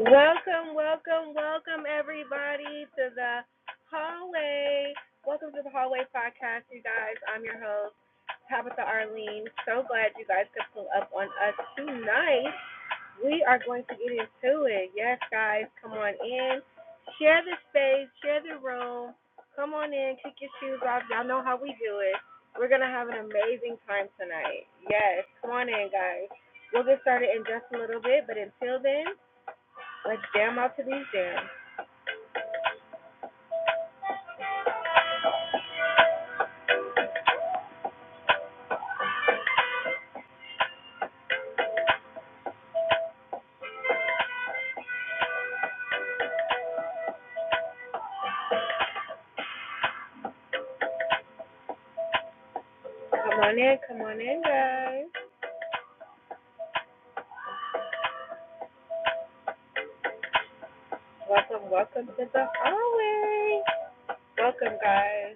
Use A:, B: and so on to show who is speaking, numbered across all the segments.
A: Welcome, welcome, welcome everybody to the hallway. Welcome to the hallway podcast, you guys. I'm your host, Tabitha Arlene. So glad you guys could pull up on us tonight. We are going to get into it. Yes, guys, come on in. Share the space, share the room. Come on in, kick your shoes off. Y'all know how we do it. We're gonna have an amazing time tonight. Yes, come on in, guys. We'll get started in just a little bit, but until then. Let's jam out to these jams. Come on in, come on in, guys. Welcome, welcome to the hallway. Welcome, guys.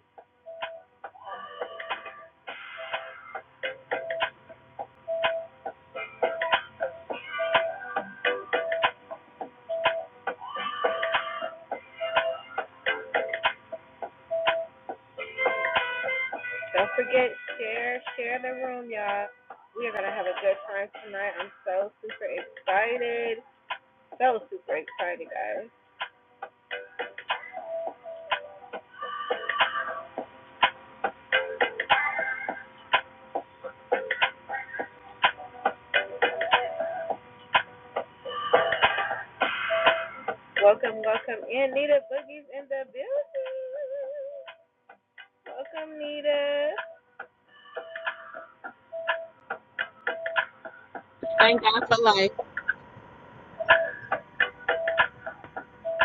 A: Don't forget, share, share the room, y'all. We are gonna have a good time tonight. I'm so super excited. So super excited, guys. Welcome, welcome in. Nita Boogie's in the building. Welcome, Nita.
B: Thank God for life.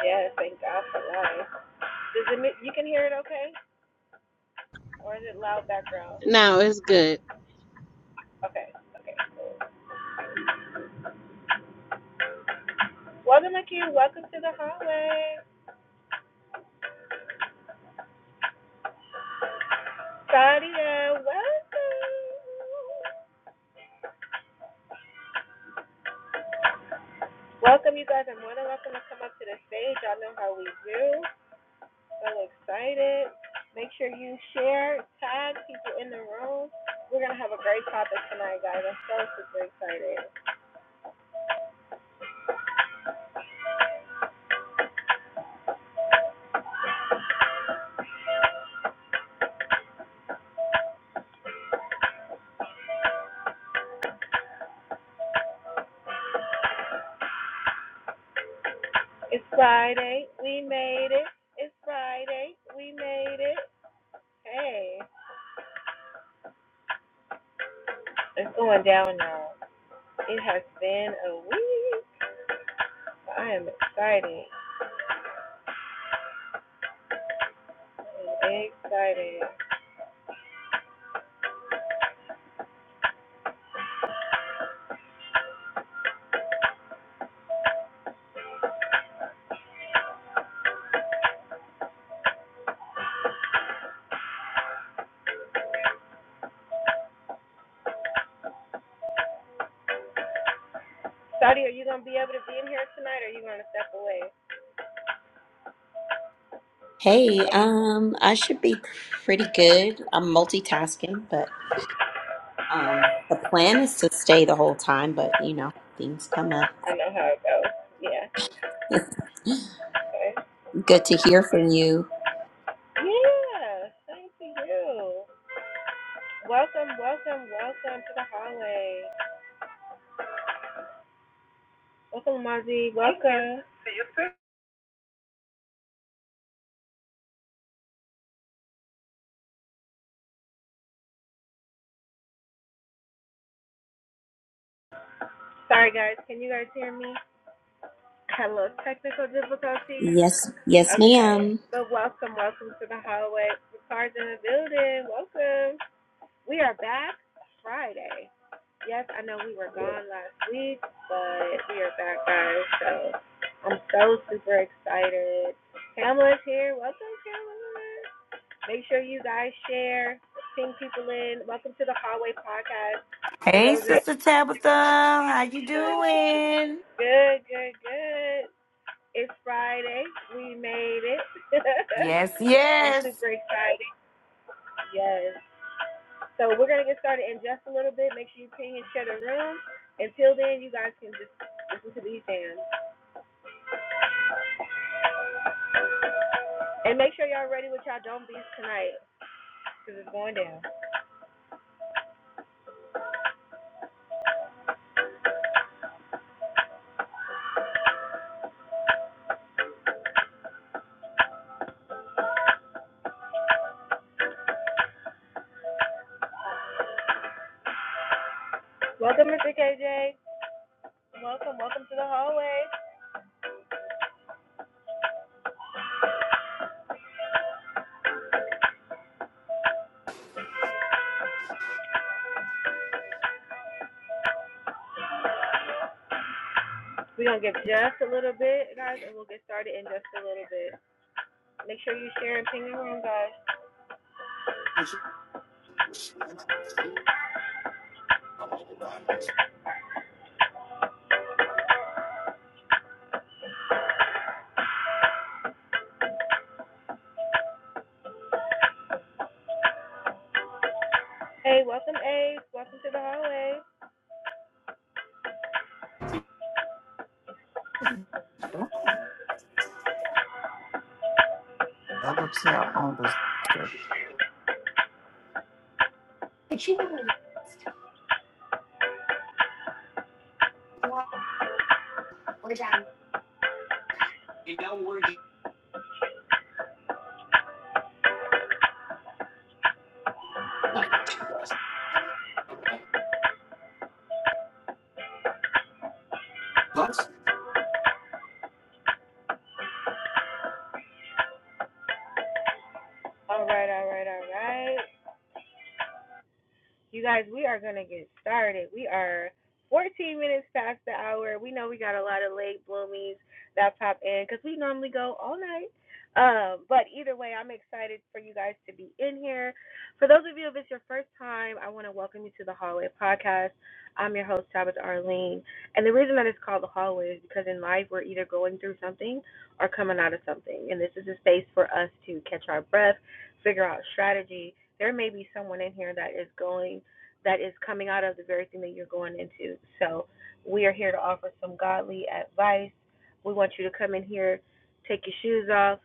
A: Yes, thank God for life. Does it, you can hear it okay? Or is it loud background?
B: No, it's good.
A: Okay, okay. Welcome, Akeem. Welcome to the hallway. Sadia, welcome. Welcome, you guys are more than welcome to come up to the stage. Y'all know how we do. So excited. Make sure you share, tag people in the room. We're going to have a great topic tonight, guys. I'm so super excited. It's Friday. We made it. It's Friday. We made it. Hey, it's going down now. It has been a week. I am excited. I'm excited. Saudi, are you gonna be able to be in here tonight, or are you gonna step away?
C: Hey, um, I should be pretty good. I'm multitasking, but um, the plan is to stay the whole time, but you know, things come up.
A: I know how it goes. Yeah. Okay.
C: Good to hear from you.
A: Yeah. Thank you. Welcome, welcome, welcome to the hallway. Welcome, Mazi. Welcome. Sorry, guys. Can you guys hear me? Had a little technical difficulties.
C: Yes, yes,
A: Okay.
C: ma'am.
A: But welcome, welcome to the hallway. Ricardo's in the building. Welcome. We are back Friday. Yes, I know we were gone last week, but we are back, guys. So I'm so super excited. Pamela's here. Welcome, Pamela. Make sure you guys share, ping people in. Welcome to the Hallway Podcast. For
D: Hey,
A: those that
D: Sister Tabitha, how you doing?
A: good, good, good. It's Friday. We made it.
D: Yes,
A: I'm
D: yes.
A: super excited. Yes. So we're gonna get started in just a little bit. Make sure you ping and share the room. Until then, you guys can just listen to these jams. And make sure y'all ready with y'all don't beats tonight, cause it's going down. Welcome, Mr. KJ. Welcome, welcome to the hallway. We're going to give just a little bit, guys, and we'll get started in just a little bit. Make sure you share and ping your room, guys. Hey, welcome, Ace. Welcome to the hallway.
D: Double check on the speaker.
A: All right, all right, all right. You guys, we are going to get started. We are 14 minutes past the hour. We know we got a lot of late bloomies that pop in because we normally go all night. Um, but either way, I'm excited for you guys to be in here. For those of you, if it's your first time, I want to welcome you to the Hallway Podcast. I'm your host, Tabitha Arlene. And the reason that it's called the Hallway is because in life, we're either going through something or coming out of something. And this is a space for us to catch our breath, figure out strategy, there may be someone in here that is going that is coming out of the very thing that you're going into. So we are here to offer some godly advice. We want you to come in here, take your shoes off,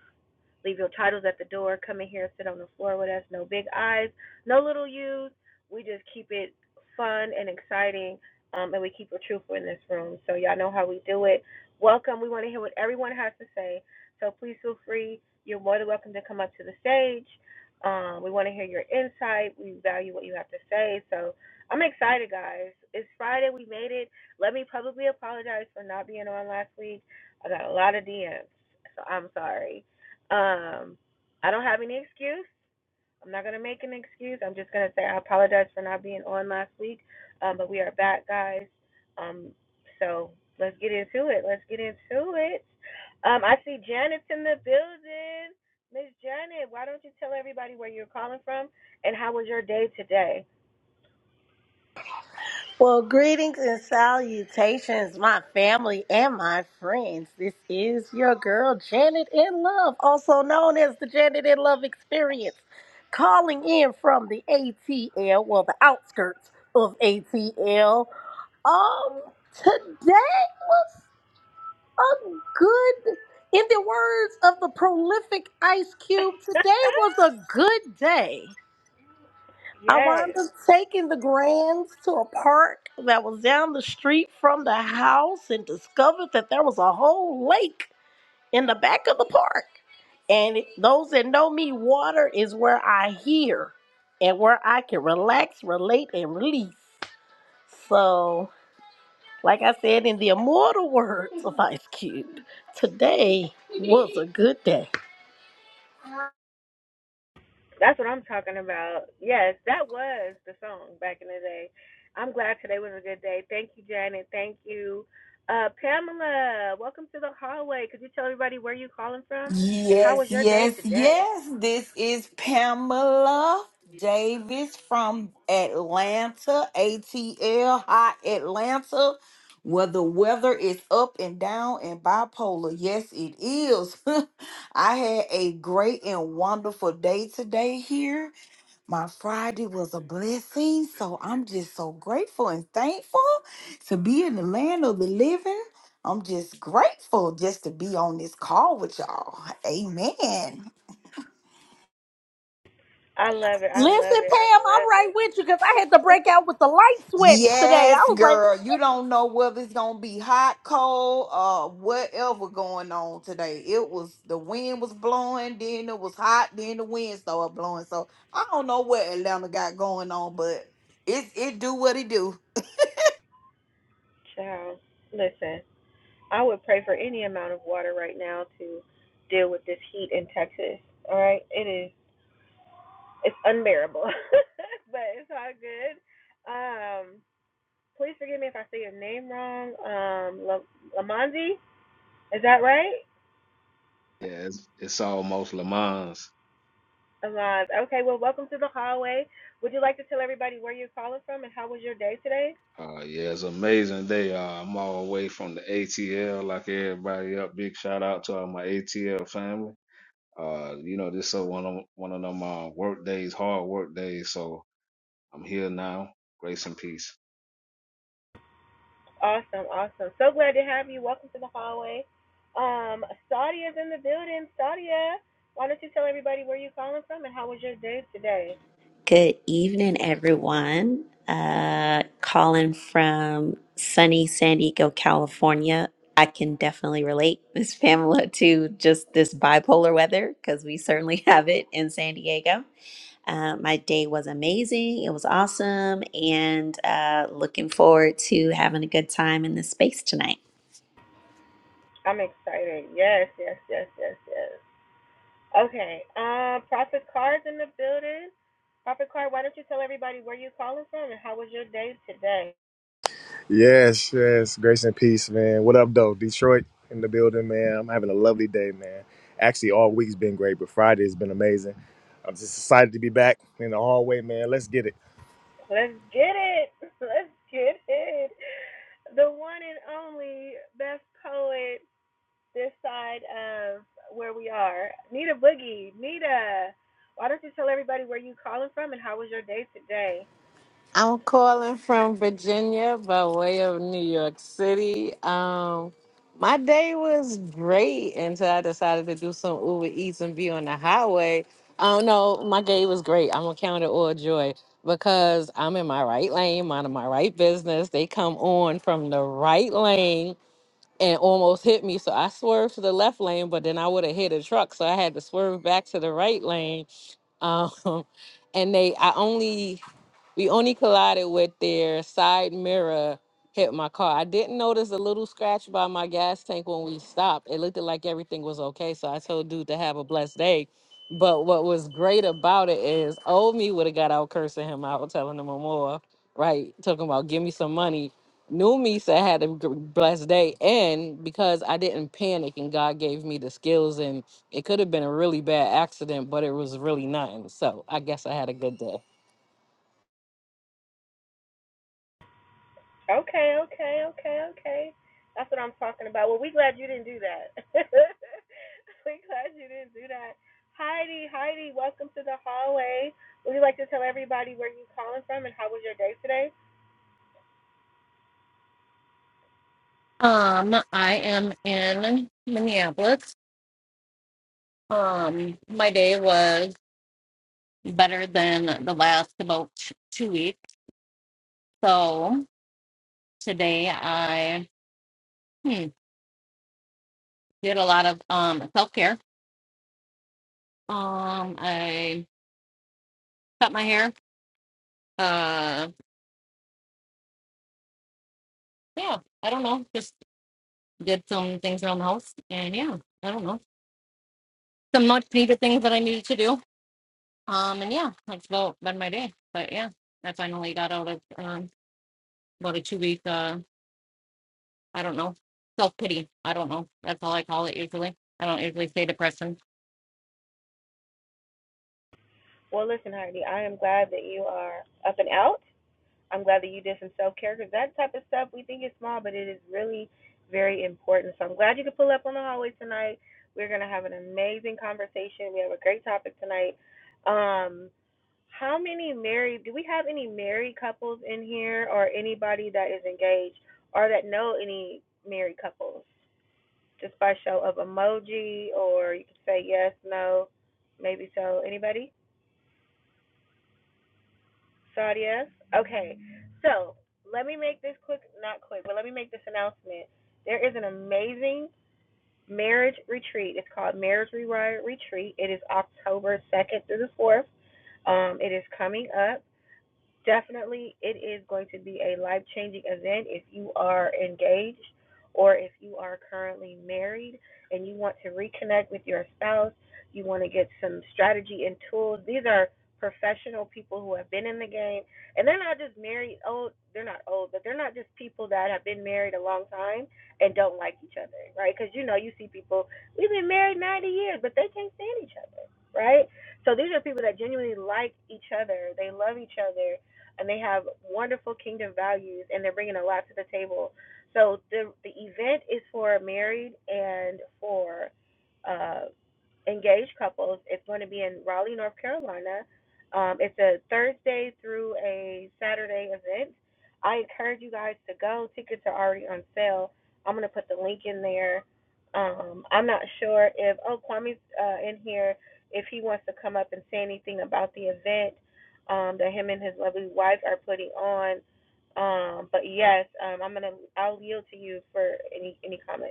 A: leave your titles at the door, come in here, sit on the floor with us. No big eyes, no little U's. We just keep it fun and exciting, um, and we keep it truthful in this room. So y'all know how we do it. Welcome. We want to hear what everyone has to say. So please feel free. You're more than welcome to come up to the stage. Um, we want to hear your insight. We value what you have to say. So I'm excited, guys. It's Friday. We made it. Let me publicly apologize for not being on last week. I got a lot of DMs, so I'm sorry. Um, I don't have any excuse. I'm not gonna make an excuse. I'm just gonna say I apologize for not being on last week, um, but we are back, guys. Um, so let's get into it. Let's get into it. Um, I see Janet's in the building. Miss Janet, why don't you tell everybody where you're calling from and how was your day today?
E: Well, greetings and salutations, my family and my friends. This is your girl, Janet in Love, also known as the Janet in Love Experience, calling in from the ATL, well, the outskirts of ATL. Um, today was a good, in the words of the prolific Ice Cube, today was a good day. I wound
A: yes.
E: up taking the grands to a park that was down the street from the house and discovered that there was a whole lake in the back of the park. And those that know me, water is where I hear and where I can relax, relate, and release. So, like I said in the immortal words of Ice Cube, today was a good day.
A: That's what I'm talking about. Yes, that was the song back in the day. I'm glad today was a good day. Thank you, Janet. Thank you. Uh, Pamela, welcome to the hallway. Could you tell everybody where you calling from and how was
D: Yes,
A: your day
D: yes,
A: today?
D: yes. This is Pamela Davis from Atlanta, ATL, Hot Atlanta, where the weather is up and down and bipolar. Yes, it is. I had a great and wonderful day today here. My Friday was a blessing, so I'm just so grateful and thankful to be in the land of the living. I'm just grateful just to be on this call with y'all. Amen.
A: I love it. I
E: Listen,
A: love it. I
E: Pam, I'm right
A: love
E: with you because I had to
A: it.
E: break out with the light sweats today. I
D: Yes,
E: was like,
D: girl. You don't know whether it's gonna be hot, cold, uh, whatever going on today. It was the wind was blowing, then it was hot, then the wind started blowing. So I don't know what Atlanta got going on, but it it do what it do.
A: Child, listen, I would pray for any amount of water right now to deal with this heat in Texas. All right, it is. It's unbearable, but it's all good. Um, Please forgive me if I say your name wrong. Um, La- Lamonzi, is that right?
F: Yeah, it's, it's almost Le Mans.
A: Lamonz. Okay. Well, welcome to the hallway. Would you like to tell everybody where you're calling from and how was your day today?
F: Uh, yeah, it's an amazing day. Uh, I'm all away from the ATL, like everybody up. Big shout out to all my ATL family. Uh, you know, this is one of one of them uh, work days, hard work days. So I'm here now. Grace and peace.
A: Awesome. Awesome. So glad to have you. Welcome to the hallway. Um, Sadia's in the building. Sadia, why don't you tell everybody where you're calling from and how was your day today?
C: Good evening, everyone. Uh, calling from sunny San Diego, California. I can definitely relate, Miss Pamela, to just this bipolar weather because we certainly have it in San Diego. Uh, my day was amazing. It was awesome. And uh, looking forward to having a good time in this space tonight.
A: I'm excited. Yes. Yes. Yes. Yes. Yes. Okay. Uh, Prophet Card's in the building. Prophet Card, why don't you tell everybody where you calling from and how was your day today?
G: Yes, yes. Grace and peace, man. What up, though? Detroit in the building, man. I'm having a lovely day, man. Actually, all week's been great, but Friday's been amazing. I'm just excited to be back in the hallway, man. Let's get it.
A: Let's get it. Let's get it. The one and only best poet this side of where we are. Nita Boogie. Nita, why don't you tell everybody where you calling from and how was your day today?
B: I'm calling from Virginia by way of New York City. Um, my day was great until I decided to do some Uber Eats and be on the highway. Oh no, my day was great. I'm gonna count it all joy because I'm in my right lane, minding my right business. They come on from the right lane and almost hit me, so I swerved to the left lane, but then I would have hit a truck, so I had to swerve back to the right lane Um, and they, I only we only collided with their side mirror hit my car. I didn't notice a little scratch by my gas tank when we stopped. It looked like everything was okay. So I told dude to have a blessed day. But what was great about it is old me would have got out cursing him out, telling him I'm more, right? Talking about give me some money. New me said I had a gr- blessed day. And because I didn't panic and God gave me the skills and it could have been a really bad accident, but it was really nothing. So I guess I had a good day.
A: Okay, okay, okay, okay. That's what I'm talking about. Well, we glad you didn't do that. we glad you didn't do that. Heidi, Heidi, welcome to the hallway. Would you like to tell everybody where you calling from and how was your day today?
H: Um, I am in Minneapolis. Um, my day was better than the last about t- two weeks. So today I hmm, did a lot of um self care. Um, I cut my hair. Uh, yeah, I don't know. Just did some things around the house, and yeah, I don't know some much needed things that I needed to do. Um, and yeah, that's about been my day. But yeah, I finally got out of um about a two week. uh. I don't know. Self pity. I don't know. That's all I call it usually. I don't usually say depression.
A: Well, listen, Heidi, I am glad that you are up and out. I'm glad that you did some self care because that type of stuff we think is small, but it is really very important. So I'm glad you could pull up on the hallway tonight. We're gonna have an amazing conversation. We have a great topic tonight. Um, How many married? Do we have any married couples in here, or anybody that is engaged, or that know any married couples? Just by show of emoji, or you can say yes, no, maybe so. Anybody? Sadia? Okay. So let me make this quick, not quick, but let me make this announcement. There is an amazing marriage retreat. It's called Marriage Rewire Retreat. It is October 2nd through the 4th. Um, it is coming up. definitely it is going to be a life changing event if you are engaged or if you are currently married and you want to reconnect with your spouse, you want to get some strategy and tools. These are professional people who have been in the game and they're not just married old they're not old but they're not just people that have been married a long time and don't like each other right because you know you see people we've been married 90 years but they can't stand each other right so these are people that genuinely like each other they love each other and they have wonderful kingdom values, and they're bringing a lot to the table. So the the event is for married and for uh, engaged couples. It's going to be in Raleigh, North Carolina. Um, it's a Thursday through a Saturday event. I encourage you guys to go. Tickets are already on sale. I'm going to put the link in there. Um, I'm not sure if, oh, Kwame's uh, in here, if he wants to come up and say anything about the event um, that him and his lovely wife are putting on. Um, but yes, um, I'm gonna I'll yield to you for any any comments.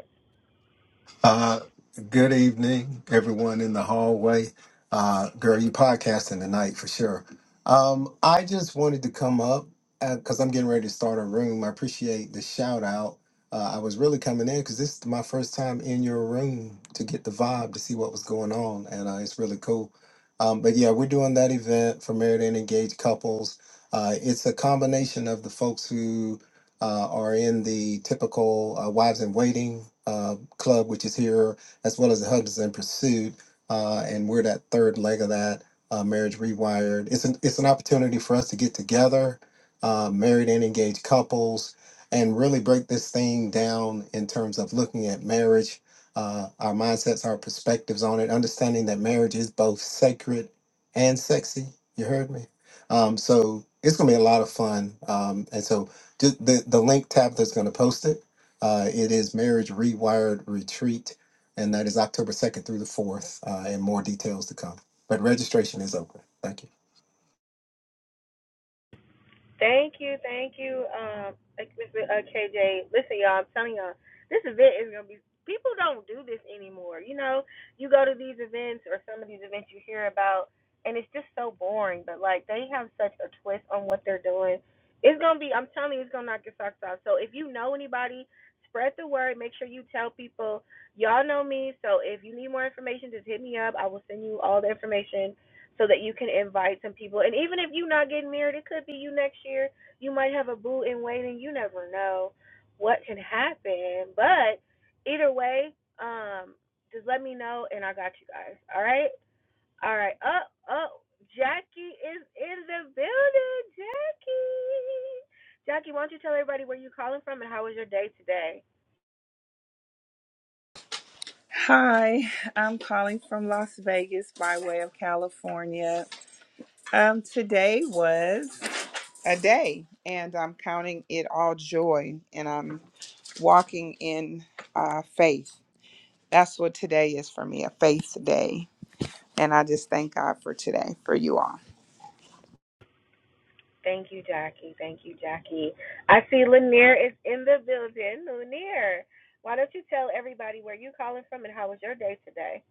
I: Uh, good evening, everyone in the hallway. Uh, girl, you podcasting tonight for sure. Um, I just wanted to come up because I'm getting ready to start a room. I appreciate the shout out. Uh, I was really coming in because this is my first time in your room to get the vibe to see what was going on, and uh, it's really cool. Um, but yeah, we're doing that event for married and engaged couples. Uh, it's a combination of the folks who uh, are in the typical uh, wives in waiting uh, club, which is here, as well as the husbands in pursuit, uh, and we're that third leg of that uh, marriage rewired. It's an it's an opportunity for us to get together, uh, married and engaged couples, and really break this thing down in terms of looking at marriage, uh, our mindsets, our perspectives on it, understanding that marriage is both sacred and sexy. You heard me. Um, so it's gonna be a lot of fun, um, and so just the, the link tab that's going to post it. Uh, it is Marriage Rewired Retreat, and that is October 2nd through the 4th, uh, and more details to come. But registration is open. Thank you.
A: Thank you, thank you, um, like Mr. Uh, KJ. Listen, y'all, I'm telling y'all, this event is gonna be. People don't do this anymore. You know, you go to these events or some of these events you hear about, and it's just so boring. But like, they have such a twist on what they're doing. It's gonna be. I'm telling you, it's gonna knock your socks off. So if you know anybody, spread the word. Make sure you tell people. Y'all know me, so if you need more information, just hit me up. I will send you all the information so that you can invite some people. And even if you're not getting married, it could be you next year. You might have a boo in waiting. You never know what can happen. But either way, um, just let me know and I got you guys. All right? All right. Up, up. Jackie is in the building. Jackie. Jackie, why don't you tell everybody where you are calling from and how was your day today?
J: Hi, I'm calling from Las Vegas by way of California. Um, today was a day, and I'm counting it all joy, and I'm walking in uh, faith. That's what today is for me a faith day. And I just thank God for today, for you all.
A: Thank you, Jackie. Thank you, Jackie. I see Lanier is in the building. Lanier, why don't you tell everybody where you calling from and how was your day today?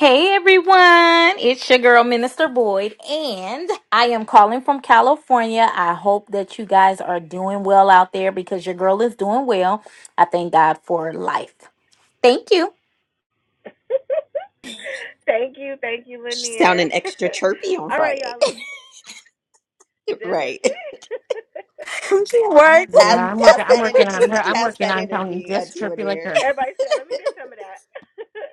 K: Hey everyone, it's your girl Minister Boyd, and I am calling from California. I hope that you guys are doing well out there because your girl is doing well. I thank God for life. Thank you.
A: thank you, thank you, Lanier.
C: Sounding extra chirpy on
A: All right,
C: Friday.
A: y'all. Let's doesn't
C: Right.
A: she?
K: She worked.
C: pass,
H: Yeah, I'm
C: pass
H: working. I'm
C: that
H: working on her.
C: energy.
H: I'm
C: Pass
H: working
C: that
H: on sounding
C: energy
H: just
C: until
H: chirpy like
C: dear.
H: her.
A: Everybody said, "Let me get some of that."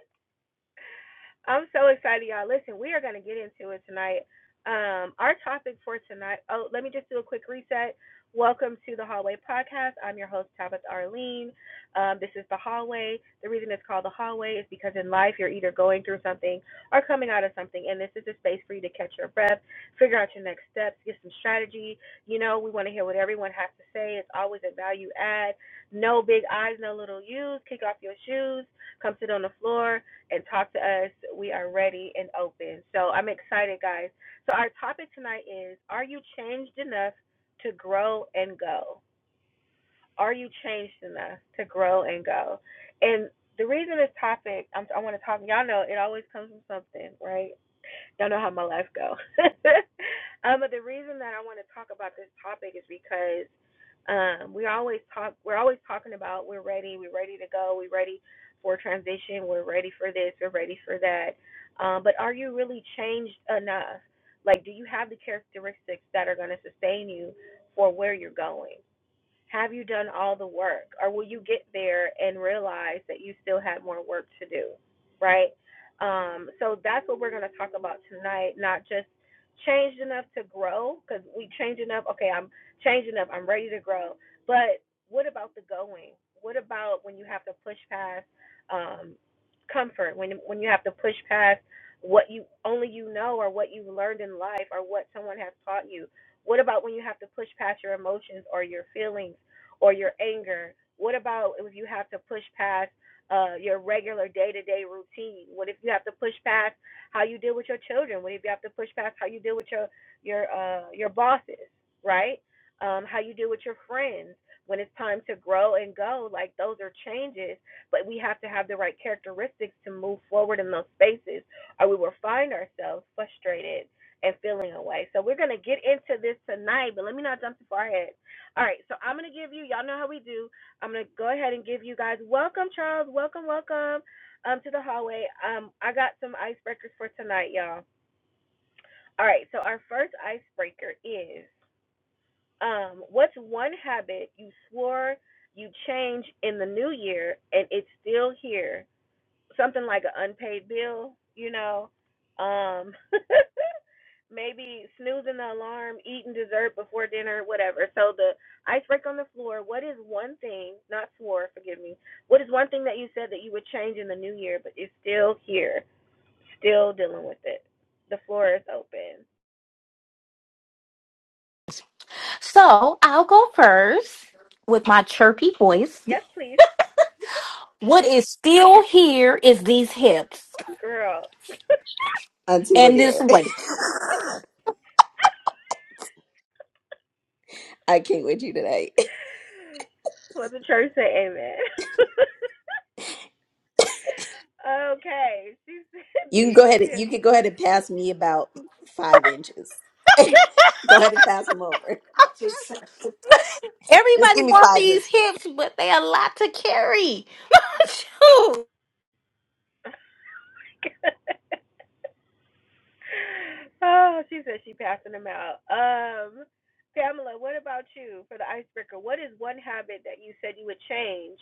A: I'm so excited, y'all. Listen, we are going to get into it tonight. Um, our topic for tonight. Oh, let me just do a quick reset. Welcome to the Hallway Podcast. I'm your host, Tabitha Arlene. Um, this is the Hallway. The reason it's called the Hallway is because in life you're either going through something or coming out of something, and this is a space for you to catch your breath, figure out your next steps, get some strategy. You know, we want to hear what everyone has to say. It's always a value add. No big eyes, no little U's. Kick off your shoes, come sit on the floor, and talk to us. We are ready and open. So I'm excited, guys. So our topic tonight is Are you changed enough to grow and go? Are you changed enough to grow and go? And the reason this topic, I'm, I want to talk, y'all know it always comes from something, right? Don't know how my life go. um, but the reason that I want to talk about this topic is because um, we always talk. We're always talking about we're ready. We're ready to go. We're ready for transition. We're ready for this. We're ready for that. Um, but are you really changed enough? Like, do you have the characteristics that are going to sustain you for where you're going? Have you done all the work? Or will you get there and realize that you still had more work to do? Right? Um, so that's what we're going to talk about tonight, not just changed enough to grow, because we change enough. Okay, I'm changing up. I'm ready to grow. But what about the going? What about when you have to push past um, comfort? When when you have to push past what you only you know or what you've learned in life or what someone has taught you? What about when you have to push past your emotions or your feelings or your anger? What about if you have to push past uh, your regular day to day routine? What if you have to push past how you deal with your children? What if you have to push past how you deal with your your uh, your bosses, right? Um, how you deal with your friends when it's time to grow and go? Like those are changes, but we have to have the right characteristics to move forward in those spaces, or we will find ourselves frustrated and feeling away. So we're gonna get into this tonight, but let me not jump too far ahead. All right, so I'm gonna give you y'all know how we do. I'm gonna go ahead and give you guys welcome, Charles. Welcome, welcome um to the hallway. Um I got some icebreakers for tonight, y'all. All right, so our first icebreaker is um what's one habit you swore you changed in the new year and it's still here something like an unpaid bill, you know, um, maybe snoozing the alarm, eating dessert before dinner, whatever. So the icebreaker on the floor. What is one thing, not swore, forgive me. What is one thing that you said that you would change in the new year, but is still here, still dealing with it? The floor is open.
K: So I'll go first with my chirpy voice.
A: Yes, please,
K: What is still here is these hips
A: girl.
C: Until
K: and this weight.
C: I do today.
A: Let the church say amen. okay, she
C: You
A: said.
C: can go
A: You
C: ahead. Go ahead and pass me about five inches. go ahead and just
K: Everybody
C: give me
K: wants
C: five
K: these
C: inches.
K: hips, but they a lot to carry. Shoot.
A: said. oh, she said she passing them out. Um, Pamela, what about you for the icebreaker? What is one habit that you said you would change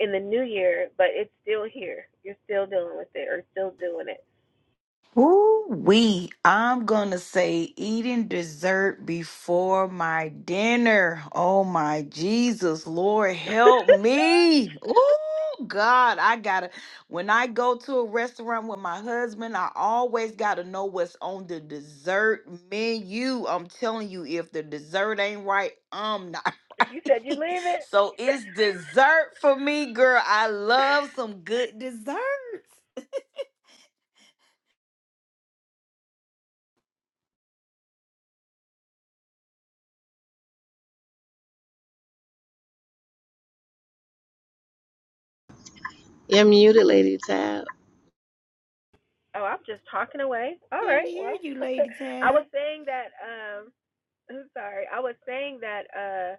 A: in the new year, but it's still here? You're still dealing with it or still doing it?
D: Ooh, we. I'm gonna say eating dessert before my dinner. Oh my Jesus, Lord, help me. Ooh, God, I gotta. When I go to a restaurant with my husband, I always gotta know what's on the dessert menu. I'm telling you, if the dessert ain't right, I'm not
A: you said you
D: right.
A: leave it.
D: so it's dessert for me, girl. I love some good desserts.
B: You're muted, Lady Tab.
A: Oh, I'm just talking away. All
D: Didn't
A: right.
D: hear
A: Well,
D: you, Lady
A: I
D: Tab.
A: was saying that. Um, I'm sorry. I was saying that. Uh,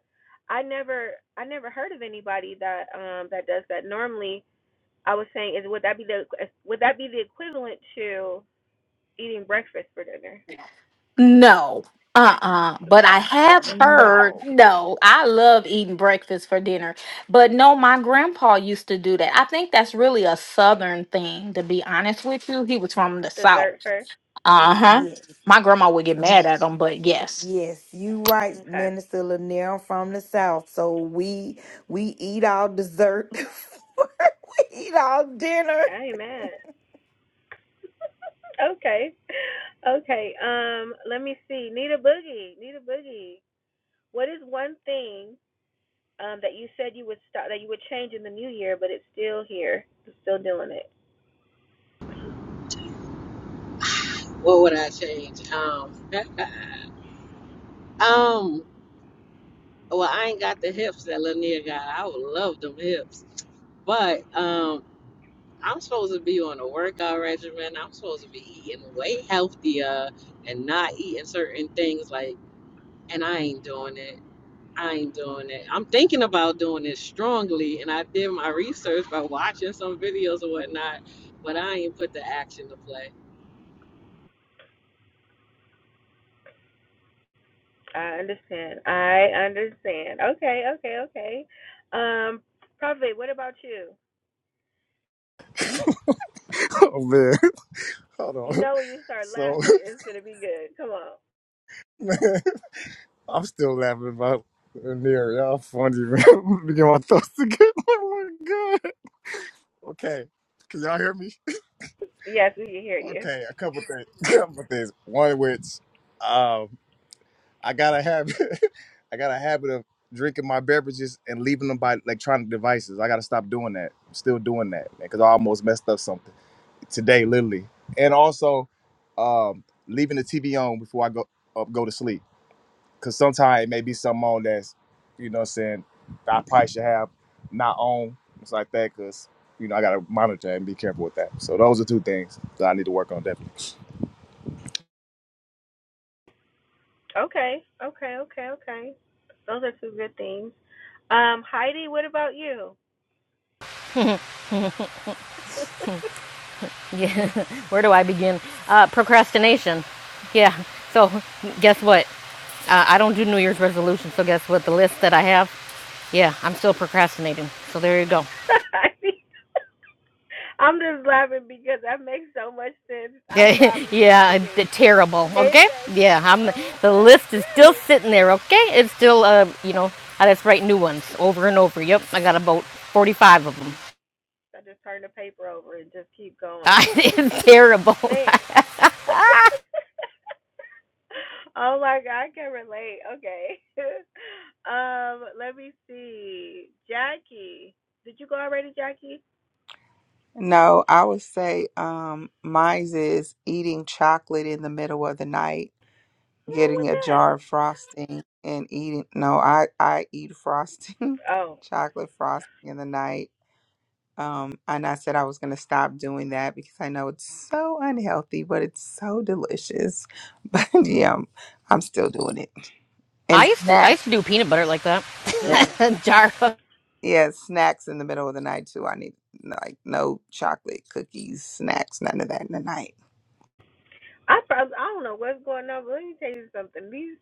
A: I never, I never heard of anybody that um that does that. Normally, I was saying is would that be the would that be the equivalent to eating breakfast for dinner?
K: No. Uh-uh. But I have
A: Oh,
K: heard,
D: No.
K: no, I love eating breakfast for dinner. But no, my grandpa used to do that. I think that's really a southern thing, to be honest with you. He was from the south.
A: dessert first. Mm,
K: Uh-huh.
D: Yes.
K: My grandma would get mad at him, but yes.
D: Yes, you right,
A: okay.
D: Minister Lanier. I'm from the South, so we we eat all dessert. before we eat all dinner.
A: I ain't mad. Okay. Okay. Um. Let me see. Need a boogie. Need a boogie. What is one thing um that you said you would stop that you would change in the new year, but it's still here. It's still doing it.
B: What would I change? Um, um. Well, I ain't got the hips that Lanier got. I would love them hips, but um, I'm supposed to be on a workout regimen. I'm supposed to be eating way healthier and not eating certain things like. And I ain't doing it. I ain't doing it. I'm thinking about doing it strongly, and I did my research by watching some videos and whatnot, but I ain't put the action to play.
A: I understand. I understand. Okay. Okay. Okay. Um. Prophet, what about you?
G: Oh, man. Hold
A: You
G: on.
A: know when you start
G: So,
A: laughing, it's gonna be good. Come on.
G: man, I'm still laughing about near y'all funny, man. I'm get my thoughts together. Oh, my God. Okay. Can y'all hear me?
A: Yes, we can hear you.
G: Okay, a couple things. couple things. One of which, um, I gotta have I got a habit of drinking my beverages and leaving them by electronic devices. I gotta stop doing that. I'm still doing that, man, because I almost messed up something today, literally. And also, um, leaving the TV on before I go up, go to sleep, because sometimes it may be something on that's, you know, what I'm saying I probably should have not on. It's like that, because you know I gotta monitor and be careful with that. So those are two things that I need to work on definitely.
A: Okay, okay, okay, okay. Those are two good things. Um, Heidi, what about you?
H: Yeah, where do I begin? Uh, procrastination. Yeah. So guess what? Uh, I don't do New Year's resolutions. So guess what? The list that I have, yeah, I'm still procrastinating. So there you go.
A: Heidi, I'm just laughing because that makes so much sense. I promise you to
H: yeah, the
A: me,
H: terrible.
A: it
H: Okay,
A: makes
H: yeah, I'm.
A: so
H: The
A: much
H: list is still
A: sense.
H: sitting there. Okay, it's still uh, you know, I just write new ones over and over. Yep, I got about forty-five of them.
A: I just turn the paper over and just keep going because
H: it's terrible.
A: man. oh my god, I can relate. Okay. um, let me see. Jackie, did you go already, Jackie?
J: No, I would say um mine's is eating chocolate in the middle of the night,
A: What's wrong with
J: getting a
A: that?
J: jar of frosting and eating no, I I eat frosting,
A: Oh,
J: chocolate frosting in the night. Um and I said I was going to stop doing that because I know it's so unhealthy, but it's so delicious. But yeah, I'm, I'm still doing it. And
H: I used to, I
J: snacks.
H: used to do peanut butter like that.
J: Yes.
A: mm.
H: Jar. of-
J: Yeah, snacks in the middle of the night too. I need like no chocolate cookies, snacks, none of that in the night.
A: I probably I don't know what's going on, but let me tell you something. These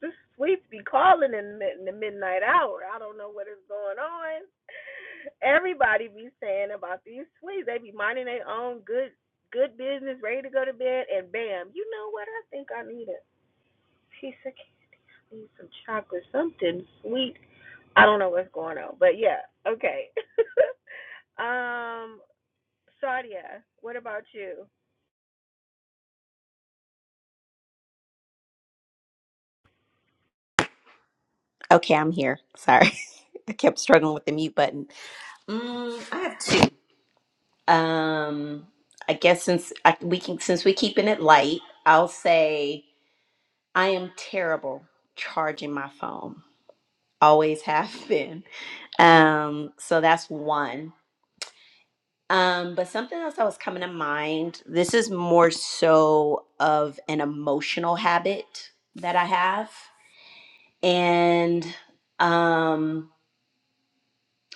A: this sleep be calling in, mid- in the midnight hour. I don't know what is going on. Everybody be saying about these sweets. They be minding their own good good business, ready to go to bed, and bam, you know what? I think I need a piece of candy, some chocolate, something sweet I don't know what's going on, but yeah, okay. um, Sadia, what about you?
C: Okay, I'm here. Sorry. I kept struggling with the mute button. Mm, I have two. Um, I guess since I, we can, since we're keeping it light, I'll say I am terrible charging my phone. Always have been. Um, so that's one. Um, but something else that was coming to mind. This is more so of an emotional habit that I have, and um,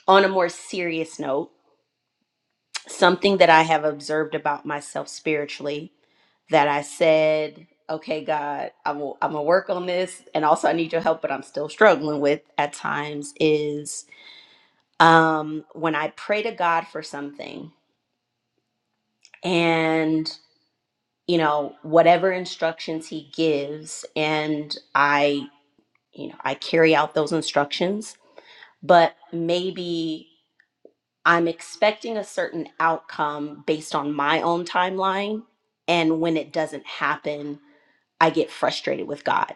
C: on a more serious note. something that I have observed about myself spiritually that I said, okay, God, I will, I'm gonna work on this, and also I need your help, but I'm still struggling with at times is um, when I pray to God for something, and you know whatever instructions He gives, and I, you know, I carry out those instructions, but maybe I'm expecting a certain outcome based on my own timeline. And when it doesn't happen, I get frustrated with God,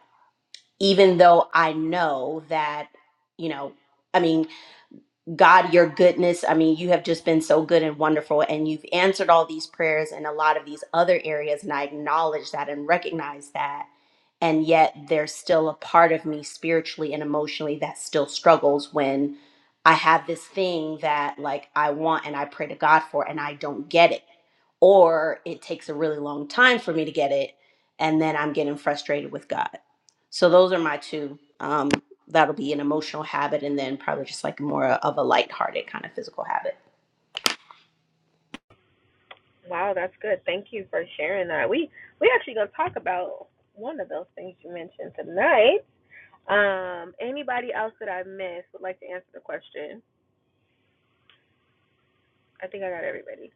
C: even though I know that, you know, I mean, God, your goodness. I mean, you have just been so good and wonderful, and you've answered all these prayers in a lot of these other areas. And I acknowledge that and recognize that. And yet, there's still a part of me spiritually and emotionally that still struggles when I have this thing that, like, I want and I pray to God for, and I don't get it. Or it takes a really long time for me to get it. And then I'm getting frustrated with God. So, those are my two. Um, that'll be an emotional habit and then probably just like more of a lighthearted kind of physical habit.
A: Wow, that's good. Thank you for sharing that. We we actually gonna talk about one of those things you mentioned tonight. Um, anybody else that I missed would like to answer the question. I think I got everybody.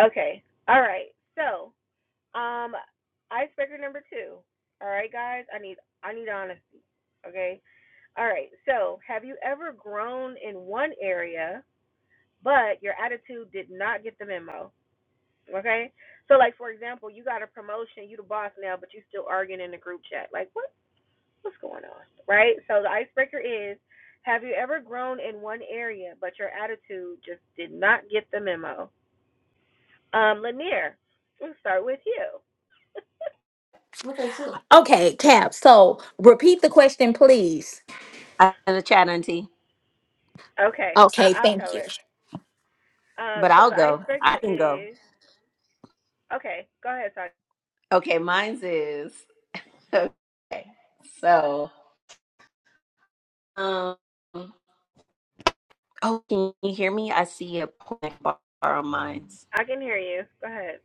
A: Okay. All right. So, um, icebreaker number two. All right, guys. I need I need honesty. Okay. All right. So, have you ever grown in one area? but your attitude did not get the memo. Okay, so like for example, you got a promotion, you the boss now, but you still arguing in the group chat. Like what what's going on, right? So the icebreaker is, have you ever grown in one area, but your attitude just did not get the memo? Um, Lanier, we'll start with you.
K: Okay, Cap. So repeat the question, please.
C: I in the chat, Auntie,
A: Okay, I-
K: Okay,
A: I'll tell
K: thank you.
A: her. Um,
C: but
A: so
C: I'll
A: the
C: go. I
A: icebreaker
C: can go.
A: is okay. Go ahead, Sasha.
C: Okay, mine's is okay. So, um, oh, can you hear me? I see a point bar on mine's.
A: I can hear you. Go ahead.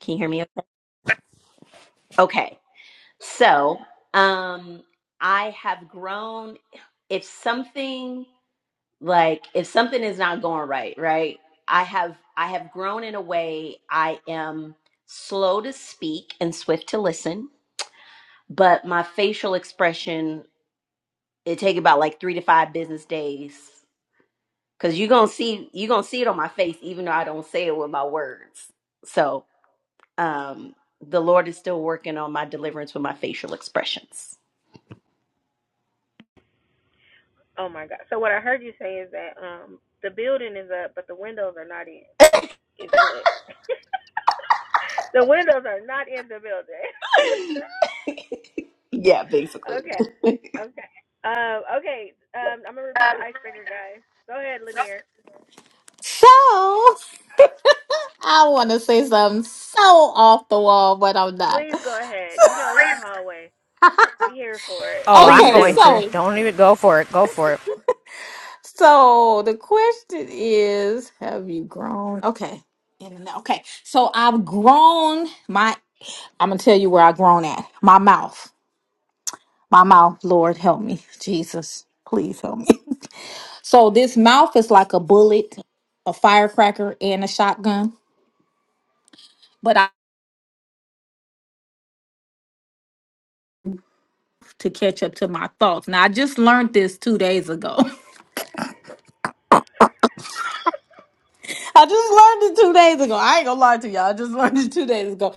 C: Can you hear me? Okay. Okay. So, um, I have grown. If something like if something is not going right right i have i have grown in a way i am slow to speak and swift to listen but my facial expression it take about like three to five business days because you're gonna see you're gonna see it on my face even though i don't say it with my words so um the lord is still working on my deliverance with my facial expressions
A: Oh my God. So what I heard you say is that um the building is up, but the windows are not in. is what? the windows are not in the building.
C: Yeah, basically.
A: okay. Okay. Um, okay. Um, I'm gonna repeat the icebreaker, guys. Go ahead, Lanier.
K: So I want to say something so off the wall, but I'm not.
A: Please go ahead. You know it's the hallway. We here for it
H: Oh, I'm
C: please
K: Okay,
A: tonight.
H: going
C: do
H: to.
K: so
H: Don't even go for it. Go for it.
K: So the question is, have you grown? Okay. In and out. Okay. So I've grown my I'm gonna tell you where I've grown at. My mouth. My mouth, Lord help me. Jesus, please help me. So this mouth is like a bullet, a firecracker, and a shotgun. But I to catch up to my thoughts. Now I just learned this two days ago. I just learned it two days ago. I ain't gonna lie to y'all. I just learned it two days ago.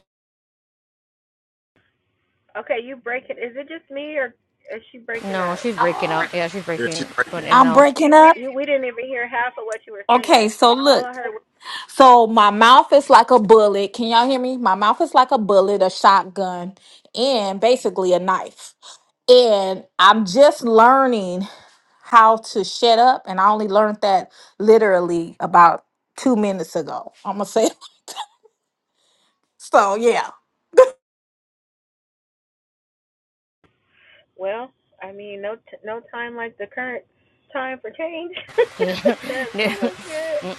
A: okay, you breaking? Is it just me or is she breaking
H: No,
A: up?
H: she's breaking
K: Oh,
H: out. Yeah, she's
G: Yeah, she
H: breaking
G: right
H: going in and
K: I'm
H: out.
K: breaking up.
A: You, we didn't even hear half of what you were saying.
K: Okay, so
A: All
K: look.
A: I heard was,
K: So my mouth is like a bullet. Can y'all hear me? My mouth is like a bullet, a shotgun, and basically a knife. And I'm just learning how to shut up. And I only learned that literally about two minutes ago. I'm gonna say so. Yeah,
A: well, I mean, no, t- no time like the current time for change. so that's good.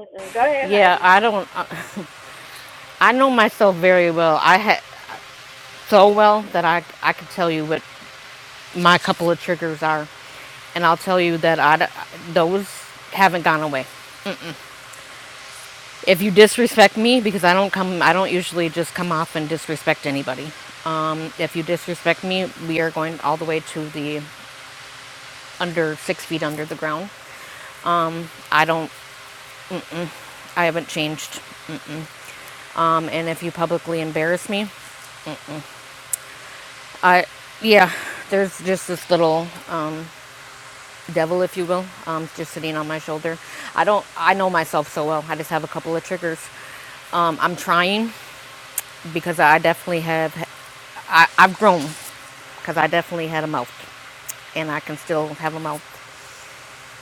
A: Mm-mm. Go ahead,
H: yeah,
A: Heidi.
H: I don't. I know myself very well. I had so well that I I could tell you what my couple of triggers are. And I'll tell you that I, those haven't gone away. If you disrespect me, because I don't come, I don't usually just come off and disrespect anybody. Um, if you disrespect me, we are going all the way to the under six feet under the ground. I don't, I haven't changed. Um, and if you publicly embarrass me, I, yeah, there's just this little um, devil, if you will, um, just sitting on my shoulder. I don't. I know myself so well. I just have a couple of triggers. Um, I'm trying because I definitely have. I, I've grown because I definitely had a mouth, and I can still have a mouth.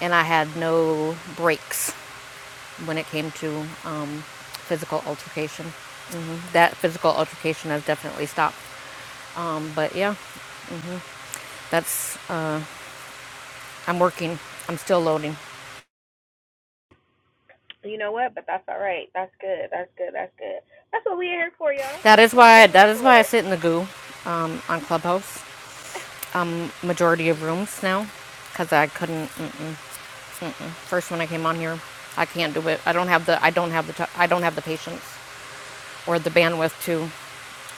H: And I had no breaks when it came to um, physical altercation. That physical altercation has definitely stopped. Um, but yeah, that's uh, I'm working. I'm still loading.
A: You know what? But that's all right. That's good. That's good. That's good. That's what we in here for, y'all.
H: That
A: That's
H: is
A: what we
H: why
A: in here
H: that is
A: for.
H: why I sit in the goo um, on Clubhouse um, majority of
A: hmm
H: rooms now because I couldn't. Mm-mm, mm-mm. First when I came on here, I can't do it. I don't have the I don't have the I don't have the patience or the bandwidth to.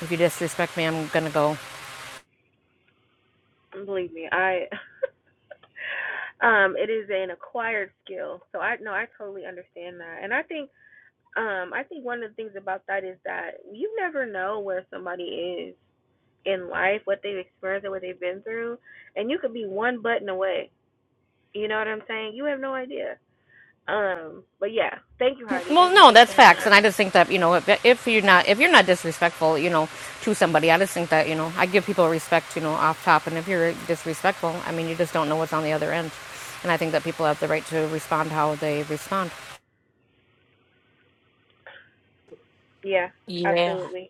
H: If you disrespect me, I'm gonna go.
A: Believe me, I. um, it is an acquired skill, so I no, I totally understand that, and I think, um, I think one of the things about that is that you never know where somebody is in life, what they've experienced, and what they've been through, and you could be one button away. You know what I'm saying? You have no idea. Um, but yeah, thank you, Heidi.
H: Well,
A: Thank you
H: no,
A: for
H: that's
A: sharing
H: facts,
A: that.
H: and I just think that you know if, if you're not if you're not disrespectful, you know, to somebody, I just think that you know I give people respect, you know, off top, and if you're disrespectful, I mean, you just don't know what's on the other end, and I think that people have the right to respond how they respond.
A: Yeah,
K: yeah,
A: absolutely.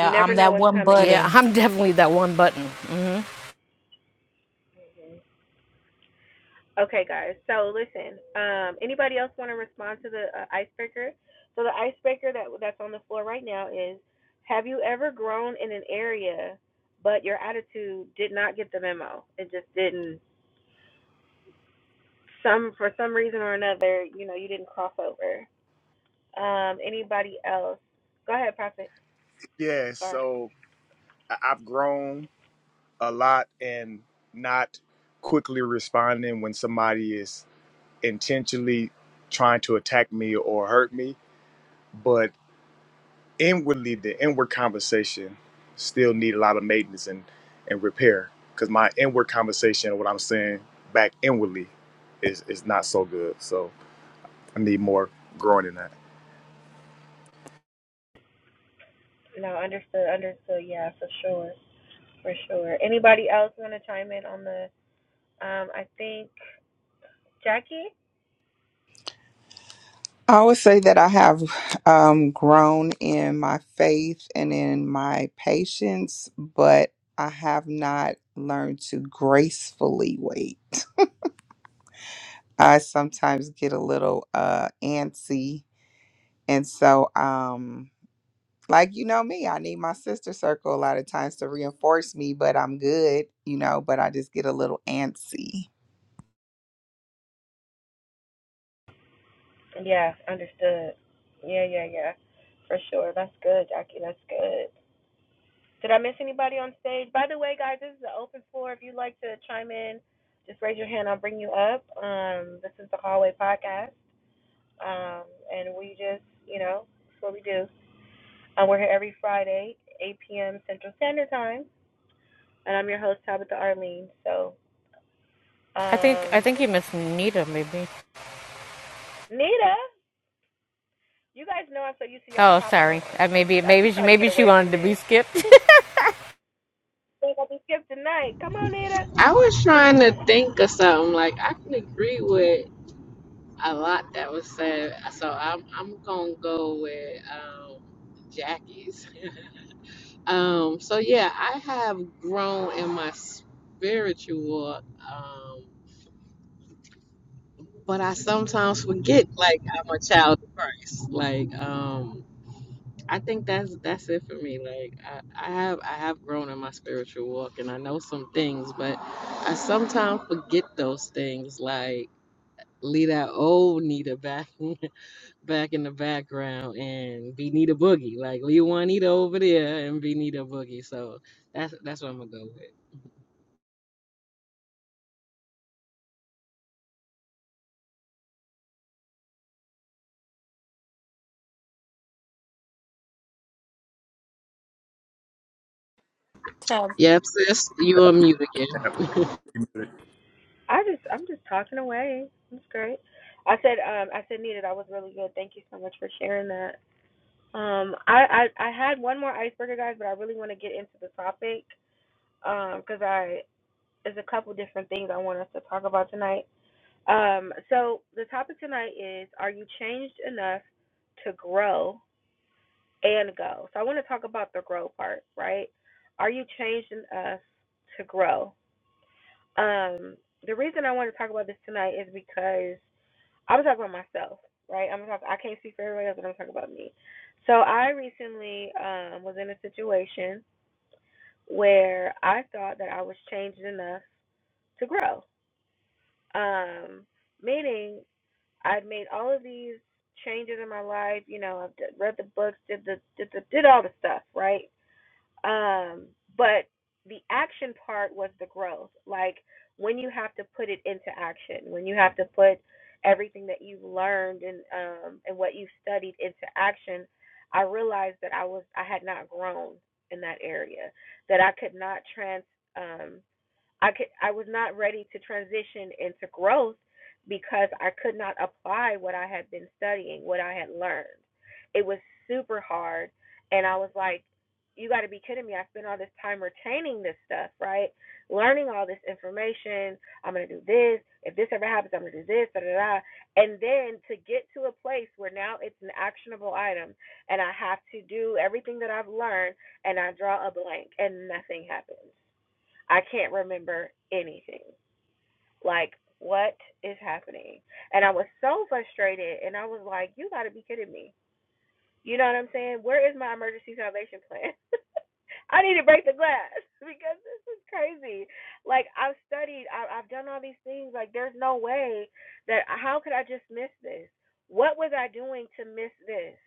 A: You never
K: I'm
A: know
K: that
A: what's
K: one
A: coming,
H: Yeah,
A: y'all.
K: button.
H: I'm definitely that one button. Hmm.
A: Okay, guys. So listen. Um, anybody else want to respond to the uh, icebreaker? So the icebreaker that that's on the floor right now is: Have you ever grown in an area, but your attitude did not get the memo? It just didn't. Some for some reason or another, you know, you didn't cross over. Um, anybody else? Go ahead, Prophet.
G: Yeah.
A: Or
G: So I- I've grown. a lot and not quickly responding when somebody is intentionally trying to attack me or hurt me but inwardly the inward conversation still need a lot of maintenance and, and repair because my inward conversation what i'm saying back inwardly is, is not so good so i need more growing in
A: no, understood, understood. Yeah, for sure, for sure. Anybody else want to chime in on the? Um, I think Jackie.
J: I would say that I have um, grown in my faith and in my patience, but I have not learned to gracefully wait. I sometimes get a little uh, antsy. And so, um, like, you know me, I need my sister circle a lot of times to reinforce me, but I'm good, you know, but I just get a little antsy.
A: Yeah, understood. Yeah, yeah, yeah. For sure. That's good, Jackie. That's good. Did I miss anybody on stage? By the way, guys, this is an open floor. If you'd like to chime in, just raise your hand. I'll bring you up. Um, this is the Hallway Podcast. Um, and we just, you know, that's what we do. Uh, we're here every Friday, 8 p.m. Central Standard Time. And I'm your host, Tabitha Arlene. So,
H: I think I
A: um,
H: think you missed Nita maybe.
A: Nita, you guys know I'm so used to y'all
H: Oh,
A: popping
H: sorry.
A: on.
H: Uh, maybe
A: I should
H: maybe she
A: try to get
H: maybe she
A: away from
H: wanted to be
A: this.
H: skipped.
A: They gonna be skipped tonight. Come on, Nita.
B: I was trying to think of something like I can agree with a lot that was said, so I'm I'm gonna go with um, Jackie's. um, so yeah, I have grown in my spiritual walk, um, but I sometimes forget like I'm a child of Christ. Like um, I think that's that's it for me. Like I, I have I have grown in my spiritual walk, and I know some things, but I sometimes forget those things. Like leave that old Nita back back in the background and be Nita Boogie. Like leave one Nita over there and be Nita Boogie. So that's that's what I'm gonna go with.
K: Tab
B: Yep, sis, you on mute again.
A: I just, I'm just talking away. That's great. I said, um, I said, Nita, that was really good. Thank you so much for sharing that. Um, I, I, I had one more icebreaker, guys, but I really want to get into the topic, um, because I, there's a couple different things I want us to talk about tonight. Um, so the topic tonight is, are you changed enough to grow and go? So I want to talk about the grow part, right? Are you changed enough to grow? Um, the reason I want to talk about this tonight is because I'm talking about myself, right? I'm talking. I can't speak for everybody else, but I'm talking about me. So I recently um, was in a situation where I thought that I was changed enough to grow. Um, meaning, I'd made all of these changes in my life. You know, I've d- read the books, did the did the did all the stuff, right? Um, but the action part was the growth. Like when you have to put it into action, when you have to put everything that you've learned and um and what you've studied into action, I realized that I was I had not grown in that area, that I could not trans um, I could I was not ready to transition into growth because I could not apply what I had been studying, what I had learned. It was super hard and I was like, You gotta be kidding me. I spent all this time retaining this stuff, right? Learning all this information. I'm gonna do this. If this ever happens, I'm gonna do this, da da da. And then to get to a place where now it's an actionable item and I have to do everything that I've learned and I draw a blank and nothing happens. I can't remember anything. Like, what is happening? And I was so frustrated and I was like, You gotta be kidding me. You know what I'm saying? Where is my emergency salvation plan? I need to break the glass because this is crazy. Like I've studied, I, I've done all these things. Like there's no way that how could I just miss this? What was I doing to miss this?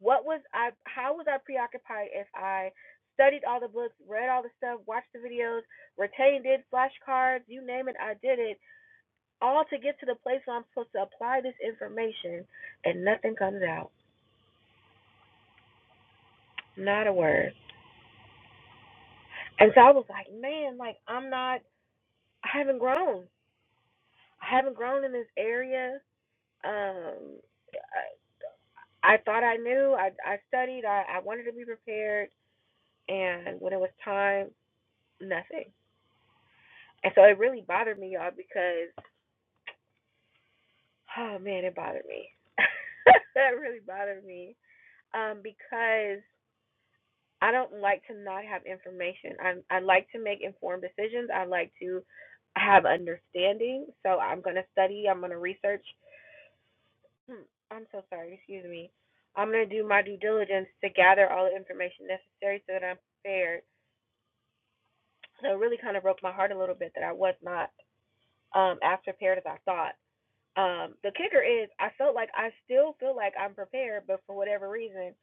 A: What was I? How was I preoccupied if I studied all the books, read all the stuff, watched the videos, retained it, flashcards, you name it, I did it, all to get to the place where I'm supposed to apply this information, and nothing comes out, not a word. And so I was like, man, like I'm not, I haven't grown, I haven't grown in this area. Um, I, I thought I knew, I I studied, I, I wanted to be prepared, and when it was time, nothing. And so it really bothered me, y'all, because oh man, it bothered me. that really bothered me. Um, because I don't like to not have information. I I like to make informed decisions. I like to have understanding. So I'm gonna study, I'm gonna research. Hmm, I'm so sorry, excuse me. I'm gonna do my due diligence to gather all the information necessary so that I'm prepared. So it really kind of broke my heart a little bit that I was not um as prepared as I thought Um, the kicker is, I felt like I still feel like I'm prepared, but for whatever reason,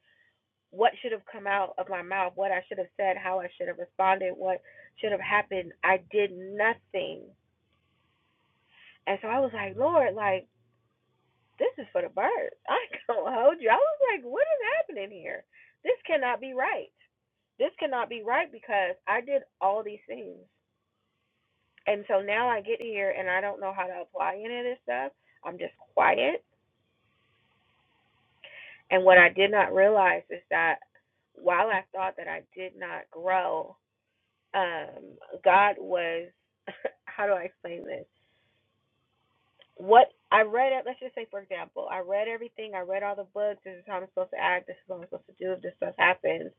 A: what should have come out of my mouth, what I should have said, how I should have responded, what should have happened, I did nothing. And so I was like, Lord, like, this is for the birds. I don't hold you. I was like, what is happening here? This cannot be right. This cannot be right because I did all these things. And so now I get here and I don't know how to apply any of this stuff. I'm just quiet. And what I did not realize is that while I thought that I did not grow, um, God was, how do I explain this? What I read, it- let's just say, for example, I read everything, I read all the books, this is how I'm supposed to act, this is what I'm supposed to do if this stuff happens.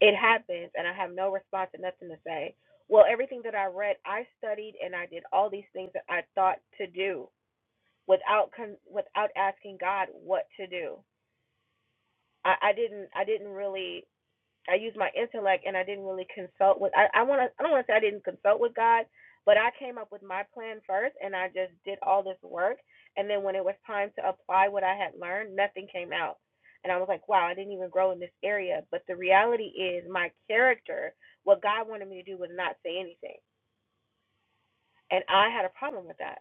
A: It happens, and I have no response and nothing to say. Well, everything that I read, I studied and I did all these things that I thought to do without con- without asking God what to do. I, I didn't I didn't really I used my intellect and I didn't really consult with I, I wanna I don't wanna say I didn't consult with God, but I came up with my plan first and I just did all this work and then when it was time to apply what I had learned, nothing came out. And I was like, Wow, I didn't even grow in this area. But the reality is my character, what God wanted me to do was not say anything. And I had a problem with that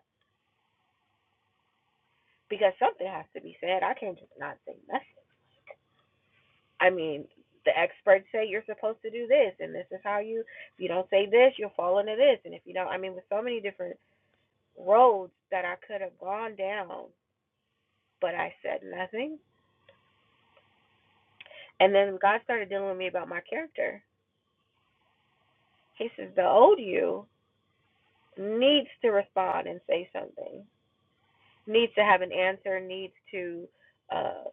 A: because something has to be said. I can't just not say nothing. I mean, the experts say you're supposed to do this, and this is how you. If you don't say this, you'll fall into this, and if you don't, I mean, with so many different roads that I could have gone down, but I said nothing. And then God started dealing with me about my character. He says the old you needs to respond and say something, needs to have an answer, needs to uh,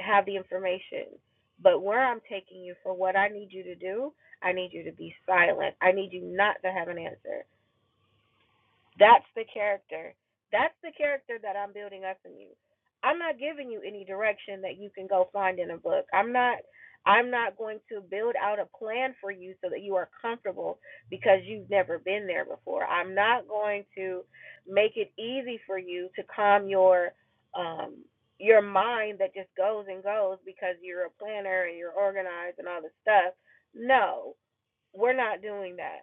A: have the information. But where I'm taking you for what I need you to do, I need you to be silent. I need you not to have an answer. That's the character. That's the character that I'm building up in you. I'm not giving you any direction that you can go find in a book. I'm not I'm not going to build out a plan for you so that you are comfortable because you've never been there before. I'm not going to make it easy for you to calm your um your mind that just goes and goes because you're a planner and you're organized and all this stuff. No, we're not doing that.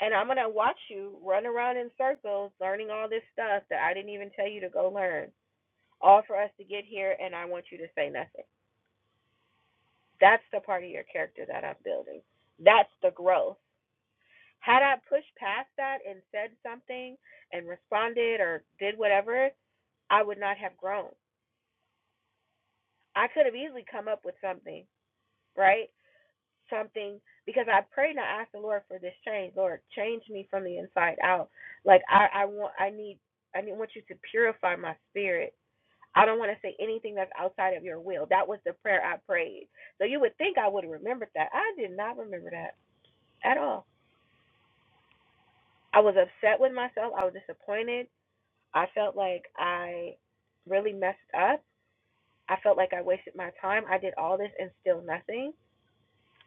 A: And I'm gonna watch you run around in circles learning all this stuff that I didn't even tell you to go learn. All for us to get here and I want you to say nothing. That's the part of your character that I'm building. That's the growth. Had I pushed past that and said something and responded or did whatever, I would not have grown. I could have easily come up with something, right? something because I prayed and I asked the Lord for this change. Lord, change me from the inside out. Like I, I want I need I need want you to purify my spirit. I don't want to say anything that's outside of your will. That was the prayer I prayed. So you would think I would have remembered that. I did not remember that at all. I was upset with myself. I was disappointed. I felt like I really messed up. I felt like I wasted my time. I did all this and still nothing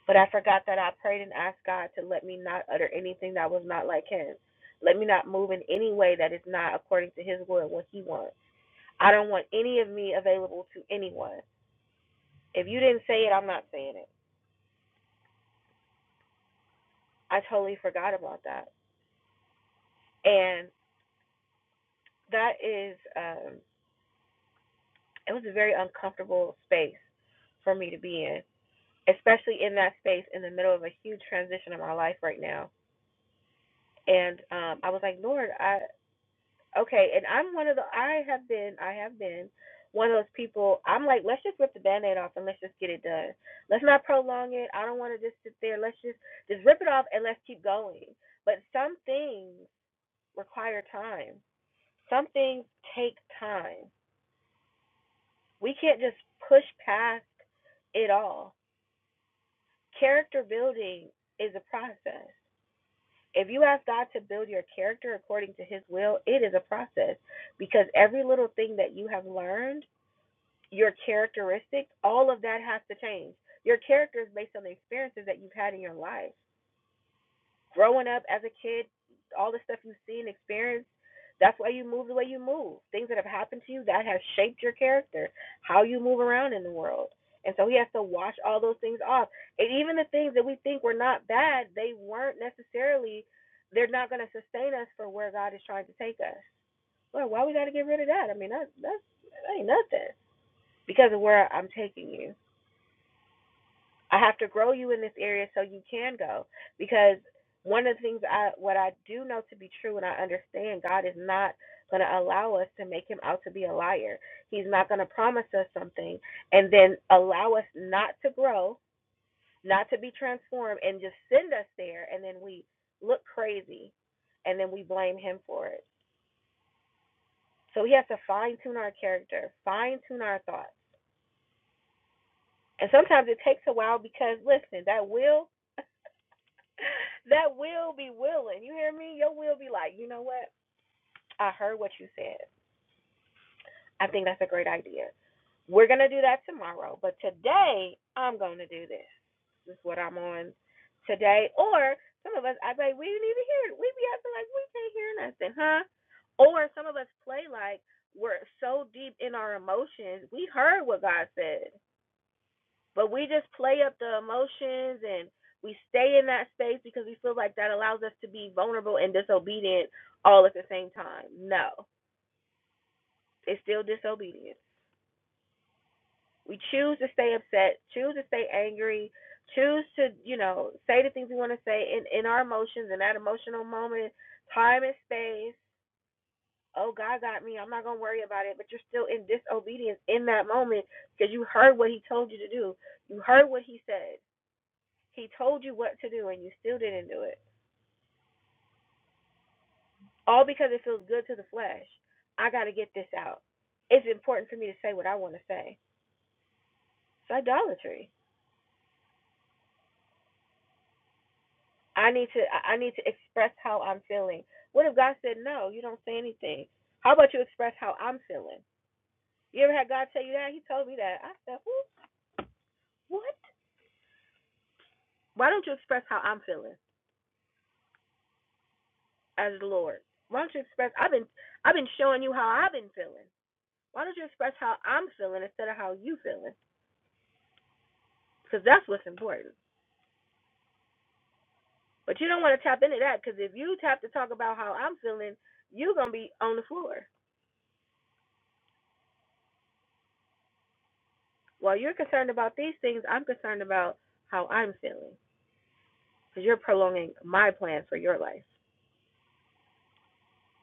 A: But I forgot that I prayed and asked God to let me not utter anything that was not like Him. Let me not move in any way that is not according to His will, and what He wants. I don't want any of me available to anyone. If you didn't say it, I'm not saying it. I totally forgot about that. And that is, um, it was a very uncomfortable space for me to be in, especially in that space in the middle of a huge transition in my life right now. And um, I was like, Lord, I. Okay, and I'm one of the I have been I have been one of those people I'm like, let's just rip the band aid off and let's just get it done. Let's not prolong it. I don't wanna just sit there. Let's just just rip it off and let's keep going. But some things require time. Some things take time. We can't just push past it all. Character building is a process. If you ask God to build your character according to his will, it is a process because every little thing that you have learned your characteristics, all of that has to change. Your character is based on the experiences that you've had in your life. Growing up as a kid, all the stuff you've seen, experienced, that's why you move the way you move. Things that have happened to you that has shaped your character, how you move around in the world. And so he has to wash all those things off. And even the things that we think were not bad, they weren't necessarily, they're not going to sustain us for where God is trying to take us. Well, why we got to get rid of that? I mean, that, that's, that ain't nothing because of where I'm taking you. I have to grow you in this area so you can go. Because one of the things I what I do know to be true and I understand God is not gonna allow us to make him out to be a liar. He's not gonna promise us something and then allow us not to grow, not to be transformed and just send us there and then we look crazy and then we blame him for it. So he has to fine tune our character, fine tune our thoughts. And sometimes it takes a while because listen, that will that will be willing. You hear me? Your will be like, you know what? I heard what you said. I think that's a great idea. We're gonna do that tomorrow, but today I'm gonna do this. This is what I'm on today. Or some of us, I bet we didn't even hear it. We be acting like we can't hear nothing, huh? Or some of us play like we're so deep in our emotions. We heard what God said But we just play up the emotions and we stay in that space because we feel like that allows us to be vulnerable and disobedient all at the same time. No, it's still disobedience. We choose to stay upset, choose to stay angry, choose to, you know, say the things we want to say in, in our emotions in that emotional moment, time and space. Oh, God got me. I'm not going to worry about it. But you're still in disobedience in that moment because you heard what He told you to do. You heard what He said. He told you what to do and you still didn't do it. All because it feels good to the flesh. I got to get this out. It's important for me to say what I want to say. It's idolatry. I need to I need to express how I'm feeling. What if God said no, you don't say anything? How about you express how I'm feeling? You ever had God tell you that? He told me that. I said, Who? What? Why don't you express how I'm feeling as the Lord? Why don't you express I've been I've been showing you how I've been feeling. Why don't you express how I'm feeling instead of how you feeling? Because that's what's important. But you don't want to tap into that because if you tap to talk about how I'm feeling, you're going to be on the floor. While you're concerned about these things, I'm concerned about how I'm feeling because you're prolonging my plan for your life.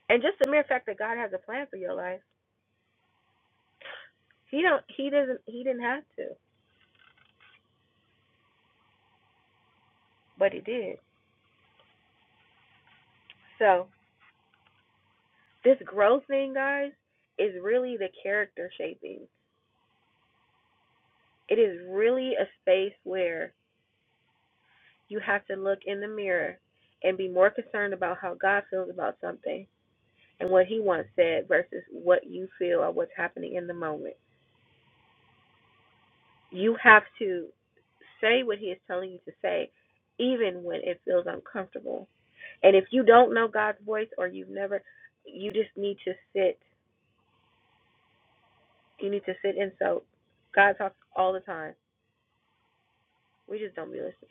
A: And just the mere fact that God has a plan for your life, he don't he doesn't he didn't have to, but he did. So, this growth thing, guys, is really the character shaping. It is really a space where you have to look in the mirror and be more concerned about how God feels about something and what he once said versus what you feel or what's happening in the moment. You have to say what he is telling you to say, even when it feels uncomfortable. And if you don't know God's voice or you've never, you just need to sit. You need to sit and soak. God talks all the time. We just don't be listening.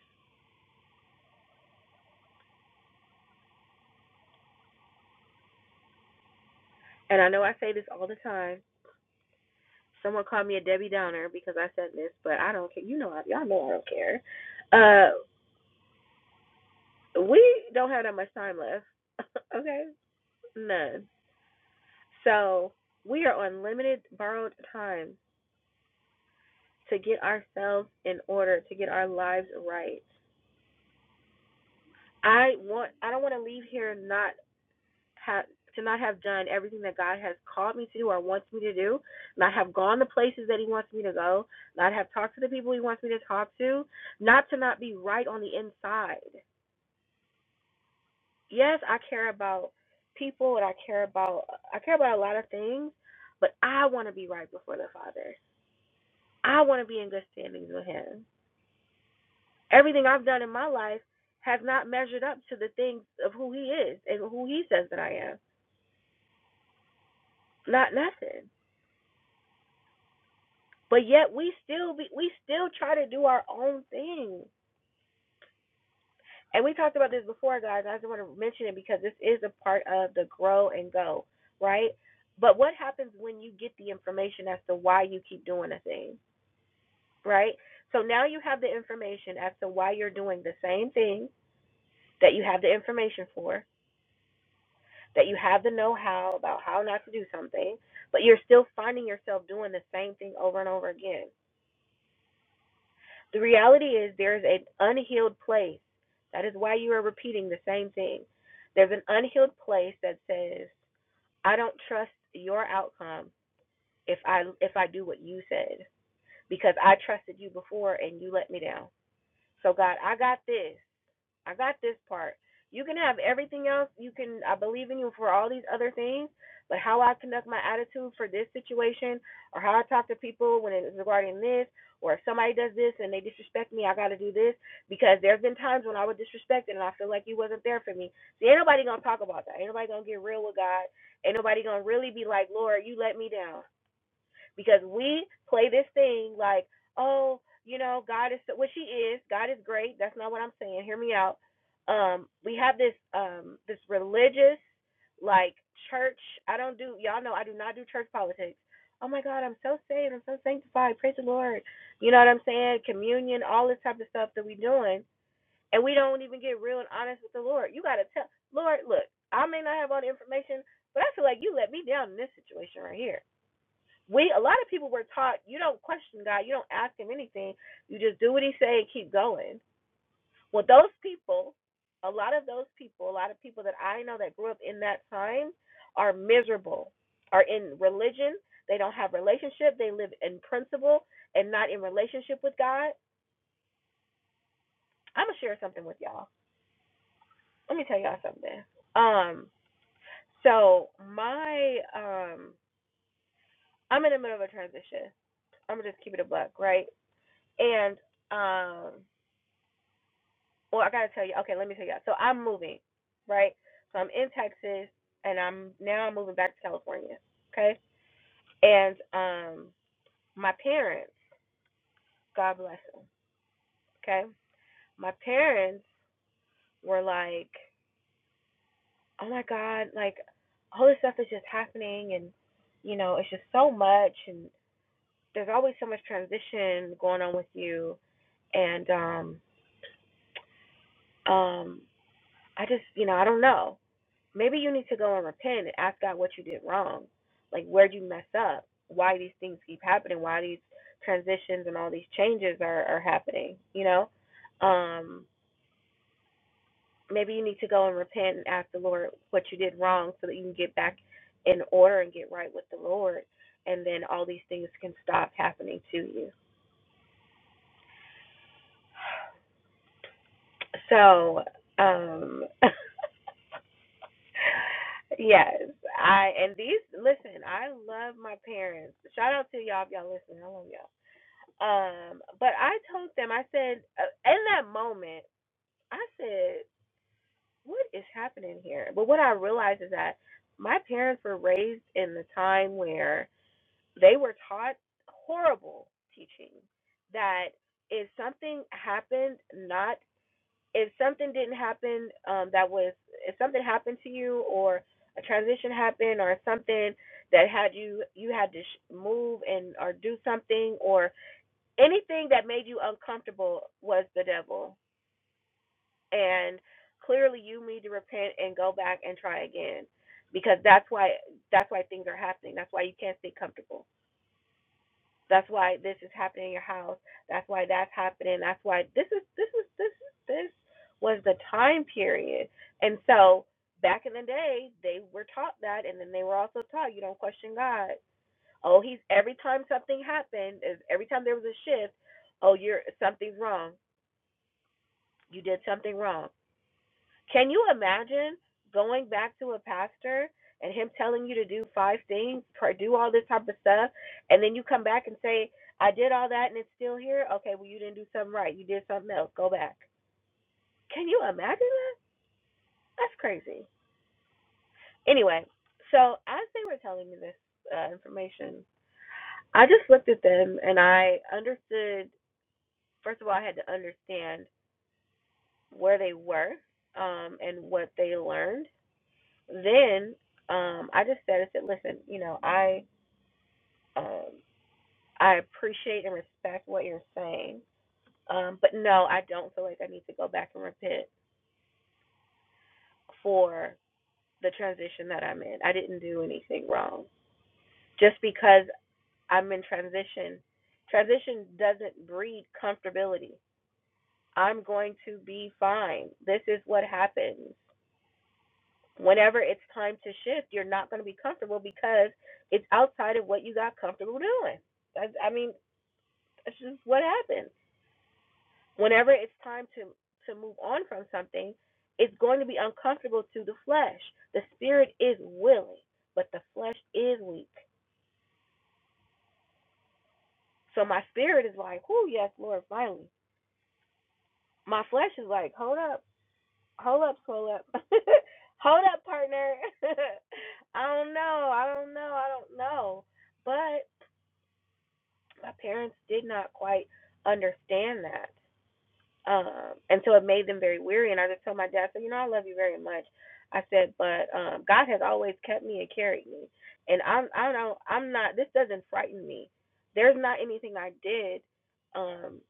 A: And I know I say this all the time. Someone called me a Debbie Downer because I said this, but I don't care. You know, I- y'all know I don't care. Uh, we don't have that much time left. okay, none So we are on limited borrowed time to get ourselves in order, to get our lives right. I want I don't want to leave here not have to not have done everything that God has called me to do or wants me to do, not have gone the places that he wants me to go, not have talked to the people he wants me to talk to, not to not be right on the inside. Yes, I care about people and I care about I care about a lot of things, but I want to be right before the Father. I want to be in good standings with him. Everything I've done in my life has not measured up to the things of who he is and who he says that I am. Not nothing. But yet we still be, we still try to do our own thing. And we talked about this before, guys. I just want to mention it because this is a part of the grow and go, right? But what happens when you get the information as to why you keep doing a thing, right? So now you have the information as to why you're doing the same thing that you have the information for that you have the know-how about how not to do something, but you're still finding yourself doing the same thing over and over again. The reality is there is an unhealed place. That is why you are repeating the same thing. There's an unhealed place that says, "I don't trust your outcome if I if I do what you said because I trusted you before and you let me down." So God, I got this. I got this part. You can have everything else. You can, I believe in you for all these other things, but how I conduct my attitude for this situation, or how I talk to people when it's regarding this, or if somebody does this and they disrespect me, I got to do this because there's been times when I was disrespected and I feel like you wasn't there for me. See, ain't nobody gonna talk about that. Ain't nobody gonna get real with God. Ain't nobody gonna really be like, Lord, you let me down because we play this thing like, oh, you know, God is so, what she is. God is great. That's not what I'm saying. Hear me out. Um, we have this um this religious like church. I don't do y'all know I do not do church politics. Oh my God, I'm so saved. I'm so sanctified. Praise the Lord. You know what I'm saying? Communion, all this type of stuff that we doing, and we don't even get real and honest with the Lord. You gotta tell Lord, look, I may not have all the information, but I feel like you let me down in this situation right here we a lot of people were taught you don't question God, you don't ask him anything, you just do what he say and keep going. Well, those people, a lot of those people, a lot of people that I know that grew up in that time are miserable, are in religion, they don't have relationship, they live in principle and not in relationship with God. I'm gonna share something with y'all. Let me tell y'all something. Um, so my um I'm in the middle of a transition. I'm gonna just keep it a buck, right? And um Well, I gotta tell you. Okay, let me tell you. So I'm moving, right? So I'm in Texas, and I'm now I'm moving back to California. Okay, and um, my parents, God bless them. Okay, my parents were like, "Oh my God, like all this stuff is just happening, and you know, it's just so much, and there's always so much transition going on with you, and um, um, I just, you know, I don't know." Maybe you need to go and repent and ask God what you did wrong. Like, where'd you mess up? Why these things keep happening? Why these transitions and all these changes are, are happening? You know? Um, maybe you need to go and repent and ask the Lord what you did wrong so that you can get back in order and get right with the Lord. And then all these things can stop happening to you. So, um, yes, I, and these, listen, I love my parents. Shout out to y'all if y'all listen. I love y'all Um, but I told them, I said, uh, in that moment, I said, what is happening here? But what I realized is that my parents were raised in the time where they were taught horrible teaching that if something happened, not if something didn't happen, um, that was if something happened to you or a transition happened or something that had you you had to sh- move and or do something or anything that made you uncomfortable was the devil. And clearly you need to repent and go back and try again. Because that's why that's why things are happening. That's why you can't stay comfortable. That's why this is happening in your house. That's why that's happening. That's why this is this is this is this was the time period. And so back in the day they were taught that and then they were also taught you don't question God. Oh, he's every time something happened, is every time there was a shift, oh you're something's wrong You did something wrong. Can you imagine going back to a pastor and him telling you to do five things, pr- do all this type of stuff, and then you come back and say, I did all that and it's still here? Okay, well, you didn't do something right. You did something else. Go back. Can you imagine that? That's crazy. Anyway, so as they were telling me this uh, information, I just looked at them and I understood, first of all, I had to understand where they were um, and what they learned Then um, I just said, I said, listen, you know, I um, I appreciate and respect what you're saying, um, but no, I don't feel like I need to go back and repent for the transition that I'm in. I didn't do anything wrong. Just because I'm in transition, transition doesn't breed comfortability. I'm going to be fine. This is what happens. Whenever it's time to shift, you're not going to be comfortable because it's outside of what you got comfortable doing. I, I mean, that's just what happens. Whenever it's time to to move on from something, it's going to be uncomfortable to the flesh. The spirit is willing, but the flesh is weak. So my spirit is like, "Oh yes, Lord, finally." My flesh is like, "Hold up, hold up, hold up, hold up, partner." I don't know, I don't know, I don't know. But my parents did not quite understand that. Um, and so it made them very weary. And I just told my dad, so, you know, I love you very much. I said, but um, God has always kept me and carried me. And I'm, I don't know, I'm not, this doesn't frighten me. There's not anything I did um,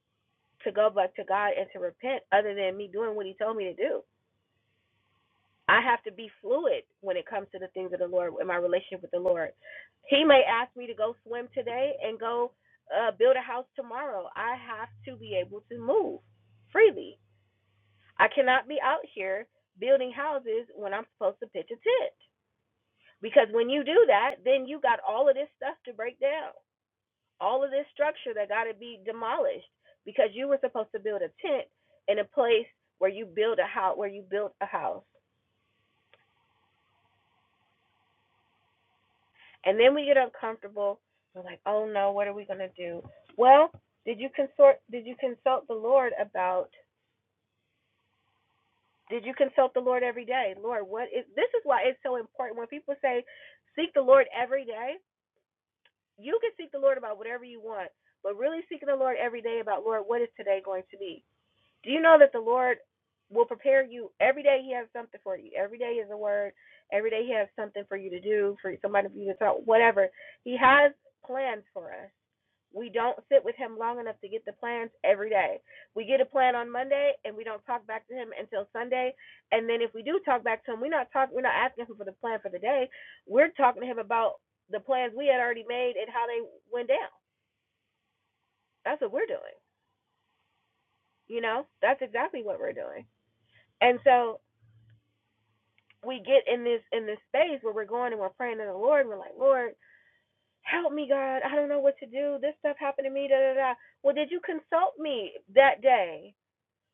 A: to go back to God and to repent other than me doing what he told me to do. I have to be fluid when it comes to the things of the Lord in my relationship with the Lord. He may ask me to go swim today and go uh, build a house tomorrow. I have to be able to move freely. I cannot be out here building houses when I'm supposed to pitch a tent. Because when you do that, then you got all of this stuff to break down, all of this structure that got to be demolished because you were supposed to build a tent in a place where you build a house, where you built a house. And then we get uncomfortable. We're like, oh no, what are we gonna do? Well, did you consort did you consult the Lord about did you consult the Lord every day? Lord, what is this is why it's so important when people say seek the Lord every day, you can seek the Lord about whatever you want, but really seeking the Lord every day about Lord, what is today going to be? Do you know that the Lord will prepare you every day he has something for you. Every day is a word. Every day he has something for you to do, for somebody for you to talk, whatever. He has plans for us. We don't sit with him long enough to get the plans every day. We get a plan on Monday and we don't talk back to him until Sunday. And then if we do talk back to him, we're not talking we're not asking him for the plan for the day. We're talking to him about the plans we had already made and how they went down. That's what we're doing. You know? That's exactly what we're doing. And so we get in this in this space where we're going and we're praying to the Lord we're like, Lord, help me God, I don't know what to do. This stuff happened to me, da da da. Well did you consult me that day?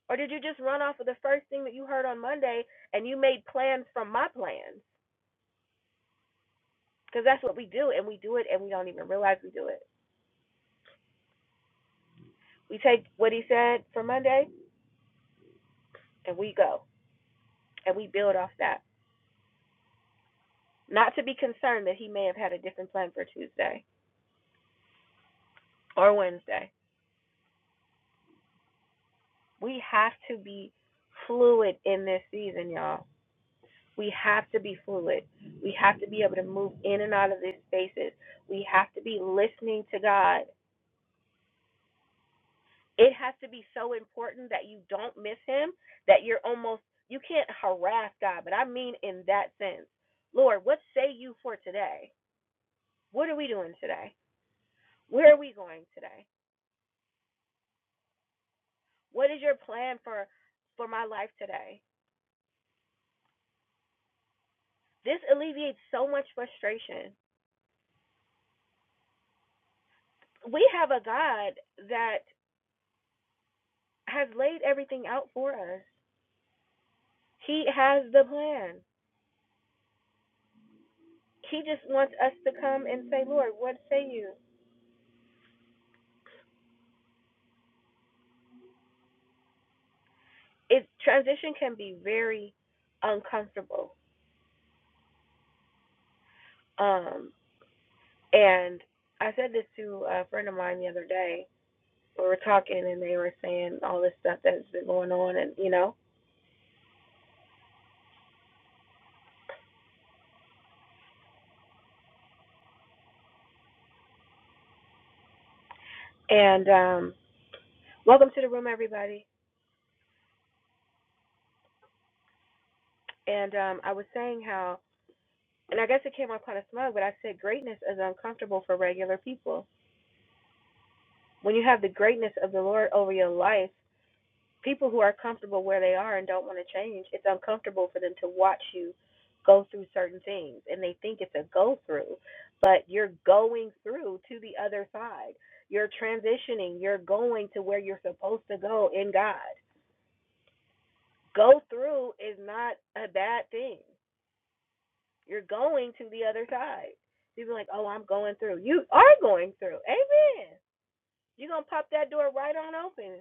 A: Or did you just run off of the first thing that you heard on Monday and you made plans from my plans? Because that's what we do, and we do it, and we don't even realize we do it. We take what he said for Monday and we go and we build off that. Not to be concerned that he may have had a different plan for Tuesday or Wednesday. We have to be fluid in this season, y'all. We have to be fluid. We have to be able to move in and out of these spaces. We have to be listening to God it has to be so important that you don't miss him that you're almost you can't harass God, but I mean in that sense. Lord, what say you for today? What are we doing today? Where are we going today? What is your plan for for my life today? This alleviates so much frustration. We have a God that has laid everything out for us. He has the plan. He just wants us to come and say, Lord, what say you? it transition can be very uncomfortable. Um, and I said this to a friend of mine the other day. We were talking, and they were saying all this stuff that's been going on, and you know. And um, welcome to the room, everybody. And um, I was saying how, and I guess it came off kind of smug, but I said greatness is uncomfortable for regular people. When you have the greatness of the Lord over your life people who are comfortable where they are and don't want to change, it's uncomfortable for them to watch you go through certain things and they think it's a go through, but you're going through to the other side. You're transitioning, you're going to where you're supposed to go in God. Go through is not a bad thing. You're going to the other side. People are like, oh, I'm going through. You are going through. Amen. You're going to pop that door right on open.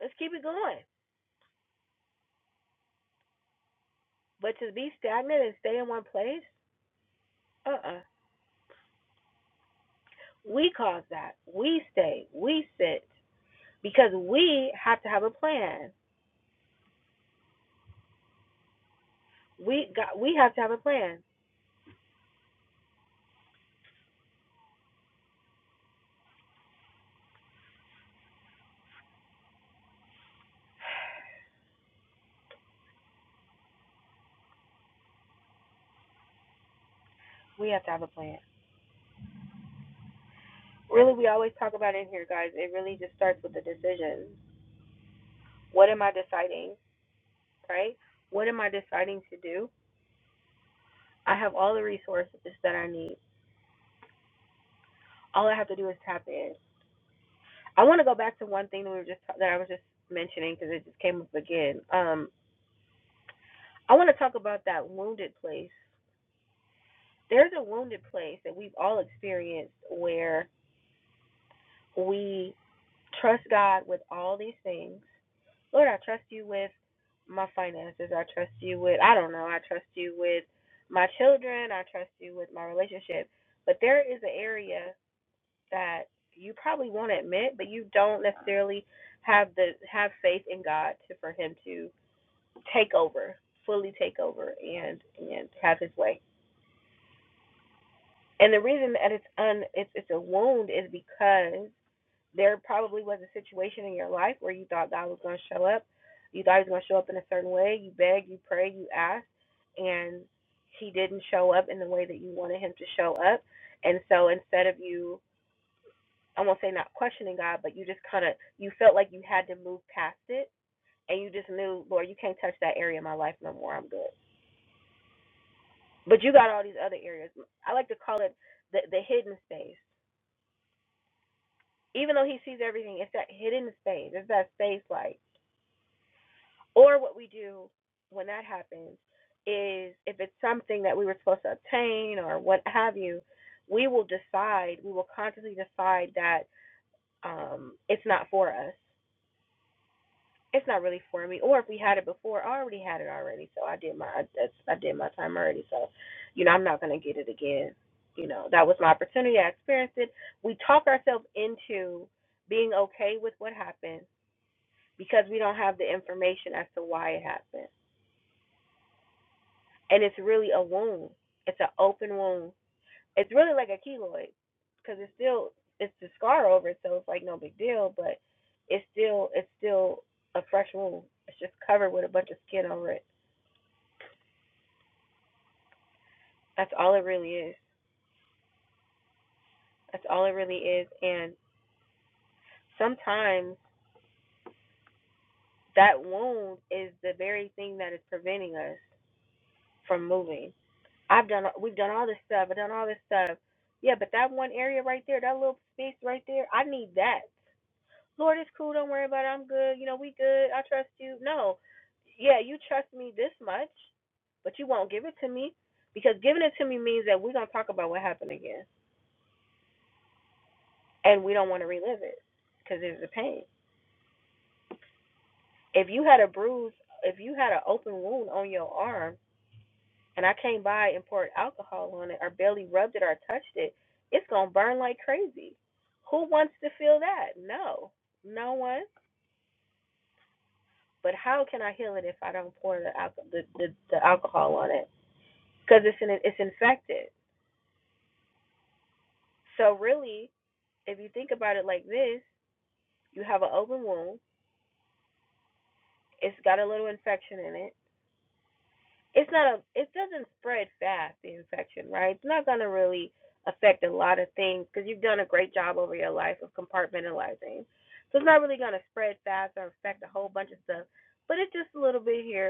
A: Let's keep it going. But to be stagnant and stay in one place, Uh-uh. We cause that. We stay. We sit because we have to have a plan. We got. We have to have a plan. We have to have a plan. Really, we always talk about in here, guys. It really just starts with the decisions. What am I deciding? Right? What am I deciding to do? I have all the resources that I need. All I have to do is tap in. I want to go back to one thing that we were just that I was just mentioning because it just came up again. Um, I want to talk about that wounded place there's a wounded place that we've all experienced where we trust God with all these things. Lord, I trust you with my finances. I trust you with, I don't know, I trust you with my children. I trust you with my relationship. But there is an area that you probably won't admit, but you don't necessarily have the have faith in God to for him to take over, fully take over and and have his way. And the reason that it's un it's it's a wound is because there probably was a situation in your life where you thought God was going to show up. You thought he was going to show up in a certain way. You begged, you prayed, you asked, and he didn't show up in the way that you wanted him to show up. And so instead of you, I won't say not questioning God, but you just kind of, you felt like you had to move past it. And you just knew, Lord, you can't touch that area of my life no more. I'm good. But you got all these other areas. I like to call it the, the hidden space. Even though he sees everything, it's that hidden space. It's that space like, Or what we do when that happens is if it's something that we were supposed to obtain or what have you, we will decide, we will consciously decide that um, it's not for us. It's not really for me. Or if we had it before, I already had it already, so I did my I, I did my time already. So, you know, I'm not gonna get it again. You know, that was my opportunity. I experienced it. We talk ourselves into being okay with what happened because we don't have the information as to why it happened. and it's really a wound. It's an open wound. It's really like a keloid because it's still it's the scar over it, so it's like no big deal, but it's still it's still a fresh wound. It's just covered with a bunch of skin over it. That's all it really is. That's all it really is. And sometimes that wound is the very thing that is preventing us from moving. I've done we've done all this stuff. I've done all this stuff. Yeah, but that one area right there, that little space right there, I need that. Lord, it's cool. Don't worry about it. I'm good. You know, we good. I trust you. No. Yeah, you trust me this much, but you won't give it to me because giving it to me means that we're going to talk about what happened again and we don't want to relive it because there's a pain. If you had a bruise, if you had an open wound on your arm and I came by and poured alcohol on it or barely rubbed it or touched it, it's going to burn like crazy. Who wants to feel that? No. No one But how can I heal it if I don't pour the alcohol, the, the, the alcohol on it? Because it's in, it's infected. So really, if you think about it like this, you have an open wound. It's got a little infection in it. It's not a. It doesn't spread fast. The infection, right? It's not gonna really affect a lot of things because you've done a great job over your life of compartmentalizing. So it's not really gonna spread fast or affect a whole bunch of stuff. But it's just a little bit here,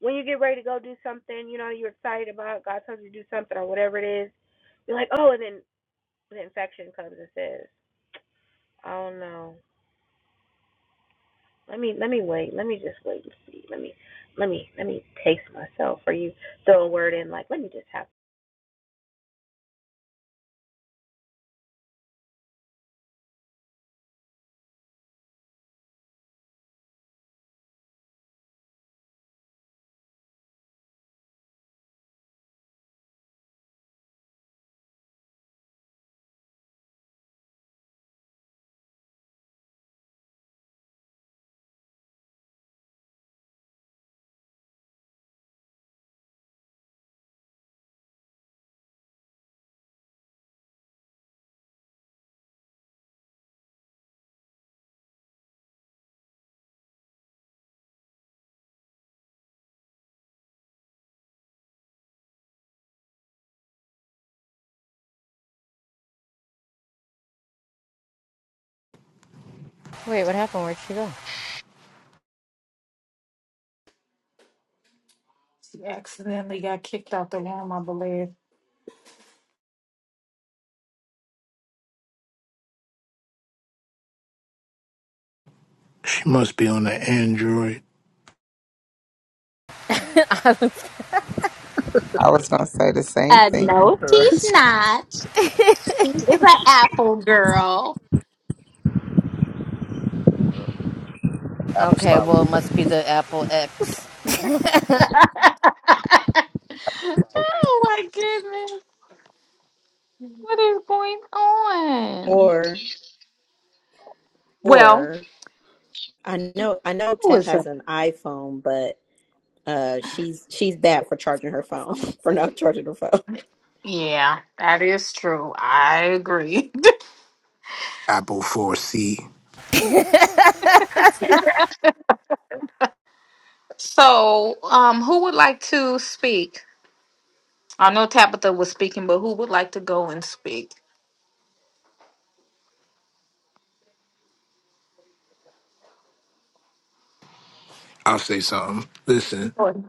A: when you get ready to go do something, you know, you're excited about God tells you to do something or whatever it is, you're like, oh, and then the infection comes and says, oh no, let me let me wait, let me just wait and see, let me let me let me taste myself, or you throw a word in like, let me just have.
H: Wait, what happened? Where'd she go?
K: she accidentally got kicked out the room, I believe.
L: It must be on the Android,
J: I was going to say the same
K: Uh,
J: thing.
K: no,
G: that
K: she's not. She is an apple girl.
H: Okay,
G: apostolic
H: well it must be the Apple X.
K: Oh my goodness. What is going on?
C: Or
K: Well,
C: or I know I know
K: who
C: Tef
K: is
C: has
K: it?
C: an iPhone, but uh she's she's bad for charging her phone, for not charging her phone.
K: Yeah, that is true. I agree.
L: Apple 4C.
K: so, um, who would like to speak? I know Tabitha was speaking, but who would like to go and speak?
L: I'll say something. Listen,
K: Go ahead.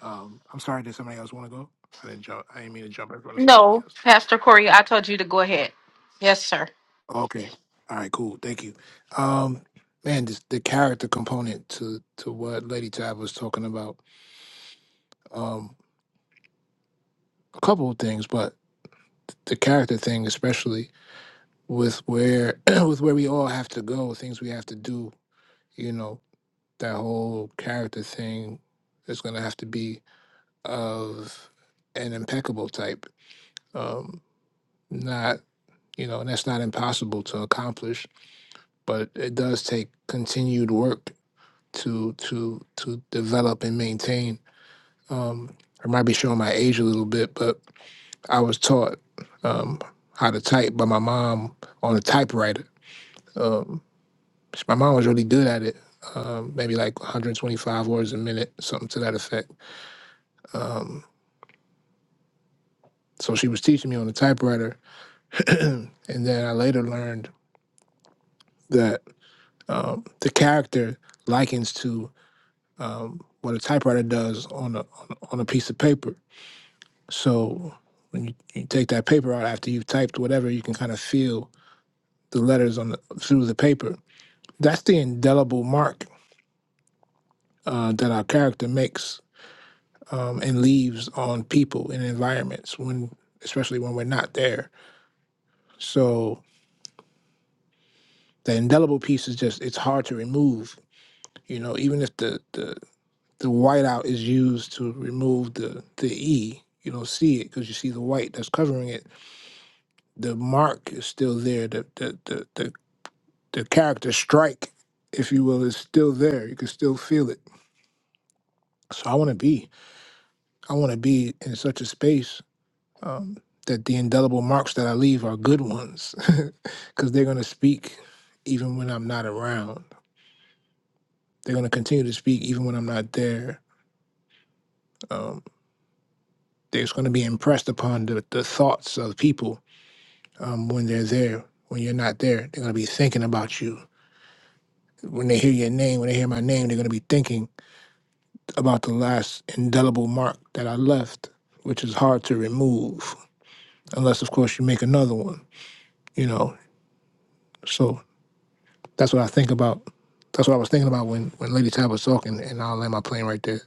L: um, I'm sorry. Did somebody else want to go? I didn't jump. I didn't mean to jump in front of somebody
K: No,
L: else.
K: Pastor Corey, I told you to go ahead. Yes, sir.
L: Okay. All right. Cool. Thank you. Um, man, this, the character component to to what Lady Tab was talking about. Um, a couple of things, but the character thing, especially with where with where we all have to go, things we have to do. You know, that whole character thing is going to have to be of an impeccable type. Um, not, you know, and that's not impossible to accomplish, but it does take continued work to to to develop and maintain. Um, I might be showing my age a little bit, but I was taught um, how to type by my mom on a typewriter. Um, my mom was really good at it, um, maybe like 125 words a minute, something to that effect. Um, so she was teaching me on the typewriter, and then I later learned that um, the character likens to um, what a typewriter does on a on a on a piece of paper. So when you, you take that paper out after you've typed whatever, you can kind of feel the letters on the, through the paper. That's the indelible mark uh, that our character makes um, and leaves on people and environments when, especially when we're not there. So the indelible piece is just it's hard to remove. You know, even if the the the whiteout is used to remove the the e. You don't see it because you see the white that's covering it. The mark is still there. The the the the, the character strike, if you will, is still there. You can still feel it. So I want to be. I want to be in such a space um, that the indelible marks that I leave are good ones, because they're gonna speak even when I'm not around. They're gonna continue to speak even when I'm not there. Um, they going to be impressed upon the, the thoughts of people um, when they're there. When you're not there, they're going to be thinking about you. When they hear your name, when they hear my name, they're going to be thinking about the last indelible mark that I left, which is hard to remove, unless, of course, you make another one, you know. So that's what I think about. That's what I was thinking about when, when Lady Tab was talking, and I'll land my plane right there.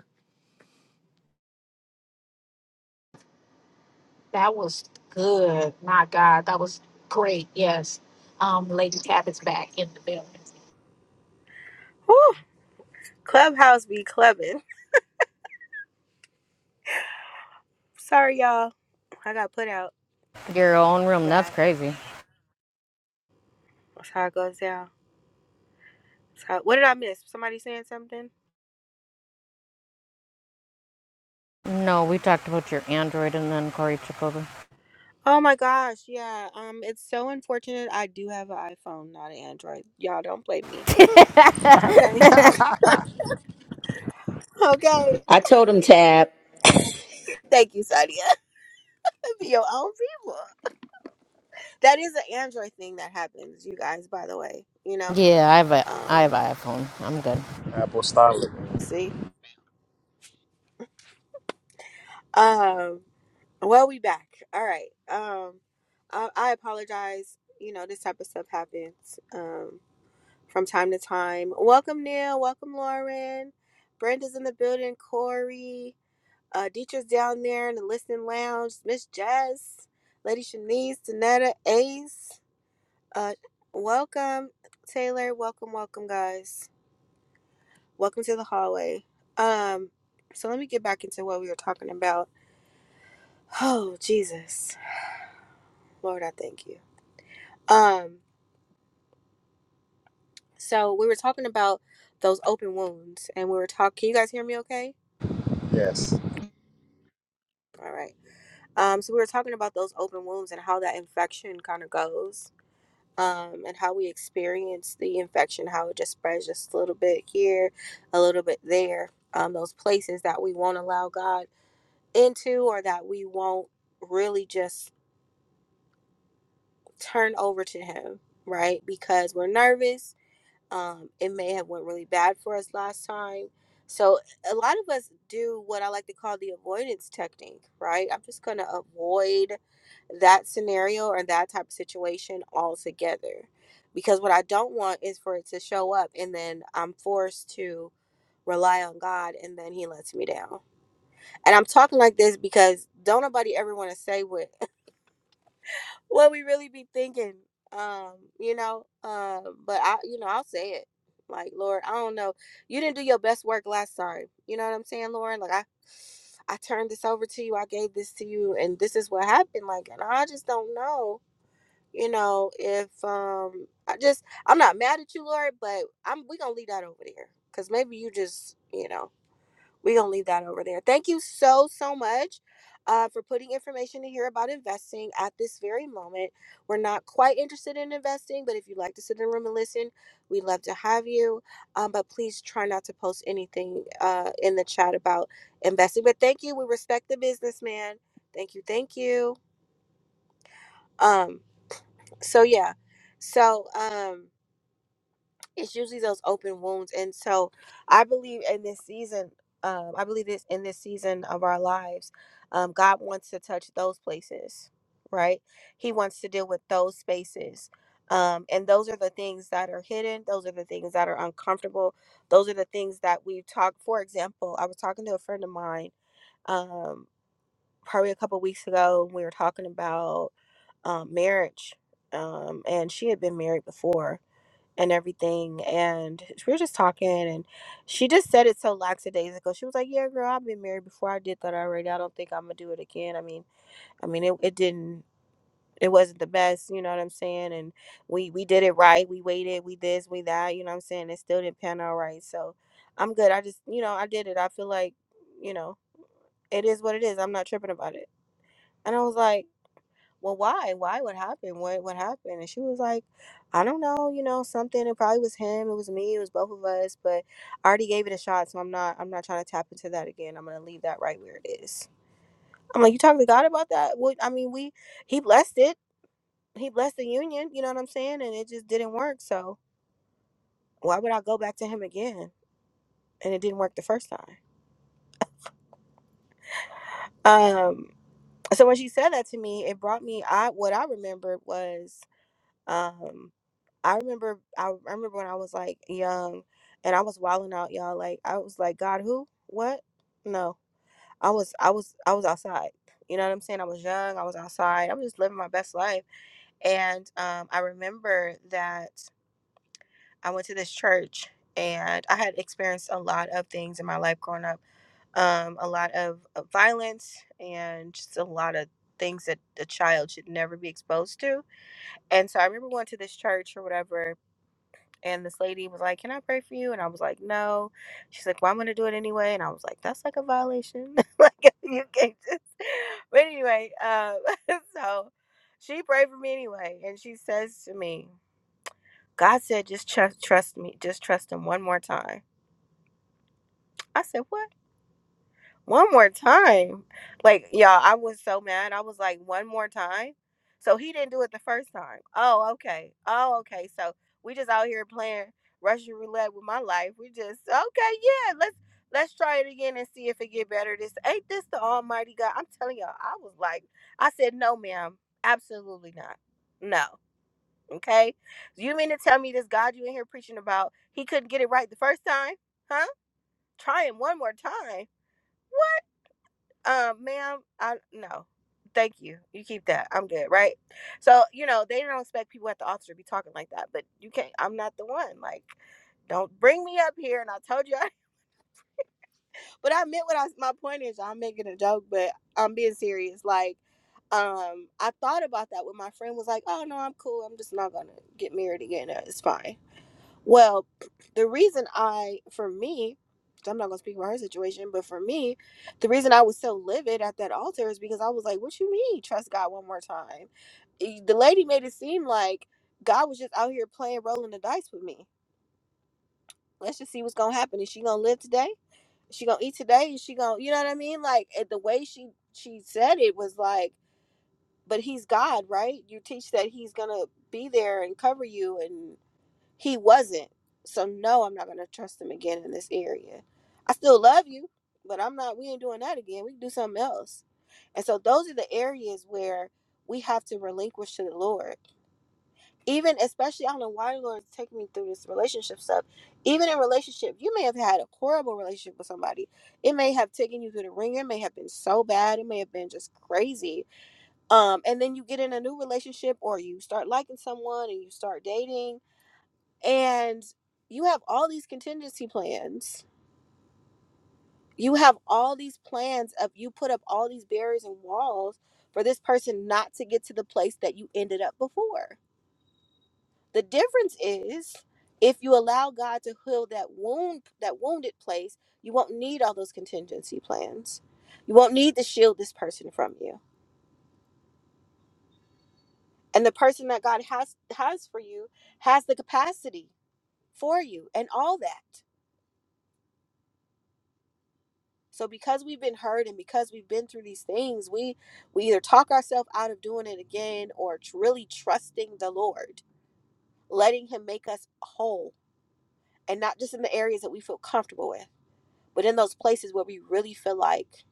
K: That was good. My God, that was great. Yes. Um, Lady Tabitha's back in the building.
A: Woo, clubhouse be clubbing. Sorry y'all, I got put out.
H: Your own
A: for
H: room. That's
A: That
H: crazy.
A: that's how it goes down. That's how- what did I miss? Somebody saying something?
H: No, we talked about your Android and then Corey took over.
A: Oh my gosh, yeah. Um, it's so unfortunate. I do have an iPhone, not an Android. Y'all don't blame me Okay. Okay.
C: I told him Tab.
A: Thank you, Sadia. Be your own people. That is an Android thing that happens, you guys, by the way. You know?
H: yeah, I have a I have
A: Um,
H: an iPhone. I'm good.
G: apostolic
A: see? Um, well, we back. All right. Um, I, I apologize. You know, this type of stuff happens um, from time to time. Welcome, Neil. Welcome, Lauren. Brenda's in the building. Corey. Uh, Dietrich's down there in the listening lounge. Miss Jess. Lady Shanice. Danetta. Ace. Uh, welcome, Taylor. Welcome, welcome, guys. Welcome to the hallway. Um, so let me get back into what we were talking about. Oh, Jesus, Lord, I thank you. Um, so we were talking about those open wounds, and we were talking. Can you guys hear me? Okay.
G: yes
A: All right. Um, so we were talking about those open wounds and how that infection kind of goes. Um, and how we experience the infection, how it just spreads just a little bit here, a little bit there. Um, those places that we won't allow God into or that we won't really just turn over to him right because we're nervous um it may have went really bad for us last time so a lot of us do what i like to call the avoidance technique right i'm just going to avoid that scenario or that type of situation altogether because what i don't want is for it to show up and then i'm forced to rely on god and then he lets me down and I'm talking like this because don't nobody ever want to say what what we really be thinking um you know uh but i you know i'll say it like lord i don't know you didn't do your best work last time you know what i'm saying lord like i i turned this over to you i gave this to you and this is what happened like and i just don't know you know if um i just i'm not mad at you lord but i'm we gonna leave that over there because maybe you just you know we're gonna leave that over there. Thank you so so much uh, for putting information in here about investing at this very moment. We're not quite interested in investing, but if you'd like to sit in the room and listen, we'd love to have you. Um, but please try not to post anything uh, in the chat about investing. But thank you. We respect the businessman. Thank you. Thank you. Um, so yeah. So um it's usually those open wounds and so i believe in this season um, i believe this in this season of our lives um, god wants to touch those places right he wants to deal with those spaces um, and those are the things that are hidden those are the things that are uncomfortable those are the things that we've talked for example i was talking to a friend of mine um, probably a couple weeks ago we were talking about um, marriage um, and she had been married before and everything. And we were just talking, and she just said it so lax days ago. She was like, "Yeah, girl, I've been married before. I did that already. I don't think I'm gonna do it again. I mean, I mean, it, it didn't." It wasn't the best, you know what I'm saying? And we we did it right. We waited, we this, we that, you know what I'm saying? It still didn't pan out right. So I'm good. I just, you know, I did it. I feel like, you know, it is what it is. I'm not tripping about it. And I was like, well, why? Why? What happened? What what happened? And she was like, I don't know, you know, something. It probably was him, it was me, it was both of us, but I already gave it a shot, so I'm not I'm not trying to tap into that again. I'm gonna leave that right where it is. I'm like, You talked to God about that? What I mean, we he blessed it. He blessed the union, you know what I'm saying? And it just didn't work. So why would I go back to him again? And it didn't work the first time. Um so when she said that to me, it brought me I what I remembered was Um, I remember I, I remember when I was like young and I was wilding out, y'all. Like I was like, God, who? What? No. I was I was I was outside. You know what I'm saying? I was young, I was outside, I was just living my best life. And um I remember that I went to this church and I had experienced a lot of things in my life growing up. Um, a lot of, of violence and just a lot of things that a child should never be exposed to. And so I remember going to this church or whatever and this lady was like, Can I pray for you? And I was like, No. She's like, Well, I'm going to do it anyway. And I was like, That's like a violation. like, you can't just. But anyway, um, so she prayed for me anyway. And she says to me, God said, Just trust, trust me. Just trust him one more time. I said, What? One more time. Like, y'all, I was so mad. I was like, one more time. So he didn't do it the first time. Oh, okay. Oh, okay. So we just out here playing Russian roulette with my life. We just okay, yeah, let's let's try it again and see if it get better. This ain't this the almighty God. I'm telling y'all, I was like, I said, no, ma'am. Absolutely not. No. Okay. You mean to tell me this God you in here preaching about, he couldn't get it right the first time? Huh? Try him one more time um, ma'am, I no. Thank you. You keep that. I'm good, right? So, you know, they don't expect people at the office to be talking like that, but you can't I'm not the one. Like, don't bring me up here and I told you I, but I meant what I my point is I'm making a joke, but I'm being serious. Like, um, I thought about that when my friend was like, Oh no, I'm cool, I'm just not gonna get married again. Uh, It's fine. Well, the reason I, for me, I'm not gonna speak about her situation, but for me, the reason I was so livid at that altar is because I was like, "What you mean, trust God one more time?" E- The lady made it seem like God was just out here playing, rolling the dice with me. Let's just see what's gonna happen. Is she gonna live today? Is she gonna eat today? Is she gonna, you know what I mean? Like it- the way she she said it was like, "But He's God, right? You teach that He's gonna be there and cover you, and." He wasn't. So no, I'm not gonna trust him again in this area. I still love you, but I'm not we ain't doing that again. We can do something else. And so those are the areas where we have to relinquish to the Lord. Even especially I don't know why the Lord is taking me through this relationship stuff. Even in relationship, you may have had a horrible relationship with somebody. It may have taken you through the ringer, it may have been so bad, it may have been just crazy. Um, and then you get in a new relationship or you start liking someone and you start dating and you have all these contingency plans you have all these plans of you put up all these barriers and walls for this person not to get to the place that you ended up before the difference is if you allow god to heal that wound that wounded place you won't need all those contingency plans you won't need to shield this person from you and the person that god has has for you has the capacity for you and all that So because we've been hurt and because we've been through these things, we we either talk ourselves out of doing it again or tr- really trusting the Lord, letting him make us whole and not just in the areas that we feel comfortable with, but in those places where we really feel like,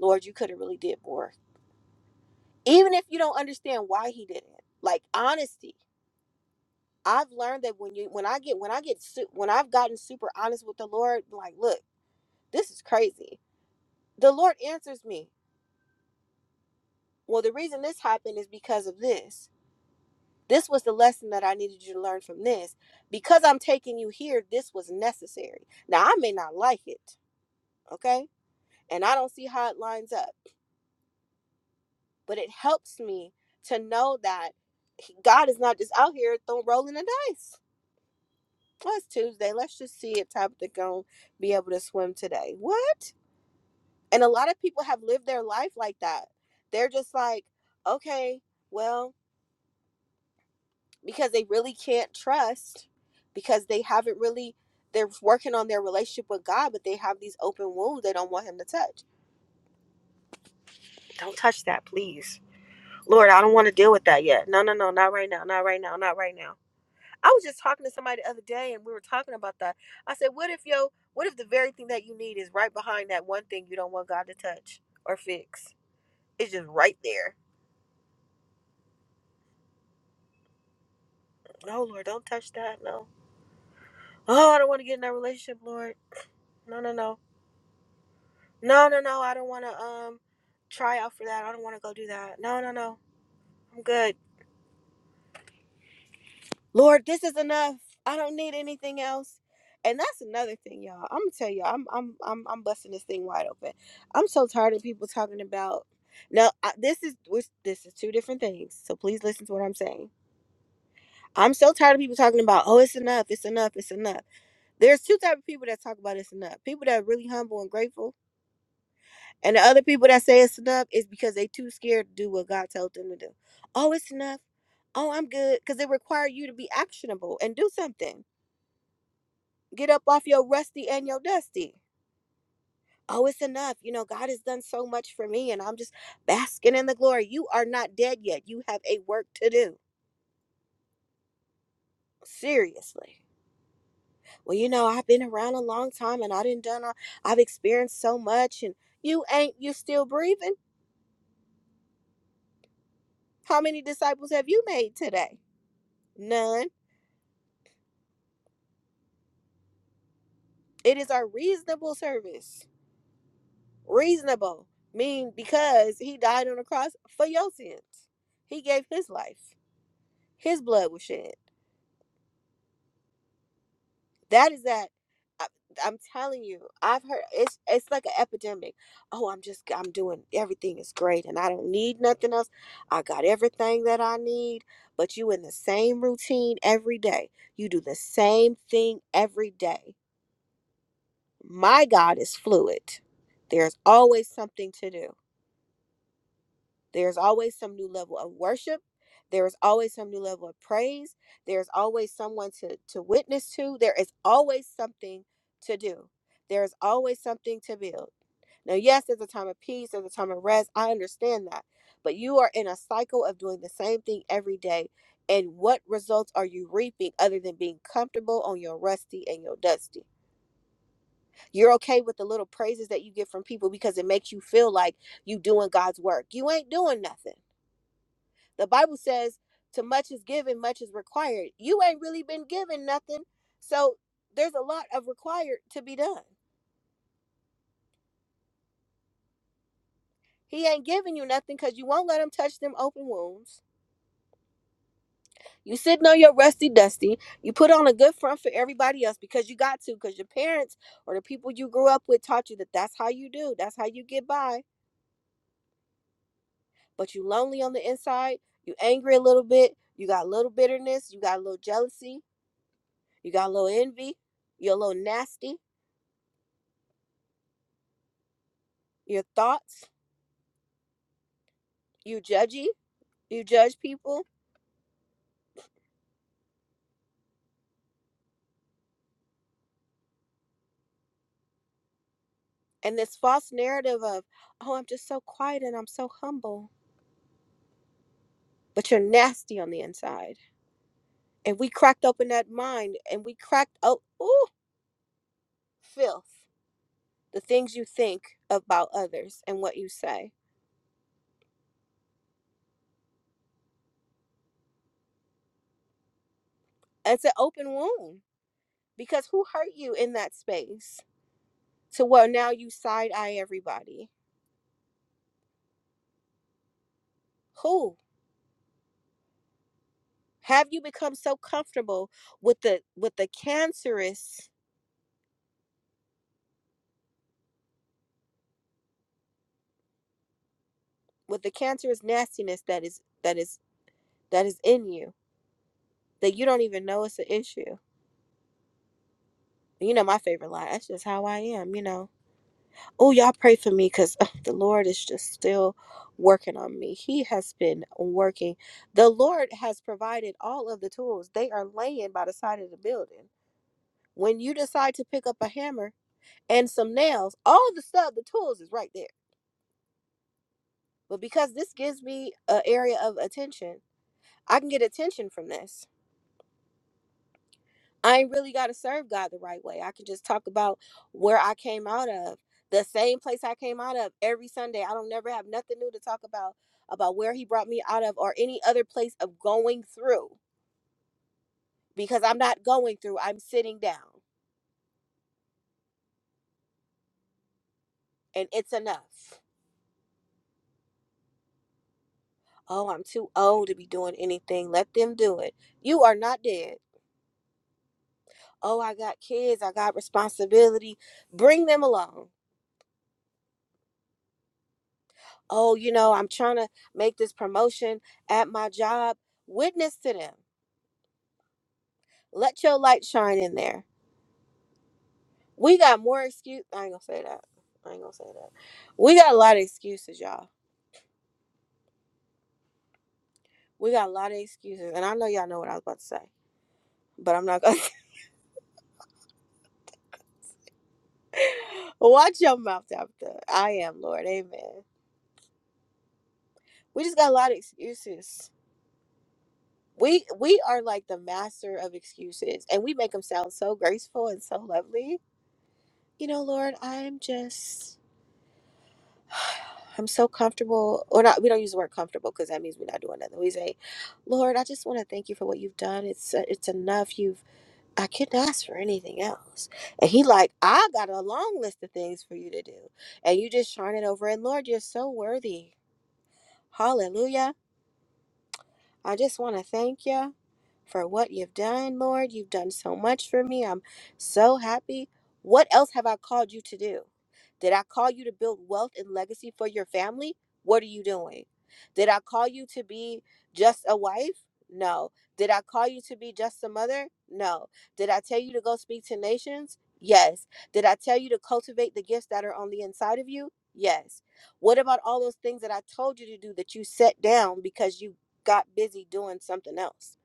A: Lord, you could have really did more. Even if you don't understand why he did it. Like honesty. I've learned that when you when I get when I get su- when I've gotten super honest with the Lord, like, look, this is crazy. The Lord answers me. Well, the reason this happened is because of this This was the lesson that I needed you to learn from this. Because I'm taking you here, this was necessary. Now, I may not like it, okay? And I don't see how it lines up, but it helps me to know that he- God is not just out here throwing rolling the dice. Well, it's Tuesday. Let's just see if Tabitha gonna be able to swim today. What? And a lot of people have lived their life like that. They're just like, okay, well, because they really can't trust because they haven't really they're working on their relationship with God, but they have these open wounds they don't want him to touch. Don't touch that, please. Lord, I don't want to deal with that yet. No, no, no, not right now, not right now, not right now. I was just talking to somebody the other day and we were talking about that. I said, What if yo what if the very thing that you need is right behind that one thing you don't want God to touch or fix? It's just right there. No, Lord, don't touch that. No. Oh, I don't want to get in that relationship, Lord. No, no, no. No, no, no. I don't want to um try out for that. I don't want to go do that. No, no, no. I'm good. Lord, this is enough. I don't need anything else. And that's another thing, y'all. I'm gonna tell you, I'm I'm I'm I'm busting this thing wide open. I'm so tired of people talking about. No, I, this is which this is two different things. So please listen to what I'm saying. I'm so tired of people talking about, oh, it's enough, it's enough, it's enough. There's two type of people that talk about it's enough. People that are really humble and grateful And the other people that say it's enough is because they too scared to do what God told them to do. Oh, it's enough. Oh, I'm good. Because it require you to be actionable and do something. Get up off your rusty and your dusty. Oh, it's enough. You know, God has done so much for me and I'm just basking in the glory. You are not dead yet. You have a work to do. Seriously. Well, you know, I've been around a long time and I didn't done all, I've experienced so much and you ain't you still breathing. How many disciples have you made today? None It is a reasonable service. Reasonable. Mean because he died on the cross for your sins. He gave his life. His blood was shed. That is that. I, I'm telling you, I've heard it's it's like an epidemic. Oh, I'm just I'm doing everything is great and I don't need nothing else. I got everything that I need. But you in the same routine every day. You do the same thing every day. My God is fluid. There's always something to do There's always some new level of worship. There is always some new level of praise. There's always someone to, to witness to. There is always something to do. There is always something to build. Now, yes, there's a time of peace, there's a time of rest. I understand that. But you are in a cycle of doing the same thing every day. And what results are you reaping other than being comfortable on your rusty and your dusty? You're okay with the little praises that you get from people because it makes you feel like you doing God's work. You ain't doing nothing. The Bible says, to much is given, much is required. You ain't really been given nothing. So there's a lot of required to be done. He ain't giving you nothing because you won't let him touch them open wounds. You sitting on your rusty dusty. You put on a good front for everybody else because you got to, because your parents or the people you grew up with taught you that that's how you do, that's how you get by. But you lonely on the inside. You angry a little bit. You got a little bitterness. You got a little jealousy. You got a little envy. You're a little nasty. Your thoughts. you judgy, you judge people, and this false narrative of, oh, I'm just so quiet and I'm so humble, but you're nasty on the inside. And we cracked open that mind and we cracked oh, ooh, filth, the things you think about others and what you say. It's an open wound because who hurt you in that space? To where now you side eye everybody. Who? Have you become so comfortable with the with the cancerous with the cancerous nastiness that is that is that is in you that you don't even know it's an issue. You know my favorite line. That's just how I am. You know. Oh, y'all pray for me because uh, the Lord is just still working on me. He has been working. The Lord has provided all of the tools. They are laying by the side of the building. When you decide to pick up a hammer and some nails, all the stuff, the tools is right there. But because this gives me an area of attention, I can get attention from this I ain't really got to serve God the right way. I can just talk about where I came out of, the same place I came out of every Sunday. I don't never have nothing new to talk about about where he brought me out of or any other place of going through because I'm not going through. I'm sitting down and it's enough. Oh, I'm too old to be doing anything. Let them do it. You are not dead. Oh, I got kids. I got responsibility. Bring them along. Oh, you know, I'm trying to make this promotion at my job. Witness to them Let your light shine in there. We got more excuse. I ain't gonna say that. I ain't gonna say that. We got a lot of excuses, y'all. We got a lot of excuses, and I know y'all know what I was about to say, but I'm not gonna. Watch your mouth after. I am Lord. Amen. We just got a lot of excuses. We we are like the master of excuses, and we make them sound so graceful and so lovely. You know, Lord, I'm just I'm so comfortable, or not. We don't use the word comfortable because that means we're not doing nothing. We say, Lord, I just want to thank you for what you've done. It's uh, it's enough. You've I couldn't ask for anything else. And He like, I got a long list of things for you to do, and you just shine it over. And Lord, you're so worthy. Hallelujah. I just want to thank you for what you've done, Lord. You've done so much for me. I'm so happy. What else have I called you to do? Did I call you to build wealth and legacy for your family? What are you doing? Did I call you to be just a wife? No. Did I call you to be just a mother? No. Did I tell you to go speak to nations? Yes. Did I tell you to cultivate the gifts that are on the inside of you? Yes. What about all those things that I told you to do that you set down because you got busy doing something else.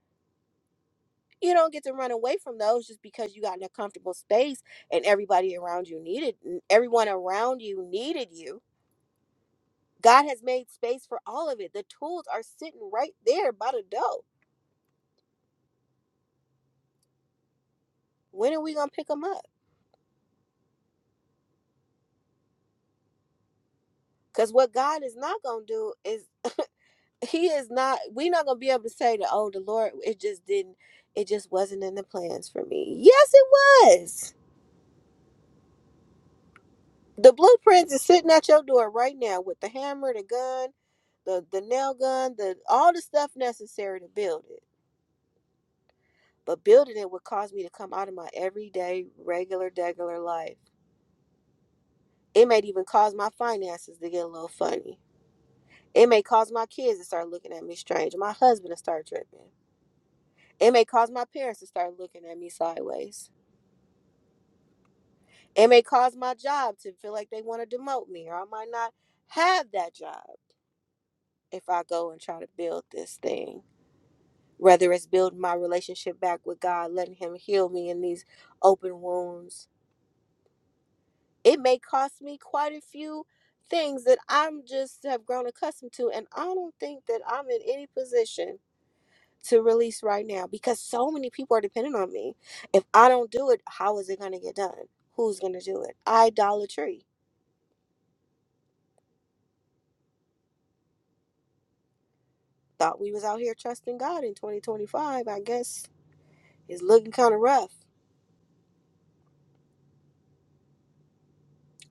A: You don't get to run away from those just because you got in a comfortable space and everybody around you needed everyone around you needed you. God has made space for all of it. The tools are sitting right there by the door. When are we going to pick them up? Cuz what God is not going to do is he is not we're not going to be able to say that oh the Lord it just didn't it just wasn't in the plans for me. Yes it was. The blueprints is sitting at your door right now with the hammer, the gun, the the nail gun, the all the stuff necessary to build it. But building it would cause me to come out of my everyday, regular, regular life. It may even cause my finances to get a little funny. It may cause my kids to start looking at me strange, my husband to start tripping. It may cause my parents to start looking at me sideways. It may cause my job to feel like they want to demote me, or I might not have that job if I go and try to build this thing whether it's building my relationship back with God, letting Him heal me in these open wounds. It may cost me quite a few things that I'm just have grown accustomed to, and I don't think that I'm in any position to release right now because so many people are depending on me. If I don't do it, how is it going to get done? Who's going to do it? Idolatry. Thought we was out here trusting God in 2025. I guess it's looking kind of rough.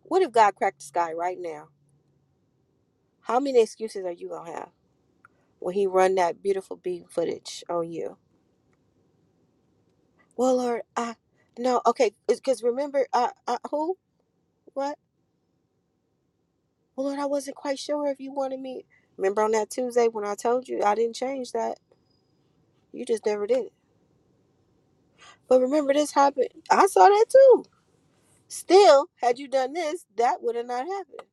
A: What if God cracked the sky right now? How many excuses are you gonna have? when he run that beautiful B footage on you. Well, Lord, I no, okay, because remember, I, I, who, what? Well, Lord, I wasn't quite sure if you wanted me. Remember on that Tuesday when I told you I didn't change that, you just never did. it. But remember, this happened. I saw that too. Still, had you done this, that would have not happened.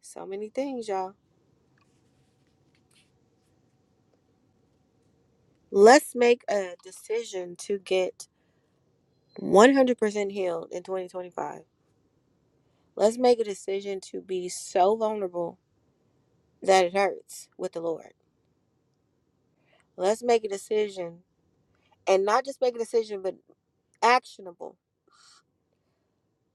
A: So many things, y'all. Let's make a decision to get 100% healed in 2025. Let's make a decision to be so vulnerable that it hurts with the Lord. Let's make a decision and not just make a decision, but actionable,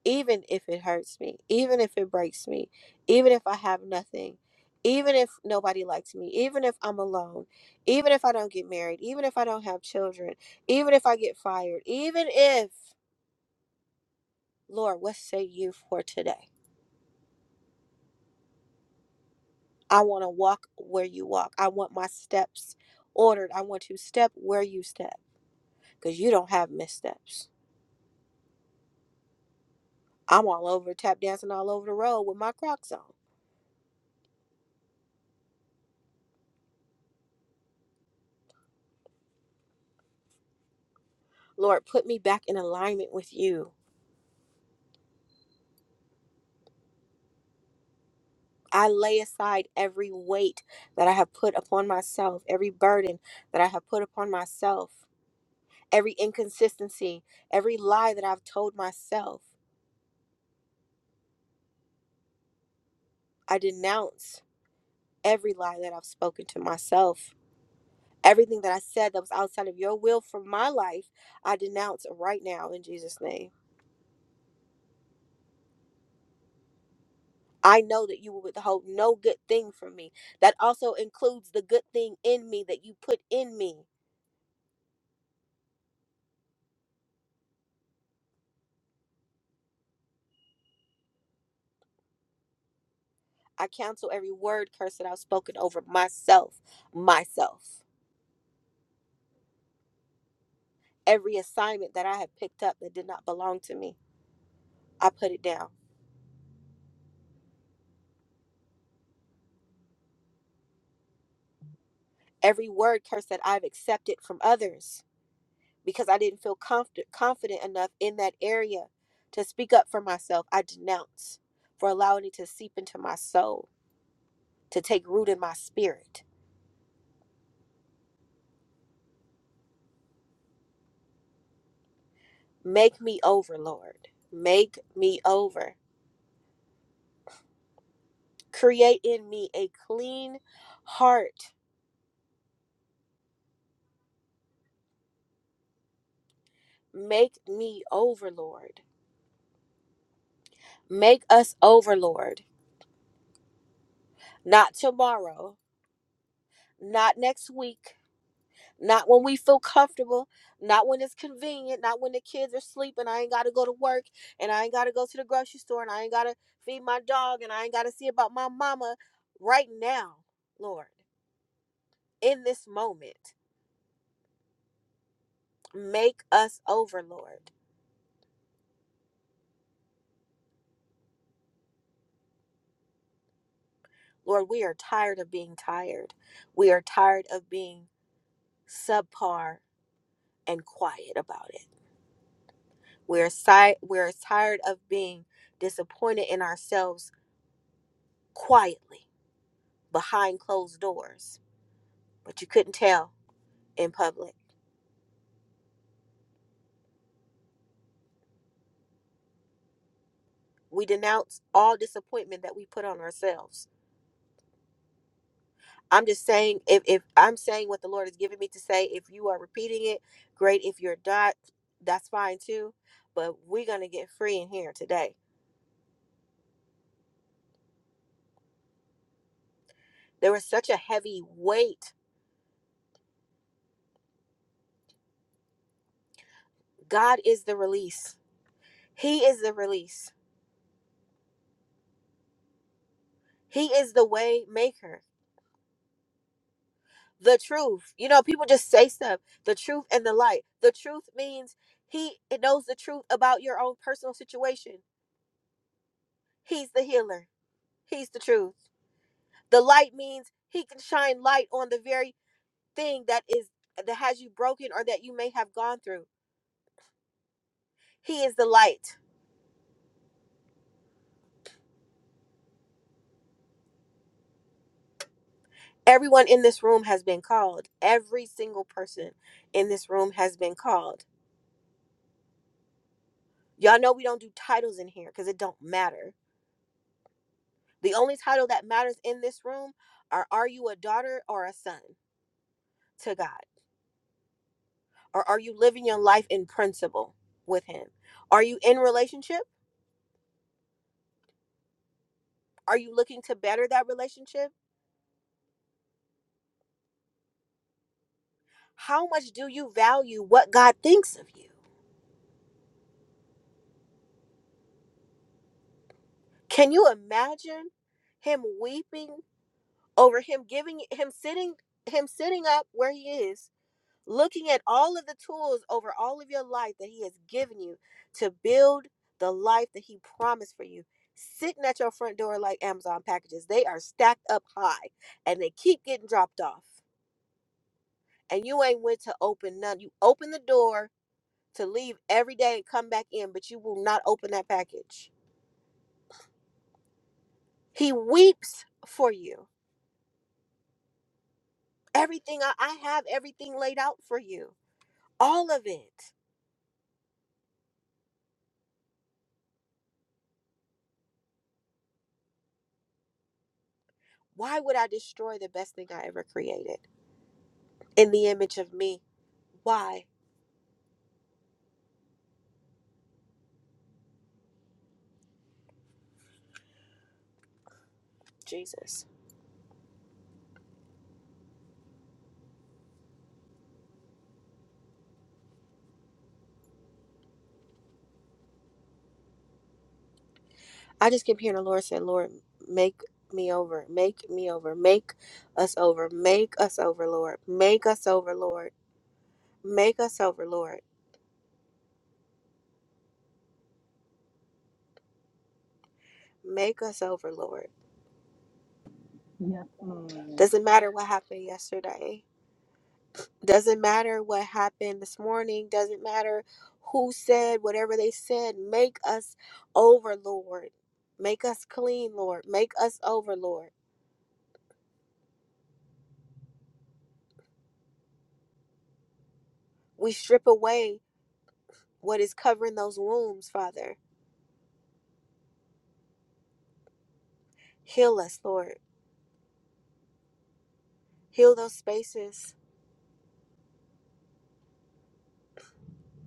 A: even if it hurts me, even if it breaks me, even if I have nothing, even if nobody likes me, even if I'm alone, even if I don't get married, even if I don't have children, even if I get fired, even if, Lord, what say you for today? I want to walk where you walk. I want my steps ordered. I want to step where you step because you don't have missteps. I'm all over tap dancing all over the road with my Crocs on. Lord, put me back in alignment with you. I lay aside every weight that I have put upon myself, every burden that I have put upon myself, every inconsistency, every lie that I've told myself. I denounce every lie that I've spoken to myself. Everything that I said that was outside of your will for my life, I denounce right now in Jesus' name. I know that you will withhold no good thing from me. That also includes the good thing in me that you put in me. I cancel every word curse that I've spoken over myself, myself. Every assignment that I have picked up that did not belong to me, I put it down. Every word curse that I've accepted from others because I didn't feel confident, confident enough in that area to speak up for myself, I denounce for allowing it to seep into my soul, to take root in my spirit. Make me over, Lord. Make me over. Create in me a clean heart. Make me over, Lord. Make us over, Lord. Not tomorrow, not next week, not when we feel comfortable, not when it's convenient, not when the kids are sleeping. I ain't got to go to work and I ain't got to go to the grocery store and I ain't got to feed my dog and I ain't got to see about my mama right now, Lord. In this moment, make us over, Lord Lord, we are tired of being tired. We are tired of being subpar and quiet about it. We're si- we're tired of being disappointed in ourselves quietly behind closed doors, but you couldn't tell in public. We denounce all disappointment that we put on ourselves. I'm just saying if, if I'm saying what the Lord has given me to say, if you are repeating it, great. If you're not, that's fine too. But we're gonna get free in here today There was such a heavy weight. God is the release. He is the release. He is the way maker. The truth. You know, people just say stuff. The truth and the light. The truth means he knows the truth about your own personal situation. He's the healer. He's the truth. The light means he can shine light on the very thing that is that has you broken or that you may have gone through. He is the light. Everyone in this room has been called. Every single person in this room has been called Y'all know we don't do titles in here because it don't matter. The only title that matters in this room are are you a daughter or a son to God? Or are you living your life in principle with him? Are you in relationship? Are you looking to better that relationship? How much do you value what God thinks of you? Can you imagine him weeping over him giving him sitting him sitting up where he is looking at all of the tools over all of your life that He has given you to build the life that He promised for you. Sitting at your front door like Amazon packages, they are stacked up high and they keep getting dropped off. And you ain't went to open none. You open the door to leave every day and come back in, but you will not open that package. He weeps for you. Everything I, I have, everything laid out for you, all of it. Why would I destroy the best thing I ever created in the image of me? Why, Jesus? I just kept hearing the Lord say, Lord, make me over, make me over, make us over, make us over, Lord, make us over, Lord, make us over, Lord, make us over, Lord.
M: Yes, Lord.
A: Doesn't matter what happened yesterday, doesn't matter what happened this morning, doesn't matter who said whatever they said, make us over, Lord, make us clean, Lord, make us over, Lord. We strip away what is covering those wounds, Father. Heal us, Lord. heal those spaces.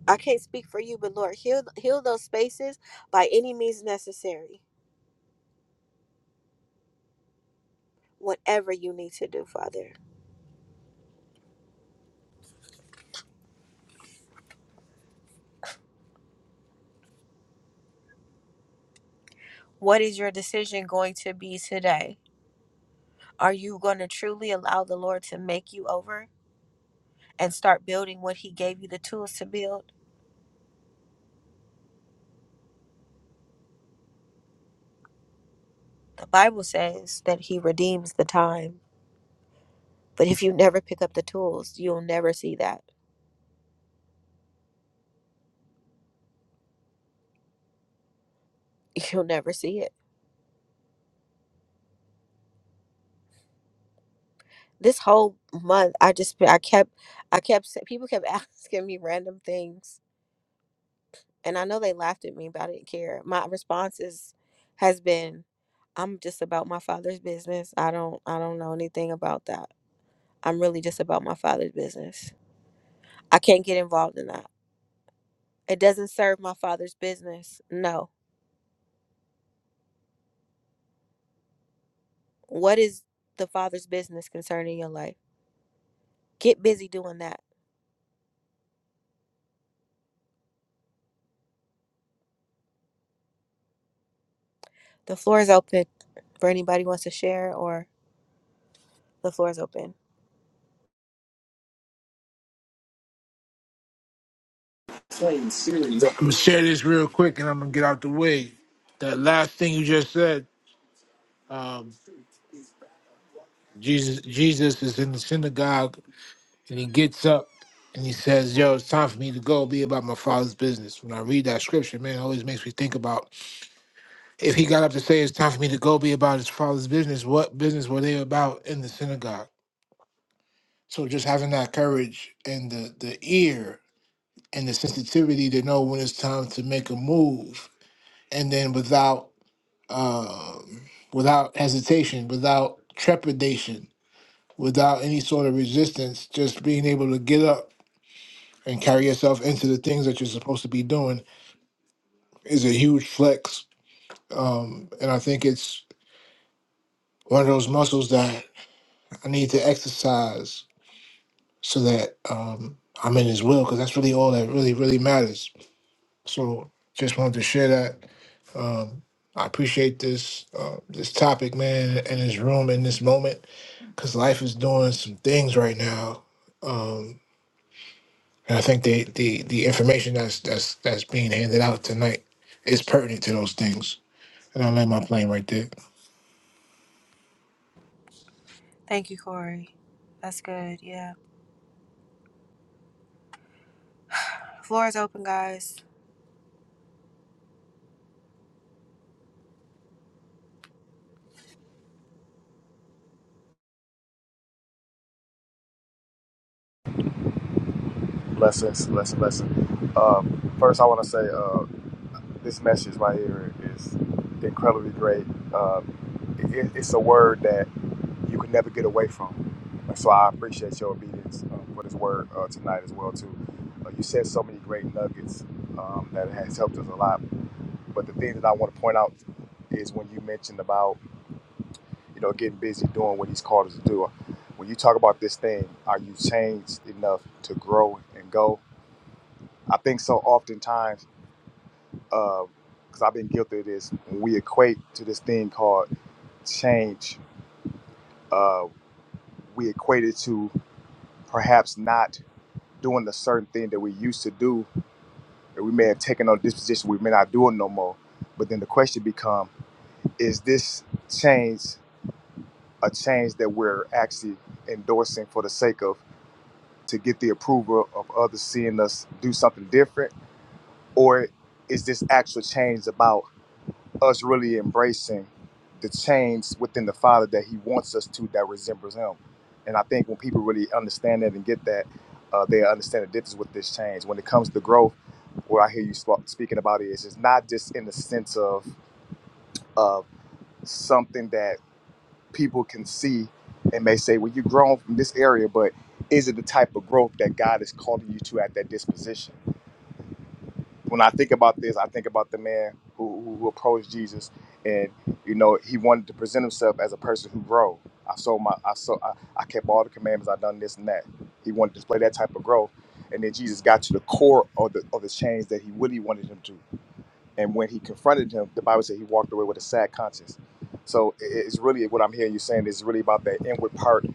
A: I can't speak for you, but Lord, heal heal those spaces by any means necessary. Whatever you need to do, Father. What is your decision going to be today? Are you going to truly allow the Lord to make you over and start building what he gave you the tools to build? The Bible says that he redeems the time. But if you never pick up the tools, you'll never see that. You'll never see it. This whole month I just I kept I kept people kept asking me random things and I know they laughed at me, but I didn't care. My response is has been, I'm just about my father's business. I don't I don't know anything about that. I'm really just about my father's business. I can't get involved in that. It doesn't serve my father's business. No. What is the father's business concerning your life? Get busy doing that. The floor is open for anybody who wants to share or the floor is open.
L: Playing series. I'm going to share this real quick, and I'm going to get out the way. That last thing you just said, um, Jesus, Jesus is in the synagogue And he gets up and he says, Yo, it's time for me to go be about my father's business. When I read that scripture, man, it always makes me think about if he got up to say it's time for me to go be about his father's business, what business were they about in the synagogue? So just having that courage and the, the ear and the sensitivity to know when it's time to make a move and then without um, without hesitation, without trepidation, without any sort of resistance, just being able to get up and carry yourself into the things that you're supposed to be doing is a huge flex. Um, and I think it's one of those muscles that I need to exercise so that um, I'm in his will, because that's really all that really, really matters. So just wanted to share that. Um, I appreciate this uh, this topic, man, and this room in this moment, because life is doing some things right now, um, and I think the, the the information that's that's that's being handed out tonight is pertinent to those things. And I land my plane right there.
A: Thank you, Corey. That's good. Yeah. Floor is open, guys.
G: blessings blessing blessing uh, first i want to say uh, This message right here is incredibly great. Um, it, it's a word that you can never get away from. And So I appreciate your obedience um, for this word uh, tonight as well too. Uh, you said so many great nuggets um, that has helped us a lot. But the thing that I want to point out is when you mentioned about you know getting busy doing what he's called us to do. When you talk about this thing, are you changed enough to grow and go? I think so. Oftentimes because I've been guilty of this. When we equate to this thing called change, uh, we equate it to perhaps not doing the certain thing that we used to do, that we may have taken on this position, we may not do it no more. But then the question become: Is this change a change that we're actually endorsing for the sake of to get the approval of others seeing us do something different, or is this actual change about? us really embracing the change within the Father that He wants us to that resembles Him. And I think when people really understand that and get that, uh, they understand the difference with this change. When it comes to growth, what I hear you sp- speaking about is it's not just in the sense of of something that people can see and may say, "Well, you've grown from this area," but is it the type of growth that God is calling you to at that disposition? when I think about this, I think about the man who, who, who approached Jesus, and you know he wanted to present himself as a person who grow. I sold my, I saw, I, I kept all the commandments. I done this and that. He wanted to display that type of growth, and then Jesus got to the core of the of the change that he really wanted him to. And when he confronted him, the Bible said he walked away with a sad conscience. So it- it's really what I'm hearing you saying is really about that inward part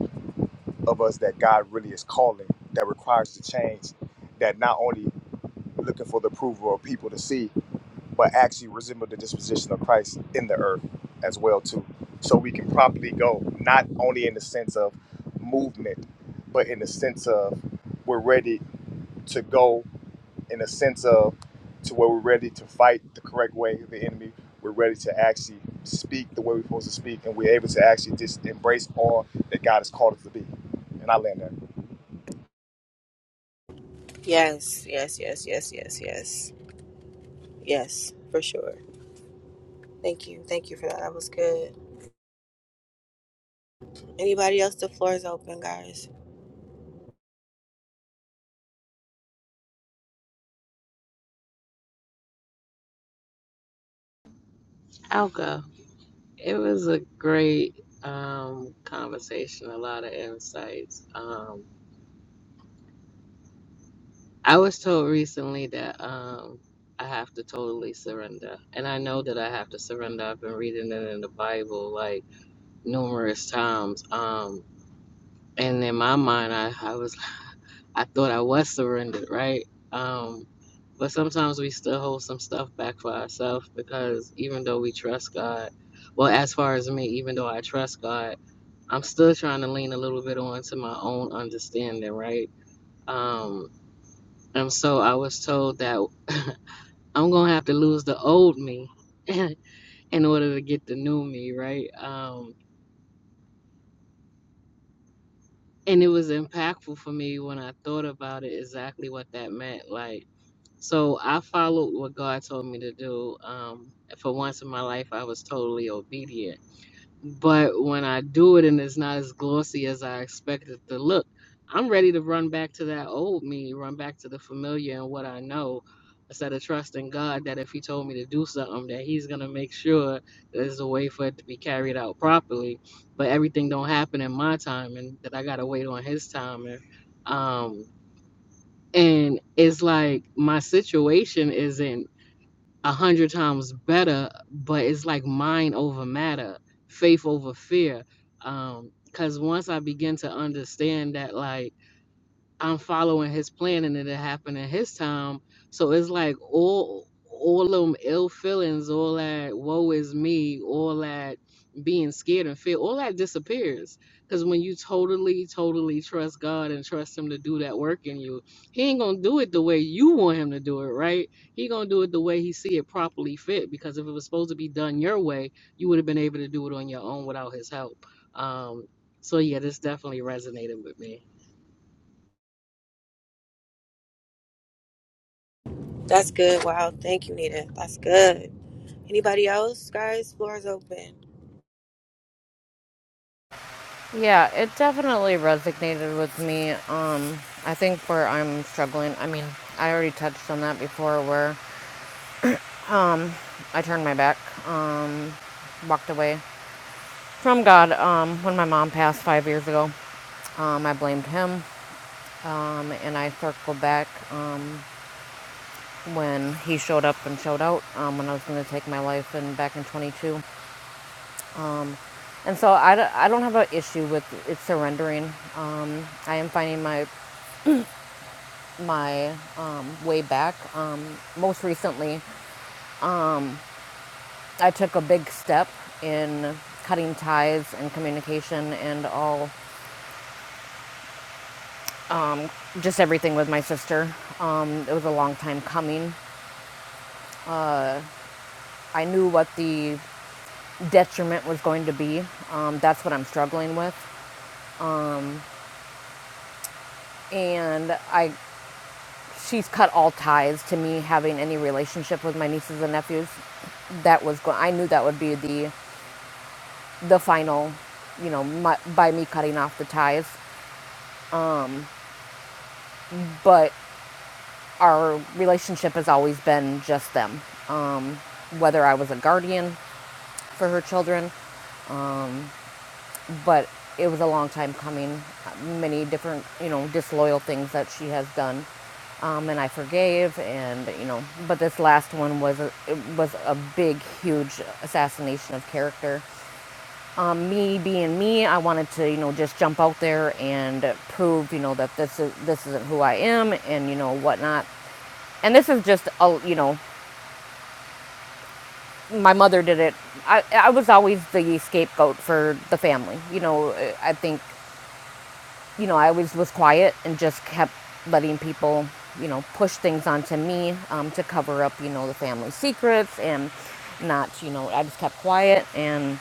G: of us that God really is calling that requires to change, that not only looking for the approval of people to see, but actually resemble the disposition of Christ in the earth as well too. So we can properly go not only in the sense of movement, but in the sense of we're ready to go in the sense of to where we're ready to fight the correct way of the enemy. We're ready to actually speak the way we're supposed to speak, and we're able to actually just embrace all that God has called us to be. And I land there.
A: Yes, yes, yes, yes, yes, yes. Yes, for sure. Thank you. Thank you for that. That was good. Anybody else? The floor is open, guys.
B: I'll go. It was a great um conversation, a lot of insights. Um I was told recently that um I have to totally surrender. And I know that I have to surrender. I've been reading it in the Bible like numerous times. Um and in my mind I, I was I thought I was surrendered, right? Um, but sometimes we still hold some stuff back for ourselves because even though we trust God, well, as far as me, even though I trust God, I'm still trying to lean a little bit onto my own understanding, right? Um, and so I was told that I'm gonna have to lose the old me in order to get the new me, right? Um, and it was impactful for me when I thought about it exactly what that meant. Like So I followed what God told me to do. Um, and for once in my life, I was totally obedient. But when I do it and it's not as glossy as I expected it to look, I'm ready to run back to that old me, run back to the familiar and what I know, instead of trusting God that if He told me to do something, that He's gonna make sure that there's a way for it to be carried out properly. But everything don't happen in my time, and that I gotta wait on His time. And um, and it's like my situation isn't a hundred times better, but it's like mind over matter, faith over fear. Um, cause once I begin to understand that, like I'm following his plan and it happened in his time. So it's like all all them ill feelings, all that woe is me, all that being scared and fear, all that disappears. Cause when you totally, totally trust God and trust him to do that work in you, he ain't gonna do it the way you want him to do it, right? He gonna do it the way he see it properly fit. Because if it was supposed to be done your way, you would have been able to do it on your own without his help. Um so yeah, this definitely resonated with me.
A: That's good. Wow. Thank you, Nita. That's good. Anybody else, guys? Floor is open.
H: Yeah, it definitely resonated with me. Um, I think where I'm struggling. I mean, I already touched on that before. Where um, I turned my back. Um, walked away from God. Um, when my mom passed five years ago, um, I blamed him, um, and I circled back um, when he showed up and showed out um, when I was going to take my life and back in 22. Um, and so I, d- I don't have an issue with it surrendering. Um, I am finding my my um, way back. Um, most recently, um, I took a big step in cutting ties and communication and all um, just everything with my sister. Um, it was a long time coming. Uh, I knew what the detriment was going to be. Um, that's what I'm struggling with, and I she's cut all ties to me having any relationship with my nieces and nephews. That was going. I knew that would be the the final, you know, my, by me cutting off the ties. Um, but our relationship has always been just them. Um, whether I was a guardian for her children um, but it was a long time coming. Many different, you know, disloyal things that she has done, um, and I forgave, and you know, but this last one was a, it was a big, huge assassination of character. Um, me being me, I wanted to, you know, just jump out there and prove, you know, that this is this isn't who I am, and you know whatnot. And this is just, a, you know, my mother did it. I I was always the scapegoat for the family. You know, I think you know, I always was quiet and just kept letting people, you know, push things onto me um, to cover up, you know, the family secrets and not, you know, I just kept quiet. And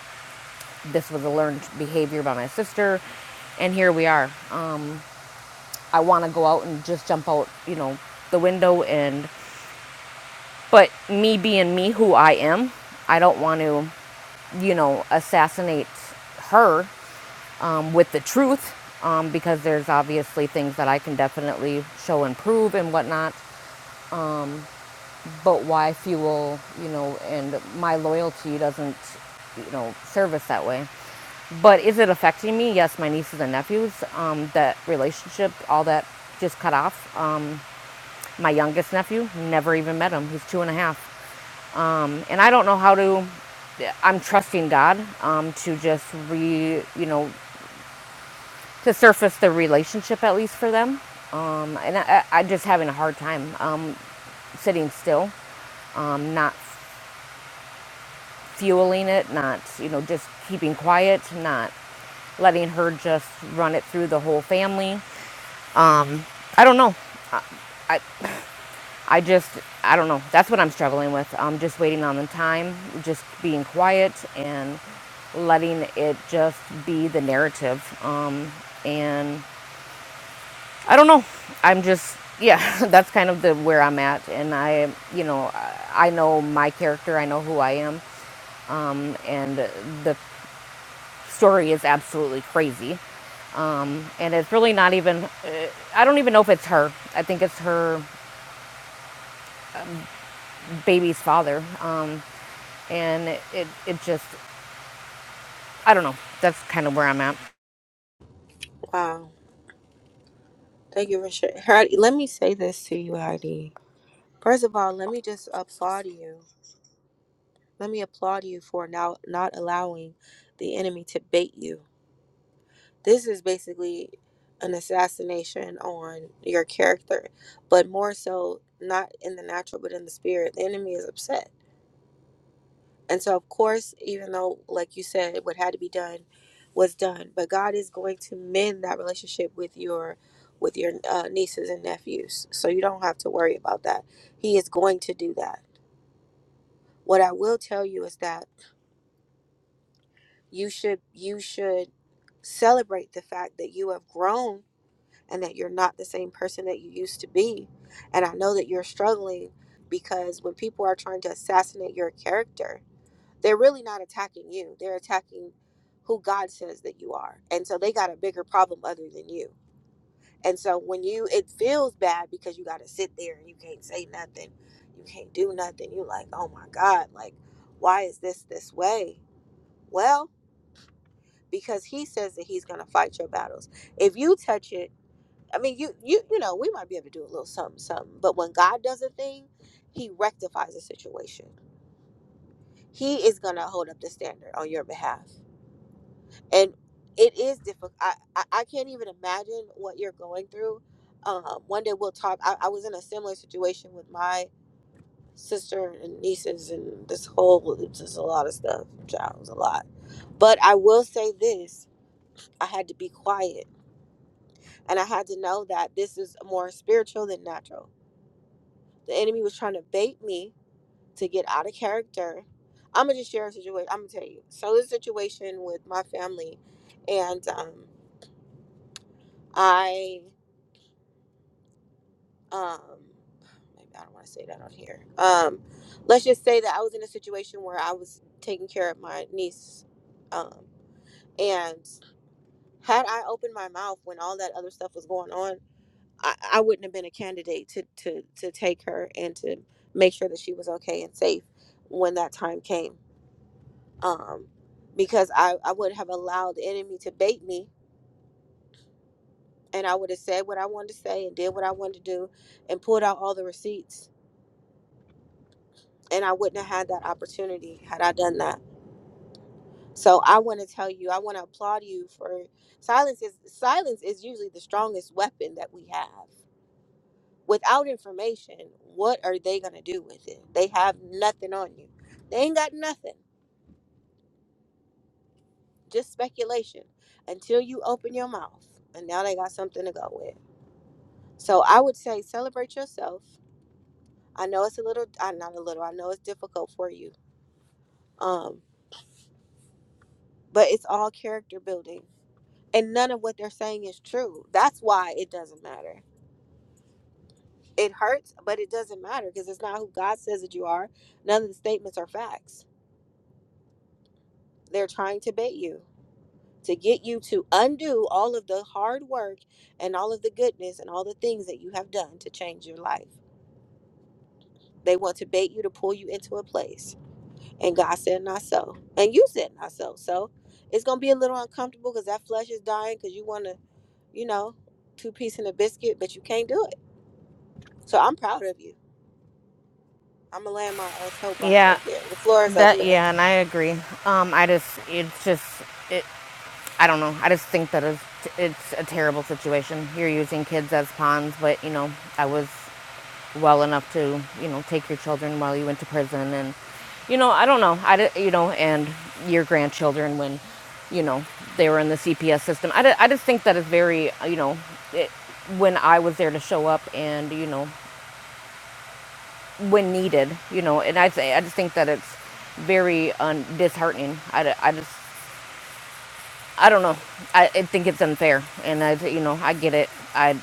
H: this was a learned behavior by my sister. And here we are. Um, I want to go out and just jump out, you know, the window and, but me being me who I am, I don't want to, you know, assassinate her um, with the truth um, because there's obviously things that I can definitely show and prove and whatnot. Um, but why fuel, you know, and my loyalty doesn't, you know, service that way. But is it affecting me? Yes, my nieces and nephews, um, that relationship, all that just cut off. Um, my youngest nephew, never even met him. He's two and a half. Um, and I don't know how to I'm trusting God um, to just re, you know, to surface the relationship at least for them. Um, and I, I, am just having a hard time um, sitting still, um, not fueling it, not you know just keeping quiet, not letting her just run it through the whole family. Um, I don't know. I, I I just I don't know. That's what I'm struggling with. I'm just waiting on the time, just being quiet and letting it just be the narrative. Um, and I don't know. I'm just yeah. That's kind of the where I'm at, and I you know I I know my character. I know who I am, um, and the story is absolutely crazy. Um, and it's really not even. Uh, I don't even know if it's her. I think it's her baby's father. Um, and it it just I don't know. That's kind of where I'm at.
A: Wow. Thank you for sharing. Heidi, let me say this to you, Heidi. First of all, let me just applaud you. Let me applaud you for now not allowing the enemy to bait you. this is basically an assassination on your character, but more so not in the natural, but in the spirit. The enemy is upset. And so, of course, even though, like you said, what had to be done was done, but God is going to mend that relationship with your with your uh, nieces and nephews. So you don't have to worry about that. He is going to do that. What I will tell you is that you should you should celebrate the fact that you have grown and that you're not the same person that you used to be. And I know that you're struggling because when people are trying to assassinate your character, they're really not attacking you. They're attacking who God says that you are. And so they got a bigger problem other than you. And so when you it feels bad because you got to sit there and you can't say nothing. You can't do nothing. You're like, "Oh my god, like why is this this way?" Well, because he says that he's going to fight your battles. If you touch it, I mean, you you you know, we might be able to do a little something, something. But when God does a thing, He rectifies a situation. He is gonna hold up the standard on your behalf, and it is difficult. I I, I can't even imagine what you're going through. Um, one day we'll talk. I, I was in a similar situation with my sister and nieces, and this whole it's just a lot of stuff. Child, it was a lot. But I will say this: I had to be quiet, and I had to know that this is more spiritual than natural The enemy was trying to bait me to get out of character. I'm gonna just share a situation. I'm gonna tell you. So this situation with my family, and um, I um, maybe I don't want to say that on here. Um, let's just say that I was in a situation where I was taking care of my niece, um, and had I opened my mouth when all that other stuff was going on, I, I wouldn't have been a candidate to to to take her and to make sure that she was okay and safe when that time came um, because I, I would have allowed the enemy to bait me and I would have said what I wanted to say and did what I wanted to do and pulled out all the receipts. And I wouldn't have had that opportunity had I done that. So I want to tell you, I want to applaud you for silence is silence is usually the strongest weapon that we have. Without information, what are they going to do with it? They have nothing on you. They ain't got nothing. Just speculation until you open your mouth. And now they got something to go with. So I would say celebrate yourself. I know it's a little, I not a little. I know it's difficult for you. Um, but it's all character building, and none of what they're saying is true. That's why it doesn't matter. It hurts, but it doesn't matter because it's not who God says that you are. None of the statements are facts. They're trying to bait you to get you to undo all of the hard work and all of the goodness and all the things that you have done to change your life. They want to bait you to pull you into a place And God said, not so. And you said, not so. So it's going to be a little uncomfortable because that flesh is dying because you want to, you know, two piece in a biscuit, but you can't do it. So I'm proud of you. I'm going to land my uh, soapbox
H: Yeah,
A: right there. The floor is open.
H: that yeah, and I agree. Um, I just it's just. it, I don't know. I just think that it's, it's a terrible situation. You're using kids as pawns, but you know, I was well enough to, you know, take your children while you went to prison and you know, I don't know. I di- you know, and your grandchildren when you know, they were in the CPS system. I, di- I just think that it's very, you know, it, when I was there to show up and, you know, when needed, you know, and I, th- I just think that it's very um, disheartening. I I just I don't know. I, I think it's unfair, and I, you know, I get it. I,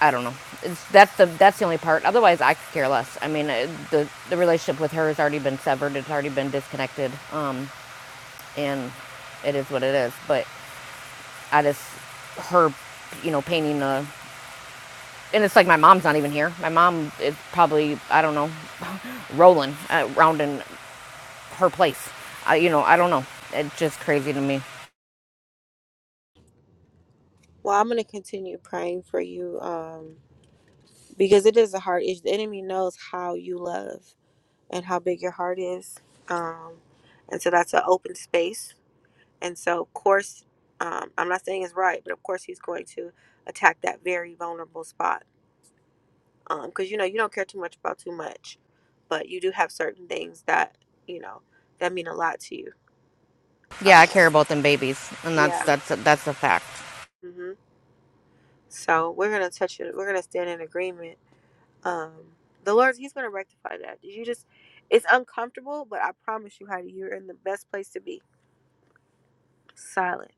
H: I don't know. It's, that's the that's the only part. Otherwise, I could care less. I mean, uh, the the relationship with her has already been severed. It's already been disconnected. Um, and it is what it is. But I just her, you know, painting the and it's like my mom's not even here. My mom is probably I don't know, rolling uh, around in her place. I, you know, I don't know. It's just crazy to me.
A: Well, I'm going to continue praying for you um, because it is a heart issue. The enemy knows how you love and how big your heart is. Um, and so that's an open space. And so, of course, um, I'm not saying it's right, but of course, he's going to attack that very vulnerable spot Um, 'cause because you know you don't care too much about too much, but you do have certain things that you know that mean a lot to you. Um,
H: Yeah, I care about them babies, and that's
A: yeah.
H: that's that's a fact.
A: hmm So we're gonna touch it. We're gonna stand in agreement. Um, the Lord, He's gonna rectify that. You just, it's uncomfortable, but I promise you, Heidi, you're in the best place to be. Silent.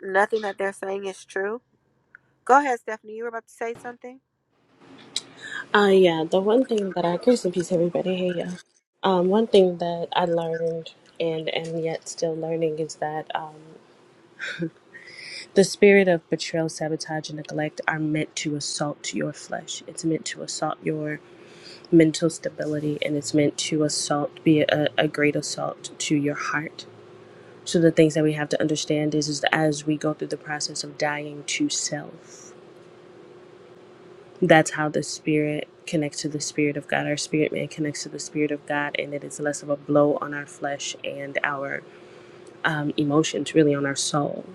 A: Nothing that they're saying is true. Go ahead, Stephanie. You were about to say something.
N: Uh, yeah, the one thing that I, grace and peace, everybody, hey, yeah. Um, one thing that I learned and am yet still learning is that um, the spirit of betrayal, sabotage, and neglect are meant to assault your flesh. It's meant to assault your mental stability, and it's meant to assault, be a, a great assault to your heart. So the things that we have to understand is, is as we go through the process of dying to self that's how the spirit connects to the spirit of God. Our spirit man connects to the spirit of God, and it is less of a blow on our flesh and our um, emotions, really on our soul.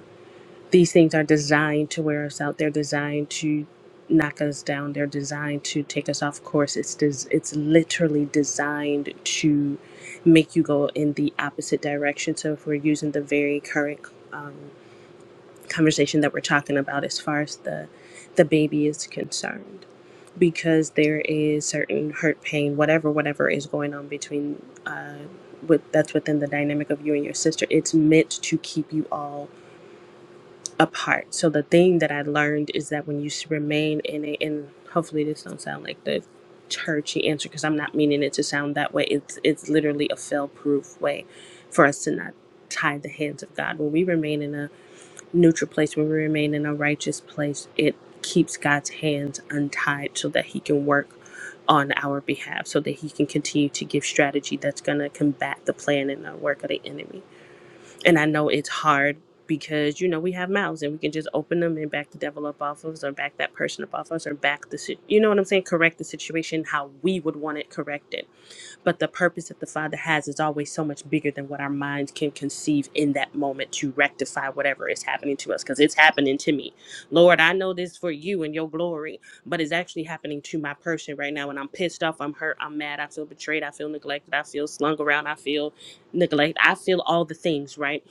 N: These things are designed to wear us out. They're designed to knock us down. They're designed to take us off course. It's des- it's literally designed to make you go in the opposite direction. So if we're using the very current um, conversation that we're talking about as far as the the baby is concerned because there is certain hurt pain whatever whatever is going on between uh with that's within the dynamic of you and your sister it's meant to keep you all apart so the thing that i learned is that when you s- remain in a and hopefully this don't sound like the churchy answer because i'm not meaning it to sound that way it's it's literally a fail proof way for us to not tie the hands of god when we remain in a neutral place, when we remain in a righteous place, it keeps God's hands untied so that He can work on our behalf, so that He can continue to give strategy that's going to combat the plan and the work of the enemy. And I know it's hard because, you know, we have mouths and we can just open them and back the devil up off of us or back that person up off us or back the, si- you know what I'm saying? Correct the situation how we would want it corrected but the purpose that the Father has is always so much bigger than what our minds can conceive in that moment to rectify whatever is happening to us, because it's happening to me. Lord, I know this for you and your glory, but it's actually happening to my person right now. And I'm pissed off, I'm hurt, I'm mad, I feel betrayed, I feel neglected, I feel slung around, I feel neglect, I feel all the things, right?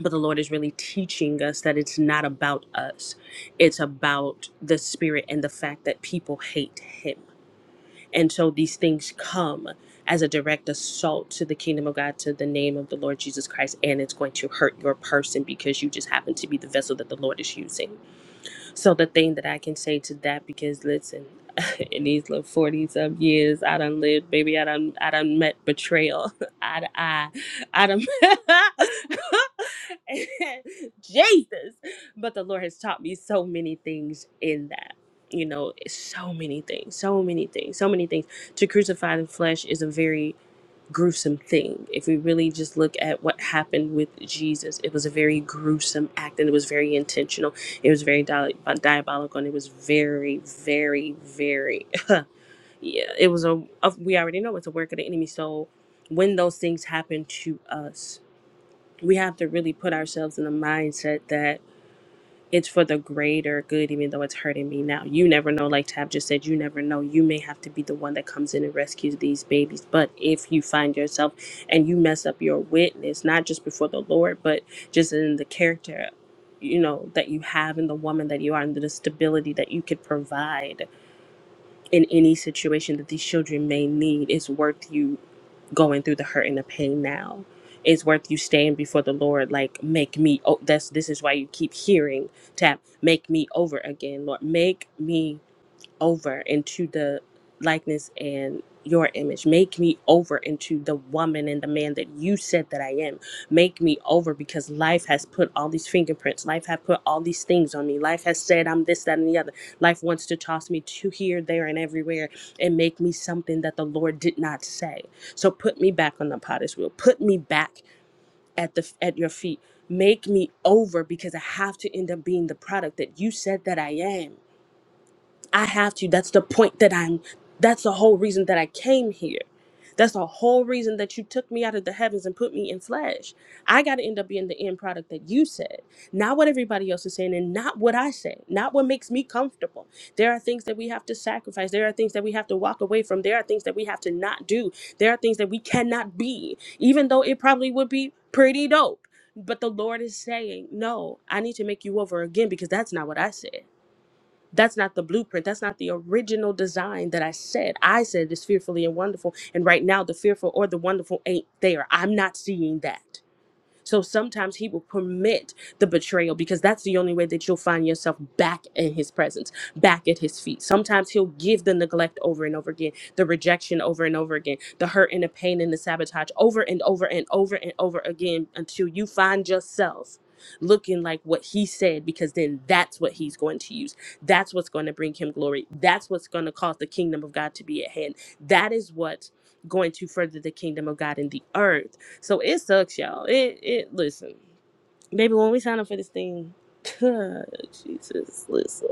N: But the Lord is really teaching us that it's not about us, it's about the Spirit and the fact that people hate Him and so these things come as a direct assault to the kingdom of God, to the name of the Lord Jesus Christ, and it's going to hurt your person because you just happen to be the vessel that the Lord is using. So the thing that I can say to that, because listen, in these little forty some years, I done lived, baby. I done, I done met betrayal. I, done- I, I done. Jesus, but the Lord has taught me so many things in that. You know, so many things, so many things, so many things. To crucify the flesh is a very gruesome thing. If we really just look at what happened with Jesus, it was a very gruesome act and it was very intentional. It was very dia- diabolical and it was very, very, very, yeah, it was a, a, we already know it's a work of the enemy. So when those things happen to us, we have to really put ourselves in a mindset that it's for the greater good, even though it's hurting me now. You never know, like Tab just said, you never know. You may have to be the one that comes in and rescues these babies. But if you find yourself and you mess up your witness, not just before the Lord, but just in the character, you know, that you have and the woman that you are and the stability that you could provide in any situation that these children may need, it's worth you going through the hurt and the pain now it's worth you staying before the lord like make me oh that's this is why you keep hearing tap make me over again lord make me over into the likeness and your image. Make me over into the woman and the man that you said that I am. Make me over because life has put all these fingerprints. Life has put all these things on me. Life has said I'm this, that, and the other. Life wants to toss me to here, there, and everywhere and make me something that the Lord did not say. So put me back on the potter's wheel. Put me back at the at your feet. Make me over because I have to end up being the product that you said that I am. I have to. That's the point that I'm. That's the whole reason that I came here. That's the whole reason that you took me out of the heavens and put me in flesh. I got to end up being the end product that you said, not what everybody else is saying, and not what I say, not what makes me comfortable. There are things that we have to sacrifice. There are things that we have to walk away from. There are things that we have to not do. There are things that we cannot be, even though it probably would be pretty dope. But the Lord is saying, no, I need to make you over again because that's not what I said. That's not the blueprint. That's not the original design that I said. I said it's fearfully and wonderful. And right now, the fearful or the wonderful ain't there. I'm not seeing that. So sometimes he will permit the betrayal because that's the only way that you'll find yourself back in his presence, back at his feet. Sometimes he'll give the neglect over and over again, the rejection over and over again, the hurt and the pain and the sabotage over and over and over and over again until you find yourself looking like what he said because then that's what he's going to use. That's what's going to bring him glory. That's what's going to cause the kingdom of God to be at hand. That is what's going to further the kingdom of God in the earth so it sucks, y'all. It it listen, baby. When we sign up for this thing, Jesus, listen.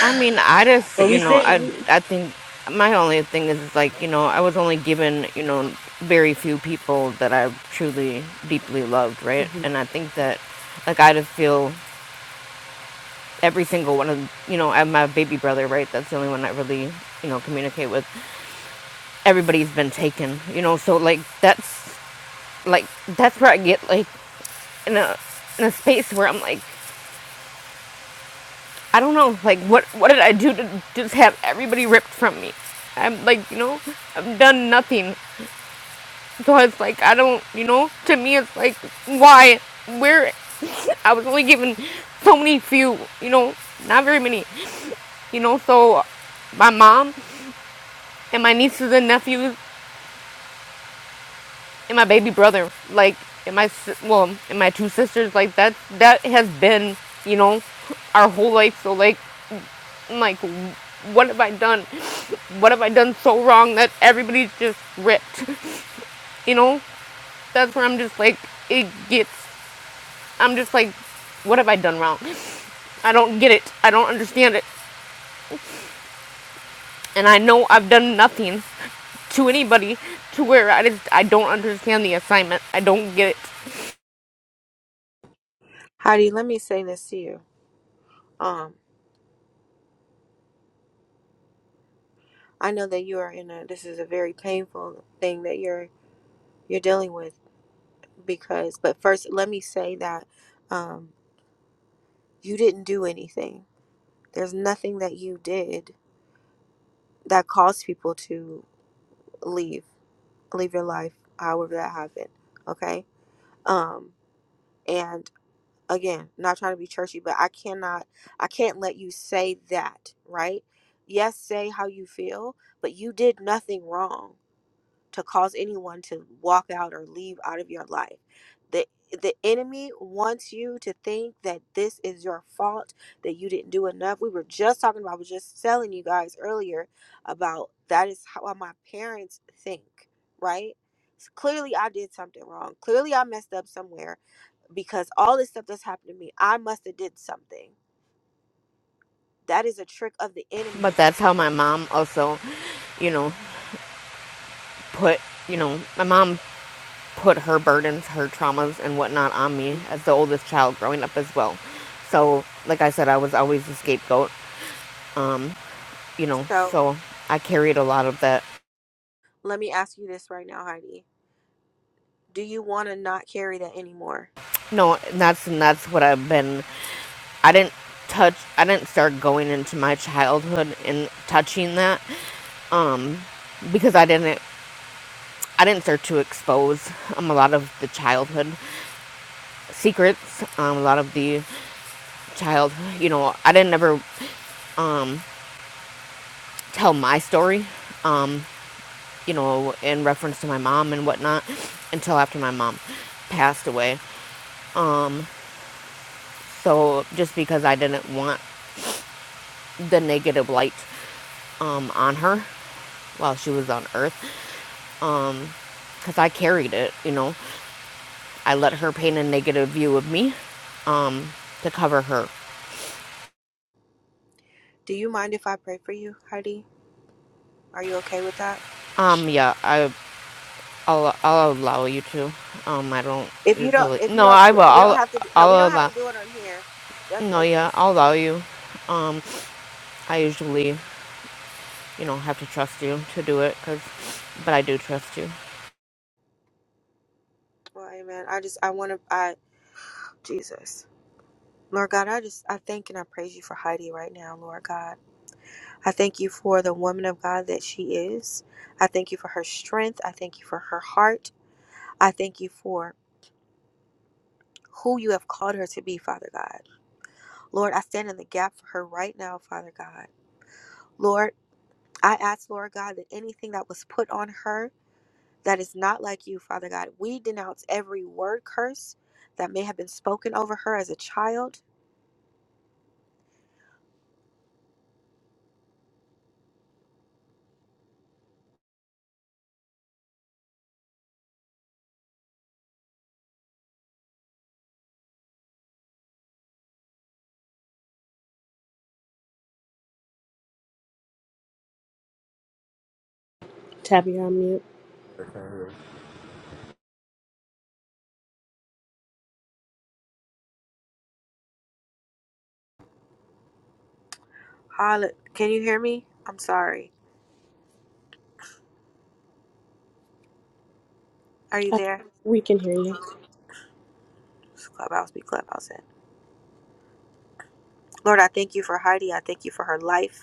H: I mean, I just,
N: But
H: you
N: we
H: know,
N: said
H: I
N: a. we,
H: I think my only thing is is like, you know, I was only given, you know, very few people that I truly deeply loved, right? And I think that like I just feel every single one of, you know, I have my baby brother, right? That's the only one I really, you know, communicate with. Everybody's been taken, you know, so like that's like that's where I get like in a in a space where I'm like I don't know, like what what did I do to just have everybody ripped from me? I'm like, you know, I've done nothing. So it's like I don't, you know, to me it's like why where I was only given so many few, you know, not very many. You know, so my mom and my nieces and nephews and my baby brother, like and my si- well, and my two sisters, like that that has been, you know, our whole life. So like like, what have I done? What have I done so wrong that everybody's just ripped? You know, that's where I'm just like, it gets, I'm just like, what have I done wrong? I don't get it. I don't understand it. And I know I've done nothing to anybody to where I just, I don't understand the assignment. I don't get it.
A: Heidi, let me say this to you. Um, I know that you are in a. This is a very painful thing that you're you're dealing with because but first let me say that um you didn't do anything there's nothing that you did that caused people to leave leave your life however that happened okay um and again not trying to be churchy but i cannot i can't let you say that right yes say how you feel but you did nothing wrong to cause anyone to walk out or leave out of your life. The the enemy wants you to think that this is your fault, that you didn't do enough. We were just talking about, I was just telling you guys earlier about that is how my parents think, right? So clearly I did something wrong. Clearly I messed up somewhere because all this stuff that's happened to me, I must have did something. That is a trick of the enemy.
H: But that's how my mom also, you know, put, you know, my mom put her burdens, her traumas, and whatnot on me as the oldest child growing up as well. So, like I said, I was always the scapegoat. Um, you know,
A: So
H: so I carried a lot of that.
A: let me ask you this right now, Heidi. Do you want to not carry that anymore?
H: No, and that's and that's what I've been. I didn't touch. I didn't start going into my childhood and touching that um, because I didn't. I didn't start to expose um, a lot of the childhood secrets, um, a lot of the child. You know, I didn't ever. Um, tell my story, um, you know, in reference to my mom and whatnot, until after my mom passed away. Um, so just because I didn't want the negative light um, on her while she was on Earth, because I carried it, you know, I let her paint a negative view of me um, to cover her.
A: Do you mind if I pray for you, Heidi? Are you okay with that?
H: Um, yeah, I, I'll, I'll allow you to. Um, I don't
A: If you don't,
H: usually.
A: if you
H: No,
A: don't,
H: I
A: we
H: will.
A: we don't
H: I'll,
A: have to. do- No, we
H: I'll
A: don't have to
H: allow.
A: do it on here. That's,
H: No,
A: that's,
H: yeah,
A: that's
H: I'll allow you. Um, I usually, you know, have to trust you to do it, cause, but I do trust you.
A: well, Amen. I just, I want to, I, Jesus, Lord God, I just, I thank and I praise you for Heidi right now, Lord God. I thank you for the woman of God that she is. I thank you for her strength. I thank you for her heart. I thank you for who you have called her to be, Father God. Lord, I stand in the gap for her right now, Father God. Lord, I ask, Lord God, that anything that was put on her that is not like you, Father God. We denounce every word curse that may have been spoken over her as a child.
N: Tappy on mute.
A: Holla- Can you hear me? I'm sorry. Are you
N: Uh,
A: there?
N: we can hear you.
A: This Clubhouse be clubhouse in. Lord, I thank you for Heidi. I thank you for her life.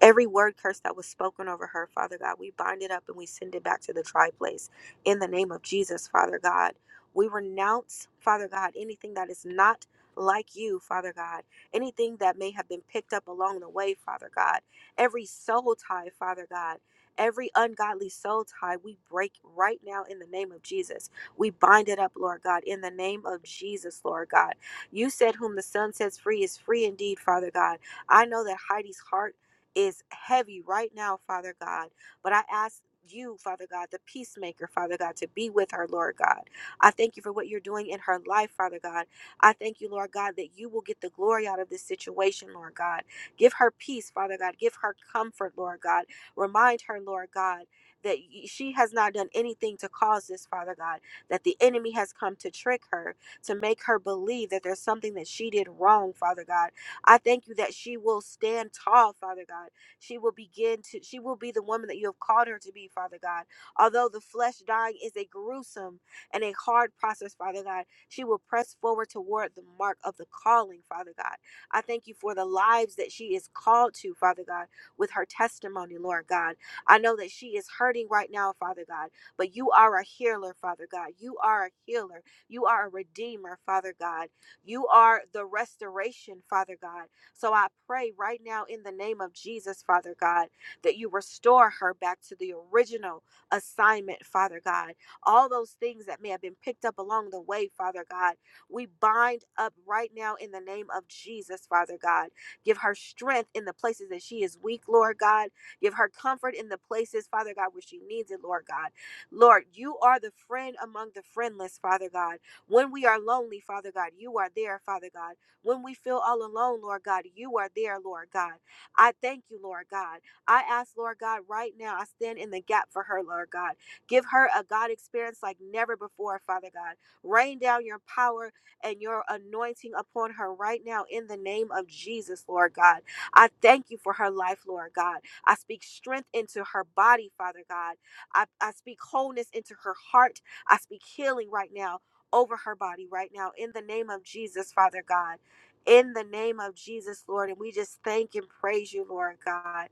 A: Every word curse that was spoken over her, Father God, we bind it up and we send it back to the dry place in the name of Jesus, Father God. We renounce, Father God, anything that is not like you, Father God, anything that may have been picked up along the way, Father God, every soul tie, Father God. Every ungodly soul tie we break right now in the name of Jesus. We bind it up, Lord God, in the name of Jesus, Lord God. You said, Whom the Son sets free is free indeed, Father God. I know that Heidi's heart is heavy right now, Father God. But I ask you, Father God, the peacemaker, Father God, to be with her, Lord God. I thank you for what you're doing in her life, Father God. I thank you, Lord God, that you will get the glory out of this situation, Lord God. Give her peace, Father God. Give her comfort, Lord God. Remind her, Lord God, that she has not done anything to cause this, Father God, that the enemy has come to trick her, to make her believe that there's something that she did wrong, Father God I thank you that she will stand tall, Father God. She will begin to, she will be the woman that you have called her to be, Father God. Although the flesh dying is a gruesome and a hard process, Father God, she will press forward toward the mark of the calling, Father God. I thank you for the lives that she is called to, Father God, with her testimony, Lord God. I know that she is hurting right now, Father God, but you are a healer, Father God. You are a healer. You are a redeemer, Father God. You are the restoration, Father God. So I pray right now in the name of Jesus, Father God, that you restore her back to the original assignment, Father God. All those things that may have been picked up along the way, Father God, we bind up right now in the name of Jesus, Father God. Give her strength in the places that she is weak, Lord God. Give her comfort in the places, Father God, where she needs it, Lord God. Lord, you are the friend among the friendless, Father God. When we are lonely, Father God, you are there, Father God. When we feel all alone, Lord God, you are there, Lord God. I thank you, Lord God. I ask, Lord God, right now, I stand in the gap for her, Lord God. Give her a God experience like never before, Father God. Rain down your power and your anointing upon her right now in the name of Jesus, Lord God. I thank you for her life, Lord God. I speak strength into her body, Father God. I, I speak wholeness into her heart. I speak healing right now over her body right now in the name of Jesus, Father God. In the name of Jesus, Lord. And we just thank and praise you, Lord God.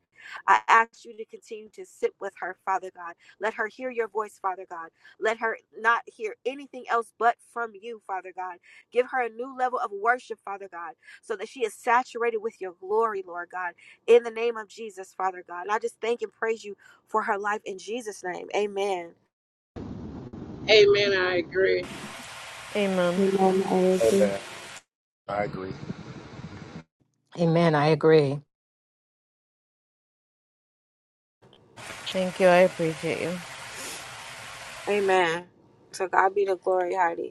A: I ask you to continue to sit with her, Father God. Let her hear your voice, Father God. Let her not hear anything else but from you, Father God. Give her a new level of worship, Father God, so that she is saturated with your glory, Lord God. In the name of Jesus, Father God. And I just thank and praise you for her life in Jesus' name. Amen.
B: Amen. I agree.
H: Amen.
N: Amen. I agree.
G: Amen. I agree.
H: Thank you. I appreciate you.
A: Amen. So God be the glory, Heidi.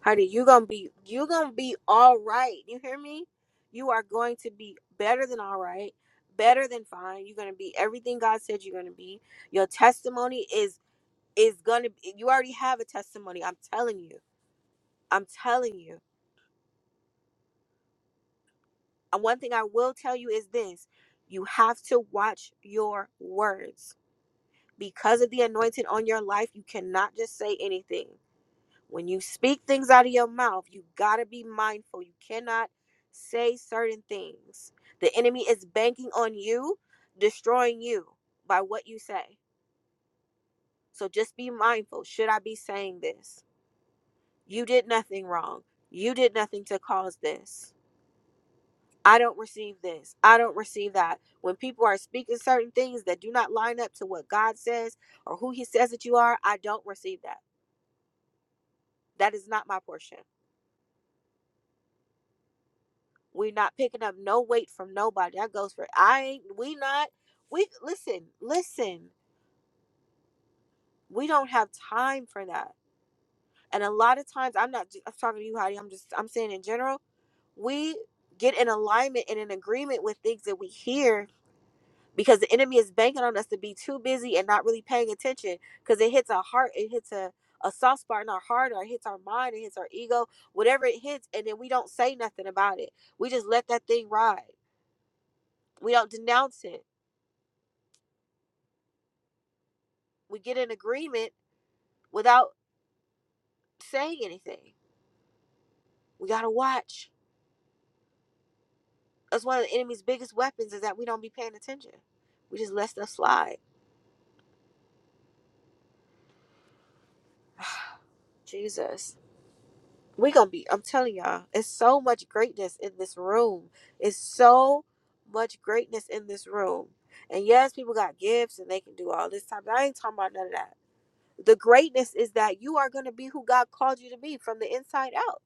A: Heidi, you gonna be you gonna be all right. You hear me? You are going to be better than all right, better than fine. You're gonna be everything God said you're gonna be. Your testimony is is gonna be you already have a testimony. I'm telling you. I'm telling you. And one thing I will tell you is this you have to watch your words. Because of the anointing on your life, you cannot just say anything. when you speak things out of your mouth, you got to be mindful. You cannot say certain things. The enemy is banking on you, destroying you by what you say. So just be mindful. Should I be saying this? You did nothing wrong. You did nothing to cause this. I don't receive this. I don't receive that. When people are speaking certain things that do not line up to what God says or who He says that you are, I don't receive that. That is not my portion. We're not picking up no weight from nobody. That goes for I ain't we not we listen, listen. We don't have time for that. And a lot of times I'm not I'm talking to you, Heidi. I'm just I'm saying in general, we get in alignment and in agreement with things that we hear because the enemy is banking on us to be too busy and not really paying attention because it hits our heart, it hits a, a soft spot in our heart, or it hits our mind, it hits our ego, whatever it hits, and then we don't say nothing about it. We just let that thing ride. We don't denounce it. we get in agreement without saying anything. We gotta watch. That's one of the enemy's biggest weapons is that we don't be paying attention. We just let stuff slide. Jesus. We gonna be, I'm telling y'all, it's so much greatness in this room. It's so much greatness in this room. And yes, people got gifts and they can do all this type. But I ain't talking about none of that. The greatness is that you are gonna be who God called you to be from the inside out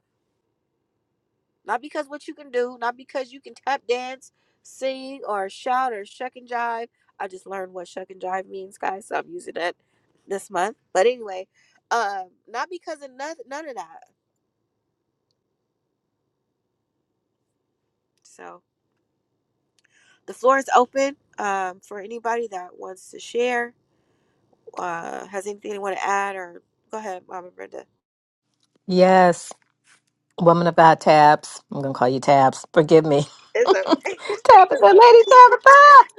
A: Not because what you can do, not because you can tap dance, sing, or shout or shuck and jive. I just learned what shuck and jive means, guys, so I'm using that this month. But anyway, um, not because of none, none of that. So the floor is open um, for anybody that wants to share, uh, has anything they want to add, or go ahead, Mama Brenda.
M: Yes, woman of God, Tabs. I'm gonna call you Tabs. Forgive me, Tabitha, Lady Tabitha.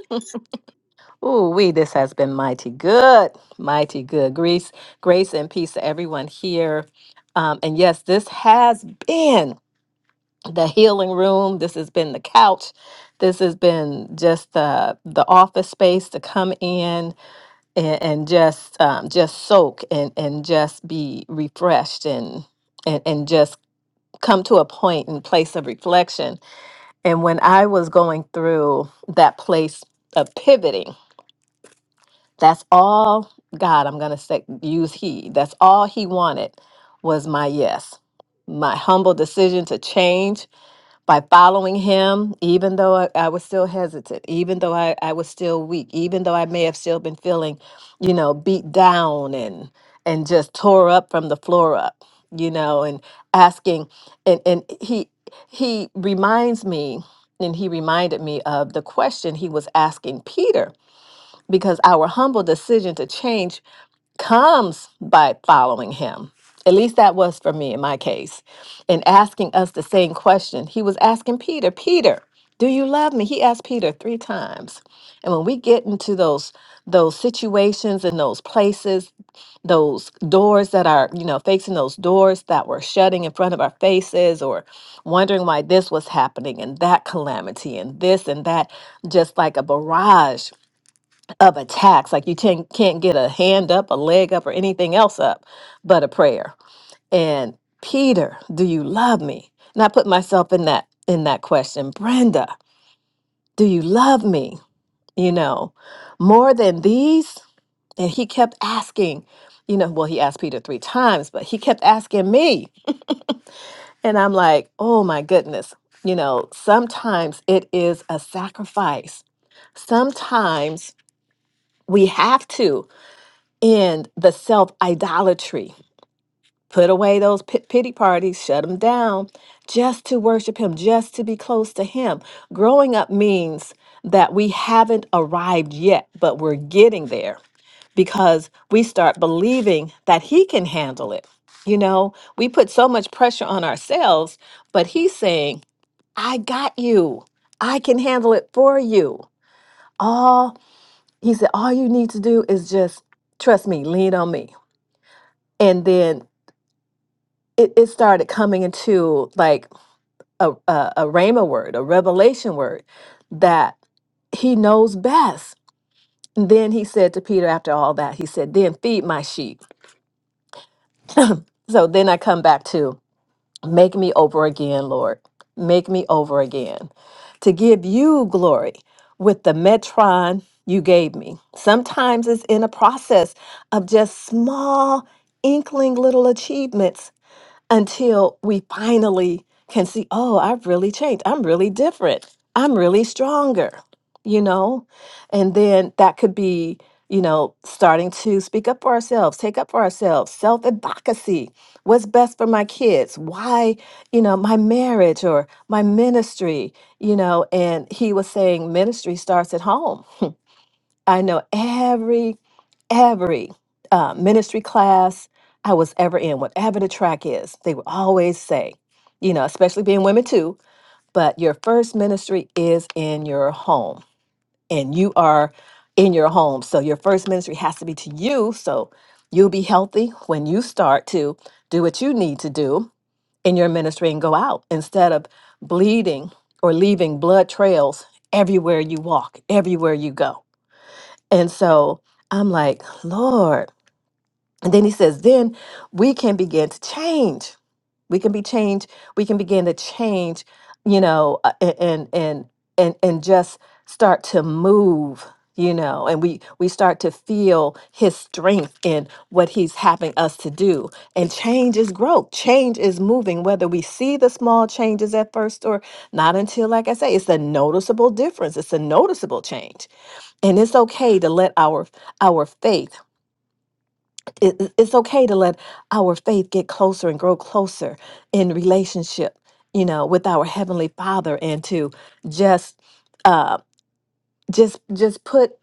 M: Ooh, we. This has been mighty good, mighty good. Grace, grace, and peace to everyone here. Um, and yes, this has been the healing room. This has been the couch. This has been just the the office space to come in and, and just um, just soak and and just be refreshed and and, and just come to a point and place of reflection. And when I was going through that place of pivoting, that's all God, I'm going to say, use He. That's all He wanted was my yes, my humble decision to change by following him, even though I, I was still hesitant, even though I, I was still weak, even though I may have still been feeling, you know, beat down and and just tore up from the floor up, you know, and asking and and he he reminds me and he reminded me of the question he was asking Peter because our humble decision to change comes by following him. At least that was for me in my case. In asking us the same question, he was asking Peter, Peter, do you love me? He asked Peter three times. And when we get into those those situations and those places, those doors that are, you know, facing those doors that were shutting in front of our faces or wondering why this was happening and that calamity and this and that, just like a barrage of attacks. Like you can't can't get a hand up, a leg up, or anything else up, but a prayer. And Peter, do you love me? And I put myself in that in that question. Brenda, do you love me? You know, more than these. And he kept asking, you know, well, he asked Peter three times, but he kept asking me. And I'm like, oh my goodness. You know, sometimes it is a sacrifice. Sometimes we have to. and the self idolatry. Put away those pit- pity parties, shut them down just to worship Him, just to be close to Him. Growing up means that we haven't arrived yet, but we're getting there because we start believing that He can handle it. You know, we put so much pressure on ourselves, but He's saying, I got you, I can handle it for you. All He said, all you need to do is just trust me, lean on me. And then it, it started coming into like a, a, a rhema word, a revelation word that he knows best. And then he said to Peter after all that, he said, Then feed my sheep. so then I come back to make me over again, Lord. Make me over again to give you glory with the metron you gave me. Sometimes it's in a process of just small, inkling little achievements until we finally can see, oh, I've really changed. I'm really different. I'm really stronger, you know? And then that could be, you know, starting to speak up for ourselves, take up for ourselves, self advocacy. What's best for my kids? Why, you know, my marriage or my ministry, you know? And he was saying ministry starts at home I know every every uh, ministry class I was ever in, whatever the track is, they would always say, you know, especially being women too, but your first ministry is in your home and you are in your home. So your first ministry has to be to you. So you'll be healthy when you start to do what you need to do in your ministry and go out instead of bleeding or leaving blood trails everywhere you walk, everywhere you go. And so I'm like, Lord. And then he says, then we can begin to change. We can be changed. We can begin to change, you know, uh, a- and and and and just start to move, you know, and we we start to feel his strength in what he's having us to do. And change is growth. Change is moving, whether we see the small changes at first or not until, like I say, it's a noticeable difference. It's a noticeable change and it's okay to let our our faith it- it- it's okay to let our faith get closer and grow closer in relationship you know with our heavenly father and to just uh just just put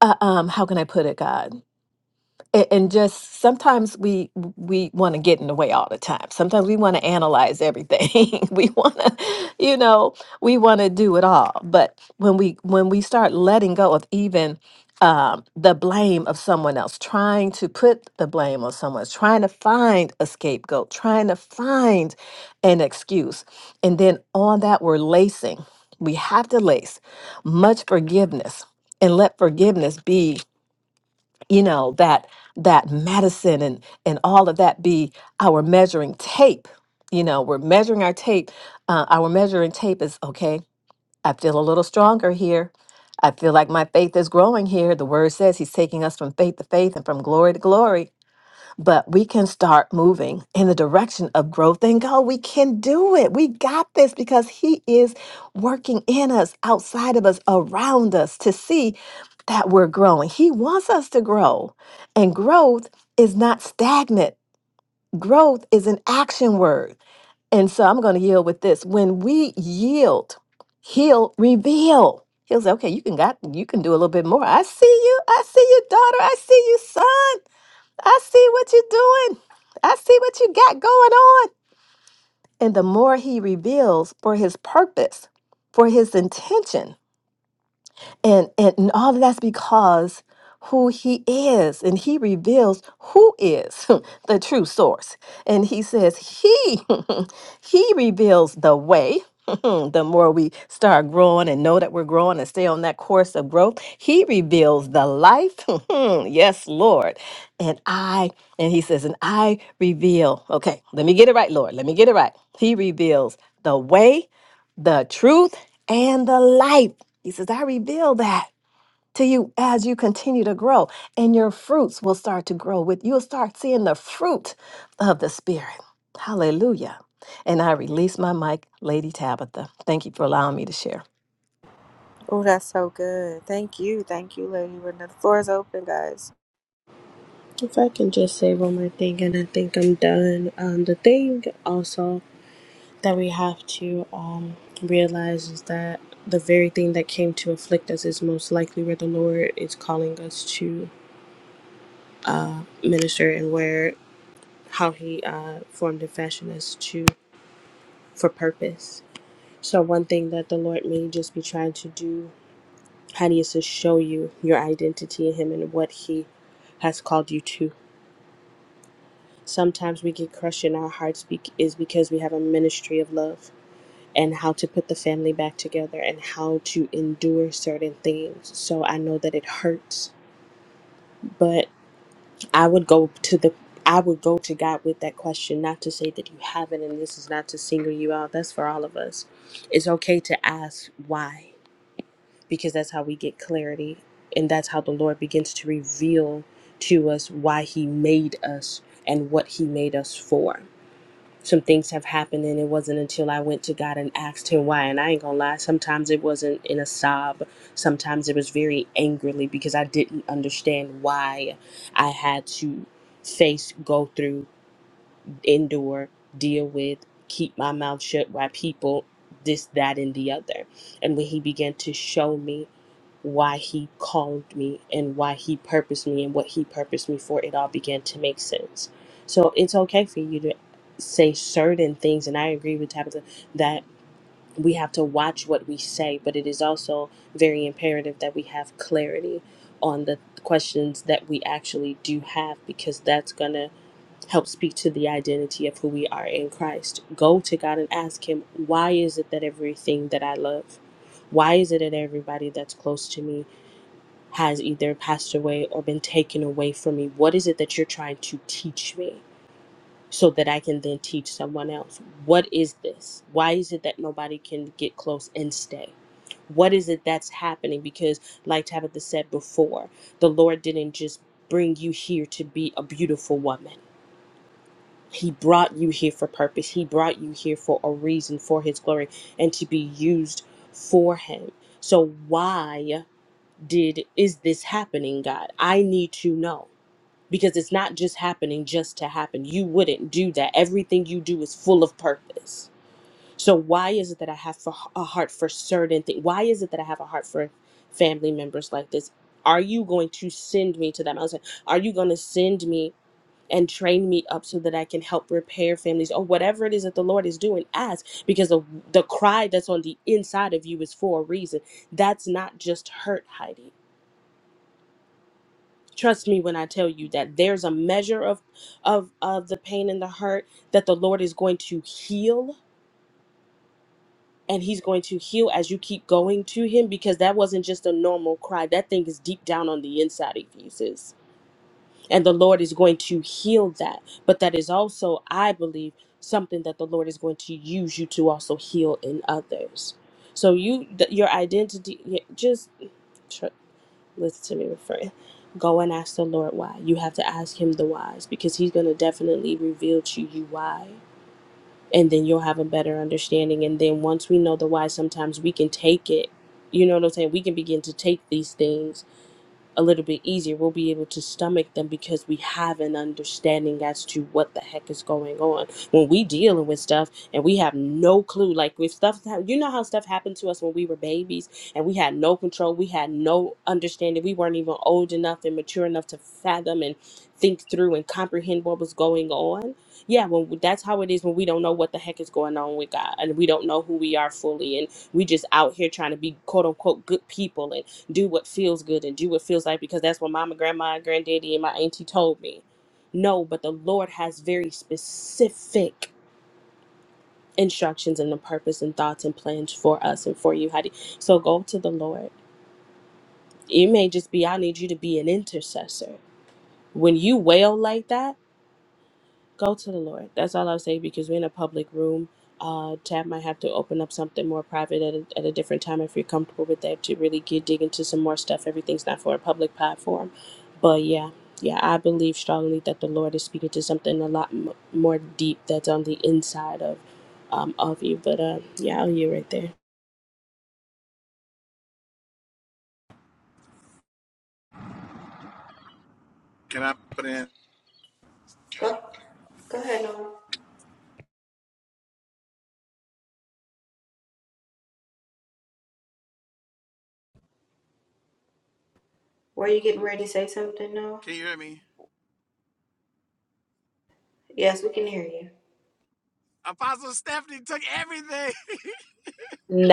M: uh, um how can i put it god and, and just sometimes we we want to get in the way all the time sometimes we want to analyze everything we want to you know we want to do it all but when we when we start letting go of even um, the blame of someone else trying to put the blame on someone else trying to find a scapegoat trying to find an excuse and then on that we're lacing we have to lace much forgiveness and let forgiveness be you know that that medicine and and all of that be our measuring tape you know we're measuring our tape uh, our measuring tape is okay i feel a little stronger here i feel like my faith is growing here the word says he's taking us from faith to faith and from glory to glory but we can start moving in the direction of growth and go. We can do it. We got this because He is working in us, outside of us, around us to see that we're growing. He wants us to grow, and growth is not stagnant, growth is an action word. And so I'm going to yield with this. When we yield, He'll reveal. He'll say, "Okay, you can got you can do a little bit more. I see you. I see you, daughter. I see you, son. I see what you're doing. I see what you got going on. And the more he reveals for his purpose, for his intention, and, and and all of that's because who he is and he reveals who is the true source. And he says he he reveals the way. the more we start growing and know that we're growing and stay on that course of growth, he reveals the life. yes, Lord. And I and he says and I reveal. Okay, let me get it right, Lord. Let me get it right. He reveals the way, the truth, and the life. He says, I reveal that to you as you continue to grow, and your fruits will start to grow with you'll start seeing the fruit of the Spirit. Hallelujah. And I release my mic, Lady Tabitha. Thank you for allowing me to share.
A: Oh, that's so good. Thank you. Thank you, Lady Brenda. The floor is open, guys.
N: If I can just say one more thing, and I think I'm done. Um, the thing also that we have to um realize is that the very thing that came to afflict us is most likely where the Lord is calling us to minister and where how He uh formed and fashioned us to for purpose. So, one thing that the Lord may just be trying to do, honey, is to show you your identity in Him and what He has called you to. Sometimes we get crushed in our hearts bec- is because we have a ministry of love and how to put the family back together and how to endure certain things. So, I know that it hurts, but I would go to the I would go to God with that question, not to say that you haven't, and this is not to single you out. That's for all of us. It's okay to ask why because that's how we get clarity and that's how the Lord begins to reveal to us why he made us and what he made us for. Some things have happened and it wasn't until I went to God and asked him why and I ain't going to lie sometimes it wasn't in a sob, sometimes it was very angrily because I didn't understand why I had to face, go through, endure, deal with, keep my mouth shut by people this that and the other. And when he began to show me why he called me and why he purposed me and what he purposed me for, it all began to make sense. So it's okay for you to say certain things, and I agree with Tabitha that we have to watch what we say, but it is also very imperative that we have clarity on the questions that we actually do have because that's going to help speak to the identity of who we are in Christ. Go to God and ask Him, why is it that everything that I love? Why is it that everybody that's close to me has either passed away or been taken away from me? What is it that you're trying to teach me so that I can then teach someone else? What is this? Why is it that nobody can get close and stay? What is it that's happening? Because, like Tabitha said before, the Lord didn't just bring you here to be a beautiful woman. He brought you here for purpose. He brought you here for a reason, for His glory, and to be used for Him. So, why? did is this happening god i need to know because it's not just happening just to happen you wouldn't do that everything you do is full of purpose so why is it that i have for a heart for certain things why is it that i have a heart for family members like this are you going to send me to them i was like are you going to send me and train me up so that i can help repair families or whatever it is that the lord is doing ask because the, the cry that's on the inside of you is for a reason that's not just hurt Heidi. trust me when i tell you that there's a measure of of of the pain and the hurt that the lord is going to heal and he's going to heal as you keep going to him because that wasn't just a normal cry that thing is deep down on the inside of you and the Lord is going to heal that. But that is also, I believe, something that the Lord is going to use you to also heal in others. So you, th- your identity, y- just tr- listen to me, friend. Go and ask the Lord why. You have to ask Him the whys because He's going to definitely reveal to you why, and then you'll have a better understanding. And then once we know the why, sometimes we can take it. You know what I'm saying? We can begin to take these things a little bit easier. We'll be able to stomach them because we have an understanding as to what the heck is going on. When we dealing with stuff and we have no clue, like with stuff, that- you know how stuff happened to us when we were babies and we had no control, we had no understanding, we weren't even old enough and mature enough to fathom and think through and comprehend what was going on. Yeah, when that's how it is when we don't know what the heck is going on with God and we don't know who we are fully and we just out here trying to be quote unquote good people do what feels good and do what feels like because that's what mama, grandma, and granddaddy, and my auntie told me. No, but the Lord has very specific instructions and the purpose and thoughts and plans for us and for you, Heidi. So go to the Lord. It may just be I need you to be an intercessor. When you wail like that, go to the Lord. That's all I'll say because we're in a public room. Uh, Tab might have to open up something more private at a, at a different time if you're comfortable with that to really get dig into some more stuff. Everything's not for a public platform, but yeah, yeah, I believe strongly that the Lord is speaking to something a lot m- more deep that's on the inside of um of you. But uh, yeah, I'll you right there.
O: Can I put in?
A: Go, go ahead, Noah. Were you getting ready to say something, Noah?
O: Can you hear me?
A: Yes, we can hear you.
O: Apostle Stephanie took everything.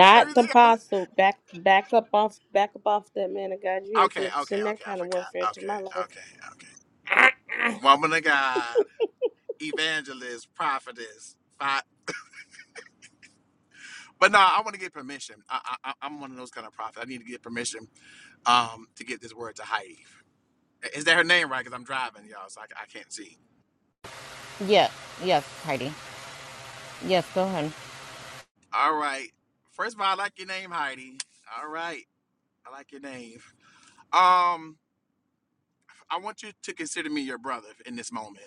N: the
O: everything. I was-
N: apostle. Back back up off back up off that man of God. You ain't
O: Okay,
N: finna
O: okay,
N: send that
O: okay. I
N: kind of warfare
O: forgot.
N: to
O: Okay,
N: my life.
O: okay, okay. Woman of God, evangelist, prophetess. fi- But no, I want to get permission. I, I, I- I'm one of those kind of prophets. I need to get permission um, to get this word to Heidi. Is that her name right? Because I'm driving, y'all, so I, I can't see.
H: Yeah. Yes, Heidi. Yes, go ahead.
O: All right. First of all, I like your name, Heidi. All right. I like your name. Um, I want you to consider me your brother in this moment.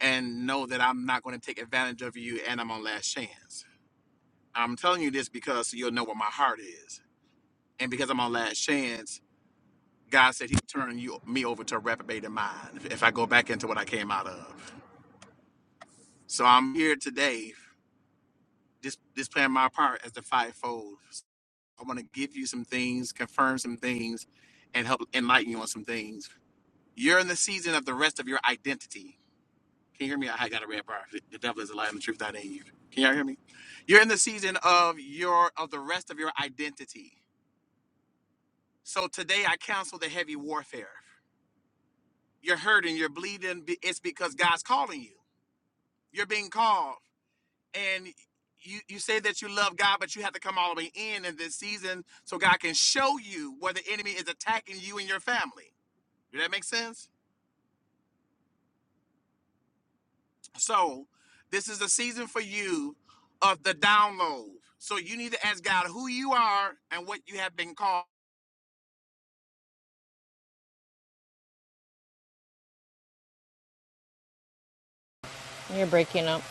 O: and know that I'm not going to take advantage of you and I'm on last chance. I'm telling you this because you'll know what my heart is. And because I'm on last chance, God said he's turning you me over to a reprobated mind if if I go back into what I came out of. So I'm here today, just just playing my part as the fivefold. So I want to give you some things, confirm some things, and help enlighten you on some things. You're in the season of the rest of your identity Can you hear me? I got a red bar. The devil is a lie, and the truth not in you. Can y'all hear me? You're in the season of your of the rest of your identity. So today I counsel the heavy warfare. You're hurting, you're bleeding. be- It's because God's calling you. You're being called, and you you say that you love God, but you have to come all the way in in this season so God can show you where the enemy is attacking you and your family. Does that make sense? So this is a season for you of the download. So you need to ask God who you are and what you have been called.
H: You're breaking up.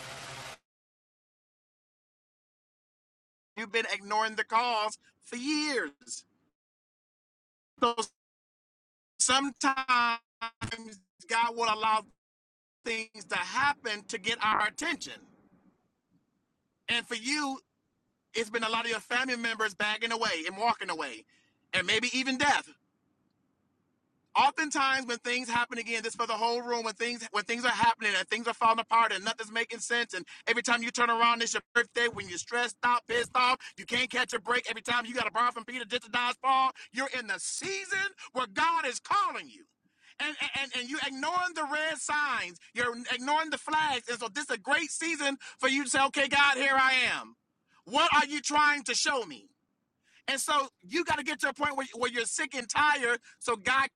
O: You've been ignoring the calls for years. So sometimes God will allow things to happen to get our attention. And for you, it's been a lot of your family members bagging away and walking away, and maybe even death. oftentimes when things happen again this for the whole room when things when things are happening and things are falling apart and nothing's making sense and every time you turn around it's your birthday when you're stressed out pissed off you can't catch a break every time you got to borrow from peter just to dodge paul you're in the season where god is calling you and, and and you're ignoring the red signs you're ignoring the flags and so this is a great season for you to say okay god here i am what are you trying to show me and so you got to get to a point where, where you're sick and tired so god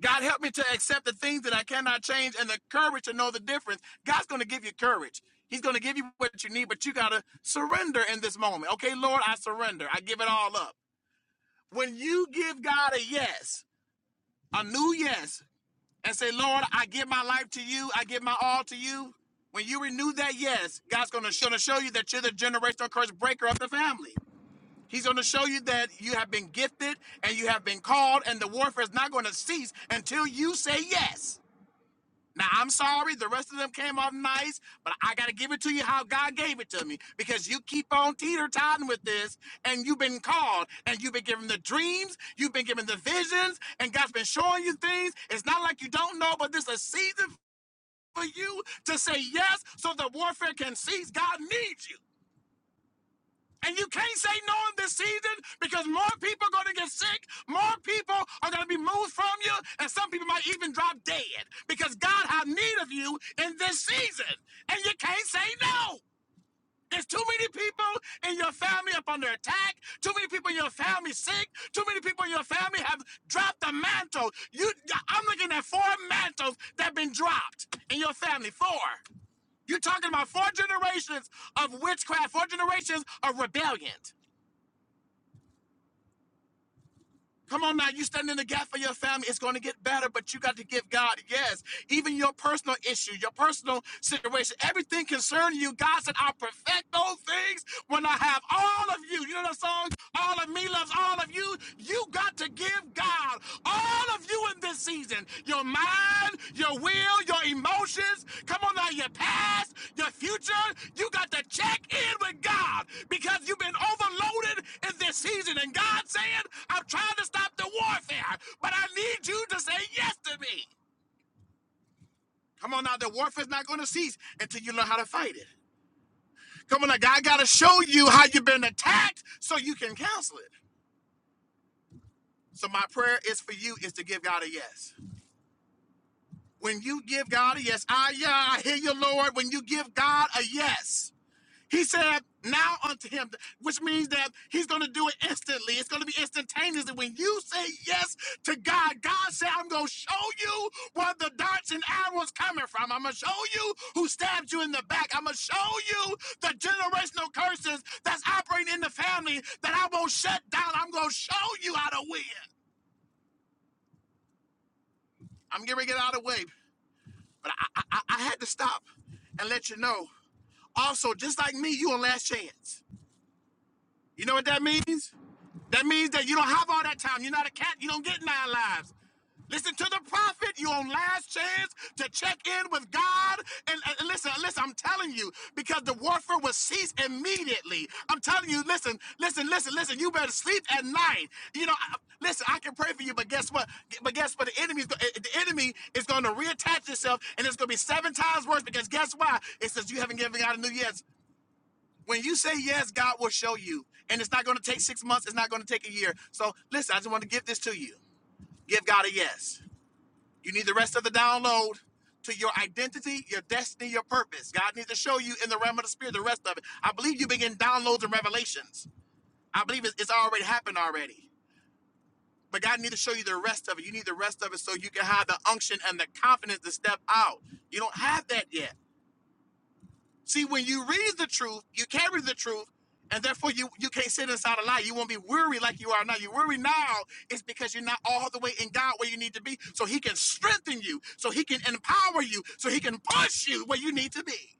O: God, help me to accept the things that I cannot change and the courage to know the difference. God's going to give you courage. He's going to give you what you need, but you got to surrender in this moment. Okay, Lord, I surrender. I give it all up. When you give God a yes, a new yes, and say, Lord, I give my life to you, I give my all to you. When you renew that yes, God's going to show, you that you're the generational curse breaker of the family. He's going to show you that you have been gifted and you have been called, and the warfare is not going to cease until you say yes. Now I'm sorry, the rest of them came off nice, but I gotta give it to you how God gave it to me because you keep on teeter totting with this, and you've been called, and you've been given the dreams, you've been given the visions, and God's been showing you things. It's not like you don't know, but this is a season for you to say yes, so the warfare can cease. God needs you. And you can't say no in this season because more people are going to get sick. More people are going to be moved from you. And some people might even drop dead because God has need of you in this season. And you can't say no. There's too many people in your family up under attack. Too many people in your family sick. Too many people in your family have dropped the mantle. You, I'm looking at four mantles that have been dropped in your family. Four. You're talking about four generations of witchcraft, four generations of rebellion. Come on now, you stand in the gap for your family. It's going to get better, but you got to give God yes. Even your personal issue, your personal situation, everything concerning you, God said, "I'll perfect those things when I have all of you." You know that song, "All of me loves all of you." You got to give God all of you in this season. Your mind, your will, your emotions. Come on now, your past, your future. You got to check in with God because you've been overloaded in this season. And God saying, I'm trying to stop the warfare, but I need you to say yes to me. Come on now, the warfare's not going to cease until you learn how to fight it. Come on now, God got to show you how you've been attacked so you can cancel it. So my prayer is for you is to give God a yes. When you give God a yes, ah yeah, I hear you, Lord. When you give God a yes, He said, now unto him, which means that he's going to do it instantly. It's going to be instantaneous. when you say yes to God, God said, I'm going to show you where the darts and arrows coming from. I'm going to show you who stabbed you in the back. I'm going to show you the generational curses that's operating in the family that I won't shut down. I'm going to show you how to win. I'm getting ready to get out of the way, but I, I, I I had to stop and let you know. Also, just like me, you on last chance. You know what that means? That means that you don't have all that time. You're not a cat. You don't get nine lives. Listen to the prophet. You on last chance to check in with God. And, and listen, listen, I'm telling you, because the warfare will cease immediately. I'm telling you, listen, listen, listen, listen. You better sleep at night. You know, I- listen, I can pray for you, but guess what? But guess what? The enemy's the enemy is going to reattach itself, and it's going to be seven times worse. Because guess why? It says you haven't given God a new yes. When you say yes, God will show you. And it's not going to take six months, it's not going to take a year. So listen, I just want to give this to you. Give God a yes. You need the rest of the download to your identity, your destiny, your purpose. God needs to show you in the realm of the spirit the rest of it. I believe you begin downloads and revelations. I believe it's it's already happened already. But God needs to show you the rest of it. You need the rest of it so you can have the unction and the confidence to step out. You don't have that yet. See, when you read the truth, you carry the truth, and therefore you, you can't sit inside a lie. You won't be weary like you are now. You worry now is because you're not all the way in God where you need to be. So he can strengthen you, so he can empower you, so he can push you where you need to be.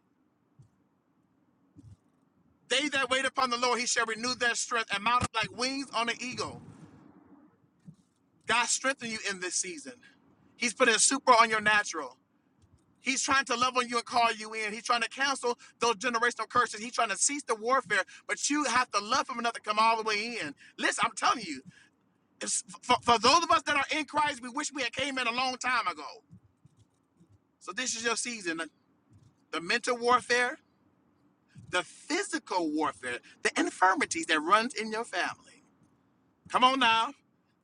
O: They that wait upon the Lord, he shall renew their strength and mount up like wings on an eagle. God strengthen you in this season. He's putting super on your natural. He's trying to love on you and call you in. He's trying to cancel those generational curses. He's trying to cease the warfare, but you have to love him enough to come all the way in. Listen, I'm telling you, it's, for, for those of us that are in Christ, we wish we had came in a long time ago. So this is your season. The, the mental warfare, the physical warfare, the infirmities that runs in your family. Come on now.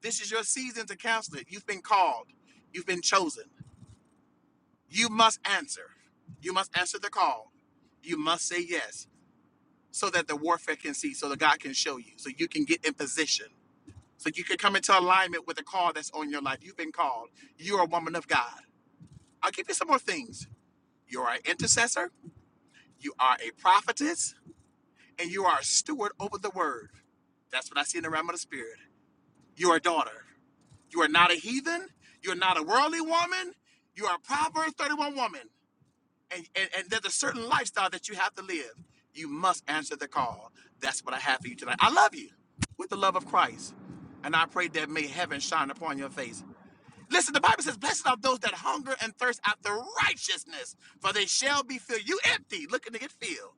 O: This is your season to cancel it. You've been called. You've been chosen. You must answer. You must answer the call. You must say yes so that the warfare can see, so that God can show you, so you can get in position, so you can come into alignment with the call that's on your life. You've been called. You are a woman of God. I'll give you some more things. You are an intercessor, you are a prophetess, and you are a steward over the word. That's what I see in the realm of the spirit. You are a daughter. You are not a heathen. You are not a worldly woman. You are a Proverbs 31 woman. and, and, and there's a certain lifestyle that you have to live. You must answer the call. That's what I have for you tonight. I love you with the love of Christ. And I pray that may heaven shine upon your face. Listen, the Bible says, Blessed are those that hunger and thirst after righteousness, for they shall be filled. You empty, looking to get filled.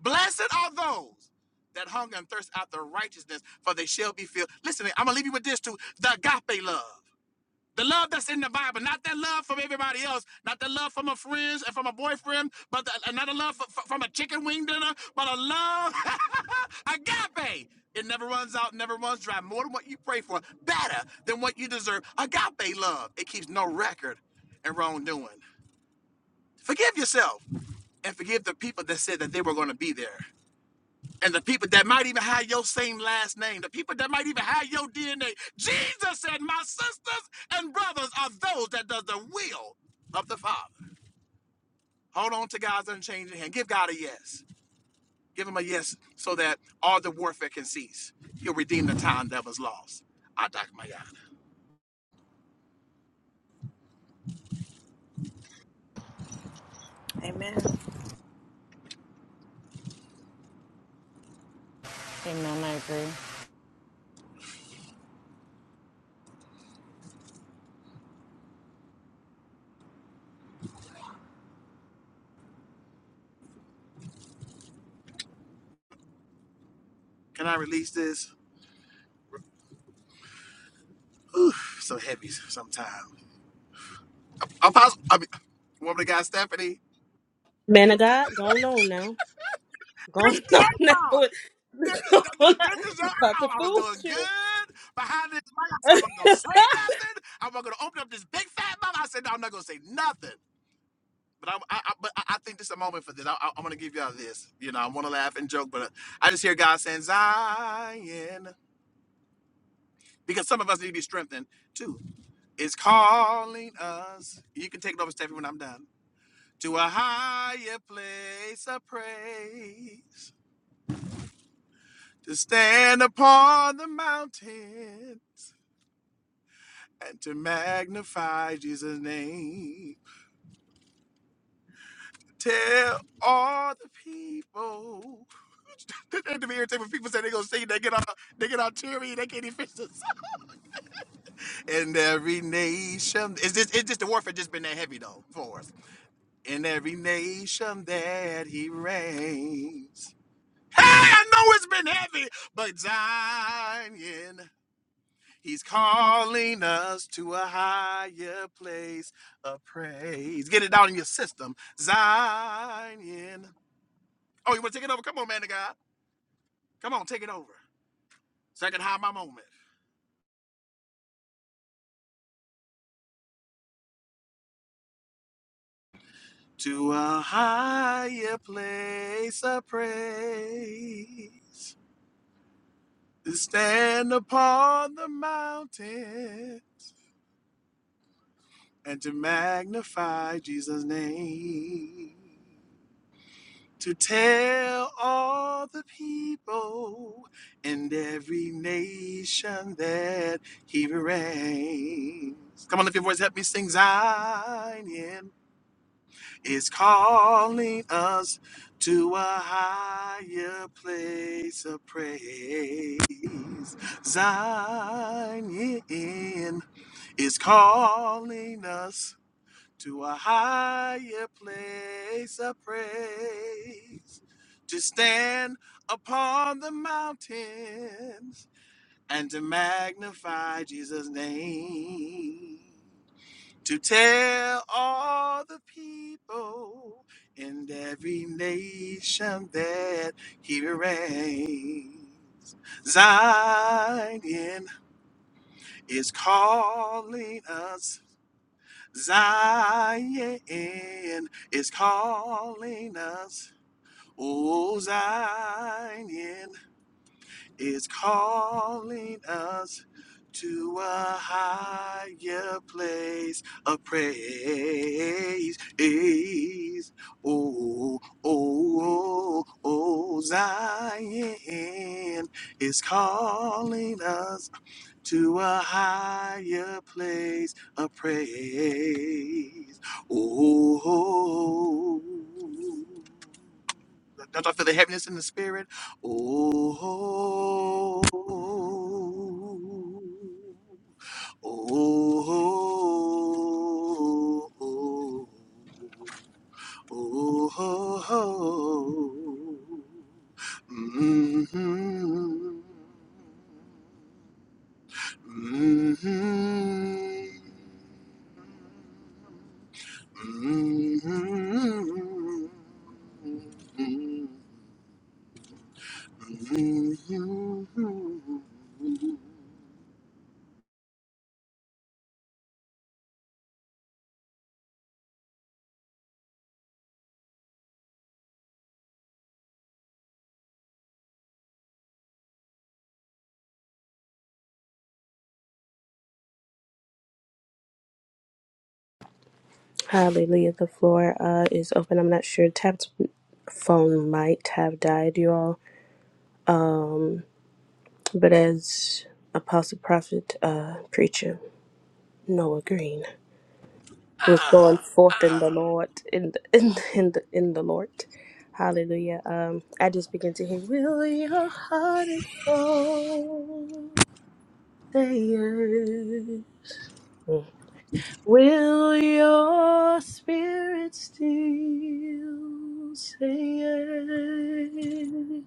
O: Blessed are those that hunger and thirst after righteousness, for they shall be filled. Listen, I'm going to leave you with this too the agape love. The love that's in the Bible, not that love from everybody else, not the love from a friend and from a boyfriend, but the, not a love f- from a chicken wing dinner, but a love agape. It never runs out, never runs dry. More than what you pray for, better than what you deserve. Agape love. It keeps no record and wrongdoing. Forgive yourself and forgive the people that said that they were going to be there. And the people that might even have your same last name, the people that might even have your DNA. Jesus said, My sisters and brothers are those that does the will of the Father. Hold on to God's unchanging hand. Give God a yes. Give him a yes so that all the warfare can cease. He'll redeem the time that was lost. I dock my yada.
A: Amen. Can
H: Amen. I agree.
O: Can I release this? So heavy sometimes. Apostle, I mean, woman of God, Stephanie.
N: Man of God, going on now.
O: This
N: Going
O: is
N: on
O: your
N: now
O: fault.
N: with
O: This,
N: going
O: this,
N: on
O: this is your
N: about to
O: hour. I was
N: fool
O: doing good behind this mic. I said, I'm not gonna
N: you.
O: say nothing. I'm not gonna open up this big fat mouth. I said, no, I'm not gonna say nothing. But i I, I, but I I think this is a moment for this. I, I, am gonna give y'all this. You know, I want to laugh and joke, but I just hear God saying Zion because some of us need to be strengthened too. It's calling us. You can take it over, Stephanie, when I'm done. To a higher place of praise, to stand upon the mountain to magnify Jesus' name. Tell all the people. That to be irritated when people say they gonna sing, they get all they get all teary, they can't even finish the song. And every nation is this is just the warfare just been that heavy though for us. In every nation that he reigns. Hey, I know it's been heavy, but Zion. He's calling us to a higher place of praise. Get it down in your system. Zion. Oh, you want to take it over? Come on, man of God. Come on, take it over. So I can have my moment. To a higher place of praise. To stand upon the mountain and to magnify Jesus' name. to tell all the people in every nation that he reigns. Come on, lift your voice, help me sing. Zion is calling us to a higher place of praise. Zion is calling us to a higher place of praise, to stand upon the mountains and to magnify Jesus' name, to tell all the people in every nation that he reigns. Zion is calling us Zion is calling us. Oh, Zion is calling us to a higher place of praise. Oh, oh, oh, oh, Zion is calling us to a higher place of praise. Oh, don't I feel the heaviness in the spirit? Oh, oh, oh, oh. hmm Mhm. Mhm.
N: Hallelujah. The floor uh, is open. I'm not sure. Tab's phone might have died, you all. But as Apostle Prophet uh, Preacher Noah Green was going forth in the Lord, in the, in, the- in the in the Lord, Hallelujah. Um, I just begin to hear, "Will your heart and soul say yes?" Mm. Will your spirit still say yes?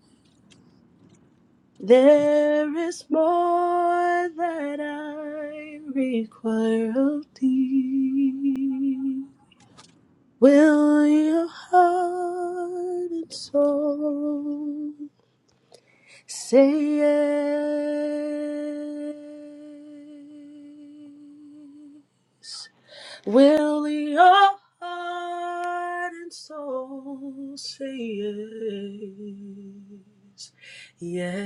N: There is more that I require of thee. Will your heart and soul say yes? Will your heart and soul say yes? Yes.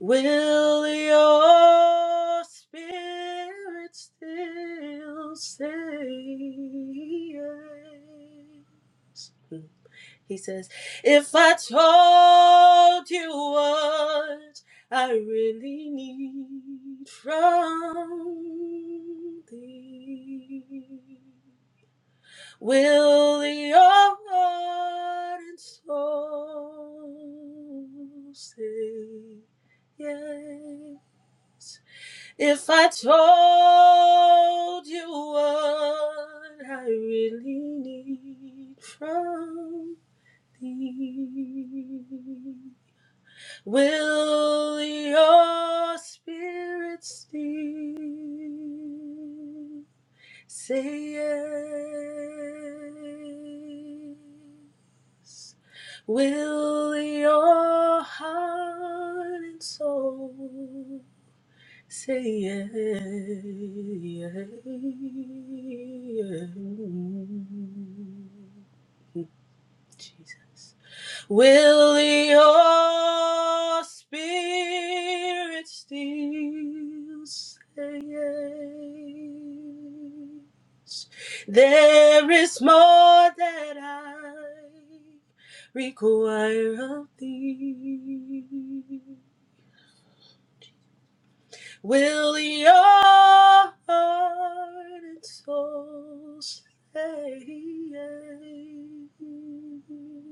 N: Will your spirit still say yes? He says, If I told you what I really need from thee, will the ardent soul say, Yea? If I told you what I really need from thee. Will your spirit still say yes? Will your heart and soul say yes? Jesus. Will your spirit still say yes? There is more that I require of thee. Will your heart and soul say yes?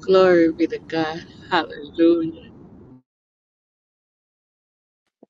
B: Glory be to God. Hallelujah.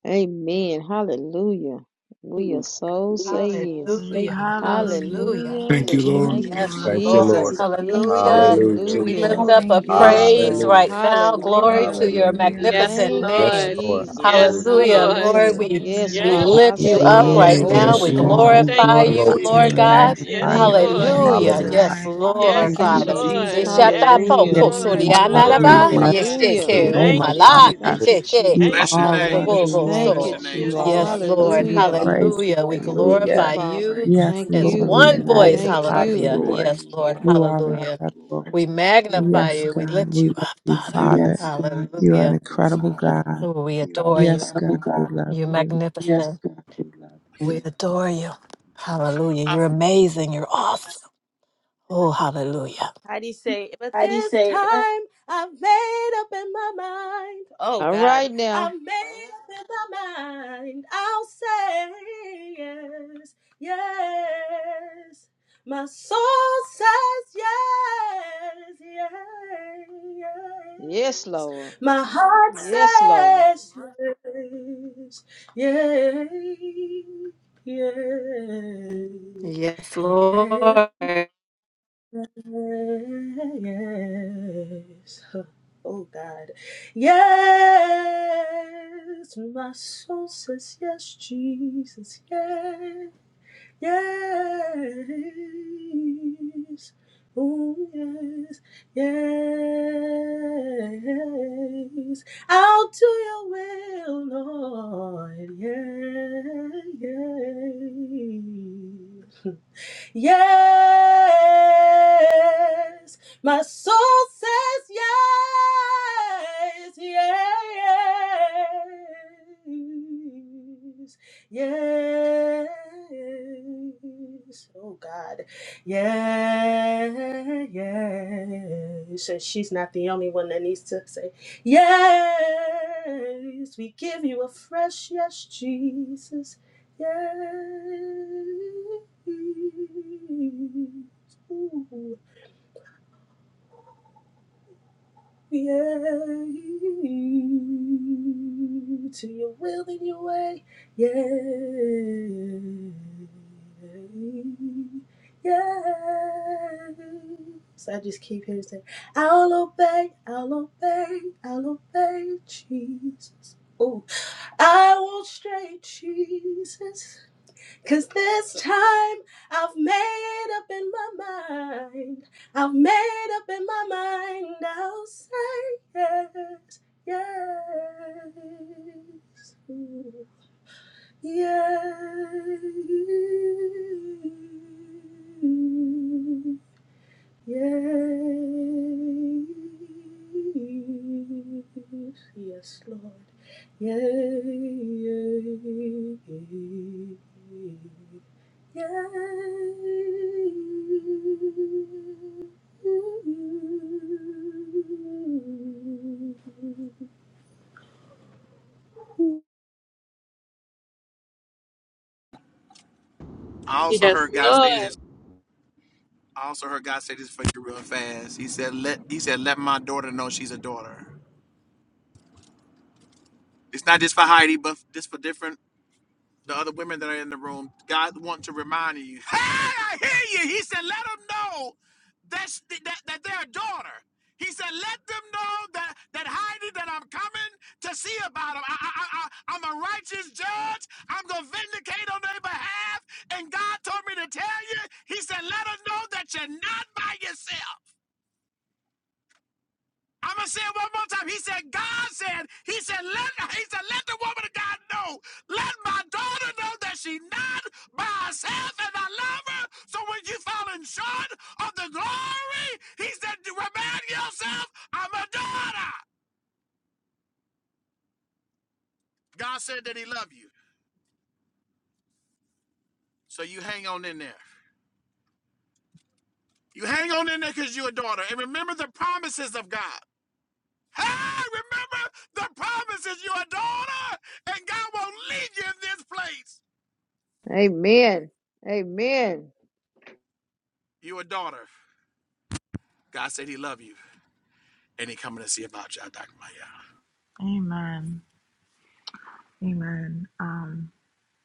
P: Amen. Hallelujah. We your soul say yes.
M: Hallelujah.
Q: Hallelujah.
M: Hallelujah.
P: Hallelujah.
L: Thank you,
M: Hallelujah.
Q: Thank
L: Lord.
Q: you,
P: Thank you,
M: Yes,
Q: Lord.
G: Thank you,
M: Lord.
P: Jesus.
G: Lord God.
M: Hallelujah.
Q: Praise
G: Hallelujah.
M: We
Q: you. We
P: Hallelujah.
M: lift up a
Q: thank you,
P: Yes,
Q: Lord.
M: praise
P: Lord.
M: right
G: Hallelujah.
M: now. Glory
P: Hallelujah.
M: to your
G: Hallelujah.
Q: Hallelujah.
B: Yes,
M: magnificent
P: Thank you,
G: Yes,
M: name.
B: Lord.
G: Lord.
P: Jesus.
G: Hallelujah.
B: Yes,
M: Hallelujah,
B: Lord.
M: Lord.
P: Hallelujah.
M: We
P: Yes,
Q: Hallelujah.
M: we
P: Father.
B: Yes,
P: I
M: lift you
P: say
M: up
P: yes
M: right
B: Lord.
G: Yes,
J: Hallelujah.
M: now.
P: over
G: Lord.
J: Yes,
L: Yes,
M: We
P: and
J: God,
P: over
L: Lord.
J: we
B: Thank
M: glorify
P: again.
B: you,
G: Glory
J: glorify
M: you,
G: to your
J: you
M: Lord
J: and
B: Jesus.
G: name.
M: God.
Q: Yes,
J: magnify
Q: Lord,
B: Yes,
Q: we
P: Thank you,
Q: lift your
B: Lord.
J: you.
Q: name on
M: Hallelujah.
G: Hallelujah.
J: God.
M: Yes,
P: Jesus.
Q: high.
M: Lord,
P: Thank
B: Yes,
J: Thank
P: you,
Q: Thank
J: you,
Q: you,
M: Father.
P: Jesus.
J: Jesus.
B: Lord.
Q: Jesus.
B: Yes,
Q: Thank
M: Ishatapo
Q: you,
P: Hallelujah.
J: Yes,
B: Lord.
J: God,
Q: Jesus.
G: Hallelujah.
J: we
B: Glory
G: My
M: kosorianaraba,
B: be to
J: bless
G: mind's
B: God.
G: a
J: your
P: Hallelujah.
J: holy
G: little
M: yesheke
G: bit-
J: name,
B: Thank
J: oh
B: you,
M: umala,
J: Father God.
G: full.
P: Thank you,
B: Jesus.
J: You
M: yesheke
B: Thank
O: Bless
P: Jesus.
B: you,
O: your
J: are
O: name.
J: worthy,
M: aladobobo
J: you
B: Jesus.
J: are
P: Thank
O: Bless
J: worthy,
P: you,
O: your
M: so.
O: name,
J: you
B: Yes,
J: are
P: Jesus.
O: Jesus.
B: Lord.
M: Yes,
J: worthy to
M: Lord.
J: be
P: Hallelujah.
G: my-
J: praised.
M: Hallelujah. We
P: Thank you,
M: glorify
J: Hallelujah.
P: Father.
M: you.
J: Yes,
P: Thank
M: As
J: Lord,
P: you.
J: we
M: one
G: head
M: voice,
G: is Yes,
P: Thank
J: magnify you,
P: you.
M: hallelujah.
G: hallelujah.
J: Lord.
M: Yes, Lord,
J: You are
M: hallelujah.
J: incredible.
M: We magnify
J: Yes,
M: you. We
J: God,
M: lift
J: we
M: you
J: love
M: up,
J: you,
M: Father.
J: Father. You are an
M: Hallelujah.
J: incredible God.
M: Oh, we You're adore you.
J: Yes, God, we love
M: You're Yes,
J: you.
M: magnificent. We you. adore you. Hallelujah.
O: I,
M: You're amazing. You're awesome. Oh, hallelujah.
N: How do you say? But
M: How do you
N: this
M: say?
N: time I've made up in my mind. Oh
P: All
N: God,
P: right now.
N: I've made up in my mind. I'll say yes, yes. My soul says yes, yes.
P: Yes, Lord.
N: My heart
P: Yes, Lord.
N: says yes, yes, yes,
M: Yes,
N: yes.
M: Lord.
N: Yes. Oh God. Yes. My soul says yes, Jesus. Yes. Yes. Oh yes. Yes. I'll do your will, Lord. Yes. Yes. Yes, my soul says yes, yes, yes. Oh God, yes, yes. So she's not the only one that needs to say yes. We give you a fresh yes, Jesus. Yes. Ooh, yeah. To your will and your way. Yeah. Yeah. So I just keep hearing saying, I'll obey, I'll obey, I'll obey Jesus. Oh, I won't stray, Jesus. Cause this time I've made up in my mind. I've made up in my mind. I'll say yes, yes, yes, yes, yes, Lord, yes. Yeah.
O: I also
B: Yes,
O: heard God say
B: Lord.
O: this. I also heard God say this for you real fast. He said, "Let He said, let my daughter know she's a daughter. It's not just for Heidi, but this for different the other women that are in the room, God wants to remind you. Hey, I hear you. He said, let them know that's th- that, that they're a daughter. He said, let them know that, that Heidi, that I'm coming to see about them. I, I, I, I- I'm a righteous judge. I'm going to vindicate on their behalf. And God told me to tell you, he said, let them know that you're not by yourself. I'm gonna say it one more time. He said, God said, He said, let He said, let the woman of God know. Let my daughter know that she's not by herself and I love her. So when you falling short of the glory, he said, remind yourself, I'm a daughter. God said that he loved you. So you hang on in there. You hang on in there because you're a daughter. And remember the promises of God. Hey, remember the promises. You're a daughter, and God won't leave you in this place.
P: Amen. Amen.
O: You're a daughter. God said He love you, and He coming to see about you. I Dr. Maya.
Q: Amen. Amen. Um,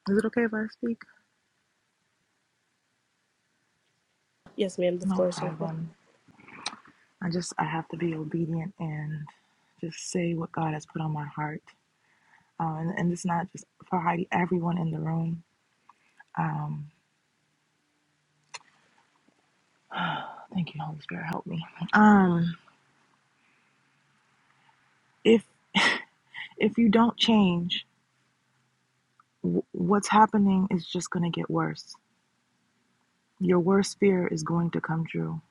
Q: is it okay if I speak? No problem. I just I have to be obedient and just say what God has put on my heart. Um, and, and it's not just for Heidi, everyone in the room. Um. Thank you, Holy Spirit, help me. Um, if if you don't change, w- what's happening is just going to get worse. Your worst fear is going to come true.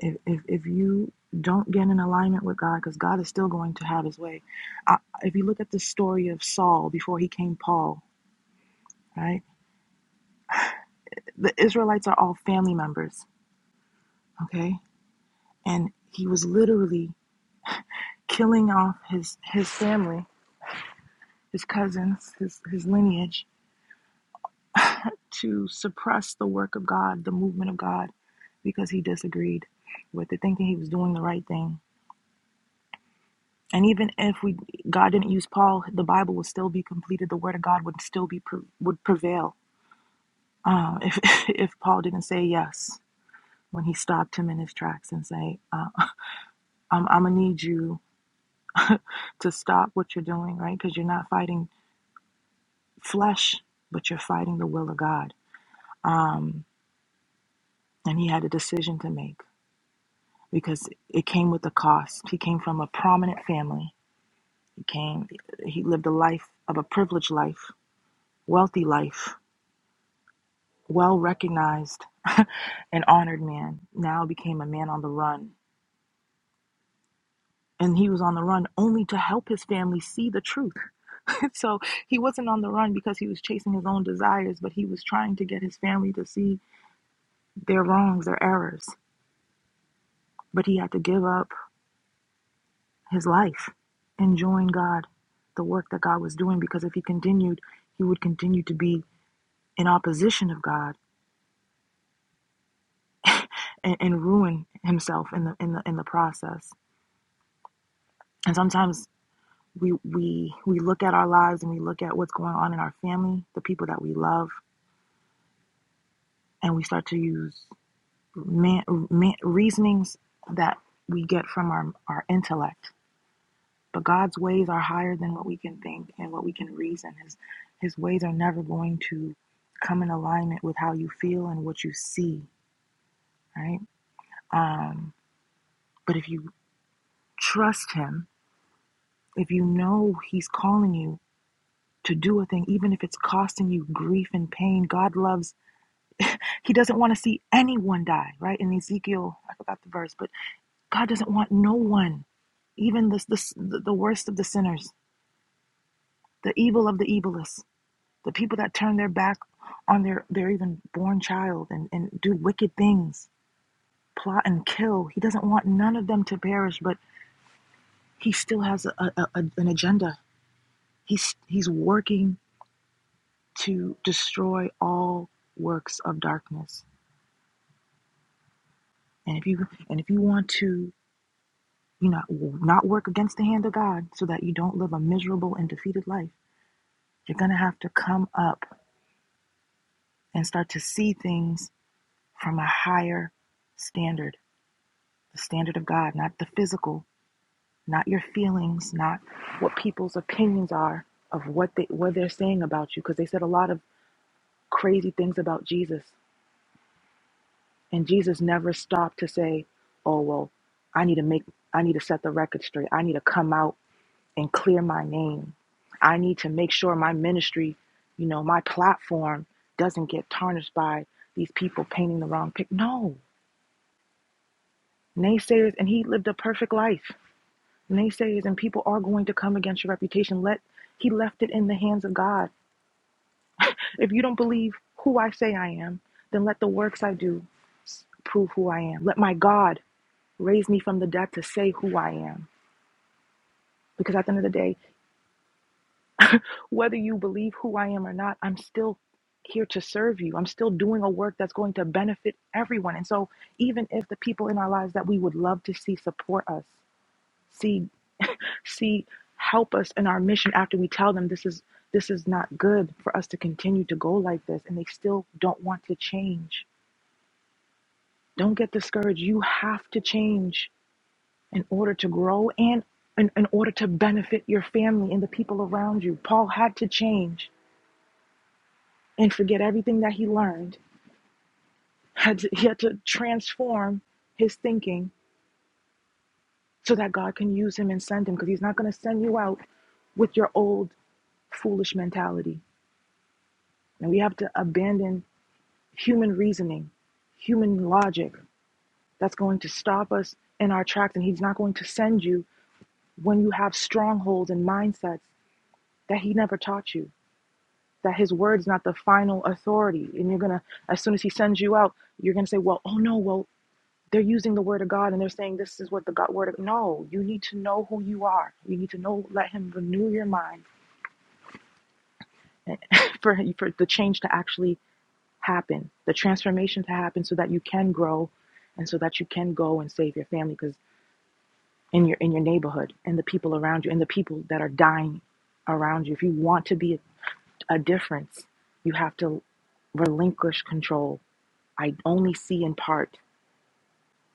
Q: If if, if you don't get in alignment with God, because God is still going to have His way. I, if you look at the story of Saul before he came Paul, right? The Israelites are all family members, okay? And he was literally killing off his his family, his cousins, his his lineage, to suppress the work of God, the movement of God, because he disagreed with it, thinking he was doing the right thing. And even if we God didn't use Paul, the Bible would still be completed. The word of God would still be would prevail uh, if if Paul didn't say yes when he stopped him in his tracks and say, uh, "I'm I'm gonna need you to stop what you're doing, right? Because you're not fighting flesh, but you're fighting the will of God." Um, and he had a decision to make because it came with a cost. He came from a prominent family. He came, he lived a life of a privileged life, wealthy life, well recognized and honored man. Now became a man on the run. And he was on the run only to help his family see the truth. so he wasn't on the run because he was chasing his own desires, but he was trying to get his family to see their wrongs, their errors. But he had to give up his life, enjoying God, the work that God was doing, because if he continued, he would continue to be in opposition of God and, and ruin himself in the in the in the process. And sometimes we we we look at our lives and we look at what's going on in our family, the people that we love, and we start to use man, man, reasonings that we get from our, our intellect But God's ways are higher than what we can think and what we can reason. His his ways are never going to come in alignment with how you feel and what you see, right? Um, but if you trust him, if you know he's calling you to do a thing, even if it's costing you grief and pain, God loves he doesn't want to see anyone die, right? In Ezekiel, I forgot the verse, but God doesn't want no one, even the the, the worst of the sinners, the evil of the evilest the people that turn their back on their their even born child and, and do wicked things plot and kill he doesn't want none of them to perish but he still has a, a, a- an agenda he's he's working to destroy all works of darkness and if you and if you want to you know not work against the hand of god so that you don't live a miserable and defeated life you're gonna have to come up and start to see things from a higher standard the standard of god not the physical not your feelings, not what people's opinions are of what they what they're saying about you because they said a lot of crazy things about Jesus and Jesus never stopped to say, "Oh, well, I need to make I need to set the record straight. I need to come out and clear my name. I need to make sure my ministry, you know, my platform doesn't get tarnished by these people painting the wrong picture." No. Naysayers and he lived a perfect life. naysayers and people are going to come against your reputation. Let he left it in the hands of God. If you don't believe who I say I am, then let the works I do prove who I am. Let my God raise me from the dead to say who I am. Because at the end of the day, whether you believe who I am or not, I'm still here to serve you. I'm still doing a work that's going to benefit everyone. And so, even if the people in our lives that we would love to see support us, see see help us in our mission after we tell them this is this is not good for us to continue to go like this and they still don't want to change don't get discouraged you have to change in order to grow and in, in order to benefit your family and the people around you paul had to change and forget everything that he learned had to, he had to transform his thinking so that god can use him and send him because he's not going to send you out with your old foolish mentality and we have to abandon human reasoning, human logic that's going to stop us in our tracks. And He's not going to send you when you have strongholds and mindsets that He never taught you, that His word's not the final authority. And you're going to, as soon as He sends you out, you're going to say, well, oh no, well, they're using the word of God and they're saying this is what the God word of no, you need to know who you are. You need to know, let him renew your mind for for the change to actually happen, the transformation to happen so that you can grow and so that you can go and save your family. because. in your in your neighborhood and the people around you and the people that are dying around you if you want to be a, a difference you have to relinquish control i only see in part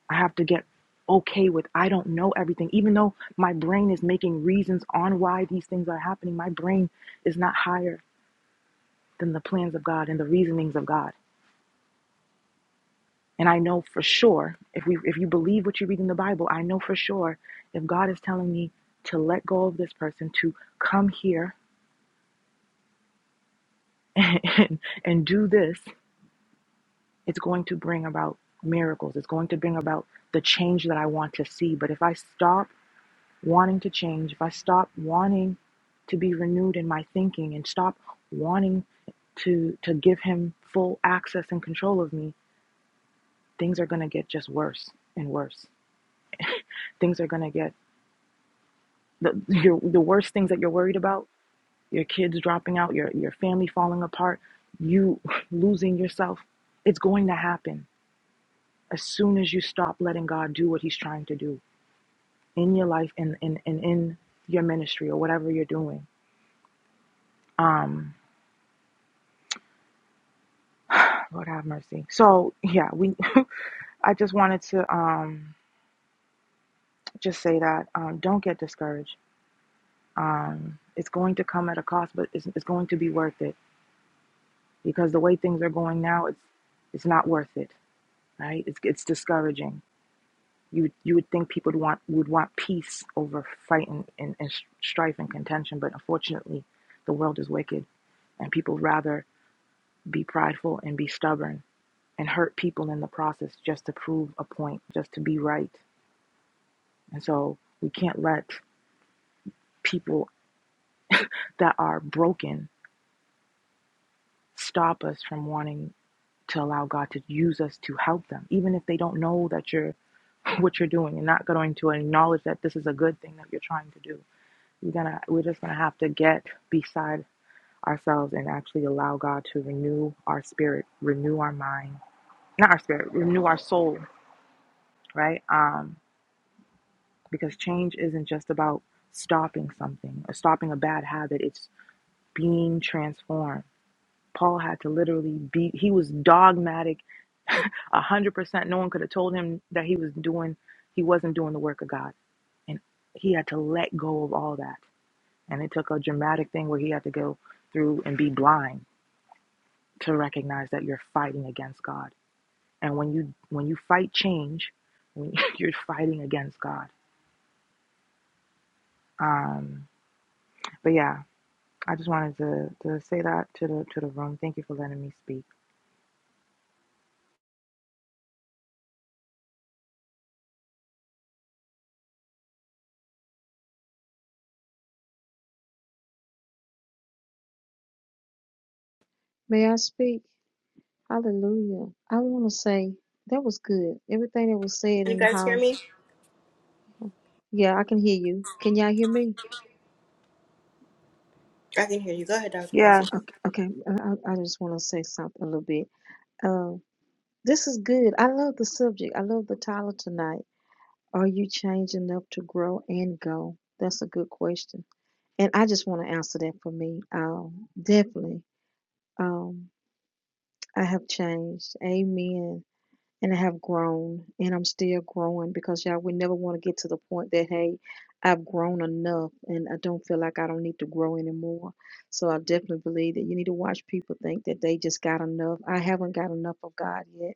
Q: i have to get okay with i don't know everything even though my brain is making reasons on why these things are happening my brain is not higher than the plans of god and the reasonings of god and i know for sure if we if you believe what you read in the bible i know for sure if god is telling me to let go of this person to come here and, and do this, it's going to bring about miracles. It's going to bring about the change that I want to see. But if I stop wanting to change, if I stop wanting to be renewed in my thinking and stop wanting to to give him full access and control of me, things are going to get just worse and worse. Things are going to get the your, the worst things that you're worried about, your kids dropping out, your your family falling apart, you losing yourself. It's going to happen as soon as you stop letting God do what He's trying to do in your life and in and, and in your ministry or whatever you're doing. Um, Lord have mercy. So yeah, we. I just wanted to um just say that um don't get discouraged. Um, it's going to come at a cost, but it's, it's going to be worth it because the way things are going now, it's it's not worth it. Right? It's it's discouraging. You you would think people would want would want peace over fight and, and, and strife and contention, but unfortunately, the world is wicked and people rather be prideful and be stubborn and hurt people in the process just to prove a point, just to be right. And so we can't let people that are broken stop us from wanting to allow God to use us to help them, even if they don't know that you're what you're doing and not going to acknowledge that this is a good thing that you're trying to do. We're gonna we're just gonna have to get beside ourselves and actually allow God to renew our spirit, renew our mind, not our spirit, renew our soul, right? Um, because change isn't just about stopping something or stopping a bad habit it's being transformed paul had to literally be he was dogmatic 100% no one could have told him that he was doing he wasn't doing the work of god and he had to let go of all that and it took a dramatic thing where he had to go through and be blind to recognize that you're fighting against god and when you when you fight change when you're fighting against god um but yeah I just wanted to, to say that to the to the room. Thank you for letting me speak.
P: May I speak? Hallelujah. I want to say that was good. Everything that was said
A: you
P: in the
A: guys hear
P: house.
A: me?
P: Yeah, I can hear you. Can y'all hear me?
A: I can hear you. Go ahead, Dr. Passy.
Q: Yes.
P: Okay. okay. I, I I just want to say something a little bit. Um, this is good. I love the subject. I love the title tonight. Are you changed enough to grow and go? That's a good question. And I just want to answer that for me. Um, definitely, um, I have changed. Amen. And I have grown, and I'm still growing because y'all, we never want to get to the point that hey, I've grown enough, and I don't feel like I don't need to grow anymore. So I definitely believe that you need to watch people think that they just got enough. I haven't got enough of God yet,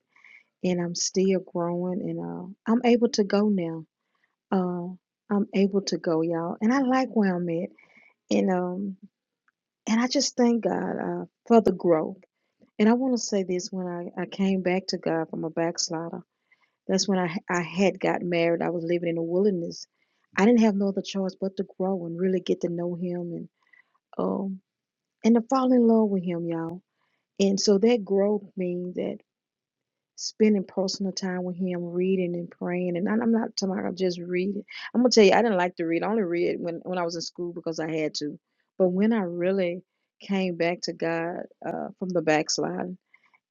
P: and I'm still growing, and uh, I'm able to go now. Uh, I'm able to go, y'all, and I like where I'm at. And um, And I just thank God uh, for the growth. And I want to say this when I, I came back to God from a backslider, that's when I I had got married. I was living in the wilderness. I didn't have no other choice but to grow and really get to know Him and um and to fall in love with Him, y'all. And so that growth means that spending personal time with him, reading and praying. And I'm I'm not talking about just reading. I'm gonna tell you, I didn't like to read. I only read when when I was in school because I had to. But when I really came back to God uh, from the backsliding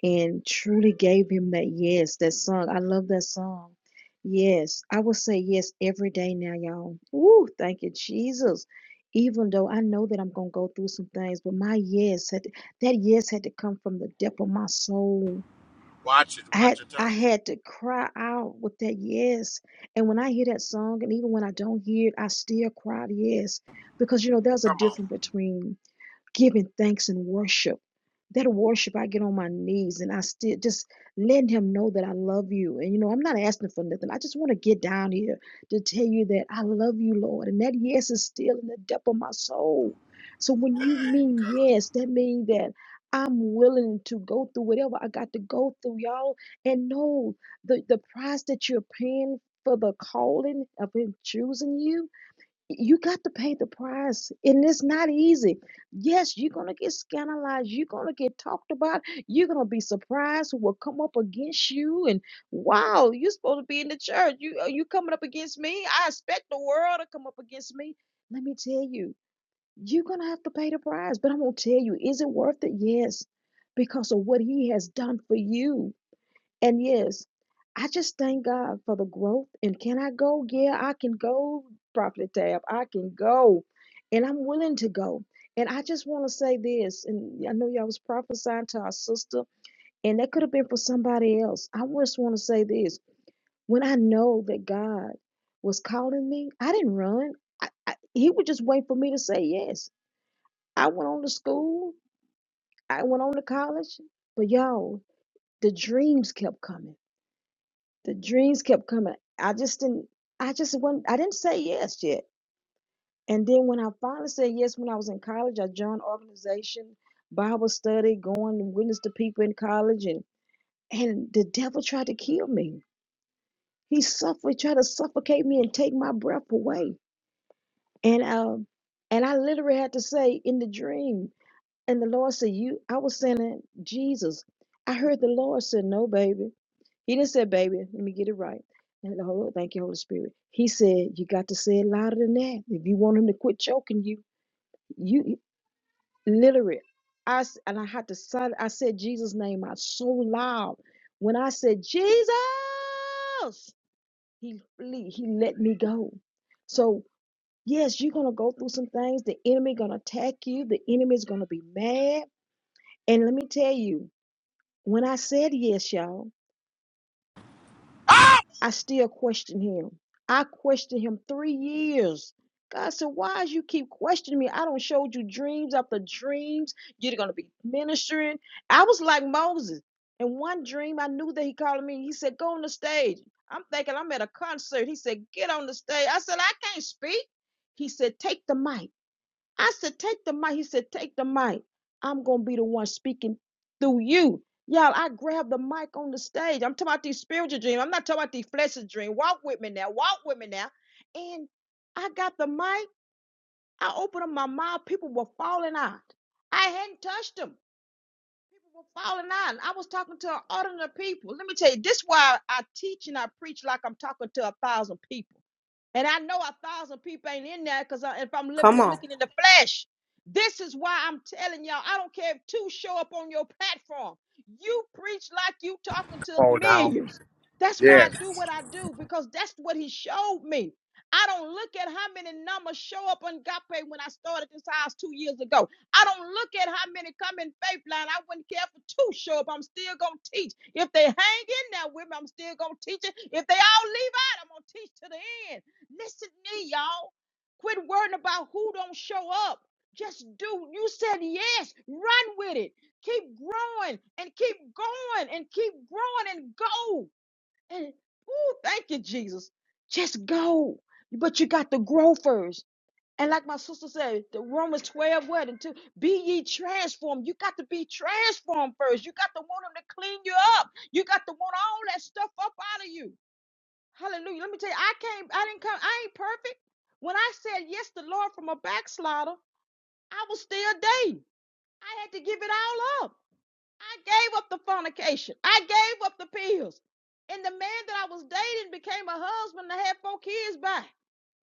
P: and truly gave Him that yes, that song. I love that song. Yes, I will say yes every day now, y'all. Ooh, thank you, Jesus. Even though I know that I'm gonna go through some things, but my yes had to, that yes had to come from the depth of my soul
O: Watch it.
P: I had
O: Watch your
P: I
O: tone.
P: had to cry out with that yes. And when I hear that song, and even when I don't hear it, I still cry yes. Because you know, there's a
O: Come on.
P: difference between giving thanks and worship. That worship, I get on my knees and I still just letting him know that I love you. And you know, I'm not asking for nothing. I just want to get down here to tell you that I love you, Lord. And that yes is still in the depth of my soul. So when you mean yes, that means that I'm willing to go through whatever I got to go through, y'all. And know the, the price that you're paying for the calling of him choosing you you got to pay the price and it's not easy yes you're going to get scandalized you're going to get talked about you're going to be surprised who will come up against you and wow you're supposed to be in the church you are you coming up against me i expect the world to come up against me let me tell you you're going to have to pay the price but i'm going to tell you is it worth it yes because of what he has done for you and yes, I just thank God for the growth. And can I go? Yeah, I can go, Prophet Tab. I can go. And I'm willing to go. And I just want to say this. And I know y'all was prophesying to our sister, and that could have been for somebody else. I just want to say this. When I know that God was calling me, I didn't run. I, I, he would just wait for me to say yes. I went on to school, I went on to college, but y'all, the dreams kept coming. the dreams kept coming. I just didn't, I just wasn't, I didn't say yes yet. And then when I finally said yes, when I was in college, I joined organization, Bible study, going to witness to people in college, and and the devil tried to kill me. He suffered, tried to suffocate me and take my breath away. And um, and I literally had to say in the dream, and the Lord said, "You." I was saying, "Jesus." I heard the Lord said, "No, baby." He didn't say, baby, let me get it right. And the Holy, thank you, Holy Spirit. He said, you got to say it louder than that. If you want him to quit choking you, you literally. I s- and I had to sign. I said Jesus' name out so loud. When I said Jesus, he flee- he let me go. So yes, you're gonna go through some things. The enemy gonna attack you. The enemy's gonna be mad. And let me tell you, when I said yes, y'all. I still question him. I questioned him three years. God said, Why is you keep questioning me? I don't showed you dreams after dreams. You're gonna be ministering. I was like Moses. In one dream, I knew that he called me. He said, Go on the stage. I'm thinking I'm at a concert. He said, Get on the stage. I said, I can't speak. He said, Take the mic. I said, take the mic. He said, take the mic. I'm going to be the one speaking through you. Y'all, I grabbed the mic on the stage. I'm talking about these spiritual dreams. I'm not talking about these fleshly dreams. Walk with me now. Walk with me now. And I got the mic. I opened up my mouth. People were falling out. I hadn't touched them. People were falling out. I was talking to an audience of people. Let me tell you, this is why I teach and I preach like I'm talking to a thousand people. And I know a thousand people ain't in there because if I'm living
A: Come
P: it,
A: on.
P: looking in the flesh, this is why I'm telling y'all. I don't care if two show up on your platform. You preach like you talking to
G: Come on now.
P: millions. That's why I do
G: Yes.
P: what I do because that's what he showed me. I don't look at how many numbers show up on Gape when I started this house two years ago. I don't look at how many come in faith line. I wouldn't care if two show up. I'm still gonna teach. If they hang in there with me, I'm still gonna teach it. If they all leave out, I'm gonna teach to the end. Listen to me, y'all. Quit worrying about who don't show up. Just do. You said yes. Run with it. Keep growing and keep going and keep growing and go. And ooh, thank you, Jesus. Just go. But you got to grow first. And like my sister said, the Romans 12, what? And to be ye transformed. You got to be transformed first. You got to want him to clean you up. You got to want all that stuff up out of you. Hallelujah. Let me tell you, I can't, I didn't come, I ain't perfect. When I said yes to the Lord from a backslider, I was still dating. I had to give it all up. I gave up the fornication. I gave up the pills. And the man that I was dating became a husband and I had four kids by.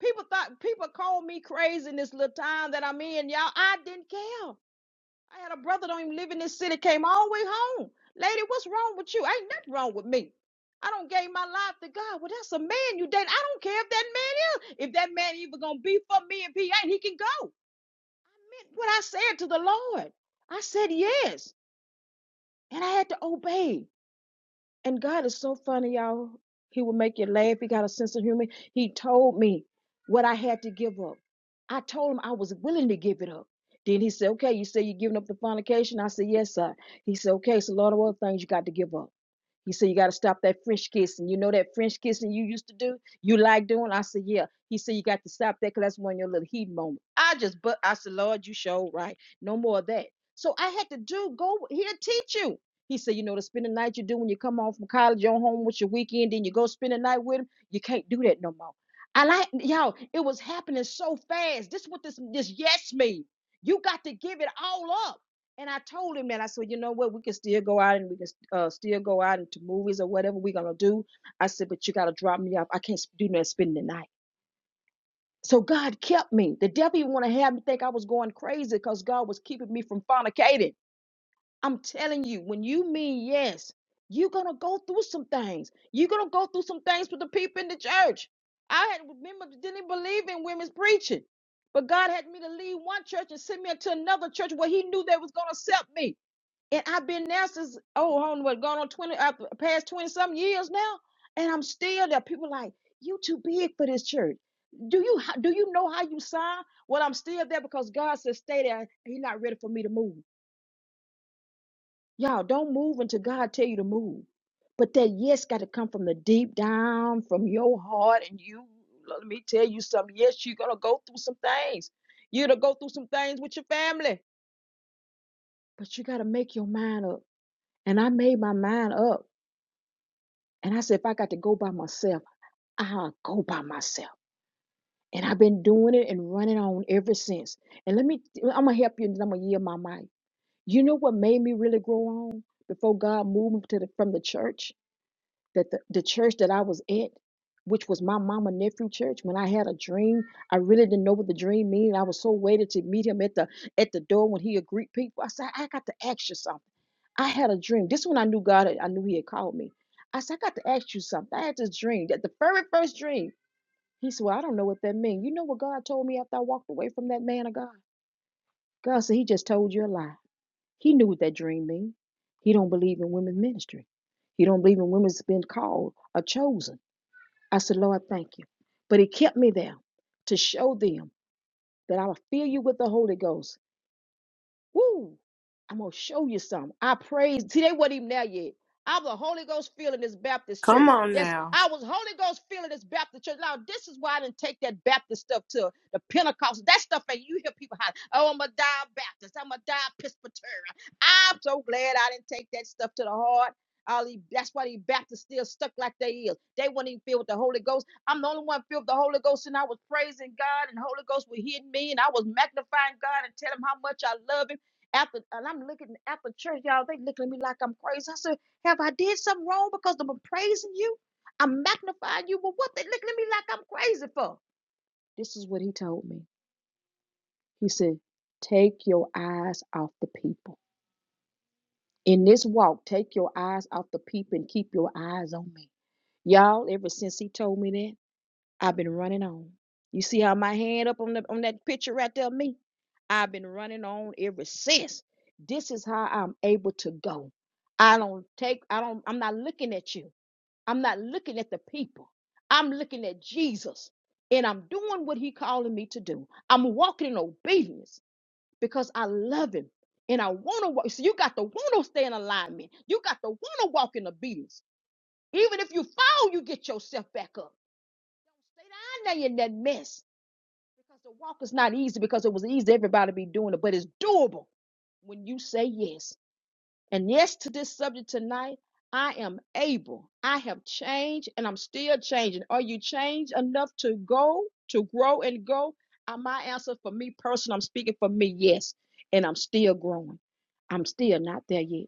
P: People thought people called me crazy in this little time that I'm in, y'all. I didn't care. I had a brother don't even live in this city, came all the way home. Lady, what's wrong with you? Ain't nothing wrong with me. I don't gave my life to God. Well, that's a man you dating. I don't care if that man is. If that man even gonna be for me and he ain't, he can go. I Meant what I said to the Lord. I said yes. And I had to obey. And God is so funny, y'all. He will make you laugh. He got a sense of humor. He told me what I had to give up. I told him I was willing to give it up. Then he said, Okay, you say you're giving up the fornication? I said, Yes, sir. He said, Okay, it's a lot of other things you got to give up. He said, You got to stop that French kissing. You know that French kissing you used to do? You like doing? I said, Yeah. He said, You got to stop that because that's one of your little heat moments. I just, but I said, Lord, you showed right. No more of that. So I had to do, go, he'll teach you. He said, You know, to spend the night you do when you come home from college, you're home with your weekend, then you go spend the night with him. You can't do that no more. I like, y'all, it was happening so fast. This is what this, this yes me. You got to give it all up. And I told him that I said, you know what, we can still go out and we can uh, still go out into movies or whatever we're gonna do. I said, but you gotta drop me off. I can't do nothing spending the night. So God kept me. The devil even want to have me think I was going crazy because God was keeping me from fornicating. I'm telling you, when you mean yes, you're gonna go through some things. You're gonna go through some things with the people in the church. I had remember didn't even believe in women's preaching, but God had me to leave one church and send me into another church where He knew they was gonna accept me. And I've been there since oh, hold on what going on twenty uh, past twenty some years now, and I'm still there. People like you too big for this church. Do you ho- do you know how you sign? Well, I'm still there because God says stay there. He's not ready for me to move. Y'all don't move until God tell you to move. But that yes got to come from the deep down, from your heart, and you. Let me tell you something. Yes, you're gonna go through some things. You're gonna go through some things with your family, but you gotta make your mind up. And I made my mind up. And I said, if I got to go by myself, I'll go by myself. And I've been doing it and running on ever since. And let me, I'm gonna help you, and then I'm gonna yield my mic. You know what made me really grow on before God moved me to the, from the church? that the, the church that I was at, which was my mama nephew church, when I had a dream, I really didn't know what the dream mean. I was so waited to meet him at the at the door when he would greet people. I said, I got to ask you something. I had a dream. This one I knew God. had- I knew He had called me. I said, I got to ask you something. I had this dream. That the very first dream. He said, Well, I don't know what that means. You know what God told me after I walked away from that man of God? God said, He just told you a lie. He knew what that dream means. He don't believe in women's ministry. He don't believe in women's been called or chosen. I said, Lord, thank you. But he kept me there to show them that I will fill you with the Holy Ghost Woo! I'm gonna show you something. I praise. See, they wasn't even there yet. I was a Holy Ghost feeling this Baptist
A: Come
P: church.
A: on
P: That's
A: now.
P: I was Holy Ghost feeling this Baptist church. Now this is why I didn't take that Baptist stuff to the Pentecost. That stuff that you hear people holler, "Oh, I'm a die Baptist. I'm a die Presbyterian." I'm so glad I didn't take that stuff to the heart. All these, that's why these Baptists still stuck like they is. They weren't even filled with the Holy Ghost. I'm the only one filled with the Holy Ghost, and I was praising God, and the Holy Ghost was hitting me, and I was magnifying God and telling him how much I love Him. After and I'm looking after church, y'all, they looking at me like I'm crazy. I said, Have I did something wrong because I'm praising you? I'm magnifying you, but what they looking at me like I'm crazy for? This is what he told me. He said, Take your eyes off the people. In this walk, take your eyes off the people and keep your eyes on me. Y'all, ever since he told me that. I've been running on. You see how my hand up on the on that picture right there of me? I've been running on ever since. This is how I'm able to go. I don't take, I don't, I'm not looking at you. I'm not looking at the people. I'm looking at Jesus. And I'm doing what he calling me to do. I'm walking in obedience because I love him. And I want to walk. So you got to want to stay in alignment. You got to want to walk in obedience. Even if you fall, you get yourself back up. Stay down there in that mess. Because the walk is not easy because it was easy everybody be doing it, but it's doable when you say yes. And yes to this subject tonight, I am able. I have changed and I'm still changing. Are you changed enough to go, to grow and go? Uh, my answer for me personally, I'm speaking for me, yes. And I'm still growing. I'm still not there yet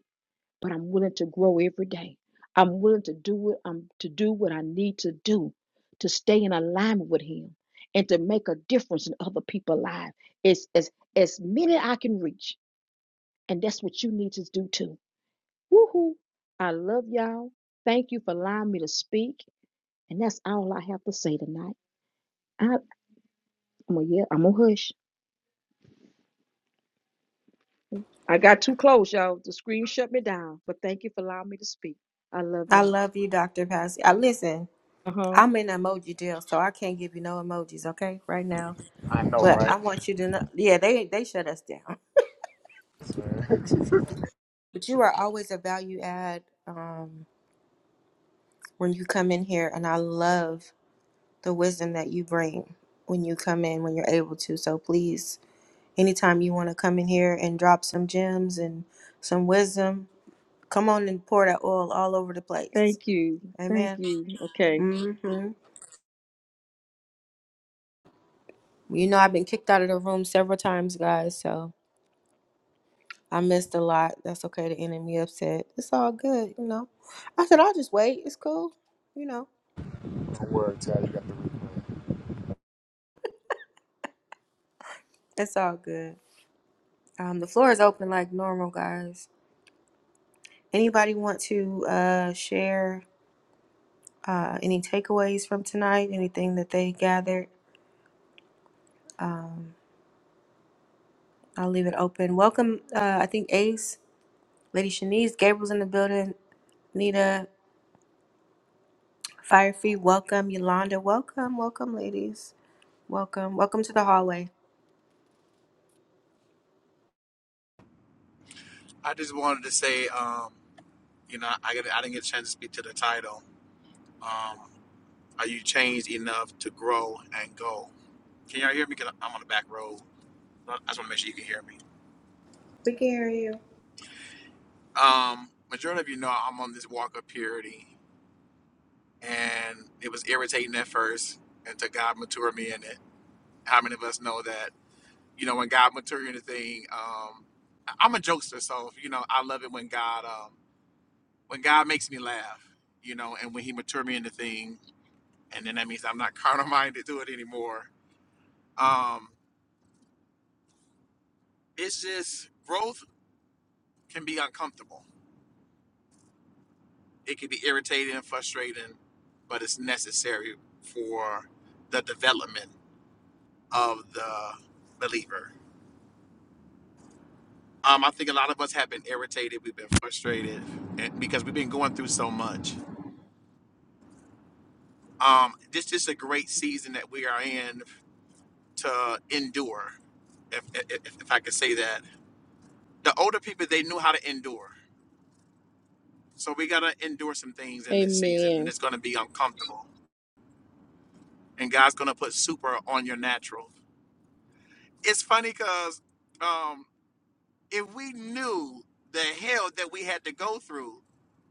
P: but I'm willing to grow every day. I'm willing to do it. I'm to do what I need to do to stay in alignment with him and to make a difference in other people's lives. It's as as many I can reach. And that's what you need to do too. Woohoo. I love y'all. Thank you for allowing me to speak. And that's all I have to say tonight. I, I'm to yeah, I'm gonna hush. I got too close, y'all. The screen shut me down. But thank you for allowing me to speak. I love
A: I
P: y'all.
A: love you, Dr. Passy. I listen,
P: Uh-huh.
A: I'm in emoji deal, so I can't give you no emojis, okay, right now.
G: I know,
A: But
G: right?
A: I want you to know yeah, they they shut us down.
G: Don't
A: But you are always a value add um when you come in here and I love the wisdom that you bring when you come in when you're able to. So please, anytime you want to come in here and drop some gems and some wisdom, Come on and pour that oil all over the place.
P: Thank you. Thank
A: Amen.
P: you. Okay.
A: hmm You know, I've been kicked out of the room several times, guys, so I missed a lot. That's okay. The enemy upset. It's all good, you know. I said, I'll just wait. It's cool. You know,
G: worry, Ty. You got the
A: it's all good. Um, the floor is open like normal, guys. Anybody want to uh, share uh, any takeaways from tonight? Anything that they gathered? Um, I'll leave it open. Welcome, uh, I think Ace, Lady Shanice, Gabriel's in the building, Nita, Fire free, welcome. Yolanda, welcome. Welcome, ladies. Welcome. Welcome to the hallway.
O: I just wanted to say, um, you know, I I didn't get a chance to speak to the title. Um, are you changed enough to grow and go? Can y'all hear me? Cause I'm on the back road. I just want to make sure you can hear me.
A: We can hear you.
O: Um, majority of you know I'm on this walk of purity, and it was irritating at first until God matured me in it. How many of us know that? you know, when God went through anything. Um, I- I'm a jokester, so you know, I love it when God, um, when God makes me laugh, you know, and when He mature me into thing, and then that means I'm not carnal minded to it anymore. Um, it's just growth can be uncomfortable. It can be irritating and frustrating, but it's necessary for the development of the believer. Um, I think a lot of us have been irritated, we've been frustrated, and because we've been going through so much. um, this is a great season that we are in to endure, if, if, if I could say that. The older people, they knew how to endure. So we got to endure some things in this season, and
P: Amen.
O: it's going to be uncomfortable. And God's going to put super on your natural. It's funny because um, if we knew the hell that we had to go through,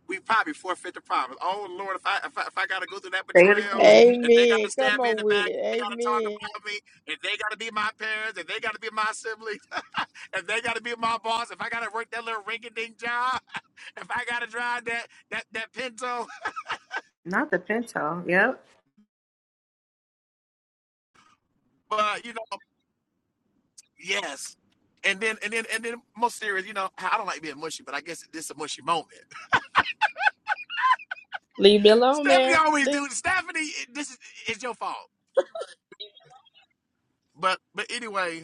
O: we probably forfeit the promise. Oh Lord, if I if I, if I gotta go through that
A: Say it
O: betrayal,
A: again.
O: if they
P: Amen.
O: gotta
P: Come
O: stab me in
P: on
O: the
P: with
O: back,
P: it.
O: if they gotta talk
P: Amen.
O: about me, if they gotta be my parents, if they gotta be my siblings, if they gotta be my boss, if I gotta work that little rinky dink job, if I gotta drive that that that Pinto,
A: Not the pinto. Yep.
O: but you know, yes. And then and then and then most serious, you know, I don't like being mushy, but I guess this is a mushy moment.
N: Leave me alone,
O: Stephanie
N: man.
O: always do. Stephanie, this is it's your fault. But but anyway,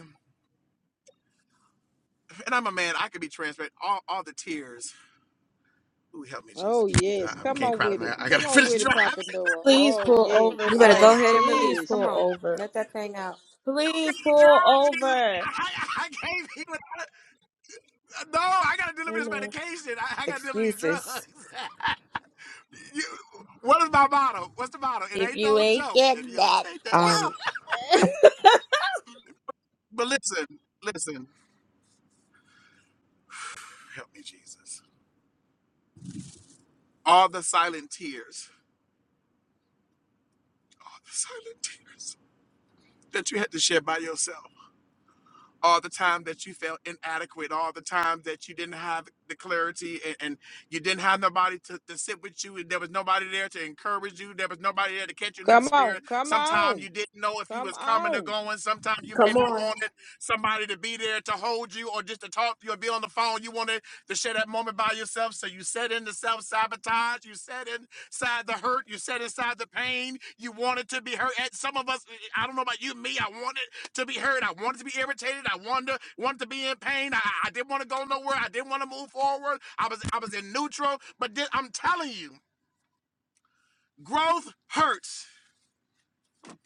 O: And I'm a man. I could be transparent. All, all the tears. Ooh, help me, Jesus,
P: Oh,
O: please. I,
P: yes.
O: I
P: Come
O: can't
P: on
O: cry
P: with
O: tonight.
P: it.
O: I
P: Come
O: gotta
P: on
O: finish
P: with it,
O: driving.
P: Prophet
O: I
P: Noah.
N: Please
P: Oh,
N: pull
P: yes.
N: over,
A: You better
P: All
N: sir.
P: the
A: go ahead and release.
P: tears.
A: Come
N: Pull
A: on.
N: over.
A: Let that thing out.
N: Please
O: gotta
N: pull
O: drive, Jesus.
N: over.
O: I, I, I can't even. No, I gotta deliver this medication. I, I gotta deliver these drugs.
A: Excuses.
O: you, what is my motto? What's the motto? It
N: If
O: ain't
N: you
O: no joke if you don't take that. dr-
A: Um,
O: But listen, listen. Help me, Jesus. All the silent tears. All the silent tears that you had to shed by yourself. all the time that you felt inadequate, all the time that you didn't have the clarity and, and you didn't have nobody to, to sit with you, and there was nobody there to encourage you, there was nobody there to catch you in the
P: Come on.
O: spirit.
P: Come
O: Sometimes
P: on.
O: you didn't know if you
P: Come
O: was coming or
P: on.
O: going. Sometimes you may
A: Come
O: not
A: on.
O: wanted somebody to be there to hold you or just to talk to you or be on the phone. You wanted to share that moment by yourself. So you set in the self-sabotage, you set inside the hurt, you set inside the pain. You wanted to be hurt. And some of us, I don't know about you, me, I wanted to be heard. I wanted to be irritated. I wanted to, wanted to be in pain. I, I didn't want to go nowhere. I didn't want to move forward. I was I was in neutral. But thi- I'm telling you, growth hurts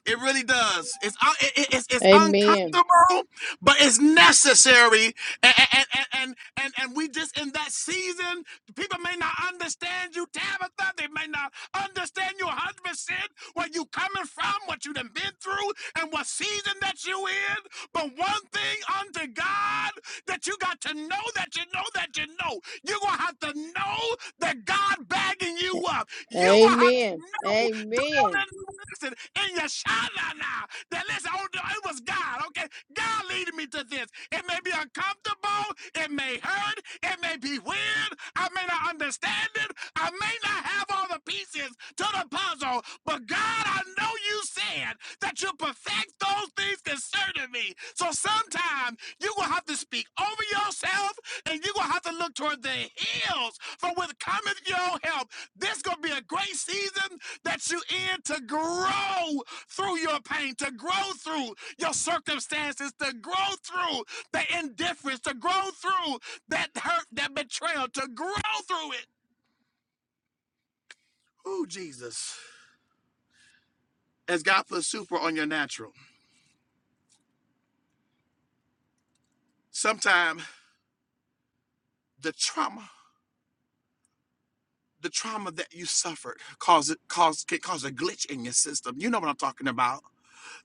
O: it really does. It's un- it- it- it's, it's
P: Amen.
O: uncomfortable, but it's necessary. And and, and and and and we just in that season, people may not understand you, Tabitha. They may not understand you 100 percent where you coming from, what you done been through, and what season that you in. But one thing unto God that you got to know that you know that you know. You're gonna have to know that God bagging you up. You're gonna have to
P: Amen.
O: know.
P: Amen.
O: Listen, in your shadow now. That listen, oh, it was God. Okay, God leading me to this. It may be uncomfortable. It may hurt. It may be weird. I may not understand it. I may not have all the pieces to the puzzle. But God, I know you said that you perfect those things concerning me. So sometimes you're gonna have to speak over yourself, and you're gonna have to look toward the hills from with cometh your help. This gonna be a great season that you in to grow through your pain, to grow through your circumstances, to grow through the indifference, to grow through that hurt, that betrayal, to grow through it. Ooh, Jesus. As God puts super on your natural, sometimes the trauma, the trauma that you suffered cause it cause can cause a glitch in your system. You know what I'm talking about.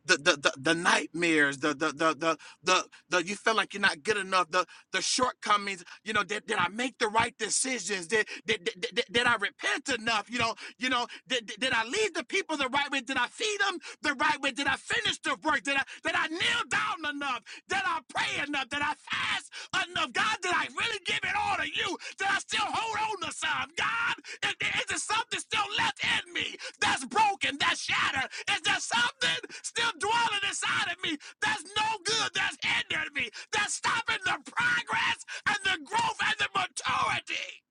O: the the the, the nightmares, the the the the the the you feel like you're not good enough, the the shortcomings, you know, did, did I make the right decisions? Did did, did, did, did I repent enough? You know, you know, did, did, did I lead the people the right way? Did I feed them the right way? Did I finish the work? Did I did I kneel down enough? Did I pray enough? Did I fast enough? of God? Did I really give it all to you? Did I still hold on to some? God, is, there- is there something still left in me that's broken, that's shattered? Is there something still dwelling inside of me that's no good, that's hindering me, that's stopping the progress and the growth and the maturity?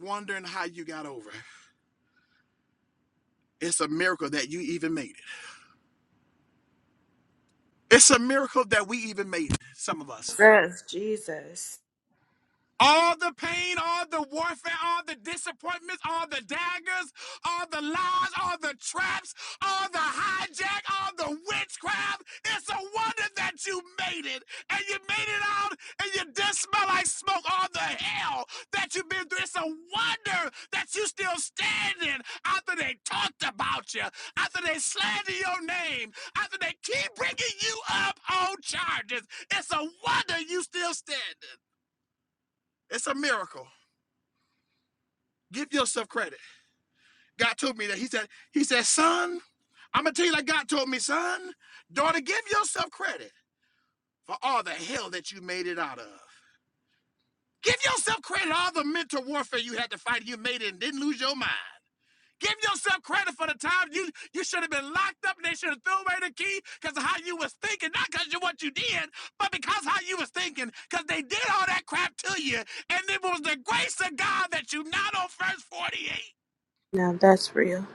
O: Wondering how you got over. It's a miracle that you even made it. It's a miracle that we even made it, some of us.
A: Yes, Jesus.
O: All the pain, all the warfare, all the disappointments, all the daggers, all the lies, all the traps, all the hijack, all the witchcraft. It's a wonder that you made it. And you made it out and you didn't smell like smoke. All the hell that you've been through. It's a wonder that you still standing after they talked about you, after they slander your name, after they keep bringing you up on charges. It's a wonder you still standing. It's a miracle. Give yourself credit. God told me that. He said, He said, son, I'm gonna tell you like God told me, son, daughter, give yourself credit for all the hell that you made it out of. Give yourself credit all the mental warfare you had to fight and you made it and didn't lose your mind. Give yourself credit for the time you you should have been locked up and they should have thrown away the key because of how you was thinking, not because of what you did, but because how you was thinking, because they did all that crap to you, and it was the grace of God that you not on first 48.
N: now, that's real.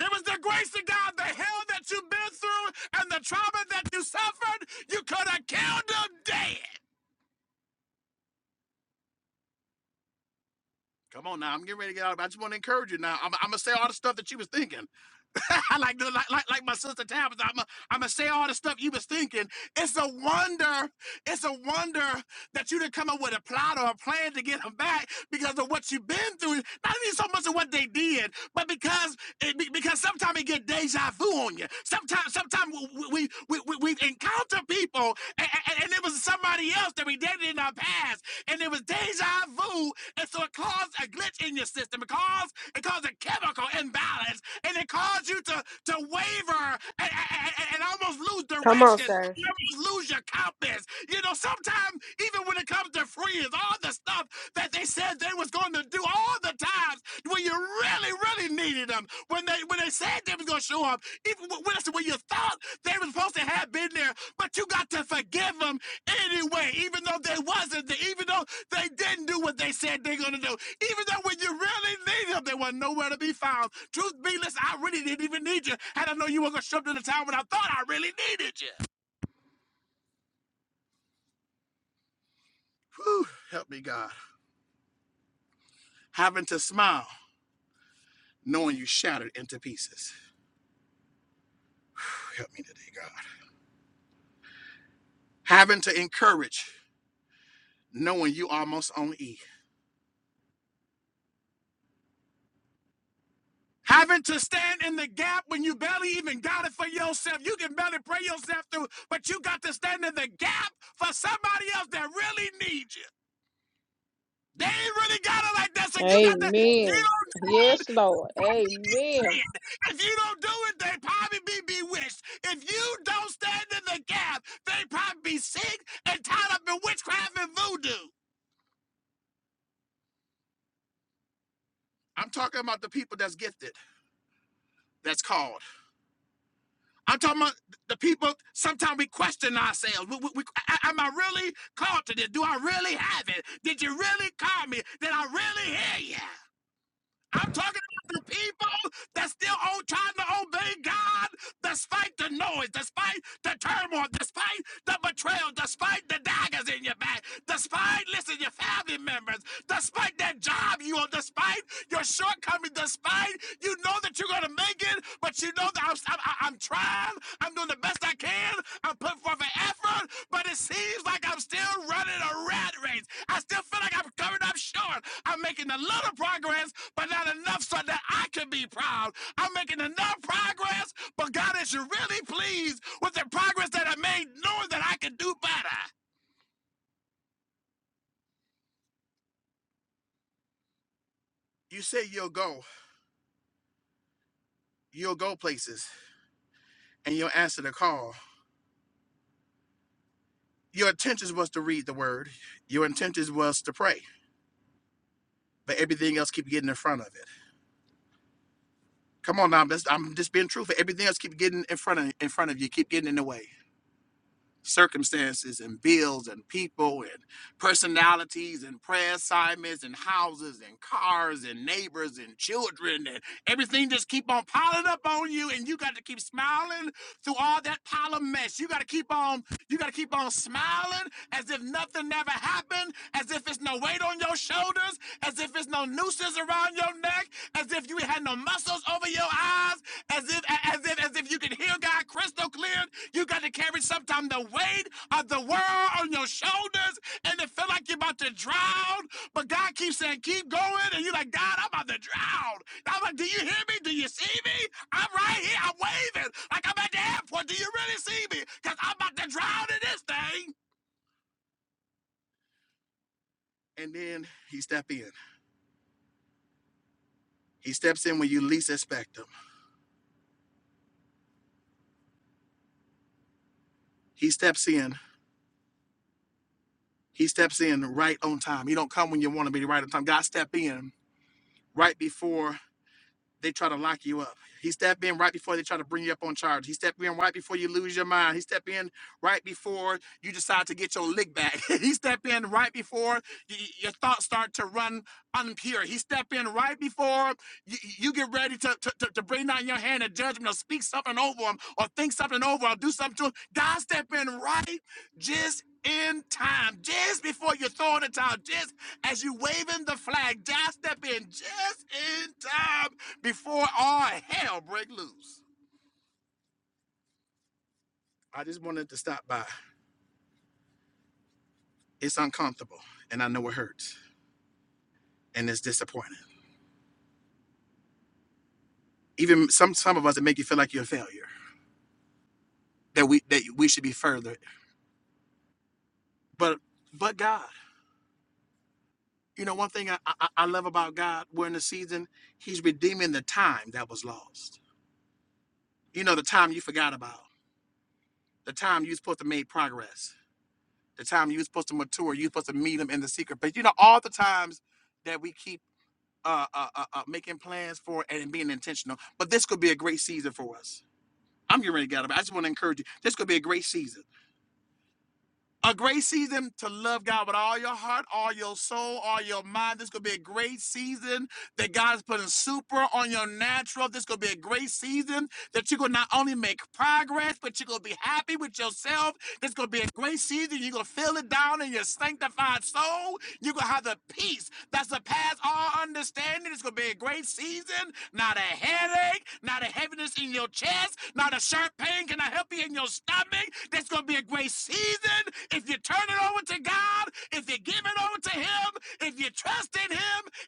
O: It was the grace of God, the hell that you've been through and the trauma that you suffered, you could have killed them dead. Come on now, I'm getting ready to get out. of it. I just want to encourage you now. I'm, I'm going to say all the stuff that you was thinking. like, the, like like like my sister Tabitha, I'm i I'm gonna say all the stuff you was thinking. It's a wonder, it's a wonder that you didn't come up with a plot or a plan to get them back because of what you've been through. Not even so much of what they did, but because it, because sometimes it get deja vu on you. Sometimes sometimes we we we, we encounter people and, and, and it was somebody else that we dated in our past, and it was deja vu, and so it caused a glitch in your system. It caused it caused a chemical imbalance and it caused you to to waver and, and, and almost lose
A: come on,
O: direction.
A: sir.
O: You lose your confidence. You know, sometimes even when it comes to friends, all the stuff that they said they was going to do, all the times when you really, really needed them, when they when they said they was going to show up, even when when you thought they were supposed to have been there, but you got to forgive them anyway, even though they wasn't there, even though they didn't do what they said they're gonna do, even though when you really needed them, they were nowhere to be found. Truth be listen, I really didn't even need you, and I know you were gonna show up to the time when I thought I really needed you. Whew, help me, God. Having to smile, knowing you shattered into pieces. Help me today, God. Having to encourage, knowing you almost on E. Having to stand in the gap when you barely even got it for yourself. You can barely pray yourself through, but you got to stand in the gap for somebody else that really needs you. They ain't really got it like that, so you got to, you know what
P: Amen.
O: I'm saying?
P: Yes, Lord. Amen.
O: If you don't do it, they probably be bewitched. If you don't stand in the gap, they probably be sick and tied up in witchcraft and voodoo. I'm talking about the people that's gifted, that's called. I'm talking about the people, sometimes we question ourselves. We, we, we- am I really called to this? Do I really have it? Did you really call me? Did I really hear you? I'm talking about the people that's still on trying to obey God despite the noise, despite the turmoil, despite the betrayal, despite the daggers in your back, despite, listen, your family members, despite that job you on, despite your shortcomings, despite you know that you're going to make it, but you know that I'm, I'm, I'm trying, I'm doing the best I can, I'm putting forth an effort, but it seems like I'm still running a rat race. I still feel like I'm coming up short. I'm making a little progress, but not enough so that I can be proud. I'm making enough progress, but God is really pleased with the progress that I made, knowing that I can do better. You say you'll go, you'll go places, and you'll answer the call. Your intentions was to read the word. Your intentions was to pray, but everything else keep getting in front of it. Come on now, that's, I'm just being truthful. Everything else keep getting in front of in front of you, keep getting in the way circumstances and bills and people and personalities and prayer assignments and houses and cars and neighbors and children and everything just keep on piling up on you and you got to keep smiling through all that pile of mess you got to keep on you got to keep on smiling as if nothing never happened as if it's no weight on your shoulders as if it's no nooses around your neck as if you had no muscles over your eyes as if as if as if you can hear God crystal clear you got to carry sometimes the weight of the world on your shoulders and it feel like you're about to drown. But God keeps saying, keep going. And you're like, God, I'm about to drown. And I'm like, do you hear me? Do you see me? I'm right here. I'm waving like I'm at the airport. Do you really see me? Because I'm about to drown in this thing. And then he steps in. He steps in when you least expect him. He steps in. He steps in right on time. He don't come when you want to be right on time. God step in right before they try to lock you up. He stepped in right before they try to bring you up on charge. He stepped in right before you lose your mind. He stepped in right before you decide to get your lick back. he step in right before y- your thoughts start to run unpure. He step in right before you, you get ready to, to, to, to bring down your hand of judgment or speak something over him or think something over or do something to him. God step in right just in time, just before you throw in the towel, just as you waving the flag, God step in just in time before all hell break loose. I just wanted to stop by. It's uncomfortable, and I know it hurts, and it's disappointing. Even some some of us, it make you feel like you're a failure, that we that we should be further. But but God, you know, one thing I I, I love about God, we're in the season. He's redeeming the time that was lost. You know, the time you forgot about, the time you was supposed to make progress, the time you was supposed to mature, you was supposed to meet him in the secret place. You know, all the times that we keep uh, uh, uh, uh, making plans for it and being intentional. But this could be a great season for us I'm getting ready to get out of it. I just want to encourage you. This could be a great season. A great season to love God with all your heart, all your soul, all your mind. This could be a great season that God is putting super on your natural. This is going to be a great season that you're going to not only make progress, but you're going to be happy with yourself. This is going to be a great season. You're going to feel it down in your sanctified soul. You're going to have the peace that surpasses all understanding. It's going to be a great season. Not a headache, not a heaviness in your chest, not a sharp pain. Can I help you in your stomach? That's going to be a great season if you turn it over to God, if you give it over to Him, if you trust in Him,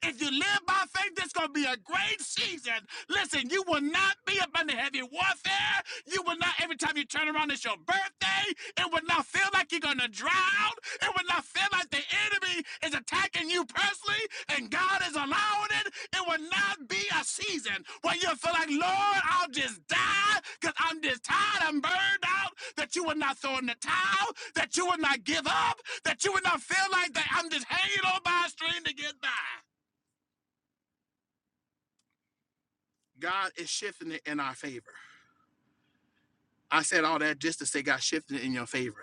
O: if you you live by faith, this is going to be a great season. Listen, you will not be up under heavy warfare. You will not, every time you turn around, it's your birthday. It will not feel like you're going to drown. It will not feel like the enemy is attacking you personally and God is allowing it. It will not be a season where you feel like, Lord, I'll just die because I'm just tired. I'm burned out. That you will not throw in the towel. That you will not give up. That you will not feel like that I'm just hanging on by a string to get by. God is shifting it in our favor. I said all that just to say God shifting it in your favor.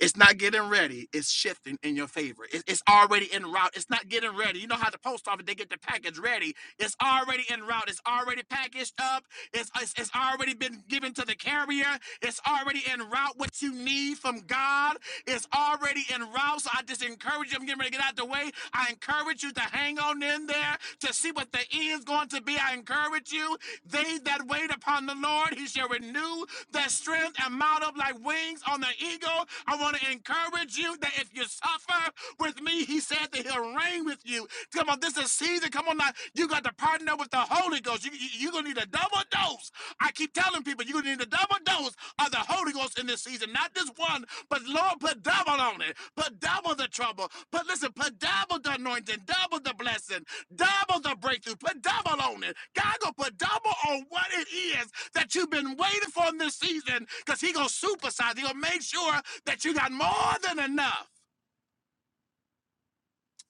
O: It's not getting ready. It's shifting in your favor. It- it's already en route. It's not getting ready. You know how the post office they get the package ready. It's already en route. It's already packaged up. It's it's, it's already been given to the carrier. It's already en route. What you need from God is already en route. So I just encourage you. I'm getting ready to get out the way. I encourage you to hang on in there to see what the end is going to be. I encourage you. They that wait upon the Lord, He shall renew their strength and mount up like wings on the eagle. I want to encourage you that if you suffer with me, He said that He'll reign with you. Come on, this is season. Come on now. You got to partner with the Holy Ghost. You, you, you're going to need a double dose. I keep telling people, you're going to need a double dose of the Holy Ghost in this season. Not just one, but Lord, put double on it. Put double the trouble. Put listen, put double the anointing, double the blessing, double the breakthrough. Put double on it. God gonna put double on what it is that you've been waiting for in this season, because He gonna supersize. He gonna make sure that you got more than enough.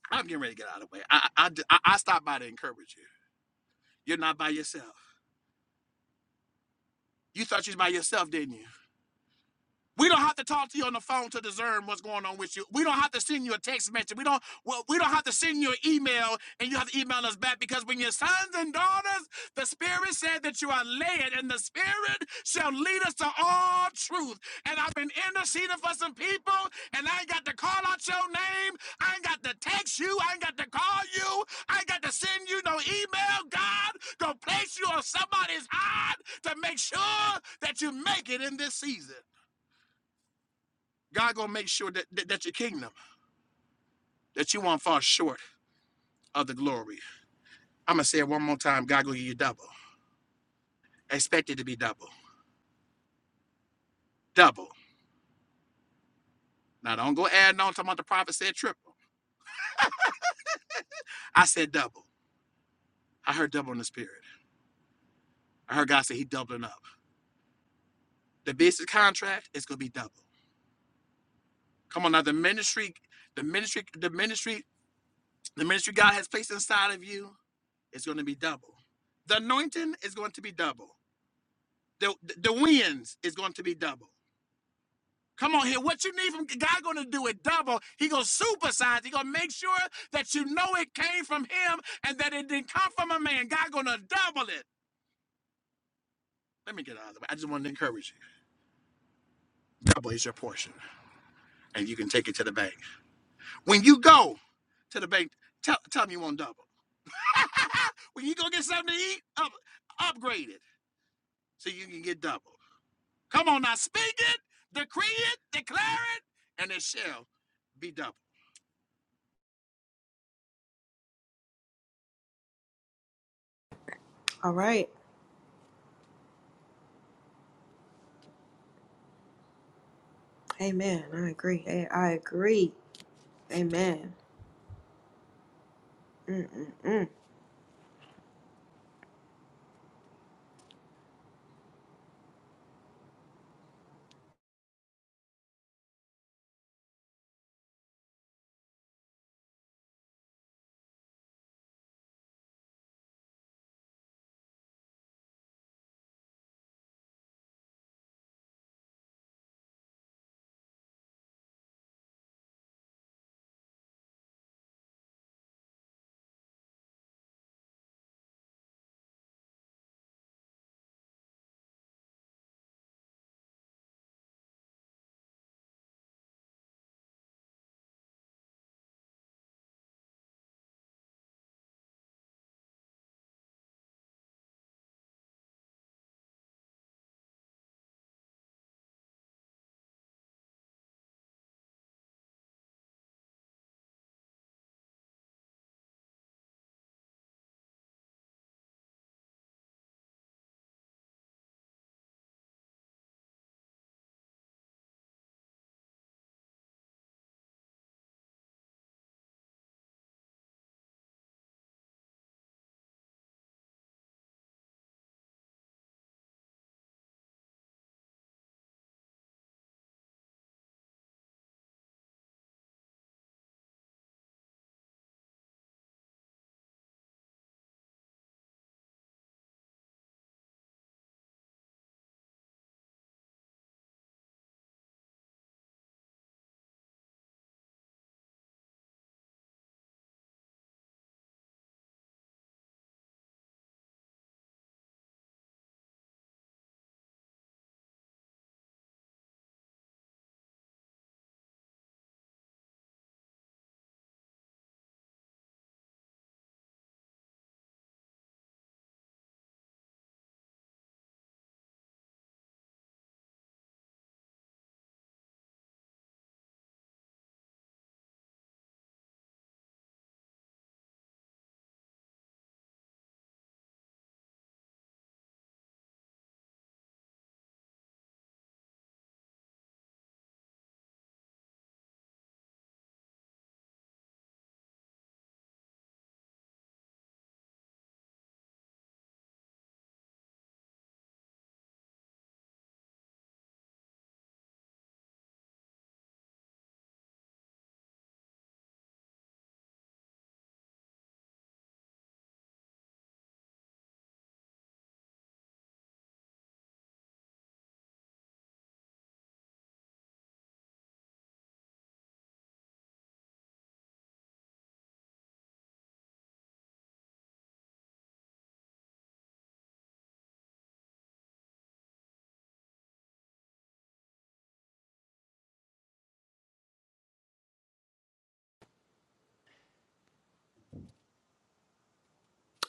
O: I'm getting ready to get out of the way. I I, I I stopped by to encourage you. You're not by yourself. You thought you was by yourself, didn't you? We don't have to talk to you on the phone to discern what's going on with you. We don't have to send you a text message. We don't well, we don't have to send you an email and you have to email us back because when your sons and daughters, the spirit said that you are led, and the spirit shall lead us to all truth. And I've been interceding for some people, and I ain't got to call out your name. I ain't got to text you. I ain't got to call you. I ain't got to send you no email. God gonna place you on somebody's heart to make sure that you make it in this season. God gonna make sure that, that that your kingdom, that you won't fall short of the glory. I'm gonna say it one more time. God gonna give you double. Expect it to be double, double. Now don't go adding on talking about the prophet said triple. I said double. I heard double in the spirit. I heard God say He doubling up. The business contract is gonna be double. Come on now, the ministry, the ministry, the ministry, the ministry God has placed inside of you is gonna be double. The anointing is going to be double. The the the winds is going to be double. Come on here. What you need from God gonna do it double. He gonna supersize. He gonna make sure that you know it came from him and that it didn't come from a man. God gonna double it. Let me get out of the way. I just wanted to encourage you. Double is your portion. And you can take it to the bank. When you go to the bank, tell tell them you want double. when you go get something to eat, up, upgrade it so you can get double. Come on now, speak it, decree it, declare it, and it shall be double.
A: All right. Amen. I agree. Hey, I agree. Amen. Mm-mm-mm.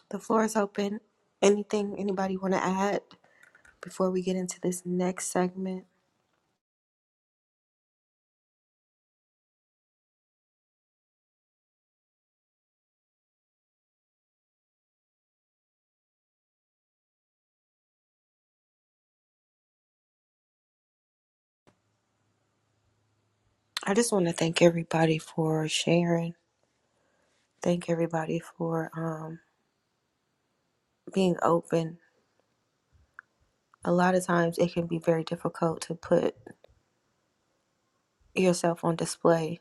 A: The floor is open. Anything anybody want to add before we get into this next segment? I just want to thank everybody for sharing. Thank everybody for um, being open. A lot of times it can be very difficult to put yourself on display,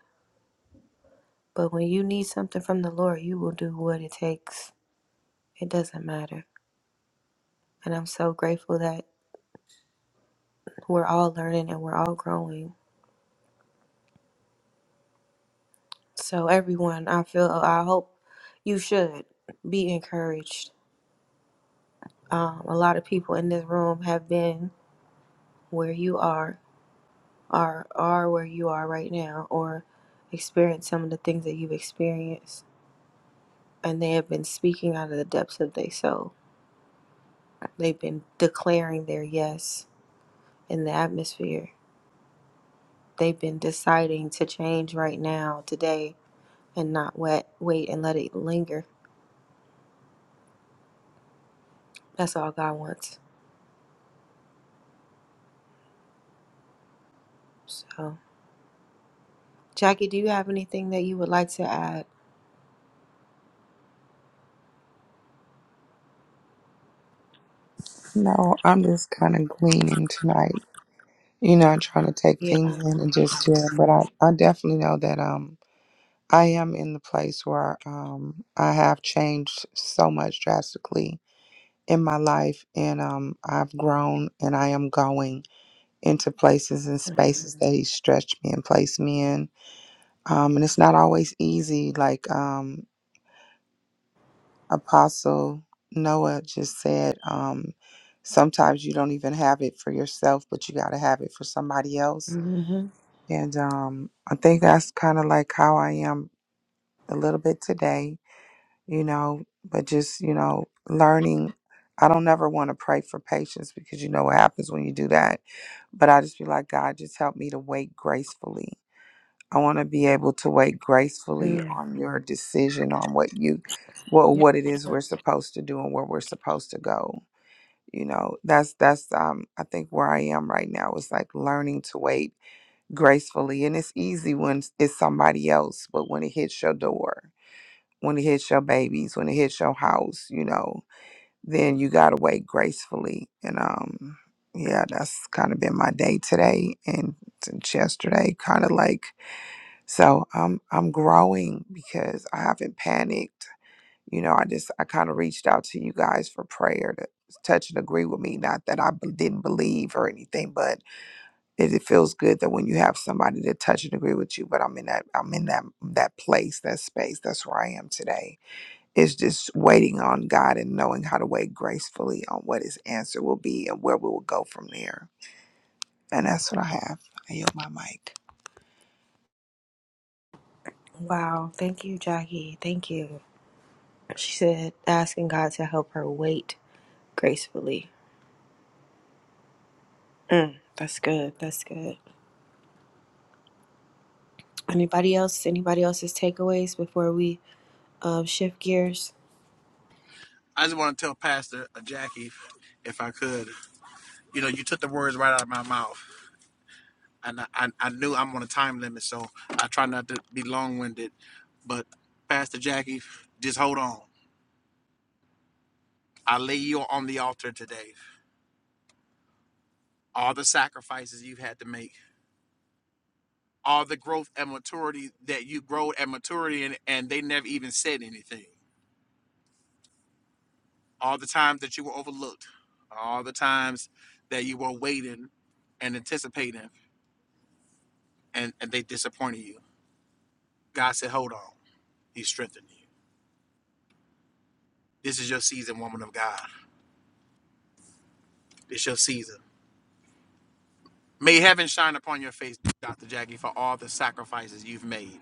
A: but when you need something from the Lord, you will do what it takes. It doesn't matter. And I'm so grateful that we're all learning and we're all growing. So, everyone, I feel, I hope you should be encouraged. Um, a lot of people in this room have been where you are are are where you are right now or experience some of the things that you've experienced and they have been speaking out of the depths of their soul they've been declaring their yes in the atmosphere they've been deciding to change right now today and not wait wait and let it linger that's all god wants so jackie do you have anything that you would like to add
J: No, I'm just kind of gleaning tonight. You know, I'm trying to take
A: yeah
J: things in and just hear, but I, I definitely know that um I am in the place where um, I have changed so much drastically in my life, and um, I've grown and I am going into places and spaces that He stretched me and placed me in. Um, and it's not always easy. Like um, Apostle Noah just said, um, sometimes you don't even have it for yourself, but you got to have it for somebody else.
A: hmm
J: And um, I think that's kind of like how I am a little bit today you know, but just, you know, learning. I don't never want to pray for patience because you know what happens when you do that. But I just be like, God, just help me to wait gracefully. I want to be able to wait gracefully on your decision on what you what what it is we're supposed to do and where we're supposed to go. You know, that's that's um I think where I am right now is like learning to wait gracefully. And it's easy when it's somebody else, but when it hits your door, when it hits your babies, when it hits your house, you know, then you gotta wait gracefully. And um, yeah, that's kind of been my day today and since yesterday, kind of like so. I'm I'm growing because I haven't panicked. You know, I just I kind of reached out to you guys for prayer to touch and agree with me. Not that I b- didn't believe or anything, but it, it feels good that when you have somebody to touch and agree with you. But I'm in that I'm in that that place, that space. That's where I am today it's just waiting on God and knowing how to wait gracefully on what His answer will be and where we will go from there. And that's what I have. I yield my mic.
A: wow thank you jackie thank you She said, asking God to help her wait gracefully. Mm, that's good. That's good. Anybody else? Anybody else's takeaways before we um, shift gears?
O: I just want to tell Pastor uh, Jackie, if I could, you know, you took the words right out of my mouth, and I, I, I knew I'm on a time limit, so I try not to be long-winded. But Pastor Jackie, just hold on. I lay you on the altar today. All the sacrifices you've had to make, all the growth and maturity that you grow at maturity, and, and they never even said anything. All the times that you were overlooked, all the times that you were waiting and anticipating, and, and they disappointed you God said, Hold on. He's strengthening you. This is your season, woman of God. This your season. May heaven shine upon your face, Dr. Jackie, for all the sacrifices you've made.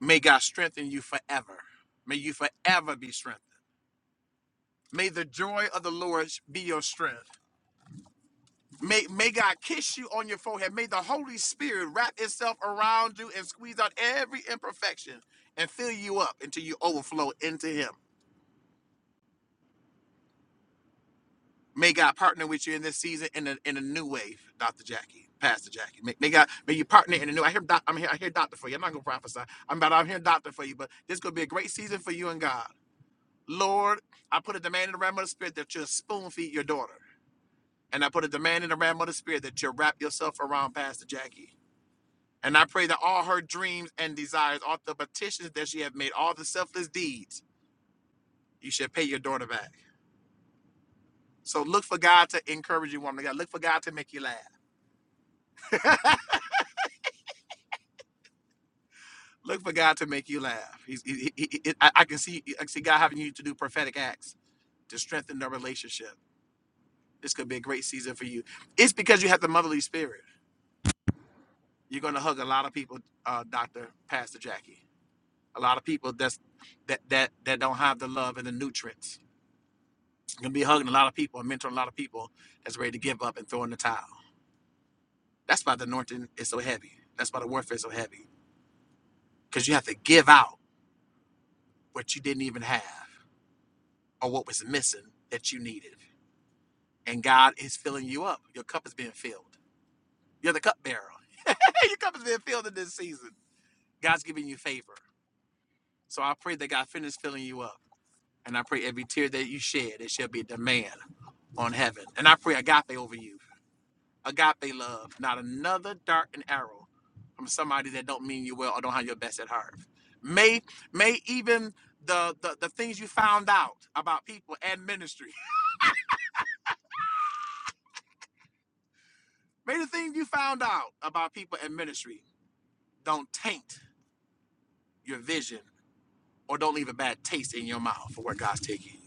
O: May God strengthen you forever. May you forever be strengthened. May the joy of the Lord be your strength. May, may God kiss you on your forehead. May the Holy Spirit wrap itself around you and squeeze out every imperfection and fill you up until you overflow into Him. May God partner with you in this season in a in a new way, Doctor Jackie, Pastor Jackie. May, may God may you partner in a new. I hear doc, I'm here. I hear doctor for you. I'm not gonna prophesy. I'm about. I'm hearing doctor for you. But this gonna be a great season for you and God. Lord, I put a demand in the realm of the spirit that you spoon feed your daughter, and I put a demand in the realm of the spirit that you wrap yourself around Pastor Jackie. And I pray that all her dreams and desires, all the petitions that she have made, all the selfless deeds, you should pay your daughter back. So look for God to encourage you, woman of God. Look for God to make you laugh. Look for God to make you laugh. He's, he, he, he- I, I can see, I can see God having you to do prophetic acts to strengthen the relationship. This could be a great season for you. It's because you have the motherly spirit. You're going to hug a lot of people, uh, Doctor Pastor Jackie. A lot of people that's that that that don't have the love and the nutrients. You're gonna be hugging a lot of people and mentoring a lot of people that's ready to give up and throw in the towel. That's why the anointing is so heavy. That's why the warfare is so heavy. Because you have to give out what you didn't even have or what was missing that you needed. and God is filling you up. Your cup is being filled. You're the cupbearer. Your cup is being filled in this season. God's giving you favor. So I pray that God finishes filling you up. And I pray every tear that you shed, it shall be a demand on heaven. And I pray agape over you. Agape love, not another dart and arrow from somebody that don't mean you well or don't have your best at heart. May may even the, the, the things you found out about people and ministry, may the things you found out about people and ministry don't taint your vision or don't leave a bad taste in your mouth for where God's taking you.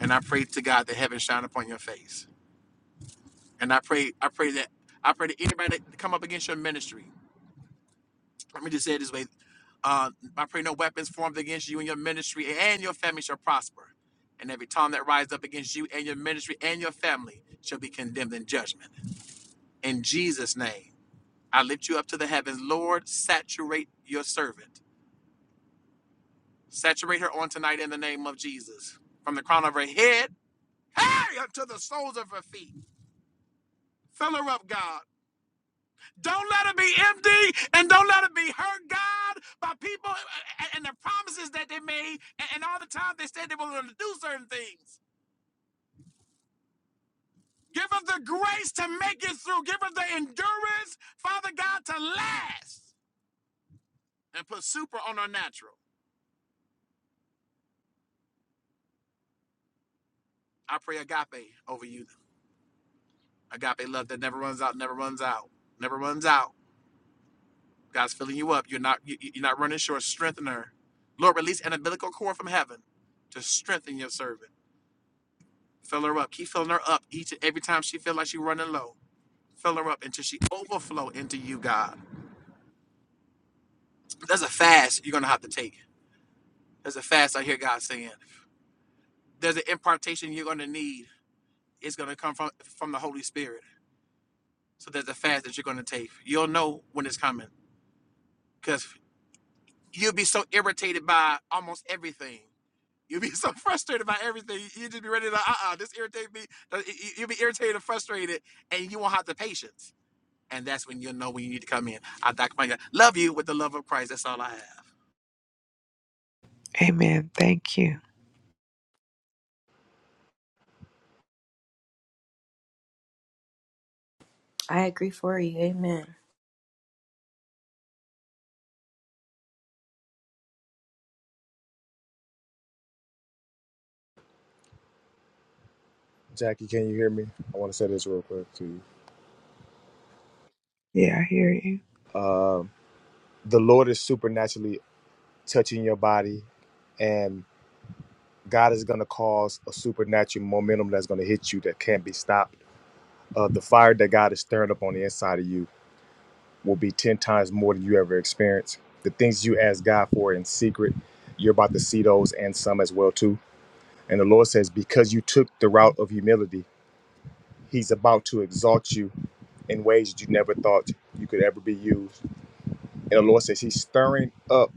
O: And I pray to God that heaven shine upon your face. And I pray, I pray that I pray that anybody that come up against your ministry, let me just say it this way. Uh, I pray no weapons formed against you and your ministry and your family shall prosper. And every tongue that rises up against you and your ministry and your family shall be condemned in judgment. In Jesus' name, I lift you up to the heavens. Lord, saturate your servant. Saturate her on tonight in the name of Jesus. From the crown of her head Hey, up to the soles of her feet. Fill her up, God. Don't let her be empty and don't let her be hurt, God, by people uh, uh, and, the promises that they made and, and all the time they said they were going to do certain things. Give us the grace to make it through. Give us the endurance, Father God, to last and put super on our natural. I pray agape over you. Agape love that never runs out, never runs out, never runs out. God's filling you up. You're not you- you- are not running short. Strengthen her. Lord, release an umbilical cord from heaven to strengthen your servant. Fill her up. Keep filling her up each and every time she feels like she's running low. Fill her up until she overflow into you, God. There's a fast you're gonna have to take. There's a fast I hear God saying. There's an impartation you're gonna need. It's gonna come from from the Holy Spirit. So there's a fast that you're gonna take. You'll know when it's coming. Cause you'll be so irritated by almost everything You'll be so frustrated by everything. You just be ready to, uh uh this irritate me. Uh, You'll be irritated and frustrated, and you won't have the patience. And that's when you'll know when you need to come in. I Dr. Mike, love you with the love of Christ. That's all I have.
J: Amen. Thank you.
A: I agree for you. Amen.
G: Jackie, can you hear me? I want to say this real quick to
J: Yeah, I hear you.
G: you. Um, the Lord is supernaturally touching your body, and God is going to cause a supernatural momentum that's going to hit you that can't be stopped. Uh, the fire that God is stirring up on the inside of you will be 10 times more than you ever experienced. The things you ask God for in secret, you're about to see those and some as well too. And the Lord says, because you took the route of humility, he's about to exalt you in ways that you never thought you could ever be used. And the Lord says he's stirring up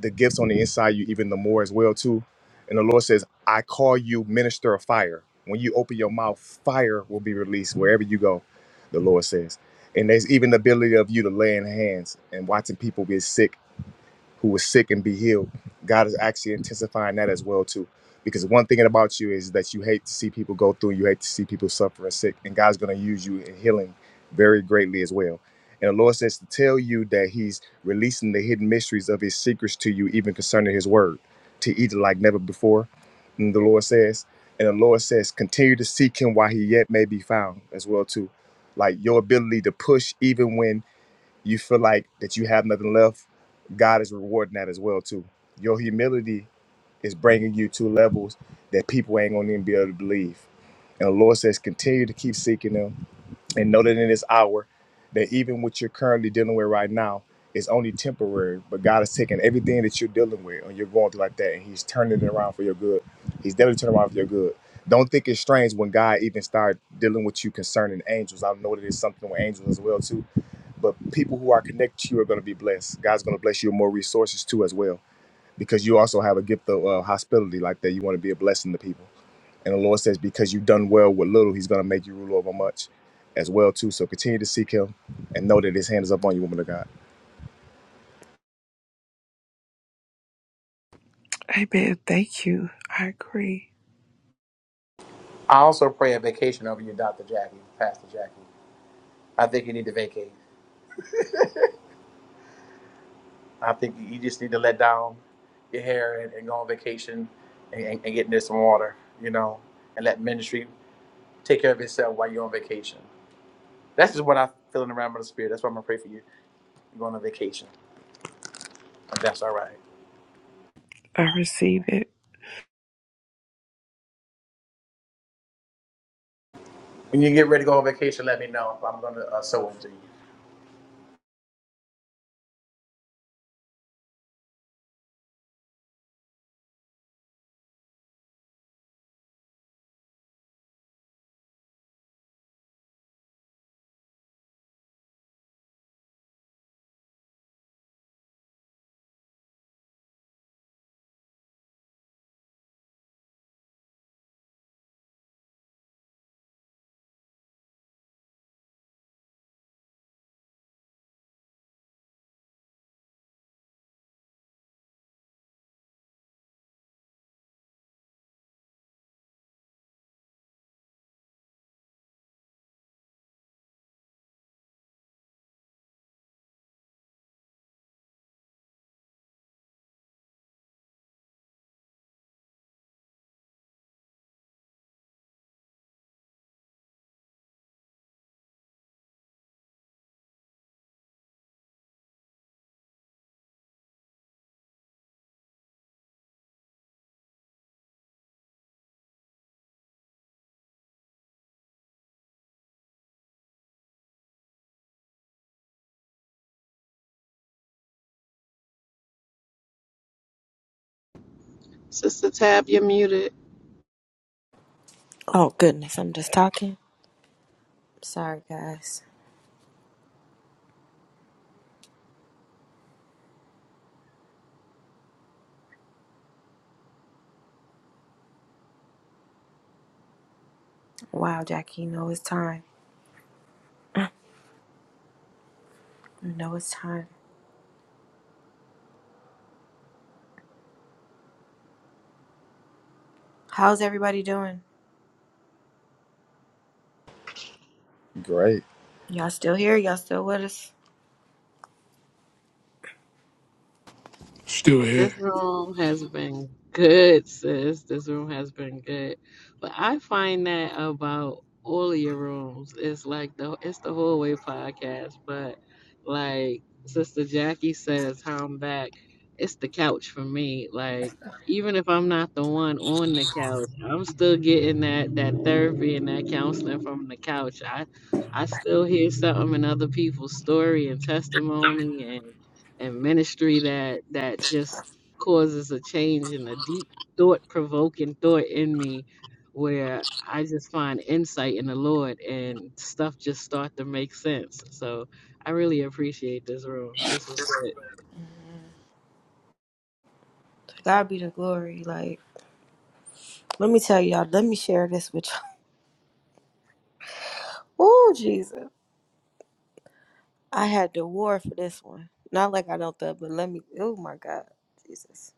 G: the gifts on the inside you even the more as well too. And the Lord says, I call you minister of fire. When you open your mouth, fire will be released wherever you go, the Lord says. And there's even the ability of you to lay in hands and watching people get sick who was sick and be healed. God is actually intensifying that as well too. Because one thing about you is that you hate to see people go through, you hate to see people suffer and sick, and God's going to use you in healing very greatly as well. And the Lord says to tell you that He's releasing the hidden mysteries of His secrets to you, even concerning His word, to eat like never before. And the Lord says, and the Lord says, continue to seek Him while He yet may be found as well too. Like your ability to push even when you feel like that you have nothing left, God is rewarding that as well too. Your humility is bringing you to levels that people ain't gonna even be able to believe. And the Lord says, continue to keep seeking Him, and know that in this hour that even what you're currently dealing with right now is only temporary but god is taking everything that you're dealing with and you're going through like that and he's turning it around for your good he's definitely turning around for your good don't think it's strange when god even started dealing with you concerning angels i know that it's something with angels as well too but people who are connected to you are going to be blessed god's going to bless you with more resources too as well because you also have a gift of uh, hospitality like that you want to be a blessing to people and the Lord says, because you've done well with little, He's going to make you rule over much as well too. So continue to seek Him and know that His hand is up on you, woman of God.
J: Amen. Thank you. I agree.
O: I also pray a vacation over you, Dr. Jackie, Pastor Jackie. I think you need to vacate. I think you just need to let down your hair and, and go on vacation and, and, and get into some water, you know, and let ministry take care of itself while you're on vacation. That's just what I feel in the realm of the spirit. That's why I'm going to pray for you. You're going on vacation. If that's all right.
J: I receive it.
O: When you get ready to go on vacation, let me know. I'm gonna uh, sew them to you.
B: Sister Tab, you're muted.
A: Oh, goodness. I'm just talking. Sorry, guys. Wow, Jackie, you know it's time. You know it's time. How's everybody doing?
G: Great.
A: Y'all still here? Y'all still with us?
L: Still here.
B: This room has been good, sis. This room has been good. But I find that about all of your rooms. It's like the it's the whole way podcast, but like Sister Jackie says, how I'm back, it's the couch for me. Like even if I'm not the one on the couch, I'm still getting that that therapy and that counseling from the couch. I I still hear something in other people's story and testimony and and ministry that that just causes a change in a deep thought provoking thought in me where I just find insight in the Lord and stuff just start to make sense. So I really appreciate this room. This was good.
A: To God be the glory. Like, let me tell y'all, let me share this with y'all. Oh, Jesus. I had to war for this one. Not like I don't thug, but let me. Oh my God, Jesus!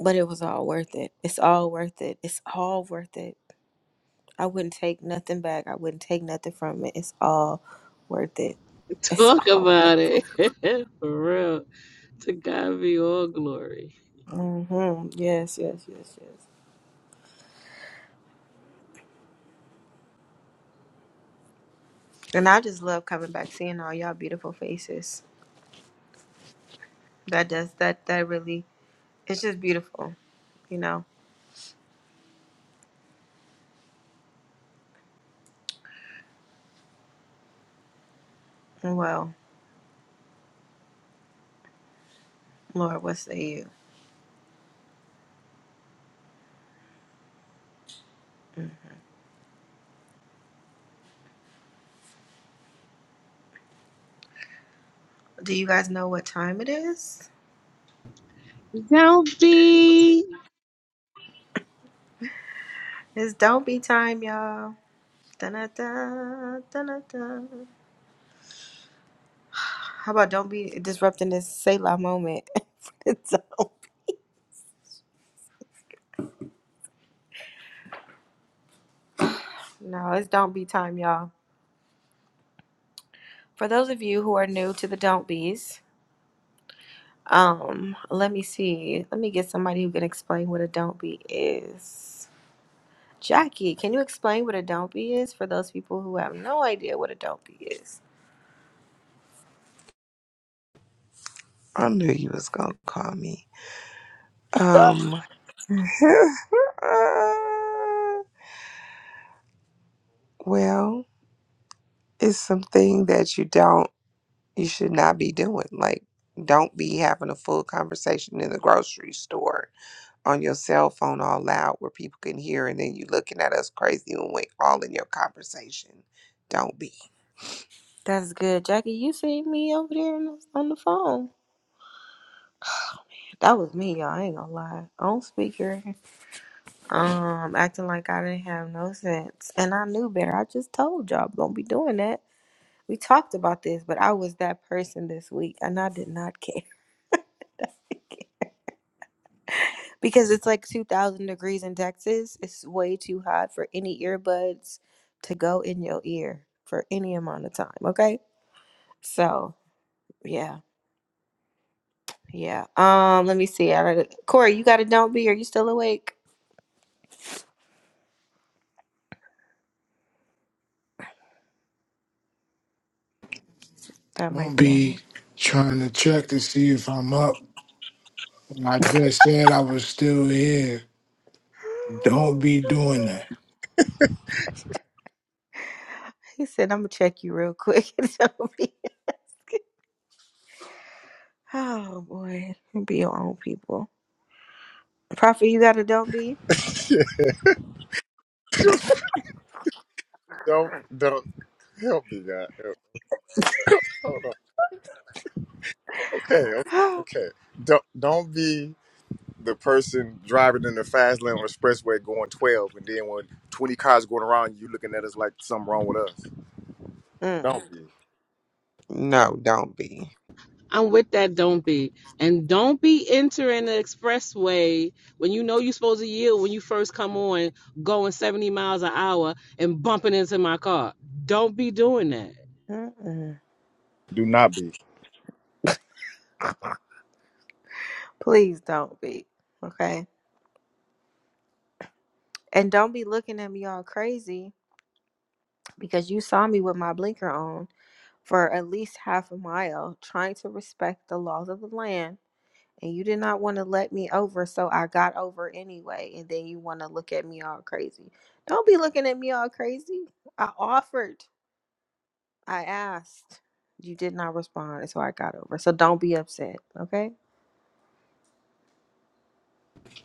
A: But it was all worth it. It's all worth it. It's all worth it. I wouldn't take nothing back. I wouldn't take nothing from it. It's all worth it. It's
B: Talk
A: all worth
B: about
A: it.
B: it. For real. To God be all glory.
A: hmm Yes, yes, yes, yes. And I just love coming back, seeing all y'all beautiful faces. That does that. That really. It's just beautiful, you know. Well, Lord, what say you? Do you guys know what time it is?
B: Don't be
A: It's don't be time, y'all. Da-na-da, da-na-da. How about don't be disrupting this Selah moment? Don't- no, it's don't be time, y'all. For those of you who are new to the don't be's, um, let me see. Let me get somebody who can explain what a don't be is. Jackie, can you explain what a don't be is for those people who have no idea what a don't be is?
J: I knew you was gonna call me. Um, well, it's something that you don't, you should not be doing. Like, don't be having a full conversation in the grocery store on your cell phone all loud where people can hear and then you looking at us crazy when we all in your conversation. Don't be.
A: That's good, Jackie. You see me over there on the, on the phone. That was me, y'all. I ain't gonna lie. On speaker. um acting like I didn't have no sense. And I knew better. I just told y'all don't be doing that. We talked about this, but I was that person this week and I did not care. because it's like 2000 degrees in Texas. It's way too hot for any earbuds to go in your ear for any amount of time, okay? So, yeah. Yeah. Um, let me see. I gotta- Corey, you got to don't be. Are you still awake? That might
L: Don't
A: be Anna.
L: be trying to check to see if I'm up. I just said I was still here. Don't be doing that.
A: He said, "I'm gonna check you real quick." Don't be. Oh boy, be your own people. Prophet, you gotta don't be.
G: don't don't help me, God. Help. Hold on. Okay, okay,
A: mm,
G: okay. Don't don't be the person driving in the fast lane on the expressway going twelve, and then when twenty cars going around, you looking at us like something wrong with us.
A: mm,
G: Don't be.
J: No, don't be.
B: I'm with that don't be. And don't be entering the expressway when you know you're supposed to yield when you first come on going 70 miles an hour and bumping into my car. Don't be doing that.
A: mm.
G: Do not be.
A: Please don't be. Okay. And don't be looking at me all crazy because you saw me with my blinker on for at least half a mile trying to respect the laws of the land. And you did not want to let me over, so I got over anyway. And then you want to look at me all crazy. Don't be looking at me all crazy. I offered. I asked. You did not respond, so I got over. So don't be upset, okay?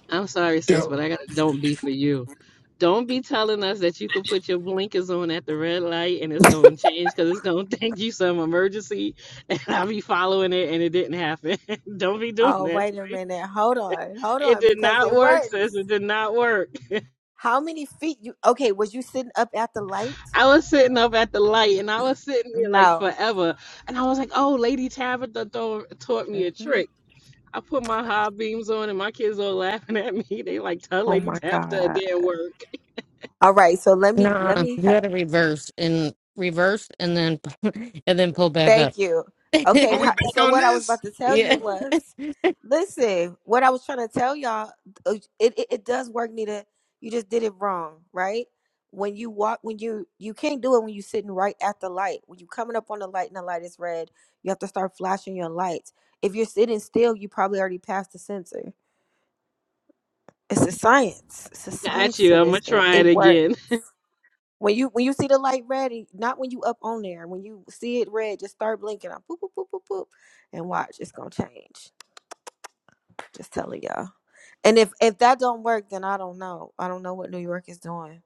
B: I'm sorry, sis, but
L: Don't
B: I got a don't be for you. Don't be telling us that you can put your blinkers on at the red light and it's going to change because it's going to think you some emergency and I'll be following it and it didn't happen. don't be doing
A: Oh,
B: that.
A: wait a minute. Hold on. Hold
B: It
A: on
B: did
A: because
B: not
A: it
B: work,
A: works.
B: sis. It did not work.
A: How many feet you Okay, was you sitting up at the light?
B: I was sitting up at the light and I was sitting there like
A: No.
B: forever. And I was like, oh, Lady Tabitha tho- taught me a
A: Mm-mm.
B: trick. I put my high beams on and my kids all laughing at me. They like, tell
A: Oh
B: Lady
A: my
B: Tabitha it
A: god.
B: didn't work.
A: All right, so let me let
H: Nah,
A: me
H: you gotta reverse and reverse and then and then pull back up.
A: Thank you.
O: Are
A: Okay,
O: we
A: ho-
O: back
A: so
O: on
A: what I was
O: this?
A: about to tell you
H: yeah.
A: was, listen, what I was trying to tell y'all, uh, it, it, it does work, Nita. You just did it wrong, right? When you walk, when you you can't do it when you're sitting right at the light. When you're coming up on the light and the light is red, you have to start flashing your lights. If you're sitting still, you probably already passed the sensor. It's a science. It's a
B: Got
A: science
B: you.
A: to
B: I'm
A: this
B: going to
A: thing.
B: try it
A: It works.
B: again.
A: When you when you see the light red, and- not when you up on there. When you see it red, just start blinking. I boop boop boop boop boop, and watch. It's gonna change. Just telling y'all. And if if that don't work, then I don't know. I don't know what New York is doing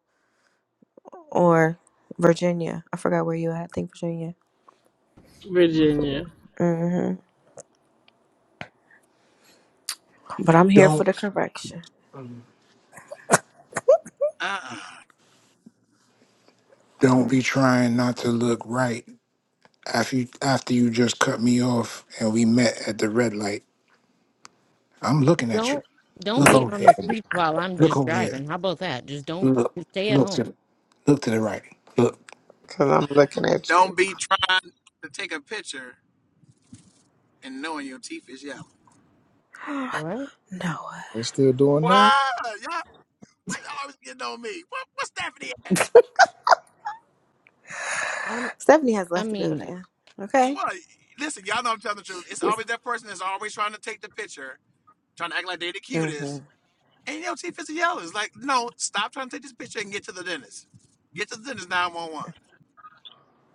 A: or Virginia. I forgot where you at. I think Virginia.
B: Virginia.
A: hmm But I'm here for the
L: don't
A: correction.
O: Uh-uh.
L: don't be trying not to look right after you after you just cut me off and we met at the red light. I'm looking at you.
H: Don't don't
L: Look
H: be
L: over
H: on
L: there.
H: the streets while I'm
L: Look
H: just
L: over there.
H: driving. How about that? Just don't
L: Look.
H: just stay at
L: Look
H: home.
L: to the look to the right. Look.
J: Cause I'm looking at you.
O: Don't be trying to take a picture and knowing your teeth is yellow.
A: no,
H: What?
G: Yeah.
O: What? Y'all, why y'all always getting on me? What, what's Stephanie at?
H: I
A: Stephanie has
H: I
A: left the
H: mean
A: building. Okay.
O: What? Listen, y'all know I'm telling the truth. It's always that person that's always trying to take the picture, trying to act like they the
A: hmm
O: cutest, and your teeth is yellow. It's like, no, stop trying to take this picture and get to the dentist. Get to the dentist 911.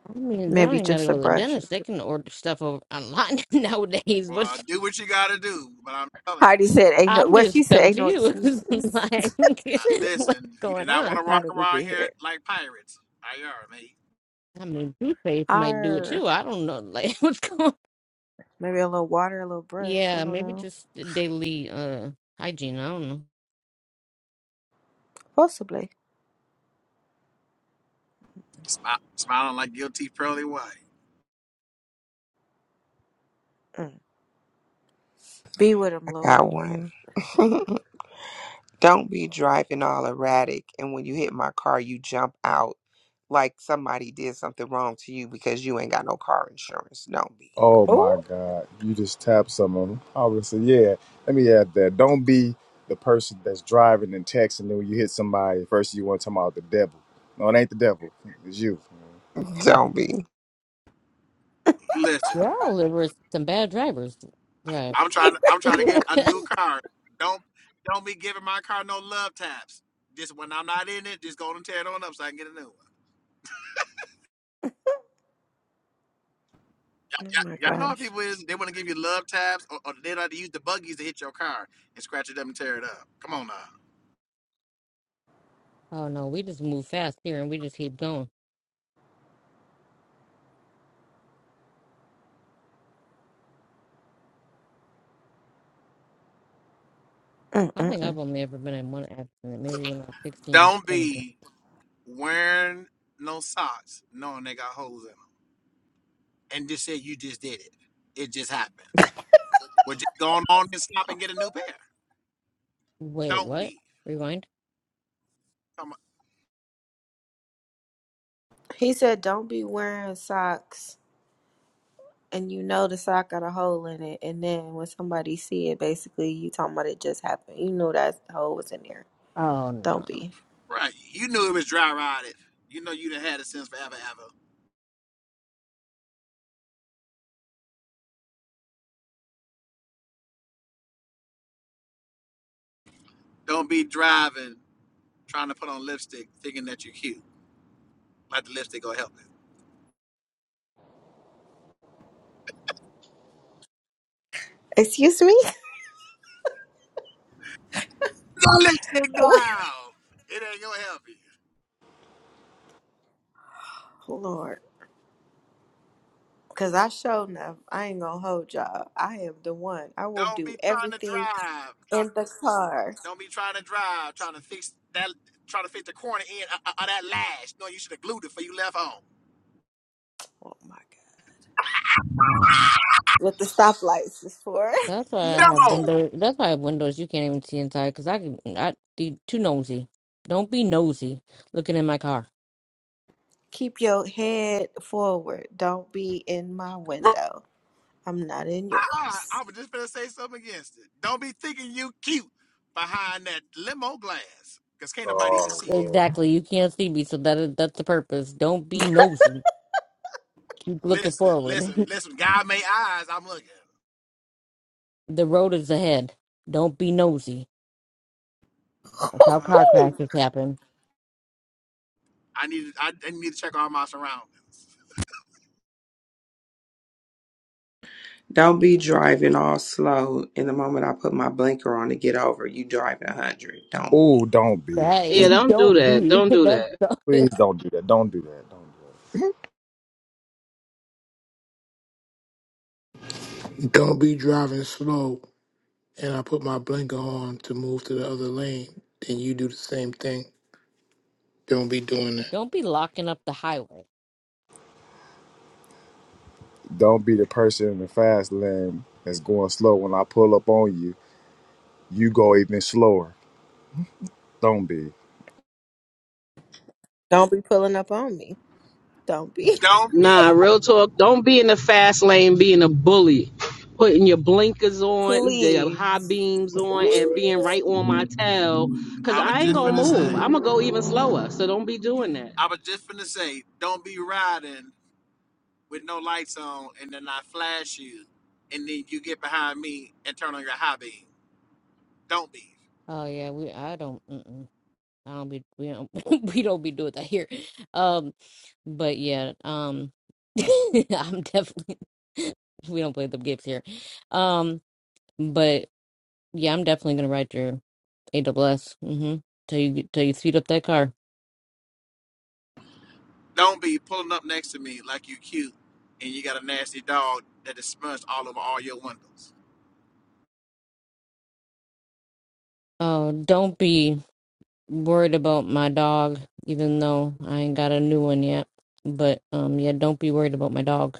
H: I mean they don't
A: Maybe
H: even gotta
A: just a
H: go to the
A: brush or
H: dentist. They
A: two.
H: can order stuff over online nowadays. What
O: Well, do what you got to do, but I'm telling you.
A: Heidi said, "Ain't no."
H: I'm
A: What
H: just
A: she said, "Ain't no
H: confused.
A: excuses."
H: like,
O: I,
A: just
H: what's
O: listen, you do
H: going
O: not want
H: on?
O: to
A: how
O: walk
A: did we
O: around
A: get
O: here
A: here?
O: like pirates. I are, mate.
H: I mean, Blueface might do it
A: Arr.
H: too. I don't know. Like, what's going on?
A: Maybe a little water, a little brush. I
H: Yeah,
A: don't
H: maybe
A: know.
H: just daily uh hygiene. I don't know.
A: Possibly.
O: Smi- smiling like guilty pearly white.
A: Mm. Be with him,
J: like I
A: Lord.
J: got one. Don't be driving all erratic and when you hit my car, you jump out like somebody did something wrong to you because you ain't got no car insurance. Don't be.
G: Oh my
A: Oh,
G: God. You just tapped some of them. I would say, yeah, let me add that. Don't be the person that's driving and texting, and when you hit somebody, first you want to talk about the devil. No, it ain't the devil. It's you.
J: Don't be.
O: Listen,
H: We're all livers, some bad drivers drive.
O: I'm trying. I'm trying to get
H: oh,
O: a new car. Don't don't be giving my car no love taps. Just when I'm not in it, just go and tear it on up so I can get a new one.
A: oh my
O: Y'all, y'all know how
A: gosh.
O: people is. They want to give you love taps, or, or they like to use the buggies to hit your car and scratch it up and tear it up. Come on now.
H: no. We just move fast here and we just keep going. I think
A: Mm-mm-mm.
H: I've only ever been in one accident. Maybe when I was sixteen,
O: Don't
H: seventeen.
O: be wearing no socks knowing they got holes in them, and just say you just did it. It just happened. Well, just go on on and stop and get a new pair.
H: Wait,
O: Don't
H: what?
O: be.
H: Rewind?
O: I'm
A: He said, "Don't be wearing socks." And you know the sock got a hole in it, and then when somebody see it, basically you talking about it just happened. You know that the hole was in there.
H: Oh, no.
A: Don't be.
O: right. You knew it was dry rotted. You know you done had it since forever, ever. Don't be driving, trying to put on lipstick, thinking that you're cute. Like the lipstick gonna help you.
A: Excuse me,
O: Go lipstick down. It ain't gonna help you.
A: Lord, because I showed enough. I ain't gonna hold y'all. I am the one. I will
O: Don't
A: do
O: be trying to
A: everything
O: drive. Try,
A: in the car.
O: don't be trying to drive, trying to fix that, trying to fix the corner end of, of that lash. No, you should have glued it before you left home.
A: Oh my God. what the stoplights is for.
H: That's why I have
O: No.
H: windows. That's why I have windows you can't even see inside because I can. I be too nosy. Don't be nosy looking in my car.
A: Keep your head forward. Don't be in my window. I'm not in
O: I, I
A: yours.
O: I was just gonna say something against it. Don't be thinking you cute behind that limo glass, cause can't nobody
G: Oh,
O: even see you.
G: Lord.
H: Exactly. You can't see me, so that is, that's the purpose. Don't be nosy. Keep looking
O: Listen, listen,
H: forward.
O: listen. God made eyes. I'm looking.
H: the road is ahead. Don't be nosy. That's how
O: Uh,
H: car crashes happen.
O: I need. I, I need to check all my surroundings.
J: Don't be driving all slow. And the moment I put my blinker on to get over, you driving 100. Don't
G: Ooh,
J: be.
G: don't be.
H: That
B: Yeah,
H: is.
B: don't do
H: Don't
B: that.
H: be.
B: Don't do
H: That's.
B: that.
H: The,
G: Please don't do that. Don't do that. Don't do
L: Don't be driving slow and I put my blinker on to move to the other lane, then you do the same thing. Don't be doing that.
H: don't be locking up the highway.
G: that. Don't be the person in the fast lane that's going slow. When I pull up on you, you go even slower. Don't be.
A: Don't be pulling up on me. Don't be.
O: Don't
B: Nah,
O: be.
B: real talk. Don't be in the fast lane being a bully. Putting your blinkers on, your high
A: Please.
B: beams on, and being right on my tail. Cause
O: I was
B: I ain't
O: just
B: gonna
O: gonna say.
B: move. I'm gonna go even slower. So don't be doing that.
O: I was just gonna say. Don't be riding with no lights on, and then I flash you, and then you get behind me and turn on your high beam. Don't be.
H: Oh yeah, we. I don't. Mm-mm. I don't be. We don't. we don't be doing that here. Um. But yeah, um I'm definitely we don't play the games here. Um but yeah, I'm definitely gonna write your AWS. Mm-hmm. Till you till you speed up that car.
O: Don't be pulling up next to me like you cute and you got a nasty dog that is smudged all over all your windows.
H: Oh, don't be worried about my dog, even though I ain't got a new one yet. But um yeah, don't be worried about my dog.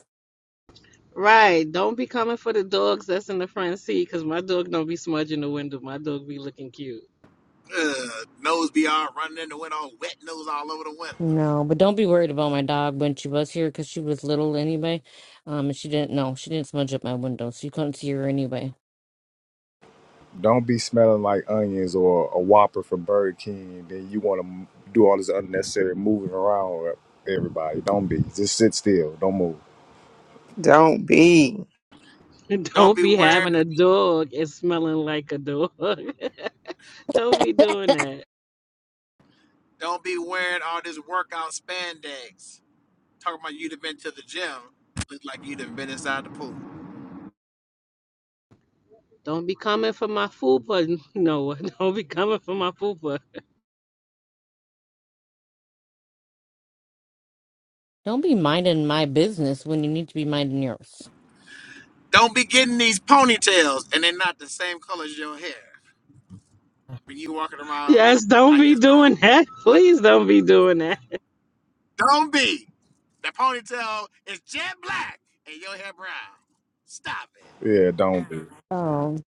B: Right. Don't be coming for the dogs that's in the front seat because my dog don't be smudging the window. My dog be looking cute.
O: Ugh, nose be all running in the window, wet nose all over the window.
H: No, but don't be worried about my dog when she was here because she was little anyway. Um, and she didn't know she didn't smudge up my window, so you couldn't see her anyway.
G: Don't be smelling like onions or a Whopper from Burger King. Then you want to do all this unnecessary moving around with everybody. Don't be. Just sit still. Don't move.
J: Don't be.
O: Don't
B: Don't
O: be
B: be
O: wearing
B: having a dog and smelling like a dog. don't be doing that.
O: don't be wearing all this workout spandex. Talking about you'd have been to the gym. Look like you'd have been inside the pool.
B: Don't be coming for my fupa, Noah. Don't be coming for my fupa.
H: Don't be minding my business when you need to be minding yours.
O: Don't be getting these ponytails and they're not the same color as your hair. When you walking around
B: Yes, don't
O: like
B: be
O: it's
B: doing
O: normal.
B: that.
O: Like
B: Please don't be doing that.
O: don't be. The ponytail is jet black and your hair brown. Stop it.
G: Yeah, don't be.
H: Um,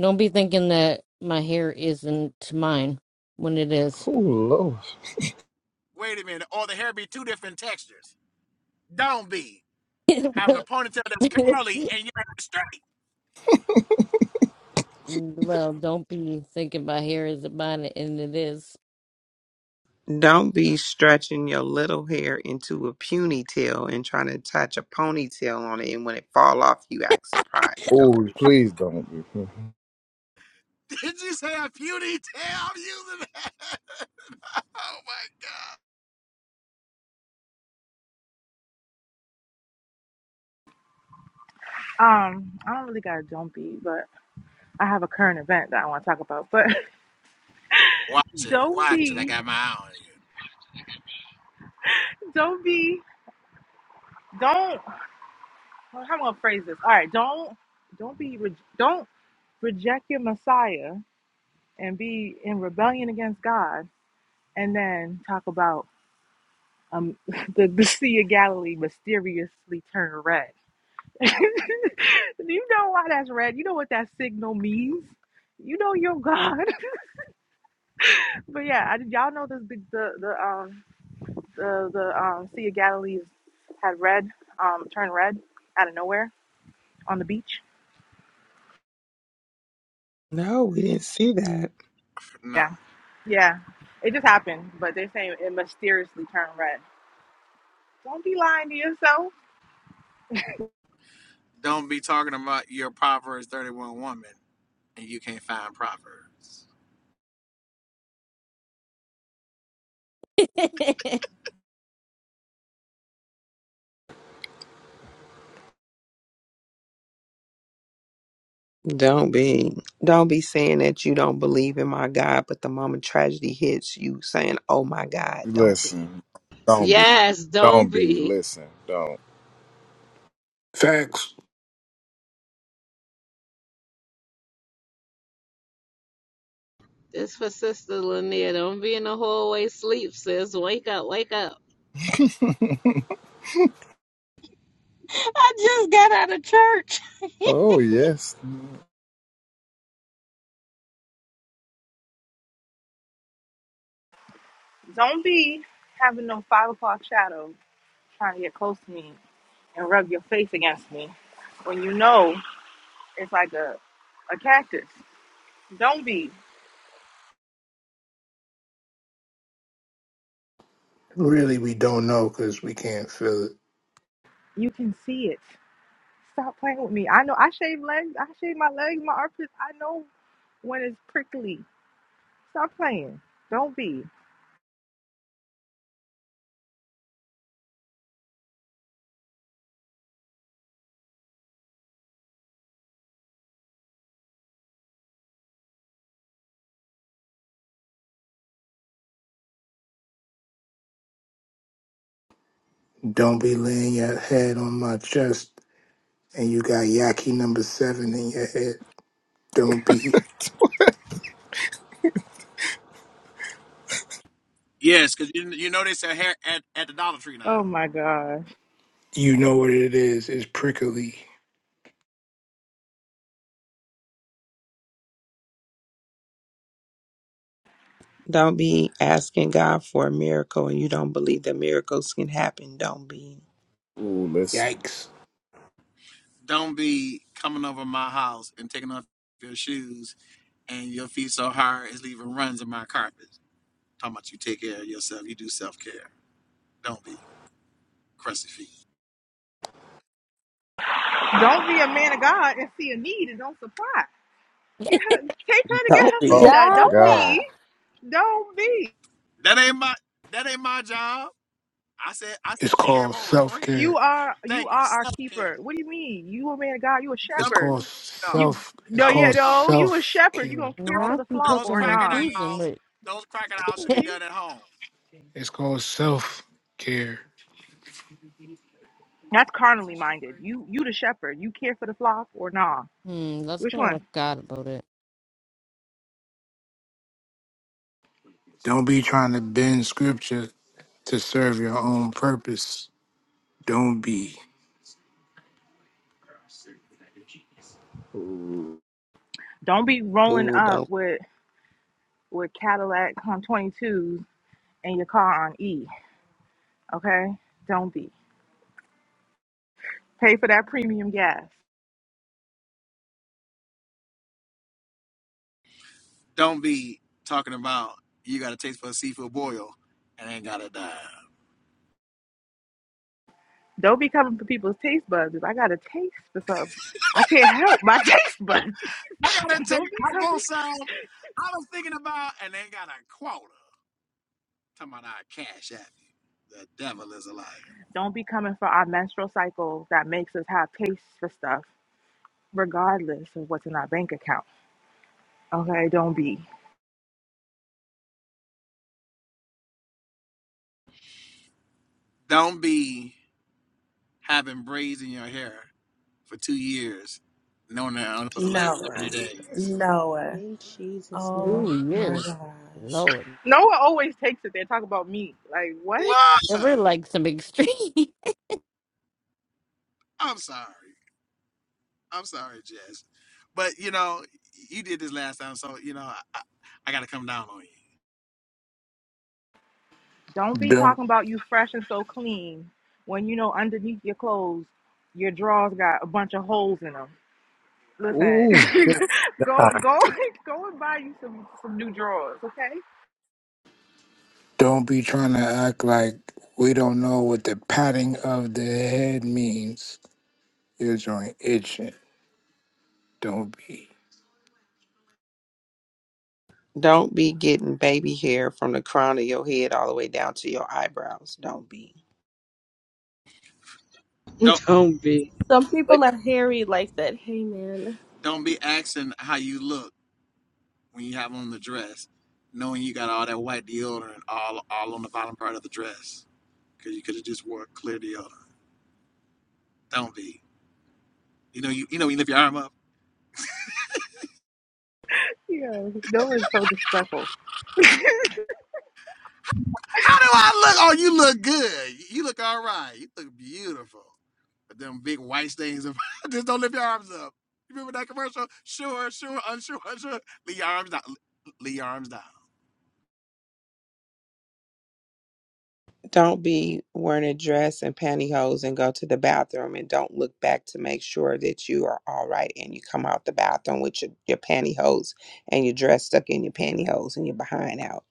H: don't be thinking that my hair isn't mine when it is.
O: Wait a minute. Or the hair be two different textures. Don't be having a ponytail that's curly and your hair straight.
H: well, don't be thinking my hair isn't mine and it is.
J: Don't be stretching your little hair into a puny tail and trying to attach a ponytail on it. And when it fall off, you act surprised. Don't
G: Oh,
J: be.
G: please don't be.
O: Did you say a puny tail? I'm using that. Oh my god.
Q: Um, I don't really got a don't be, but I have a current event that I want to talk about. But
O: Watch it.
Q: don't
O: Watch it. I
Q: be,
O: got my eye on
Q: don't be, don't. How am I gonna phrase this? All right, don't, don't be, re- don't reject your Messiah and be in rebellion against God, and then talk about um the, the Sea of Galilee mysteriously turned red. you know why that's red. You know what that signal means. You know your God. but yeah, I, y'all know this big the the um the the um Sea of Galilee is- had red um turned red out of nowhere on the beach.
J: No, we didn't see that.
O: you. No.
Q: Yeah, yeah, it just happened. But they're saying it mysteriously turned red. Don't be lying to yourself.
O: Don't be talking about your Proverbs 31 woman and you can't find Proverbs.
J: Don't be. Don't be saying that you don't believe in my God, but the moment tragedy hits you saying, Oh my God, don't be.
G: Listen, don't be.
B: Yes,
G: Don't
B: don't
G: be.
B: be.
G: Listen, don't.
L: Facts,
B: This for Sister Lanier. Don't be in the hallway sleep, sis. Wake up, wake up.
K: I just got out of church.
G: Oh, yes.
Q: Don't be having no five o'clock shadow trying to get close to me and rub your face against me when you know it's like a a cactus. Don't be.
L: really, we don't know because we can't feel it.
Q: You can see it. Stop playing with me. I know I shave legs. I shave my legs, my armpits. I know when it's prickly. Stop playing. Don't be.
L: Don't be laying your head on my chest and you got Yaki number seven in your head. Don't be.
O: Yes, because you, you know they sell hair at, at the Dollar Tree now.
Q: Oh my gosh.
L: You know what it is. It's prickly.
J: Don't be asking God for a miracle and you don't believe that miracles can happen. Don't be.
G: Ooh, listen.
L: Yikes.
O: Don't be coming over my house and taking off your shoes and your feet so hard it's leaving runs in my carpet. Talking about you take care of yourself, you do self care. Don't be crusty feet.
Q: Don't be a man of God and see a need and don't supply. Get her take her to get
J: Don't
Q: her
G: Oh,
Q: feet
J: be.
Q: done.
G: my
Q: Don't
G: God.
Q: be.
N: Jabba.
Q: Don't be.
O: That ain't my that ain't my job. I said I said
L: It's
O: she came
L: called
O: over a
L: self
O: friend.
Q: You
L: care.
Q: are you
O: Thank you,
Q: are our
O: self
Q: keeper.
O: care.
Q: What do you mean? You a man of God, you a
L: It's
O: No,
Q: shepherd.
L: called
Q: You
L: self. It's
Q: no
O: no,
Q: yeah,
L: called
O: no.
Q: no, you a
L: self
Q: shepherd. You
L: care.
Q: gonna care for the
H: Not be
O: Those,
Q: flock
O: those
Q: or
H: picking and
O: crocodiles,
Q: nah.
H: choosing, but
O: those crocodiles should be
Q: You,
O: done at home.
L: It's called self care.
Q: that's carnally minded. You you the shepherd. You care for the flock or nah.
H: hmm, let's
Q: Which
H: go
Q: one?
H: ask God about it.
L: Don't be trying to bend scripture to serve your own purpose. Don't be.
Q: Don't be rolling
J: Ooh,
Q: up
J: don't
Q: with with Cadillac Hum 22s and your car on E. Okay, don't be. Pay for that premium gas.
O: Don't be talking about you got a taste for a seafood boil and ain't got a dime.
Q: Don't be coming for people's taste buds. If I got a taste for something, I can't help my taste buds.
O: I gotta tell you,
Q: don't be
O: I won't
Q: coming.
O: sound. I was thinking about, and they got a quarter. Talking about our cash app. you. The devil is a liar.
Q: Don't be coming for our menstrual cycle that makes us have taste for stuff, regardless of what's in our bank account. Okay, don't be.
O: Don't be having braids in your hair for two years, knowing that it was the last
A: Noah.
O: thirty days.
A: Noah.
N: In Jesus'
A: Oh
N: name.
H: Two
A: my
H: years,
A: gosh.
H: Lord.
Q: No one always takes it. They talk about me. Like what?
H: They
O: What?
H: were like some extreme.
O: I'm sorry. I'm sorry, Jess. But you know, you did this last time, so you know, I, I, I gotta come down on you.
Q: Don't be
L: Don't
Q: talking about you fresh and so clean when you know underneath your clothes your drawers got a bunch of holes in them. Listen,
G: Ooh,
Q: go go go and buy you some some new drawers, okay?
L: don't be trying to act like we don't know what the patting of the head means. Your joint itching. Don't be.
J: don't be getting baby hair from the crown of your head all the way down to your eyebrows. Don't be.
O: Don't
B: Don't be.
N: Some
B: But
N: people are hairy like that. Hey, man,
O: don't be asking how you look. when you have on the dress, knowing you got all that white deodorant all all on the bottom part of the dress, because you could have just wore clear deodorant. Don't be. You know you you know when you lift your arm up.
Q: Yeah, no, it's so disrespectful.
O: How do I look? Oh, you look good. You look all right. You look beautiful. But them big white stains of just don't lift your arms up. You remember that commercial? Sure, sure, unsure, unsure. Leave your arms down. Leave your arms down.
J: Don't be wearing a dress and pantyhose and go to the bathroom and don't look back to make sure that you are all right and you come out the bathroom with your, your pantyhose and your dress stuck in your pantyhose and your behind out.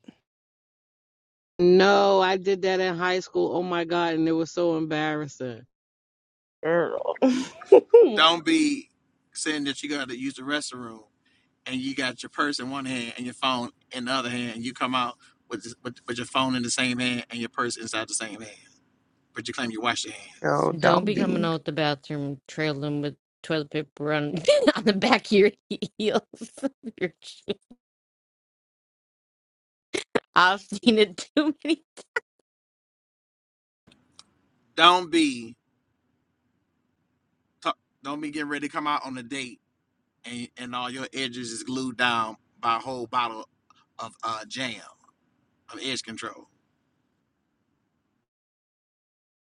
B: No, I did that in high school. Oh my God. And it was so embarrassing.
N: girl.
O: Don't be saying that you got to use the restroom and you got your purse in one hand and your phone in the other hand, and you come out with, with with your phone in the same hand and your purse inside the same hand, but you claim you wash your hands.
J: Oh,
H: Don't
J: don't
H: be
J: be.
H: coming out the bathroom trailing with toilet paper on, on the back of your heels. your shoe. I've seen it too many.
O: Don't be ta- don't be getting ready to come out on a date and and all your edges is glued down by a whole bottle of uh, jam of edge control.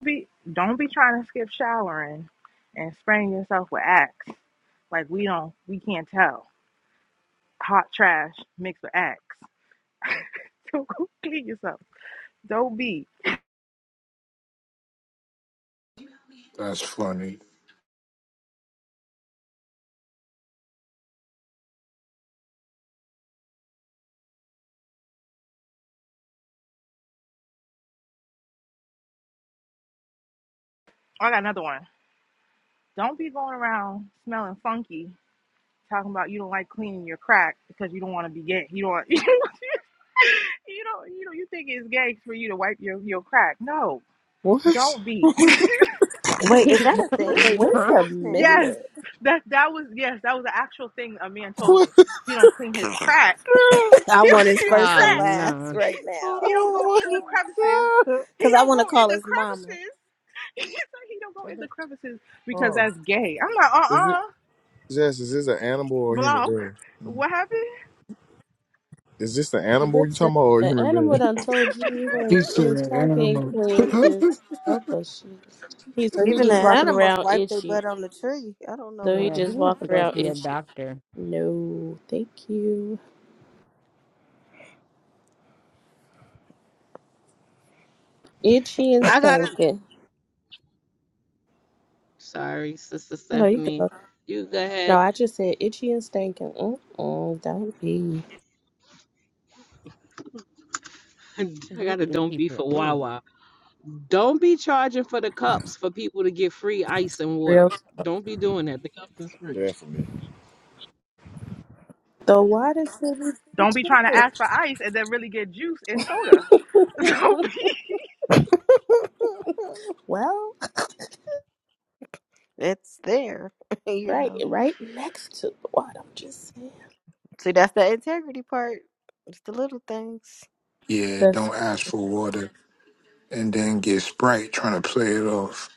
Q: Be don't be trying to skip showering and spraying yourself with Axe. Like we don't we can't tell hot trash mixed with Axe. So go clean yourself. Don't be.
L: That's funny.
Q: I got another one. Don't be going around smelling funky talking about you don't like cleaning your crack because you don't want to be gay. You don't. you don't. You know. You think it's gay for you to wipe your your crack? No,
G: what?
Q: don't be.
A: Wait, is
H: Wait,
A: that a thing?
H: what? wait,
A: What
H: huh?
A: is happening?
Q: yes, that that was yes, that was the actual thing a man told me.
G: What?
Q: He don't clean his crack.
A: I
Q: He don't
A: want his
Q: clean his
A: first and
H: Oh
Q: crack.
A: last
H: no.
A: right now.
Q: he don't go
G: Oh,
Q: in the crevices.
G: my God.
Q: He
A: Because I
Q: don't go
A: want to
Q: in
A: call
Q: the
A: his mama.
Q: crevices. he said he don't go in the crevices because
G: Oh,
Q: that's gay. I'm like, uh
G: is it?
Q: uh
G: Jess, is this an animal or a human
Q: block.
G: being?
Q: What happened?
G: Is this you
N: Listen,
G: talking
N: the animal
G: about?
N: done told you
L: He
N: that
L: said
N: his
L: an
N: track ain't
L: animal.
N: clean 'cause help us, Jesus. He so he
A: Even the
N: just walking
A: animals
N: around
A: wipe their
N: itchy.
A: butt on the tree. I don't know
N: So he
A: what
H: Yeah, he
A: is
N: just
H: needs
A: going
N: walking
H: to go
A: on.
N: around
H: see a
N: itchy.
H: doctor.
N: No, thank you. Itchy and
B: I got to,
N: stinking.
B: sorry, Sister
N: No, you can.
B: Stephanie. You go
N: No,
B: ahead.
N: I just said itchy and stinking. Mm-mm, don't be
B: I got
H: This
B: to don't
H: itchy
B: be
H: for
B: for
H: ooh.
B: Wawa. Don't be charging for the cups for people to get free ice and water.
N: real.
B: Don't be doing that. The cups is free.
G: Definitely.
N: The water should be
Q: Don't be trying to ask for ice and then really get juice and soda.
N: free, too.
Q: Don't be
N: well,
A: it's there, you
N: right,
A: know.
N: right next to the water. I'm just saying.
A: See, that's the integrity part. It's the little things.
L: yeah,
N: That's
L: don't ask for water and then get Sprite trying to play it off.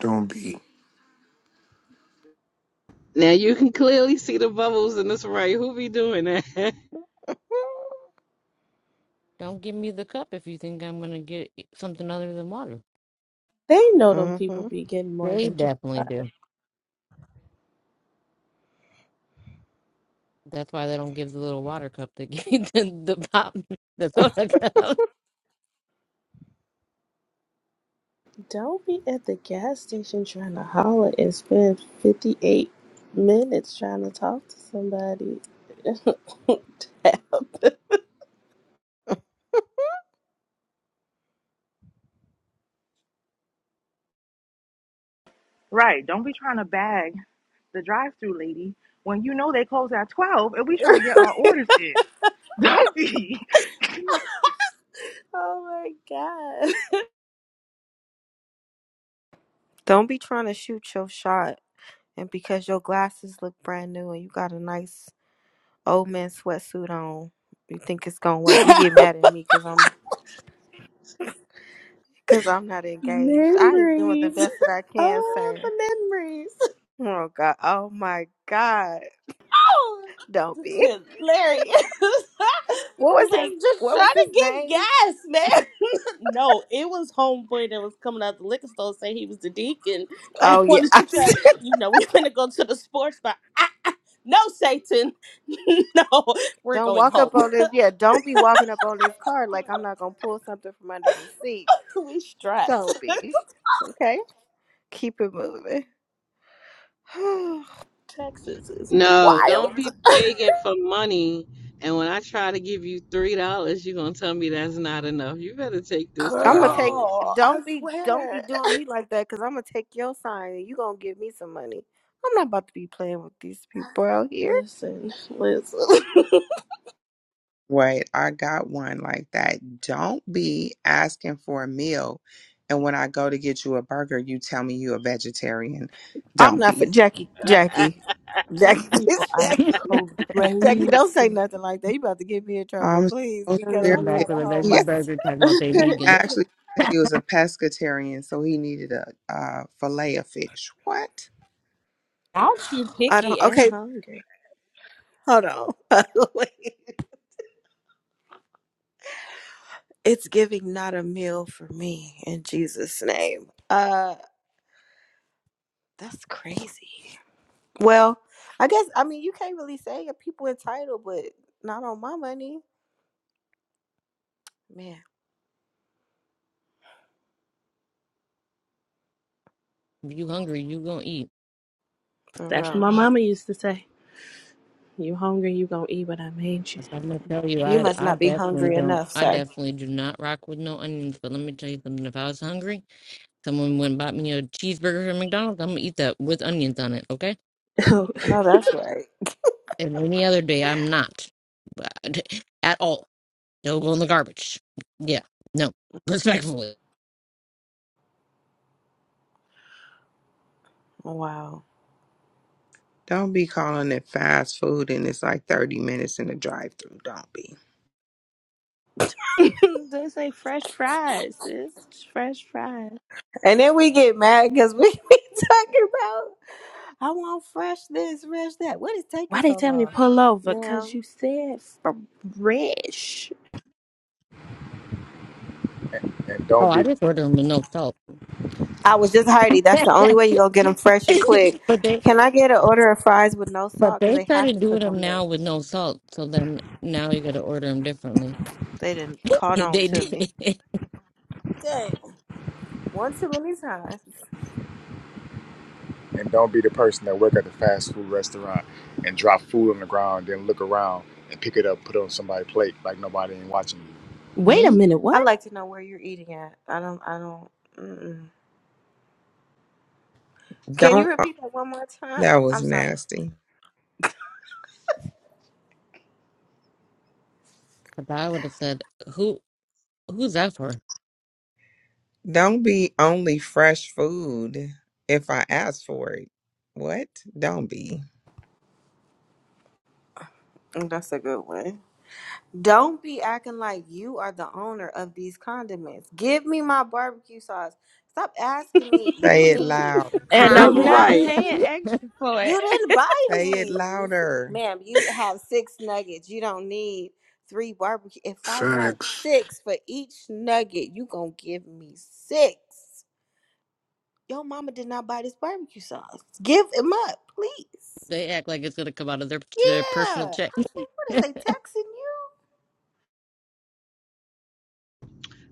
L: Don't be.
B: Now you can clearly see the bubbles in this right. Who be doing that?
H: Don't give me the cup if you think I'm gonna get e, something other than water.
N: they know them people
A: Mm-hmm.
N: be getting more
H: They
N: than just.
H: definitely do. That's why they don't give the little water cup. They give you the the pop, the soda cup.
N: Don't be at the gas station trying to holler and spend 58 minutes trying to talk to somebody.
Q: right. Don't be trying to bag the drive-through lady when you know they close at twelve and we try to get our orders in. Don't be
N: oh my god.
A: Don't be trying to shoot your shot, and because your glasses look brand new and you got a nice old man sweatsuit on, you think it's gonna work. You get mad at me because I'm Because I'm not engaged. I am doing the
N: Memories.
A: best that I can,
N: Oh, the
A: sir.
N: memories.
A: Oh God. Oh my God.
N: Oh,
A: Don't be.
N: hilarious.
A: What was
N: like,
A: his
N: just
A: what was
N: trying
A: his
N: to get
A: name?
N: gas, man. No, it was homeboy that was coming out the liquor store saying he was the deacon and
A: Oh yeah.
N: wanted to try. You know, we finna go to the sports bar. No, Satan. no, we're
A: don't
N: going
A: walk
N: home.
A: up on this. Yeah, don't be walking up on this card like I'm not gonna pull something from under the seat.
N: we
A: Don't
N: strapped.
A: be. Okay? Keep it moving.
N: Texas is
B: no,
N: wild.
B: don't be begging for money. And when I try to give you $3, you're going to tell me that's not enough. You better take this $3.
A: I'm gonna take
N: Girl, I
A: don't be don't be
N: swear.
A: doing me like that because I'm gonna take your sign and you gonna give me some money. I'm not about to be playing with these people out here.
N: Listen, listen.
J: Wait, I got one like that. Don't be asking for a meal and when I go to get you a burger, you tell me you a vegetarian.
A: I'm
J: Don't
A: not for
J: be.
A: Jackie. Jackie.
N: These
A: Jackie.
N: people
A: please,
N: are
A: Jackie. Jackie,
N: crazy.
A: don't say nothing like that. You about to get me in trouble,
J: I'm
A: please,
J: so
A: because
H: Come
A: I'm trying
H: back
N: crazy.
A: to
H: with a
A: hold
J: serious.
H: veggie
A: myself.
H: burger. Talking about they
J: He
H: vegan.
J: actually said he was a pescatarian, so he needed a, uh fillet of fish. What?
N: Aren't you
A: I don't.
N: picky and
A: Okay,
N: hungry?
A: hold on. Wait. it's giving not a meal for me in Jesus' name. Uh, that's crazy. Well, I guess I mean you can't really say that people entitled, but not on my money, man.
H: If you hungry, you gonna eat.
A: For
N: That's what
A: real,
N: my mama used to say. You hungry, you gonna eat what I made
H: That's what I'm gonna tell you.
A: you
H: I
A: must
H: I
A: not be
H: definitely
A: hungry
H: don't.
A: enough,
H: I
A: sir.
H: definitely do not rock with no onions. But let me tell you something. If I was hungry, someone went and bought me a cheeseburger from McDonald's. I'm gonna eat that with onions on it. Okay.
N: you.
A: No, that's right.
H: And any other day, I'm not But- at all. They'll go in the garbage. Yeah. No. Respectfully.
A: Wow.
J: Don't be calling it fast food and it's like 30 minutes in the drive through. Don't be.
N: they say fresh fries, sis. Fresh fries.
A: And then we get mad because we be talking about, I want fresh this, fresh that. What is taking
N: Why they
A: so
N: tell me to
A: long?
N: pull over? Cause
A: Ma'am,
N: you said fresh.
G: and
H: Oh,
G: don't
H: I
G: be
H: just ordered them with no salt.
A: I was just hearty. That's the only way you're going to get them fresh and quick.
H: but they
A: Can I get an order of fries with no
H: but
A: salt? Because
H: they
A: they have
H: started
A: to
H: doing
A: cook
H: them
A: them,
H: now
A: though.
H: with no salt. So then now you got to order them differently.
A: They didn't caught
H: They
A: on to me.
H: did.
A: Dang. One too many times.
G: and don't be the person that work at the fast food restaurant and drop food on the ground, then look around and pick it up, put it on somebody's plate like nobody ain't watching you.
N: Wait a
H: Hmm.
N: minute, what?
A: I'd like to know where you're eating at. I don't, I don't, mm-mm. Can you
J: Don't. uh,
A: repeat that one more time?
J: That
A: I'm
J: was
A: sorry.
J: nasty.
H: Because I would have said who who's that for?
J: Don't be only fresh food if I ask for it. What? Don't be.
A: Mm, That's a good one. Don't be acting like you are the owner of these condiments. Give me my barbecue sauce. Stop asking me, you
J: Say it
A: need
J: loud.
N: and
A: how
N: I'm not
B: right.
A: many?
N: paying extra for it.
A: You didn't buy
J: Say it
A: these.
J: louder.
A: Ma'am, you have six nuggets. You don't need three barbecue. If I want
L: Facts.
A: six for each nugget, you gonna give me six. Your mama did not buy this barbecue sauce. Give him up, please.
H: They act like it's going to come out of their, their personal
A: Yeah.
H: check.
A: I said, what is they texting you?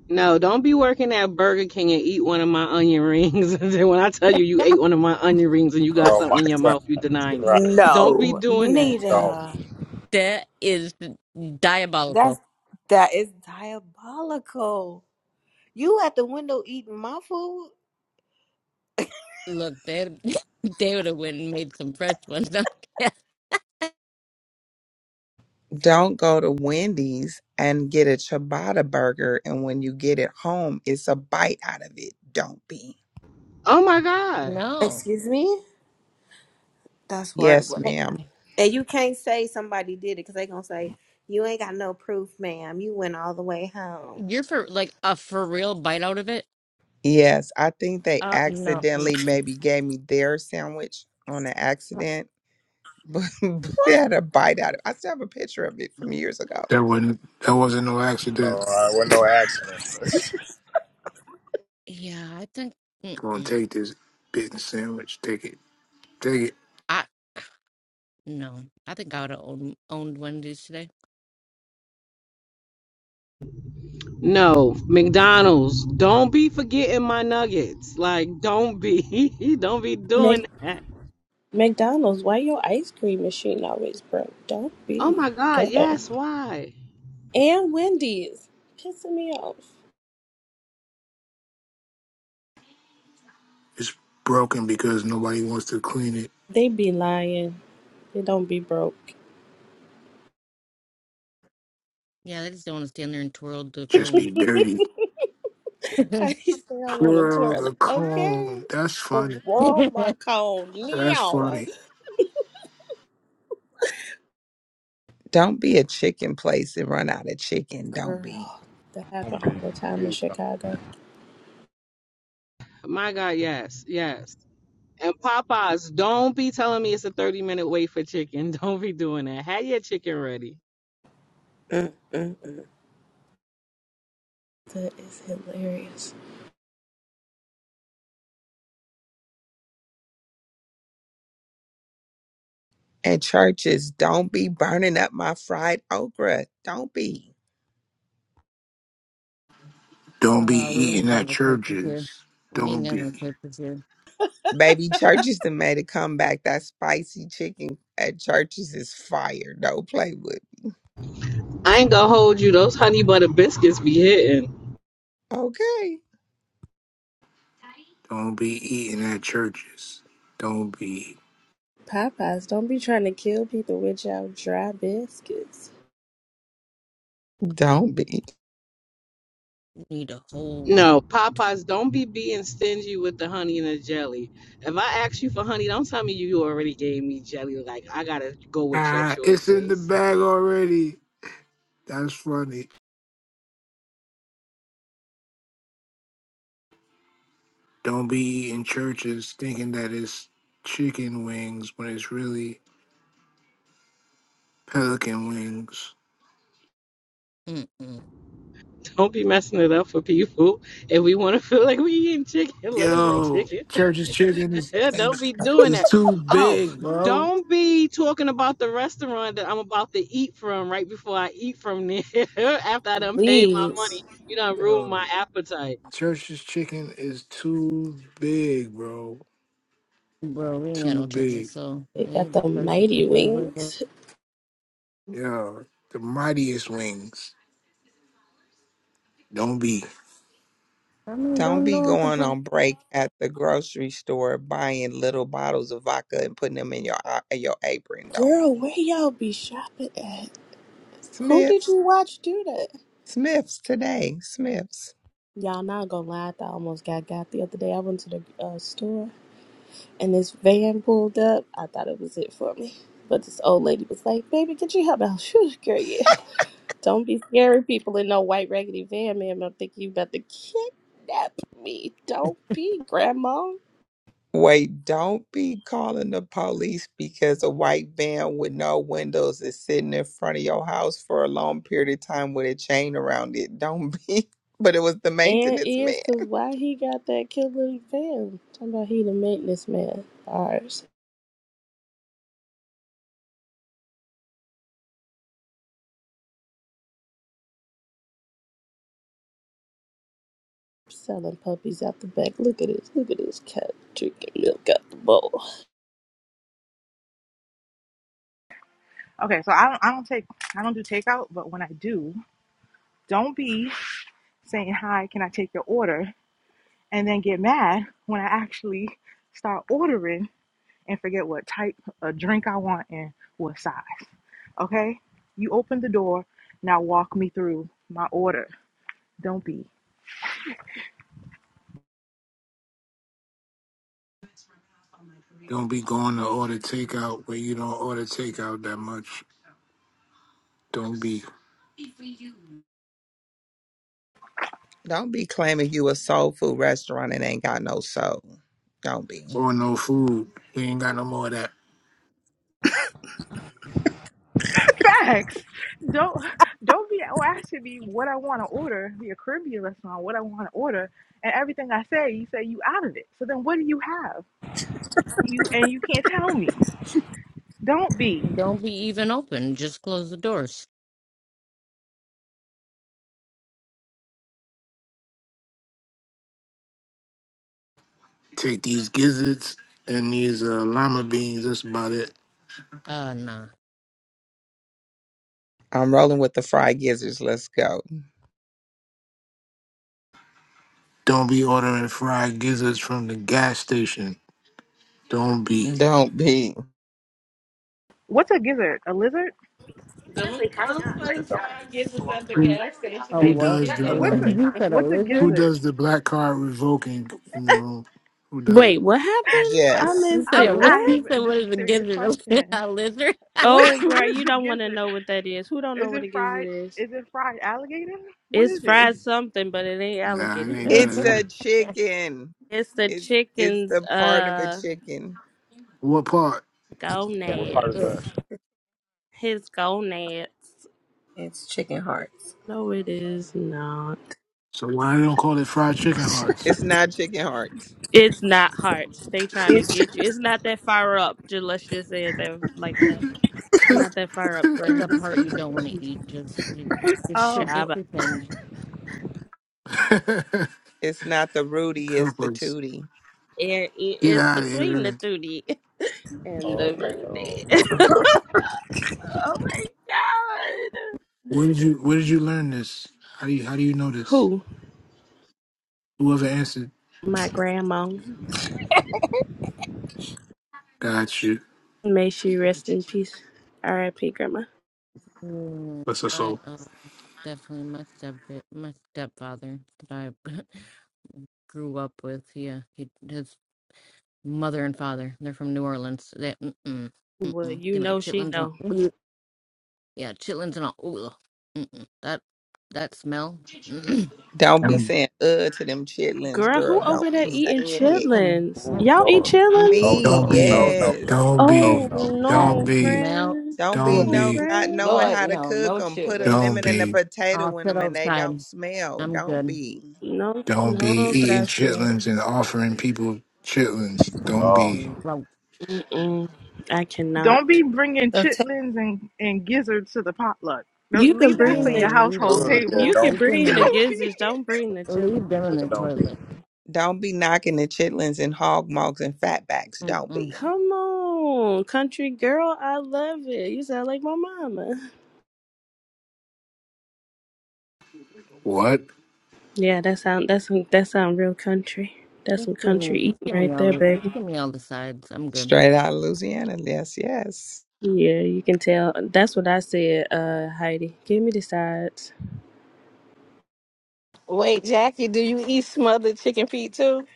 B: No, don't be working at Burger King and eat one of my onion rings. and then when I tell you you ate one of my onion rings and you got
G: Oh my
B: something in your
G: God!
B: mouth, you deny me.
G: Right?
B: Don't be
A: No,
B: doing that.
A: Nita.
G: Don't.
H: That is
A: That's
H: diabolical.
A: that is diabolical. You at the window eating my food?
H: Look, they they would have went and made some fresh ones.
J: Don't go to Wendy's and get a ciabatta burger, and when you get it home, it's a bite out of it. Don't be.
B: Oh my God.
H: no,
A: Excuse me? That's
J: Yes,
A: horrible.
J: ma'am.
A: And you can't say somebody did it because they gonna say you ain't got no proof, ma'am. You went all the way home.
H: you're for like a for real bite out of it.
J: Yes, I think they
H: Uh, no.
J: accidentally
H: Mm-mm.
J: maybe gave me their sandwich on an accident, but, but they had a bite out of it. I still have a picture of it from years ago.
L: That wasn't that wasn't no accident.
H: Yeah, I think mm,
L: Gonna take this bitten sandwich. Take it. Take it.
H: I no. I think I would have owned, owned one today.
B: No, McDonald's. Don't be forgetting my nuggets. Like, don't be. don't be
N: Mac-
B: doing that.
N: McDonald's, why your ice cream machine always broke? Don't
B: Oh
N: be
B: my God.
N: ghetto.
B: Yes. Why?
N: And Wendy's, pissing me off.
L: It's broken because nobody wants to clean it.
N: They be lying. They don't be broke.
H: Yeah, they just don't want to stand there and twirl the
L: Just
H: cone.
L: be dirty.
N: How
H: uh,
N: you say I want a
L: Twirl the
N: toilet? Okay.
L: cone. That's funny.
H: we
N: Oh my god,
L: That's
N: now.
L: funny.
J: Don't be a chicken place and run out of chicken. Don't
N: Girl,
J: be.
N: that happened all the time in Chicago.
B: My God. Yes. Yes. And Popeyes, don't be telling me it's a 30 minute wait for chicken. Don't be doing that. Have your chicken ready.
A: Mm-mm.
N: That is hilarious.
J: And churches, don't be burning up my fried okra. Don't be.
L: Don't be
H: ain't
L: eating
H: got
L: at
H: no purchase here.
L: churches.
H: We ain't
L: Don't
H: got
L: be.
H: no purchase here.
J: Baby, churches that made a comeback. That spicy chicken at churches is fire. Don't play with.
B: I ain't gonna hold you. Those honey butter biscuits be hitting.
J: Okay.
L: Don't be eating at churches. Don't be.
N: Popeyes, don't be trying to kill people with y'all dry biscuits.
J: Don't be
H: We need a whole.
B: No, Popeyes, don't be being stingy with the honey and the jelly. If I ask you for honey, don't tell me you already gave me jelly. Like, I gotta go with your
L: Ah, it's in the
B: choices.
L: bag already. That's funny. Don't be eating churches thinking that it's chicken wings when it's really pelican wings.
H: Mm-mm.
B: Don't be messing it up for people. If we wanna feel like we eating chicken, let us eat
L: Yo,
B: chicken.
L: church's chicken is,
B: don't be doing
L: is
B: that.
L: too
B: Oh,
L: big, bro.
B: don't be talking about the restaurant that I'm about to eat from right before I eat from there after I done paid my money.
N: Please.
B: You done ruined
L: Yo,
B: my appetite.
L: Church's chicken is too big, bro.
H: Bro, we ain't got
L: Too
H: no
L: big.
H: churches, so
N: They got
H: they
N: the
H: churches
N: mighty
H: just everywhere. But,
N: wings.
L: Yo, the mightiest wings. Don't be.
H: I mean,
J: don't
H: don't
J: be
H: no one
J: going
H: complain.
J: on break at the grocery store buying little bottles of vodka and putting them in your uh, in your apron. Don't
N: Girl,
J: be
N: where y'all be shopping at? Who did
J: Smiths.
N: you watch do that?
J: Smiths today. Smiths.
N: Y'all not gonna lie, I thought I almost got got the other day. I went to the uh, store and this van pulled up. I thought it was it for me. But this old lady was like, baby, could you help out? Phew, girl, yeah. Don't be scaring people in no white raggedy van, ma'am. I'm thinking you about to kidnap me. Don't be, Grandma.
J: Wait, don't be calling the police because a white van with no windows is sitting in front of your house for a long period of time with a chain around it. Don't be. But it was the
N: And
J: maintenance man.
N: is because why he got that killer van? Talking about he the maintenance man. Ours selling puppies out the back. Look at this. Look at this cat drinking milk out the bowl.
Q: okay. So I don't. I don't take. I don't do takeout, but when I do, don't be saying hi. Can I take your order? And then get mad when I actually start ordering and forget what type of drink I want and what size. Okay, you open the door. Now walk me through my order. Don't be.
L: Don't be going to order takeout where you don't order takeout that much. Don't be.
J: Don't be claiming you a soul food restaurant and ain't got no soul. Don't be.
L: Or no food. We ain't got no more of that.
Q: Facts. Don't don't be oh, asking me what I want to order, be a Caribbean restaurant, what I want to order, and everything I say, you say you out of it. So then, what do you have? You and you can't tell me. Don't be.
H: Don't be even open. Just close the doors.
L: Take these gizzards and these uh, lima beans. That's about it.
H: Uh, nah.
J: I'm rolling with the fried gizzards. Let's go.
L: Don't be ordering fried gizzards from the gas station. Don't be.
J: Don't be.
Q: What's a gizzard? A lizard?
B: The motherfucking gets us at the
L: Who,
B: gas station.
H: Oh
B: They
L: who
B: be
H: what?
L: does
H: A
L: the?
B: hitting.
H: li-
Q: What's a
L: uh,
H: you said a
Q: what's a
L: Who
H: lizard?
Q: gizzard?
L: does the black card revoking in the room? Who does it?
N: Wait, what happened? I
J: Yes.
H: You
N: missed
H: said
Q: I'm,
H: a
N: it.
H: lizard?
Q: I
N: What?
H: You said
Q: this
H: what
Q: is
H: is
Q: a
H: a
Q: serious
H: gizzard?
Q: question.
H: A lizard?
Q: What
N: Oh,
Q: what
N: girl,
Q: is
N: you
Q: a
N: don't want to
Q: gizzard?
N: know what that is. Who don't know
Q: Is
N: what
Q: it
N: it is? It
Q: fried?
N: is.
Q: Is it fried alligator? What
N: It's
Q: is it?
N: fried something, but it ain't
L: Nah,
N: alligator,
L: it ain't
N: baby.
L: none
J: It's
L: of
J: a
L: that.
J: chicken.
N: It's the
J: It's it's the
N: chicken's.
J: part of a
N: Uh.
J: chicken.
L: What part?
N: Go
H: Don't- Ugh.
N: Gonads. His go gonads.
R: It's chicken hearts.
N: No, it is not.
L: So why they don't call it fried chicken hearts?
J: It's not chicken hearts.
N: It's not hearts. They trying to
R: It's
N: get you. It's not that far up. Just let's just say it that like that. It's
L: Help
N: not that far up,
H: it's a
N: friends.
H: part you don't want to eat. Just, just, just, pre-
Q: Oh.
H: just
N: Shaba.
H: pretend.
J: It's not the Rudy, it's the
L: us.
J: Tootie.
N: It, it
L: Get
N: is
L: out of here.
N: between the two D and
G: Oh
N: the root
G: no!
N: D.
G: No!
N: oh my god.
L: Where did you where did you learn this? How do you how do you know this?
N: Who?
L: Whoever answered.
N: My grandma.
L: Got you.
N: May she rest in peace. R.I.P. Grandma.
H: Mm, my um, definitely my step my stepfather that I grew up with. Yeah, he, his mother and father. They're from New Orleans. They mm-mm,
N: Well,
H: mm-mm.
N: you
H: they made
N: know she
H: chitlins and
N: know.
H: all. yeah, chitlins and all. ugh. Mm-mm. That that smell. Mm-mm,
J: Don't be
L: Don't
J: saying uh to them chitlins,
N: Girl, who
J: girl.
N: over
J: Don't be
N: there eating
J: saying it.
H: mm-mm,
N: chitlins?
H: mm-mm,
N: Y'all eat chitlins?
J: Me,
L: don't be.
H: mm-mm.
G: No!
J: yes.
G: No!
L: Don't
G: No!
N: Oh
L: be.
H: That
L: Don't
N: no,
L: be.
H: smell.
N: friend.
J: Don't be
L: Don't
H: Ooh,
N: No,
J: no
L: be.
J: not
N: friend.
J: knowing
B: Lord,
J: how to
B: no,
J: cook
B: no
J: them. Put a
L: Don't
B: chitlins.
J: lemon and a
L: be.
H: I'll
J: potato in
H: sit
J: them, and they don't
H: outside.
J: smell.
H: I'm
J: Don't
H: good.
J: be.
N: No,
L: Don't be
N: no,
L: eating
N: gracias.
L: chitlins and offering people chitlins. Don't be.
H: Well,
N: Mm-mm. I
Q: Don't
N: cannot.
Q: be bringing
R: so It's
Q: chitlins and, and gizzards to the potluck.
N: You
Q: Don't
N: can
Q: leave
H: yeah,
Q: that for
N: bring
Q: your
N: the
H: leave
Q: household
G: Ugh,
H: them,
G: yeah,
N: you
Q: table.
N: can
H: leave
G: don't.
H: them,
N: bring the
H: in,
Q: Don't be.
N: gizzards. Don't bring the chitlins
H: leave them
N: though.
H: in the
N: No, thank
H: toilet.
N: you.
J: Don't be knocking the chitlins and hog mugs and fatbacks. Don't
H: Mm-mm.
J: be.
N: Come on, country girl. I love it. You sound like my mama.
L: What?
N: Yeah, that sound that's some that sound real country. That's
H: Just
N: some
H: give
N: country
H: me, just
N: eating
H: give me
N: right
H: all
N: there,
H: the,
N: baby.
H: just give me all the sides. I'm good.
J: Straight out of Louisiana. Yes, yes.
N: Yeah, you can tell. That's what I said, uh, Heidi. Give me the sides.
B: Wait, Jackie, do you eat smothered chicken feet too?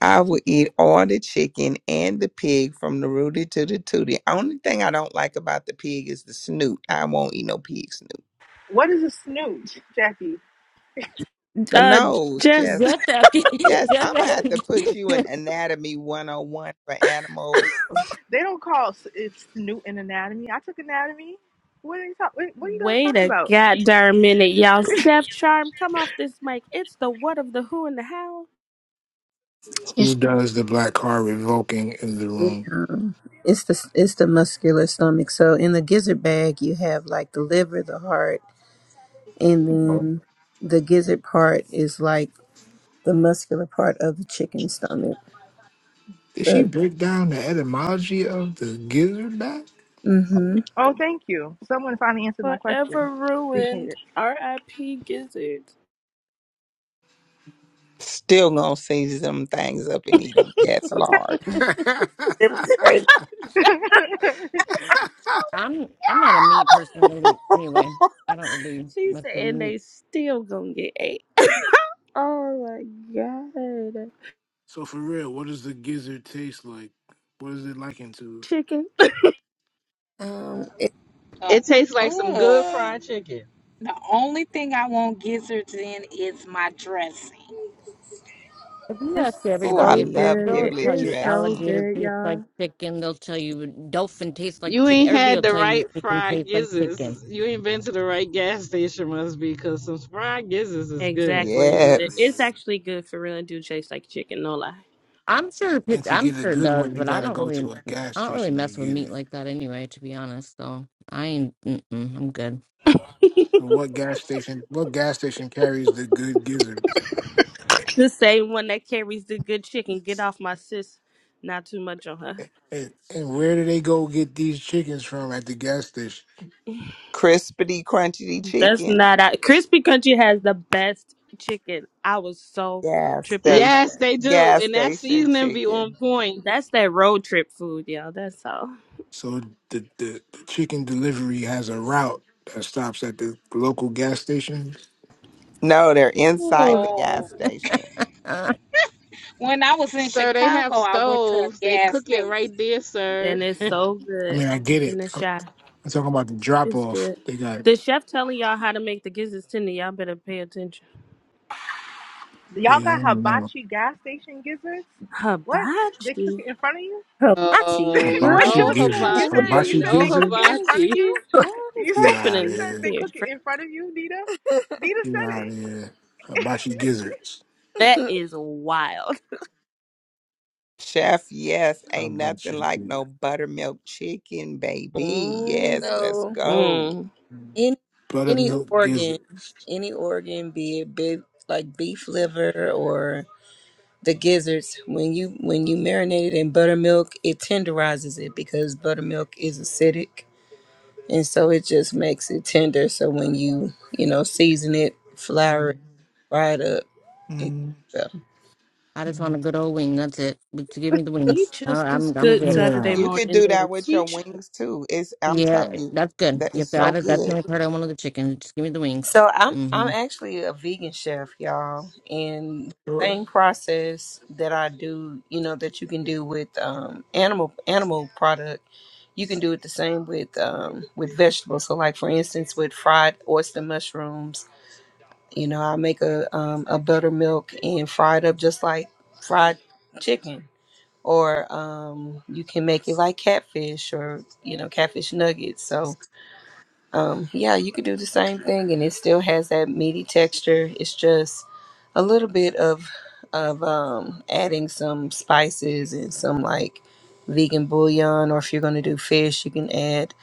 J: I will eat all the chicken and the pig from the rooty to the tooty. Only thing I don't like about the pig is the snoot. I won't eat no pig snoot.
Q: What is a snoot, Jackie?
J: The
N: Uh,
J: nose, just,
N: just
H: Just asking,
J: just. I'm
H: just
J: gonna have
H: asking.
J: to put you in anatomy 101 for animals.
Q: They don't call s- it snoot in anatomy. I took anatomy. What are you talk, What what are you guys
N: wait
Q: talking
N: a
Q: about?
N: goddamn minute, y'all. Chef Charm, come off this mic. It's the what of the who and the how.
L: Who does the black card revoking in the room?
R: um, it's the it's the muscular stomach. So in the gizzard bag, you have like the liver, the heart, and
L: No.
R: then the gizzard part is like the muscular part of the chicken stomach.
L: Did she
R: But
L: break down the etymology of the gizzard back?
R: mm-hmm.
Q: Oh, thank you. Someone finally answered my question.
N: Forever
Q: Appreciate
N: ruined.
Q: it.
N: R.I.P. Gizzard.
J: Still gonna season them things up and eat them. Yes,
R: Okay,
J: Lord.
R: it was crazy.
H: Mm. I'm I'm not a meat person really anyway. I don't really
N: She
H: mess
N: said,
H: with
N: and they
H: meat.
N: still gonna get ate. Oh my god.
L: So for real, what does the gizzard taste like? What is it likened to?
N: Chicken.
R: Um, it's
B: It tastes
K: Uh,
B: like some good
K: ugh.
B: fried chicken.
K: The only thing I want gizzards in is my dressing.
H: If you
N: It's
H: ask
J: Oh, I
H: everybody
N: so
H: that
L: Oh,
J: love
N: good.
H: they'll tell
J: giblet
H: you
N: It's so
J: dressing.
H: alligator
N: good,
H: tastes like
N: y'all.
H: chicken, they'll tell you dolphin tastes like
B: You
H: chicken.
B: ain't
H: Everybody
B: had
H: will
B: the
H: tell you
B: right
H: chicken
B: fried
H: tastes like chicken.
B: gizzards. You ain't been to the right gas station, must be, because some fried gizzards is good.
N: Exactly,
L: she's out
N: Nita.
L: of
N: It's
L: here.
J: Yes.
N: actually good for real. It do taste like chicken, no lie.
H: I'm sure it
L: And to
H: I'm
L: get a
H: sure it
L: good
H: does,
L: one, you
H: but I
L: gotta
H: don't
L: go
H: really
L: to a gas
H: I don't really
L: station to
H: mess with
L: get
H: meat
L: it.
H: like that anyway, to be honest. So I ain't mm-mm, I'm good.
L: So what gas station? What gas station carries the good gizzards?
N: The same one that carries the good chicken. Get off my sis. Not too much on her.
L: And, and where do they go get these chickens from at the gas station?
J: Crispity, crunchy
N: That's
J: chicken.
N: not out. Crispy Country has the best chicken. I was so
J: Gas
N: tripped out
J: station.
N: by
B: Yes,
N: that.
B: they do.
J: Gas
B: And that
J: station
B: seasoning be on
J: chicken.
B: point.
N: That's that road trip food, y'all. That's all.
L: So the, the the chicken delivery has a route that stops at the local gas station.
J: No, they're inside the gas
K: Oh,
J: station.
K: when I was in
B: Sir, they have
K: Chicago, I went to a
B: stoves. They
K: gas
B: cook it
K: station.
B: right there, sir.
N: And it's so
L: I
N: good
L: mean, I get
N: in
L: it.
N: the
L: I'm,
N: shop.
L: I'm talking about the drop
N: It's
L: off.
N: good.
L: They got,
N: The chef telling y'all how to make the gizzards tender. Y'all better pay attention.
Q: Y'all
L: you know, I
Q: got
L: want to know.
Q: hibachi gas station gizzards? What? They cook
N: Hibachi.
Q: it in front of you?
R: hibachi.
B: Oh,
N: Girl,
Q: What's
L: Hibachi
Q: your,
B: no
N: what kind
L: gizzards.
N: of?
Q: you said you
B: hibachi,
L: Hibachi
Q: said
B: no
Q: they cook it
N: What
Q: in
L: gizzards?
Q: front
N: is
Q: of
B: hibachi.
N: she?
Q: you.
N: What is
Q: You said
L: Get out
Q: you
L: of
N: happening
Q: said
L: here.
Q: they
N: here?
Q: cook it
N: Fran?
Q: in front of you, Nita. Nita
L: Get
Q: said
L: out of
Q: it.
L: here. Hibachi gizzards.
N: That is wild.
J: Chef, yes, ain't nothing
L: Hibachi
J: like no
L: gizzards.
J: buttermilk chicken, baby. Yes,
N: Mm-hmm.
J: let's
R: so
J: go.
R: any any
L: Buttermilk
R: organ,
L: gizzards.
R: any organ, be it big like beef liver or the gizzards when you when you marinate it in buttermilk it tenderizes it because buttermilk is acidic and so it just makes it tender so when you you know season it
L: Mm,
R: flour it fry it up it's
L: mm,
R: better.
H: I just want
L: mm,
H: a good old wing. That's it. But you give me the
L: mm.
H: wings.
N: Teach
H: I,
N: us this
H: I'm I'm
N: good
H: good.
N: Saturday
L: Yeah.
J: You could
N: morning
J: do that
N: dance.
J: with your
N: Teach. us.
J: wings too. It's I'm
H: Yeah,
J: telling you,
H: that's good.
J: that
H: Yep,
J: is so
H: that, that's the
J: good.
H: only part I want of the chicken. Just give me the wings.
R: so i'm i'm
H: hmm
R: actually a vegan chef y'all and
L: Sure.
R: same process that i do you know that you can do with um animal animal product you can do it the same with um with vegetables so like for instance with fried oyster mushrooms You know, I make a um, a buttermilk and fry it up just like fried chicken, or um, you can make it like catfish or you know catfish nuggets. So um, yeah, you could do the same thing, and it still has that meaty texture. It's just a little bit of of um, adding some spices and some like vegan bouillon, or if you're gonna do fish, you can add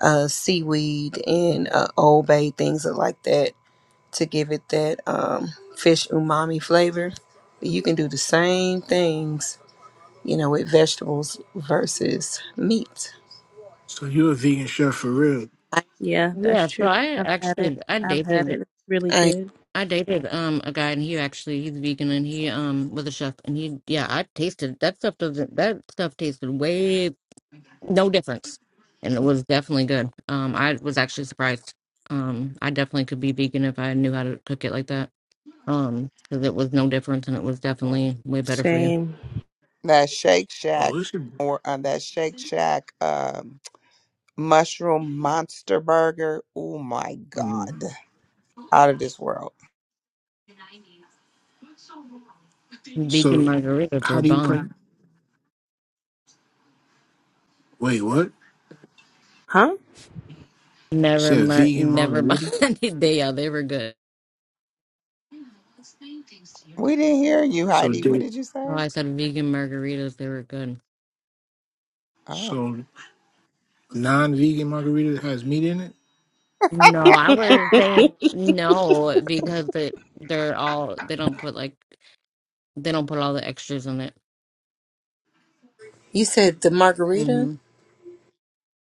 R: uh, seaweed and uh, old bay things like that to give it that um, fish umami flavor. But you can do the same things, you know, with vegetables versus meat.
L: So you're a vegan chef for real.
R: I,
N: Yeah, that's
H: Yeah, so
N: true.
H: I
N: I've had it.
H: actually I
N: I've had
H: dated
N: it. It's really
R: I,
N: good.
H: I dated um a guy and he actually he's vegan and he um was a chef and he yeah I tasted that stuff doesn't that stuff tasted way no difference and it was definitely good. Um, I was actually surprised. Um, I definitely could be vegan if I knew how to cook it like that. Um, because it was no difference and it was definitely way better for you.
N: Same.
J: that Shake Shack
L: Oh, this is.
J: or uh, that Shake Shack um, mushroom monster burger. Oh my
L: Mm.
J: God. Out of this world.
L: So
H: Vegan margaritas
L: how
H: are
L: do you
H: bomb.
L: prep? Wait, what?
N: Huh?
L: You
H: Never,
L: said
H: mar-
L: vegan
H: never
L: margarita?
H: mind. they are. They were good.
J: We didn't hear you,
L: So
J: Heidi. What
L: did
J: did you
H: Oh,
J: say?
H: I said vegan margaritas. They were good.
J: Oh.
L: so non-vegan margarita has meat in it?
H: No, I wouldn't say no because they they're all they don't put like they don't put all the extras in it.
R: you said the margarita
H: hmm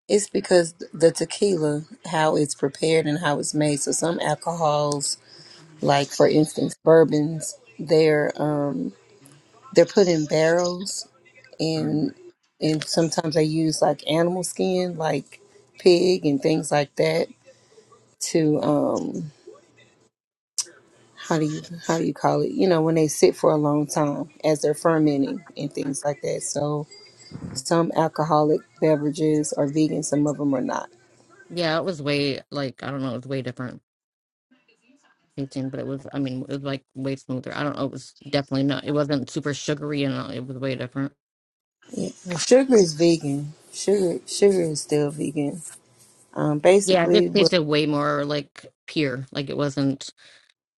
R: is because the tequila, how it's prepared and how it's made. So some alcohols, like for instance bourbons, they're um, they're put in barrels
L: Mm.
R: and and sometimes they use like animal skin, like pig and things like that to um how do you how do you call it you know when they sit for a long time as they're fermenting and things like that so some alcoholic beverages are vegan some of them are not
H: Yeah, it was way like I don't know. It was way different tasting, but it was. I mean, it was like way smoother. I don't know. It was definitely not. It wasn't super sugary, and all, it was way different.
R: Yeah. sugar is vegan sugar sugar is still vegan um
H: Yeah, this
R: basically what
H: tasted way more like pure. Like it wasn't.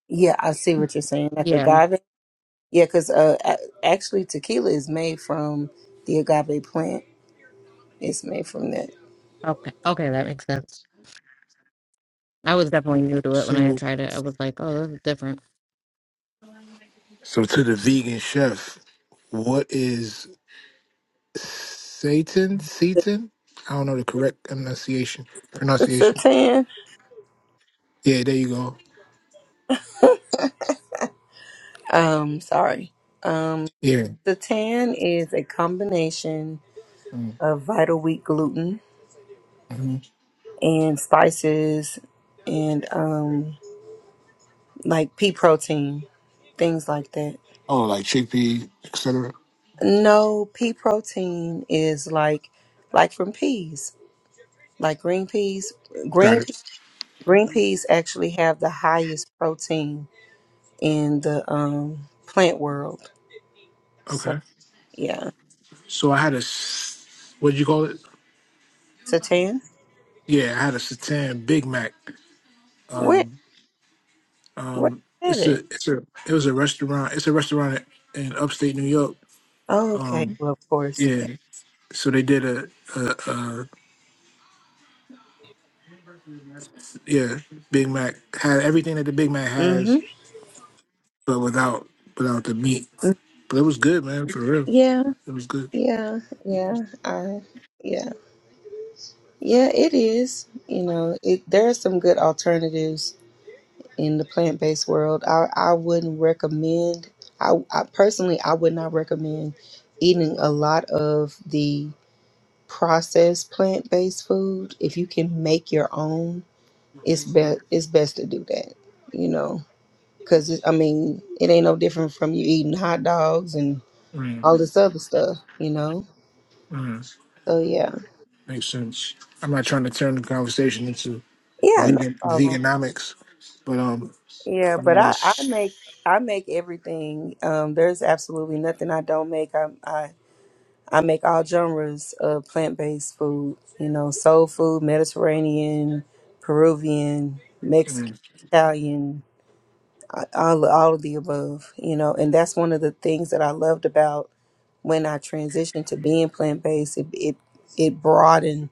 R: yeah i see what you're saying like
H: Yeah.
R: agave yeah because uh a- actually tequila is made from the agave plant it's made from that
H: Okay. Okay, that makes sense. I was definitely new to it when I
L: So
H: tried it. I was like, oh, this is different.
L: so to the vegan chef, what is Satan? Satan? I don't know the correct pronunciation. Pronunciation.
R: satan
L: Yeah, there you go.
R: um sorry um
L: Yeah.
R: satan is a combination of vital wheat gluten
L: Mm-hmm.
R: and spices and um like pea protein things like that
L: Oh, like chickpea, etc.
R: no pea protein is like like from peas like green peas
L: Got
R: green pe-
L: it.
R: green peas actually have the highest protein in the um plant world so
L: Okay.
R: yeah
L: So I had a s- what'd you call it?
R: satan
L: Yeah, I had a satan Big Mac.
R: where
L: Um,
R: where
L: Um,
R: is
L: it's a
R: it
L: it's a it was a restaurant. It's a restaurant in upstate New York.
R: oh, okay
L: Um,
R: well of course
L: yeah. So they did a, a, a yeah Big Mac had everything that the Big Mac has,
R: mm-hmm
L: but without without the meat. But it was good, man. For real,
R: yeah
L: it was good.
R: yeah yeah i yeah Yeah, it is. You know, it, there are some good alternatives in the plant-based world. I, I wouldn't recommend. I, I personally, I would not recommend eating a lot of the processed plant-based food. If you can make your own, it's best. It's best to do that. You know, because I mean, it ain't no different from you eating hot dogs and
L: Mm,
R: all this other stuff. You know,
L: mm,
R: so yeah,
L: makes sense. I'm not trying to turn the conversation into
R: yeah, no
L: vegan
R: problem.
L: veganomics, but um,
R: Yeah,
L: I'm
R: but
L: gonna
R: I, I
L: s-
R: make I make everything. Um, there's absolutely nothing I don't make. I I, I make all genres of plant based food. You know, soul food, Mediterranean, Peruvian, Mexican,
L: mm,
R: Italian, a- all all of the above. You know, and that's one of the things that I loved about when I transitioned to being plant based. It, it it broadened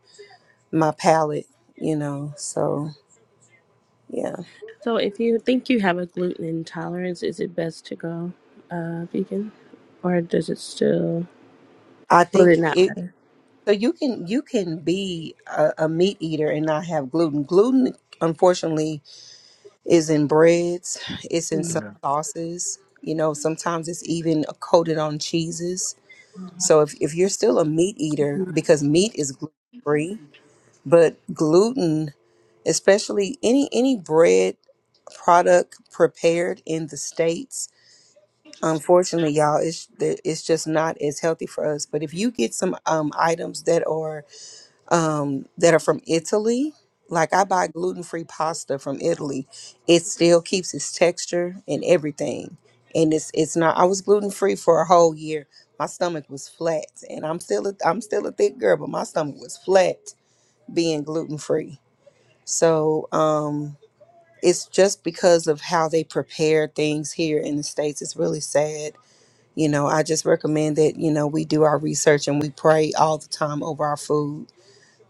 R: my palate. You know, so yeah.
N: so, if you think you have a gluten intolerance, is it best to go uh, vegan, or does it still?
R: I
N: Will
R: think
N: it not
R: it.
N: matter?
R: So you can you can be a, a meat eater and not have gluten. Gluten, unfortunately, is in breads. It's in
L: you
R: some
L: know
R: sauces. You know, sometimes it's even coated on cheeses. So if if you're still a meat eater, because meat is gluten free, but gluten, especially any any bread product prepared in the states, unfortunately, y'all, it's it's just not as healthy for us. But if you get some um, items that are um, that are from Italy. Like I buy gluten free pasta from Italy. It still keeps its texture and everything. And it's it's not I was gluten free for a whole year. My stomach was flat and I'm still a, I'm still a thick girl, but my stomach was flat being gluten free. So um it's just because of how they prepare things here in the States. It's really sad. You know, I just recommend that, you know, we do our research and we pray all the time over our food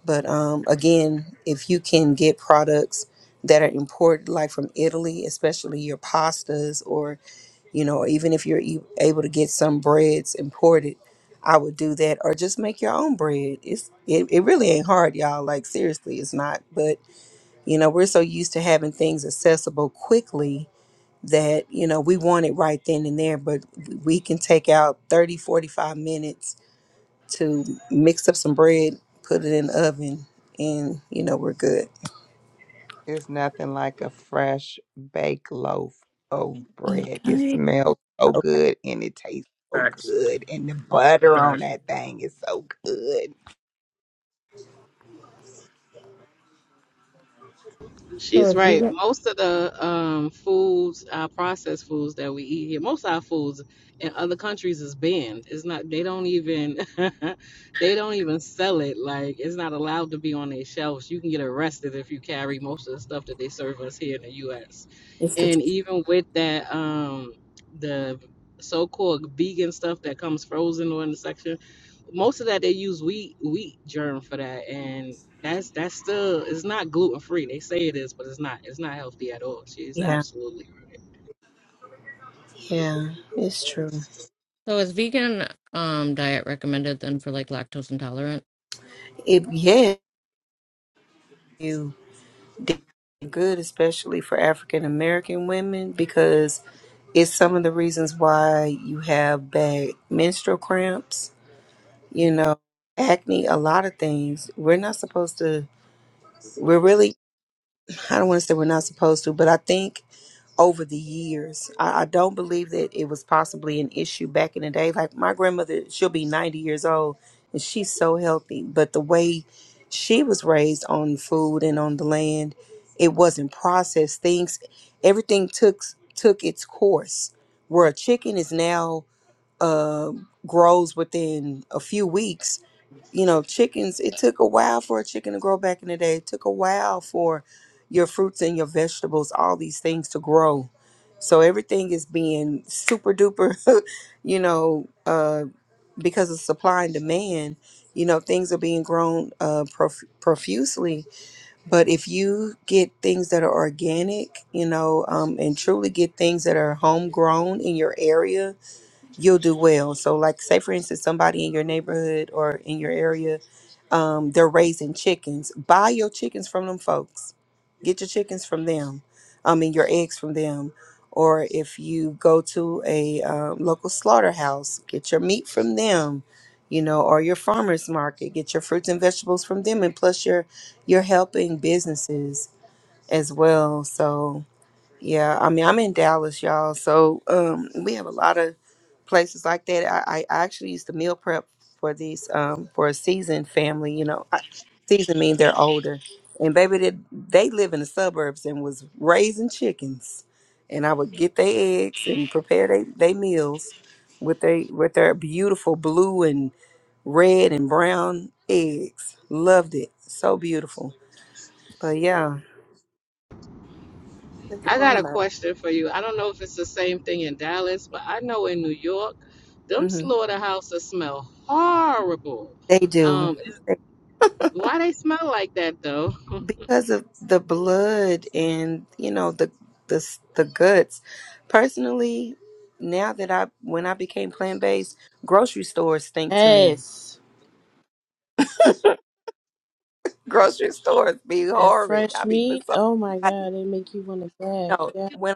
R: but um, again, if you can get products that are imported, like from Italy, especially your pastas, or you know, even if you're e- able to get some breads imported, I would do that, or just make your own bread. It's it, it really ain't hard, y'all. Like seriously, it's not. But you know, we're so used to having things accessible quickly that you know we want it right then and there but we can take out 30 45 minutes to mix up some bread, put it in the oven, and you know we're good.
J: It's nothing like a fresh baked loaf of bread. It
N: Okay.
J: smells so
R: Okay.
J: good and it tastes so good. And the butter on that thing is so good.
H: So
B: She's
H: is
B: right.
H: vegan.
B: Most of the um, foods, our processed foods that we eat here, most of our foods in other countries is banned. It's not. They don't even. they don't even sell it. Like it's not allowed to be on their shelves. You can get arrested if you carry most of the stuff that they serve us here in the U.S.
R: It's the truth.
B: And even with that, um, the so-called vegan stuff that comes frozen or in the section most of that they use wheat wheat germ for that and that's that's still it's not gluten free they say it is but it's not it's not healthy at all she's
R: Yeah,
B: absolutely
R: yeah, it's true.
H: So is vegan um diet recommended then for like lactose intolerant?
R: It yeah, you did good, especially for African American women, because it's some of the reasons why you have bad menstrual cramps. You know, acne, a lot of things. We're not supposed to. We're really. I don't want to say we're not supposed to, but I think. over the years. I, I don't believe that it was possibly an issue back in the day. Like my grandmother, she'll be 90 years old and she's so healthy, but the way she was raised on food and on the land, it wasn't processed. Things, everything took took its course. Where a chicken is now uh, grows within a few weeks, you know, chickens, it took a while for a chicken to grow back in the day. It took a while for your fruits and your vegetables, all these things to grow. So everything is being super duper, you know, uh, because of supply and demand, you know, things are being grown uh, prof- profusely. But if you get things that are organic, you know, um, and truly get things that are homegrown in your area, you'll do well. So, like, say for instance, somebody in your neighborhood or in your area, um, they're raising chickens. Buy your chickens from them folks. Get your chickens from them. I mean, your eggs from them. Or if you go to a um, local slaughterhouse, get your meat from them. You know, or your farmers market, get your fruits and vegetables from them, and plus your your helping businesses as well. So, yeah, I mean, I'm in Dallas, y'all. So um, we have a lot of places like that. I, I actually used to meal prep for these um, for a seasoned family. You know, I, seasoned mean they're older, and baby, they, they live in the suburbs and was raising chickens, and I would get their eggs and prepare they they meals with they with their beautiful blue and red and brown eggs. Loved it, so beautiful. But yeah,
B: i got a question for you i don't know if it's the same thing in dallas but i know in new york them
R: hmm
B: slaughterhouses smell horrible
R: they do.
B: um why they smell like that though
R: because of the blood and you know the the s- the guts personally now that i when i became plant-based grocery stores stink to me
N: Yes.
R: grocery stores be
N: That
R: horrid i
N: fresh
R: be
N: meat.
R: beside
N: Oh my
R: I,
N: god, it make you want to
R: no
N: gag.
R: when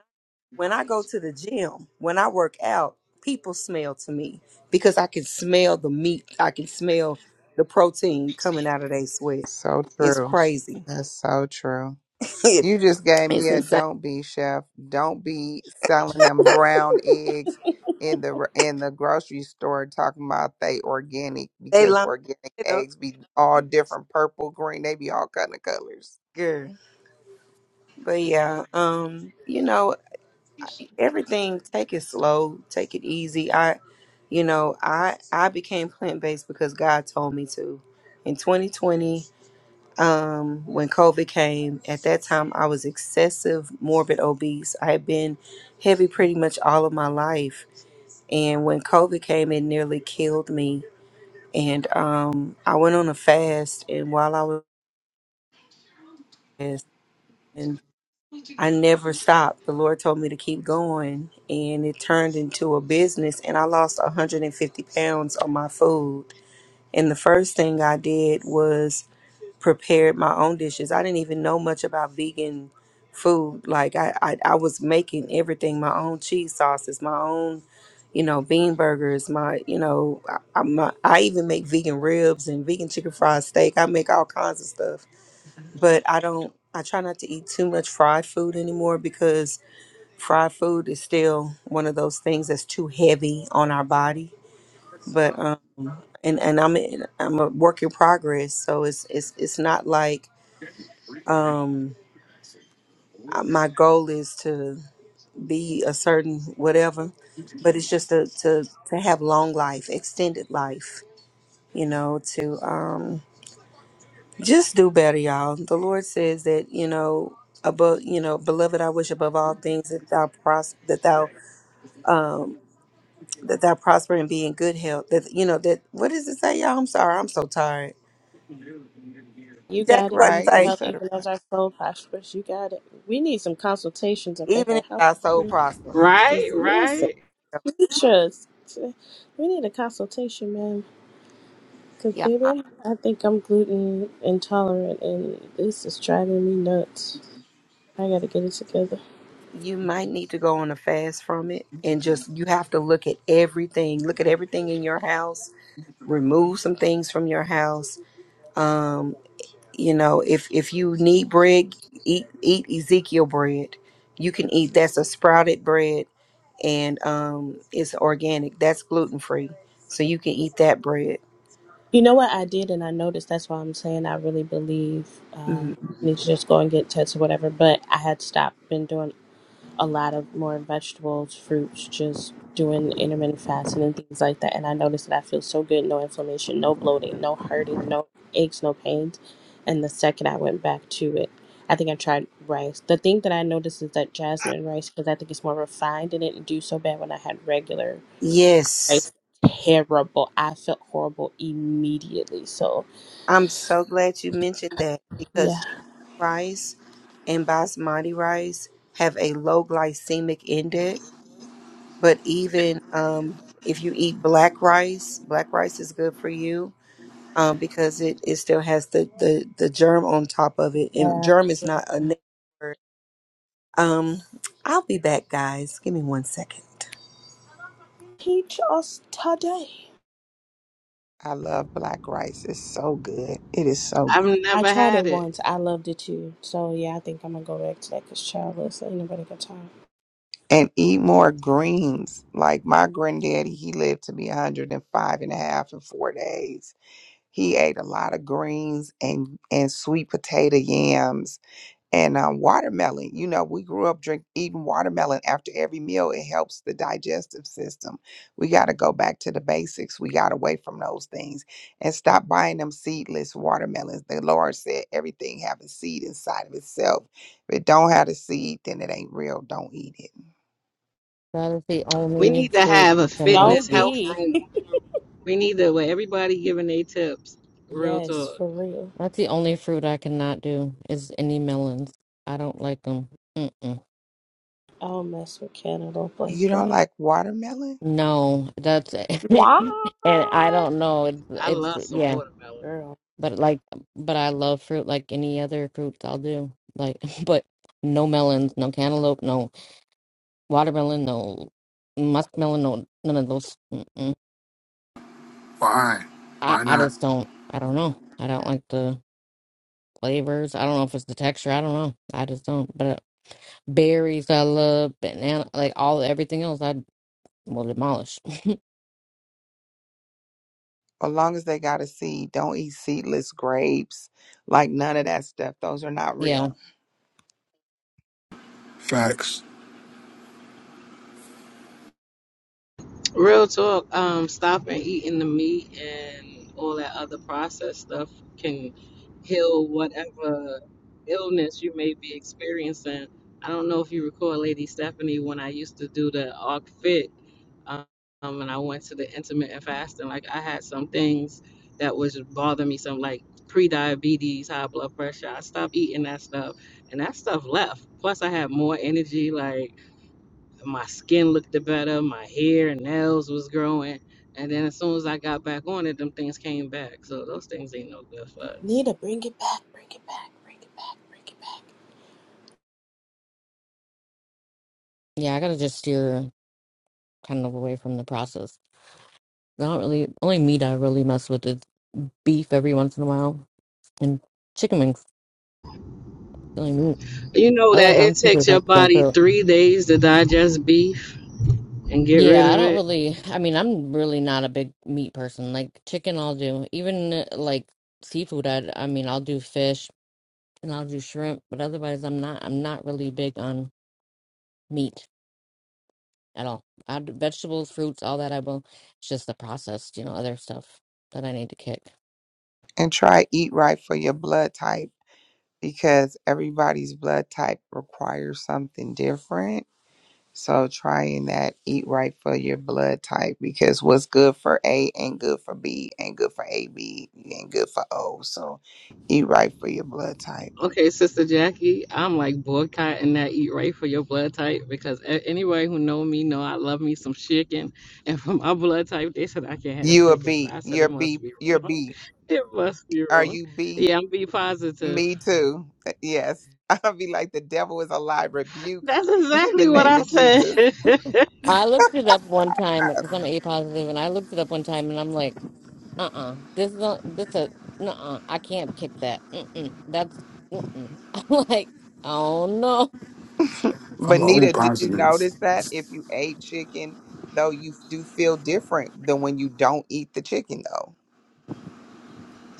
R: when i go to the gym when i work out people smell to me because i can smell the meat i can smell the protein coming out of their sweat
J: So
R: it's
J: true.
R: crazy
J: That's so true. You
R: it's
J: just gave me a
R: insane
J: don't be chef. Don't be selling them brown eggs in the r- in the grocery store talking about they organic
R: they
J: because
R: lying
J: organic
R: you know,
J: eggs be all different purple, green, they be all kind of colors.
R: girl But yeah, um, you know, everything take it slow, take it easy. I you know, I I became plant-based because God told me to. In 2020, um when COVID came, at that time I was excessive morbid obese. I had been heavy pretty much all of my life, and when COVID came it nearly killed me. And um I went on a fast and while I was on a fast, I never stopped. The Lord told me to keep going, and it turned into a business. And I lost 150 pounds on my food. And the first thing I did was prepared my own dishes. I didn't even know much about vegan food. Like I, I, I was making everything my own cheese sauces, my own, you know, bean burgers. My, you know, I, I, my, I even make vegan ribs and vegan chicken fried steak. I make all kinds of stuff, but I don't. I try not to eat too much fried food anymore because fried food is still one of those things that's too heavy on our body. But um, and and I'm I'm a work in progress, so it's it's it's not like um uh, my goal is to be a certain whatever, but it's just to to to have long life, extended life, you know, to um just do better, y'all. The Lord says that you know above you know beloved, I wish above all things that thou pros that thou that thou prosper and be in good health. That you know that what does it say, y'all? I'm sorry, I'm so tired.
N: You
J: You
R: Jackie,
N: got it.
R: what
N: Be in
R: it
J: right.
N: good
J: You
R: say?
N: health,
J: said it
N: even
J: right.
N: as our soul prospers. You got it. We need some consultations up
R: Even if
N: ahead.
R: thy soul
N: How
R: prosper,
B: right
N: does listen?
B: right
N: Just, we need a consultation, man. Because
R: yeah,
N: baby, I'm, I think I'm gluten intolerant, and this is driving me nuts. I gotta get it together.
R: you might need to go on a fast from it, and just you have to look at everything. Look at everything in your house. Remove some things from your house. Um, you know, if if you need bread, eat eat Ezekiel bread. You can eat that's a sprouted bread and um, it's organic. That's gluten free, so you can eat that bread.
N: You know what I did, and I noticed. That's why I'm saying I really believe
R: Mm-hmm.
N: um, I need to just go and get tested, or whatever. But I had stopped, been doing. a lot of more vegetables, fruits, just doing intermittent fasting and things like that. And I noticed that I feel so good, no inflammation, no bloating, no hurting, no aches, no pains. And the second I went back to it, I think I tried rice. The thing that I noticed is that jasmine rice, because I think it's more refined and it didn't do so bad when I had regular
R: Yes,
N: rice. Terrible. I felt horrible immediately. So
R: I'm so glad you mentioned that because
N: yeah.
R: jasmine rice and basmati rice have a low glycemic index. But even um, if you eat black rice, black rice is good for you um, because it, it still has the, the, the germ on top of it. And
N: Uh,
R: germ is not a negative word. Um, I'll be back, guys. Give me one second.
N: teach us today.
J: I love black rice. It's so good. It is so
B: i've
J: good.
N: I
B: never
N: tried
B: had
N: it
B: it
N: once. I loved it too. So yeah, I think I'm gonna go back to that because childless ain't nobody got time.
J: And eat more greens. Like my granddaddy, he lived to be 105 a half in four days. He ate a lot of greens and, and sweet potato yams And um, watermelon, you know, we grew up drink eating watermelon after every meal. It helps the digestive system. We got to go back to the basics. We got away from those things and stop buying them seedless watermelons. The Lord said everything have a seed inside of itself. If it don't have a seed, then it ain't real. Don't eat it.
H: That is the
B: we
H: only
B: need to
H: fruit
B: have a
H: I cannot
B: fitness
N: Don't
H: eat.
B: health
N: be.
B: room we need to where everybody giving their tips real talk
N: Yes, for real.
H: That's the only fruit I cannot do is any melons. I don't like them. Mm-mm.
N: I don't mess with Don't
J: You
N: like
J: don't
N: that.
J: like watermelon?
H: No, that's
N: Why?
H: and I don't know.
B: I
H: It's
B: love
H: it's
B: some
H: yeah,
B: watermelon.
N: Girl.
H: but like, but I love fruit like any other fruits. I'll do like, but no melons, no cantaloupe, No. watermelon, no muskmelon, no none of those. Mm-mm.
L: why
H: I
L: why
H: I
L: not
H: just don't. I don't know. I don't like the flavors. I don't know if it's the texture. I don't know. I just don't. But uh, berries, I love banana, like all everything else. I will demolish.
J: as long as they got a seed, don't eat seedless grapes. Like none of that stuff. Those are not
H: yeah,
J: real.
L: facts.
B: Real talk, um, stopping eating the meat and all that other processed stuff can heal whatever illness you may be experiencing. I don't know if you recall, Lady Stephanie, when I used to do the ARC Fit, um, and I went to the intermittent fasting, like I had some things that was bothering me, some like pre-diabetes, high blood pressure. I stopped eating that stuff, and that stuff left. Plus, I had more energy, like my skin looked better, my hair, and nails was growing. And then as soon as I got back on it, them things came back. So those things ain't no good for us.
N: Need to bring it back, bring it back, bring it back, bring it back.
H: yeah. I gotta just steer kind of away from the process. I don't really only meat I really mess with is beef every once in a while and chicken wings. Really meat.
B: You know that
H: Otherwise,
B: it
H: I'm super
B: takes your
H: vegetarian.
B: body
H: so
B: three days to digest beef and get rid
H: Yeah,
B: of
H: I don't
B: it.
H: really. I mean, I'm really not a big meat person. Like chicken, I'll do. Even uh, like seafood, I I mean, I'll do fish and I'll do shrimp, but otherwise, I'm not. I'm not really big on meat at all. I do vegetables, fruits, all that. I will. It's just the processed, you know, other stuff that I need to kick.
J: And try eat right for your blood type because everybody's blood type requires something different. So trying that eat right for your blood type because what's good for A ain't good for B, ain't good for AB, ain't good for O. So eat right for your blood type.
B: Okay, Sister Jackie, I'm like boycotting that eat right for your blood type because a- anybody who know me know I love me some chicken. And for my blood type, they said I can't have
J: You a
B: chicken. So
J: B.
B: I said it
J: You're B.
B: must be
J: You're
B: wrong.
J: B.
B: It must be
J: Are
B: wrong.
J: you B?
B: Yeah, I'm be positive.
J: Me too. Uh, Yes. I'll be like the devil is a lie. Rebuke
B: That's
J: in the
B: exactly what
J: name
B: I
J: of
B: said.
J: Jesus.
H: I looked it up one time because I'm A positive, and I looked it up one time, and I'm like, uh-uh, this is not, this a, nuh-uh, I can't kick that. Mm-mm, that's, mm-mm. I'm like, oh no.
J: But
L: I'm all
J: Nita, did you
L: positive.
J: notice that if you ate chicken, though you do feel different than when you don't eat the chicken though?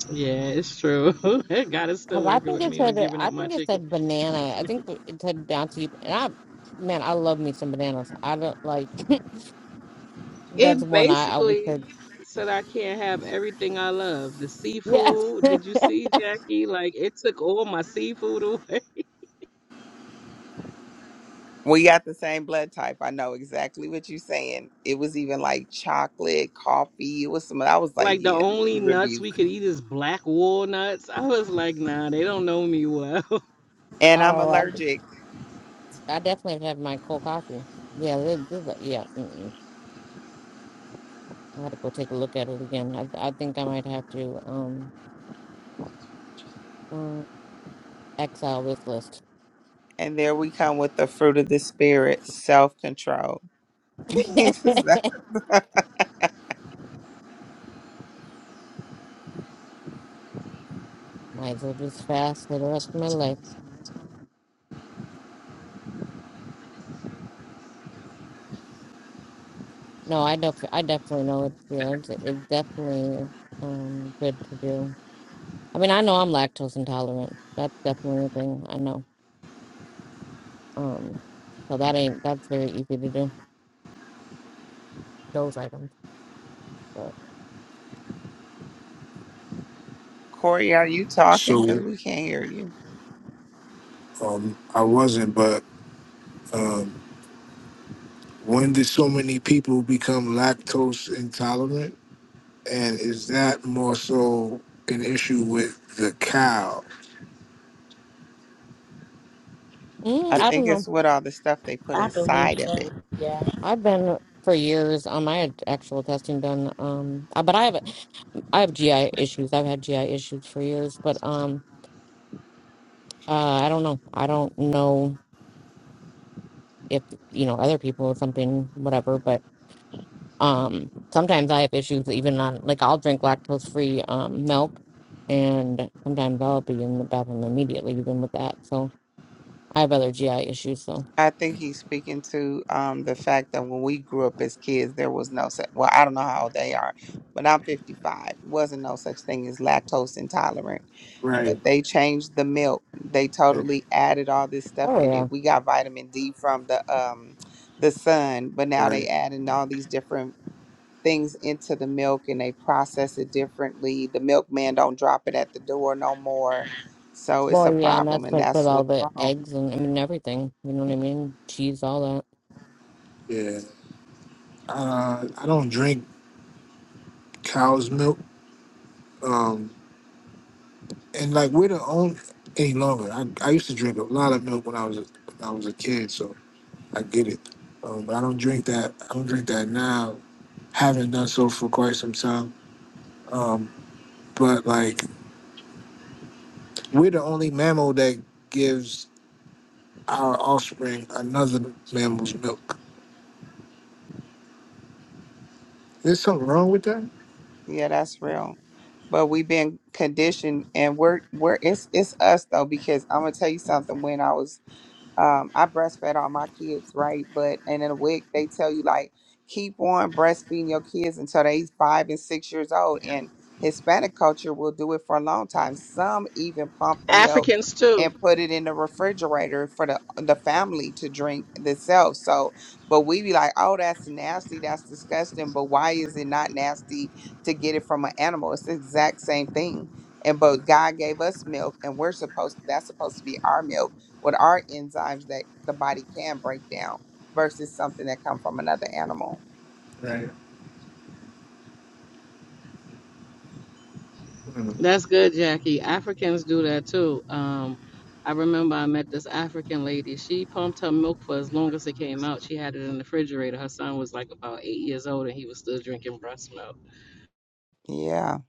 B: yeah, it's true. God is still
H: Cause I
B: working
H: think
B: with
H: it
B: me
H: said
B: on giving
H: I
B: up my
H: think it
B: chicken.
H: said banana. I think it said down to you. And I, man, I love me some bananas. I don't like. that's
B: It
H: one I always said.
B: basically said I can't have everything I love. The
H: Yeah.
B: seafood, did you see, Jackie? Like, it took all my seafood away.
J: We got the same blood type. I know exactly what you're saying. It was even like chocolate, coffee. It was some. I was like,
B: Like, the
J: yeah,
B: only nuts we
J: rebuke.
B: could eat is black walnuts. I was like, nah, they don't know me well.
J: And I'm
H: oh, I,
J: allergic.
H: I definitely have my cold coffee. Yeah. This, this, uh, yeah. Mm-mm. I had to go take a look at it again. I, I think I might have to um mm, exile this list.
J: And there we come with the fruit of the spirit, self control.
H: might as well just fast for the rest of my life. No, I def- I definitely know it. Yeah, it's, it's definitely um good to do. I mean, I know I'm lactose intolerant. That's definitely a thing I know. Um, so that ain't that's very easy to do those items. But
J: Corey, are you talking? Because
L: So.
J: we can't hear you.
L: Um, I wasn't, but um, when did so many people become lactose intolerant? And is that more so an issue with the cow?
J: I
H: mm,
L: The-
H: I
J: think
H: don't know.
J: it's with all the stuff they put
N: I believe.
J: inside of it.
N: Yeah.
H: I've been for years. Um, I had actual testing done. Um, uh, but I have I have GI issues. I've had GI issues for years. But um, uh, I don't know. I don't know if you know other people or something, whatever. But Um, sometimes I have issues even on like I'll drink lactose free um milk and sometimes I'll be in the bathroom immediately even with that. So I have other GI issues, so
J: I think he's speaking to um the fact that when we grew up as kids, there was no such. Well, I don't know how old they are, but I'm 55. Wasn't no such thing as lactose intolerant.
L: right.
J: But they changed the milk. They
L: Yeah,
J: totally added all this stuff
H: oh
J: in
H: yeah.
J: it. We got vitamin D from the um the sun, but now
L: right.
J: they adding all these different things into the milk and they process it differently. The milkman don't drop it at the door no more. So it's a
H: Well yeah, and
J: problem,
H: that's
J: and
H: like with
J: that's
H: all
J: what's
H: the
J: wrong.
H: eggs and I mean everything. You know what I mean? Cheese, all that.
L: Yeah. Uh, I don't drink cow's milk. Um, and like we're the only any longer. I, I used to drink a lot of milk when I was a, when I was a kid, so I get it. Um, but I don't drink that. I don't drink that now. Haven't done so for quite some time. Um, but like. We're the only mammal that gives our offspring another mammal's milk. There's something wrong with that?
J: Yeah, that's real. But we've been conditioned and we're we're it's it's us though, because I'm gonna tell you something. When I was um, I breastfed all my kids, right? But and in a week they tell you like keep on breastfeeding your kids until they five and six years old. And Hispanic culture will do it for a long time. Some even pump the milk
B: Africans, too.
J: and put it in the refrigerator for the the family to drink themselves. So, but we be like, oh, that's nasty, that's disgusting. But why is it not nasty to get it from an animal? It's the exact same thing. And but God gave us milk, and we're supposed to, that's supposed to be our milk what are enzymes that the body can break down versus something that come from another animal.
L: Right. Mm.
B: That's good, Jackie. Africans do that too. Um, I remember I met this African lady. She pumped her milk for as long as it came out. She had it in the refrigerator. Her son was like about eight years old and he was still drinking breast milk.
J: Yeah,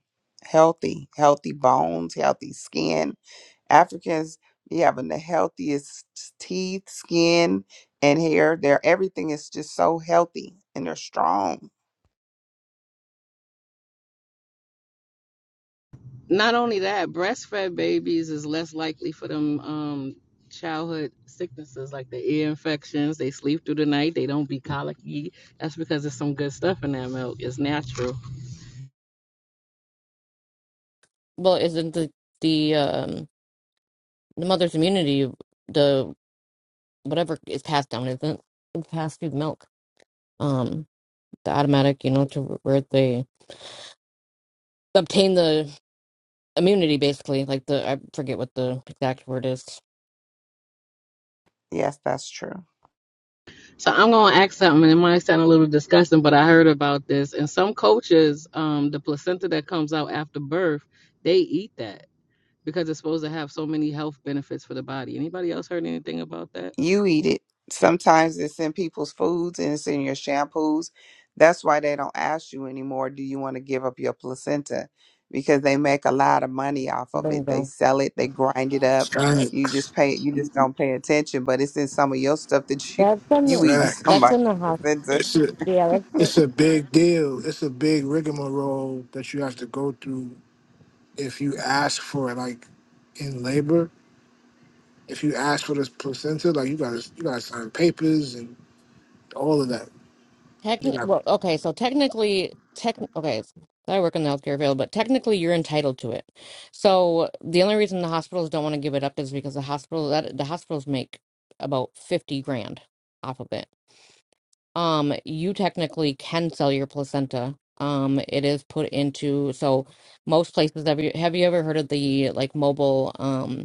J: healthy, healthy bones, healthy skin. Africans be having the healthiest teeth, skin, and hair. Their everything is just so healthy and they're strong.
B: Not only that, breastfed babies is less likely for them um, childhood sicknesses like the ear infections. They sleep through the night. They don't be colicky. That's because there's some good stuff in that milk. It's natural.
H: Well isn't the the um the mother's immunity the whatever is passed down isn't it? it's passed through milk. Um the automatic, you know, to where they obtain the immunity basically like the i forget what the exact word is
J: Yes, that's true.
B: So I'm gonna ask something, and it might sound a little disgusting, but I heard about this. In some cultures, um, the placenta that comes out after birth, they eat that because it's supposed to have so many health benefits for the body. Anybody else heard anything about that?
J: you eat it. Sometimes it's in people's foods and it's in your shampoos. That's why they don't ask you anymore, do you want to give up your placenta? Because they make a lot of money off of it. They
H: bingo
J: sell it, they grind it up. You just
L: Facts.
J: pay you just don't pay attention, but it's in some of your stuff that you
H: that's in
J: you
H: the
J: eating
L: Facts.
H: that's in
J: somebody's
H: the hospital
J: placenta.
L: It's a,
H: yeah that's the
L: it's a big deal. It's a big rigmarole that you have to go through if you ask for it, like in labor. If you ask for this placenta, like you gotta you gotta sign papers and all of that. You
H: techni-
L: got
H: well okay so technically tech okay so i work in the healthcare field but technically you're entitled to it so the only reason the hospitals don't want to give it up is because the hospital that the hospitals make about 50 grand off of it um you technically can sell your placenta um it is put into so most places have you have you ever heard of the like mobile um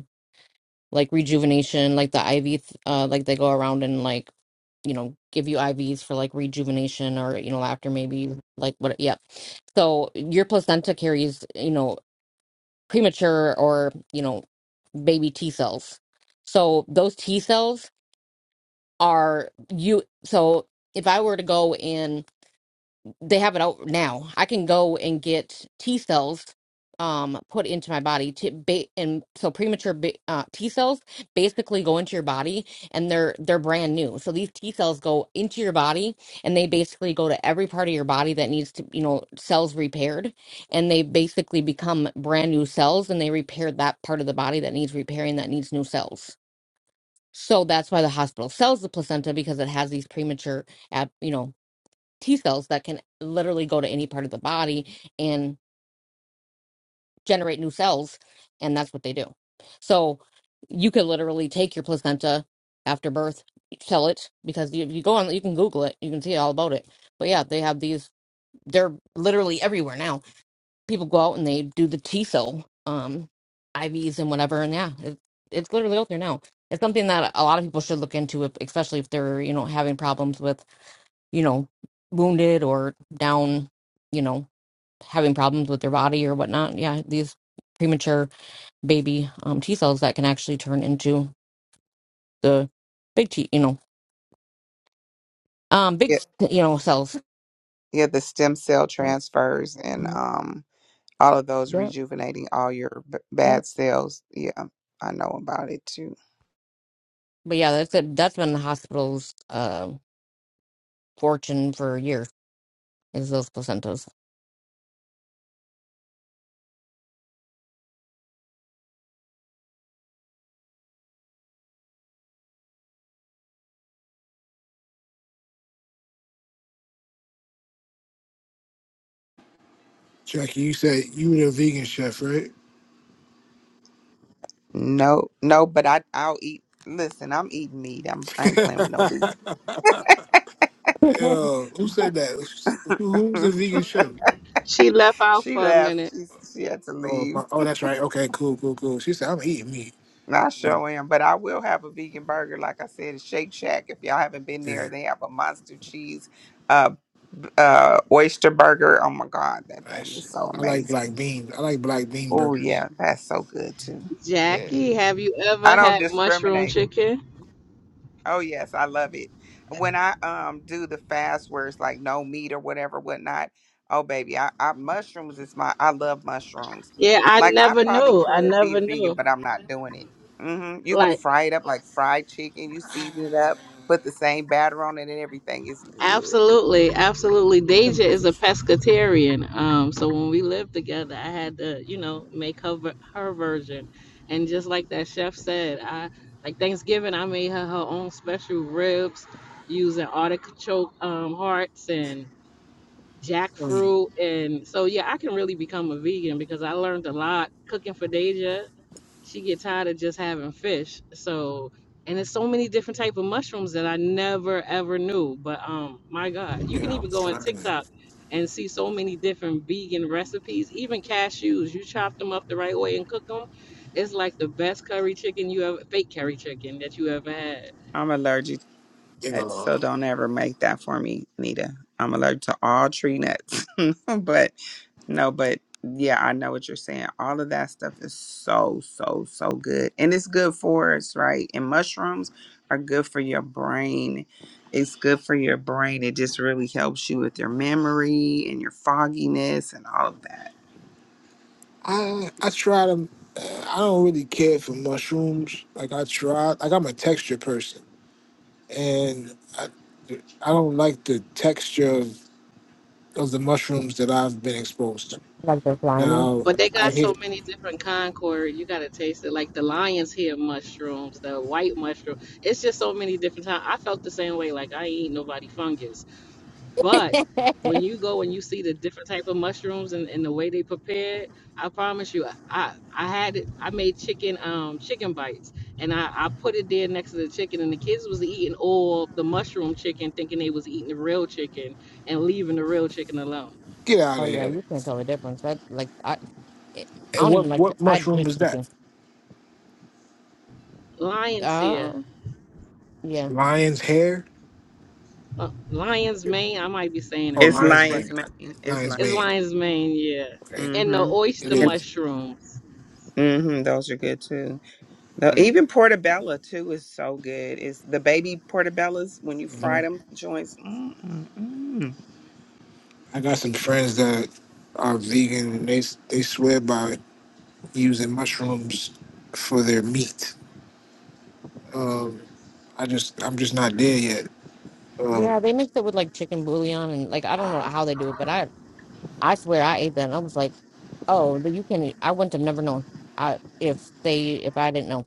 H: like rejuvenation, like the IV, th- uh, like they go around and like, you know, give you IVs for like rejuvenation or, you know, after maybe like what, yeah. So your placenta carries, you know, premature or, you know, baby T cells. So those T cells are you, so if I were to go in they have it out now. I can go and get T cells um put into my body to ba- and so premature ba- uh, T cells basically go into your body and they're they're brand new. So these T cells go into your body and they basically go to every part of your body that needs to, you know, cells repaired and they basically become brand new cells and they repair that part of the body that needs repairing that needs new cells. So that's why the hospital sells the placenta because it has these premature, ab- you know, T cells that can literally go to any part of the body and generate new cells. And that's what they do. So you could literally take your placenta after birth, sell it because you, you go on, you can Google it, you can see all about it. But yeah, they have these, they're literally everywhere now. People go out and they do the T cell um, IVs and whatever. And yeah, it, it's literally out there now. It's something that a lot of people should look into, if, especially if they're, you know, having problems with, you know, wounded or down, you know having problems with their body or whatnot. Yeah, these premature baby um, T cells that can actually turn into the big T, you know, um, big
J: Yeah,
H: you know cells.
J: yeah, the stem cell transfers and um all of those
H: Yeah,
J: rejuvenating all your b-
H: yeah.
J: bad cells. Yeah, I know about it too.
H: But yeah, that's it. That's been the hospital's uh, fortune for years is those placentas.
L: Jackie, you said you were a vegan chef, right?
J: No, no, but I I'll eat. Listen, I'm eating meat. I'm I ain't playing with no vegan.
H: like
L: Yo, who said that? Who, who's the vegan chef?
B: She left out
J: she
B: for a
J: left.
B: minute.
J: She she had to
L: Oh, my,
J: leave.
L: oh, that's right. Okay, cool, cool, cool. She said, I'm eating meat.
J: I sure am, but I will have a vegan burger, like I said, at Shake Shack. If y'all haven't been there,
L: Yeah,
J: they have a monster cheese, uh, b- uh, oyster burger. Oh my God, that thing
L: nice.
J: is so
L: I like
J: amazing.
L: black beans. I like black bean
J: Oh
L: burgers.
J: yeah, that's so good too.
B: Jackie, have you
J: I
B: ever
J: don't
B: had mushroom
J: discriminate.
B: chicken?
J: Oh yes, I love it. When I um do the fast where it's like no meat or whatever, whatnot. Oh baby, I, I mushrooms is my I love mushrooms.
B: Yeah, I
J: Like I
B: never
J: probably
B: knew. I
J: could be a
B: never
J: vegan,
B: knew.
J: but I'm not doing it. hmm You can
B: Like
J: fry it up like fried chicken. You season it up, put the same batter on it and everything. It's good.
B: Absolutely, absolutely. Deja is a pescatarian. Um, so when we lived together, I had to, you know, make her ver- her version. And just like that chef said, I like Thanksgiving, I made her her own special ribs using artichoke um, hearts and
L: Mm,
B: jackfruit. And so yeah, I can really become a vegan because I learned a lot cooking for Deja she get tired of just having fish. So, and there's so many different type of mushrooms that I never ever knew. But um, my God, you can
L: yeah, I'm
B: even go on
L: trying to,
B: TikTok and see so many different vegan recipes. Even cashews, you chop them up the right way and cook them, it's like the best curry chicken you ever, fake curry chicken that you ever had.
J: I'm allergic
L: you
J: so
L: know,
J: don't ever make that for me, Nita. I'm allergic to all tree nuts. but no, but yeah, I know what you're saying. All of that stuff is so, so, so good. And it's good for us, right? And mushrooms are good for your brain. It's good for your brain. It just really helps you with your memory and your fogginess and all of that.
L: I, I try to, uh, I don't really care for mushrooms. Like, I try, like, I'm a texture person. And I, I don't like the texture of, of the mushrooms that I've been exposed to.
H: they're slimy.
L: Now,
B: But they
L: I
B: got so
L: hear,
B: many different Concord. You gotta taste it, like the lion's head mushrooms, the white mushroom. It's just so many different times. I felt the same way. Like I ain't eat nobody fungus, but when you go and you see the different type of mushrooms and, and the way they prepare, it, I promise you, I I had it. I made chicken um chicken bites, and I I put it there next to the chicken, and the kids was eating all the mushroom chicken, thinking they was eating the real chicken, and leaving the real chicken alone.
L: get out of
H: Oh yeah,
L: here.
H: you can't tell the difference. That like I, eh, I
L: And
H: don't even
L: what
H: like. To,
L: what
H: I
L: mushroom
H: hate
L: was that?
H: chicken.
B: Lion's head.
H: Uh, yeah,
L: Lion's hair?
B: uh, lion's mane. I might be saying it
L: Oh,
J: It's
B: wrong,
L: lion's
B: but
J: lion's
L: mane.
J: mane. It's
L: Lion's
J: like,
B: it's
L: mane.
B: lion's mane.
L: Okay,
B: Yeah, and the
J: mm-hmm.
L: it
B: oyster
J: And,
L: is.
B: mushrooms.
J: mm-hmm. Those are good too. No,
L: Alright.
J: even portabella too is so good. It's the baby portabellas when you fry
L: Mhm.
J: them joints. Mm-mm-mm.
L: I got some friends that are vegan. And they they swear by using mushrooms for their meat. Um, I just I'm just not there yet. Um,
H: yeah. They mix it with like chicken bouillon and like I don't know how they do it, but I I swear I ate that and I was like. Oh, then you can. I wouldn't have never known. I if they if I didn't know.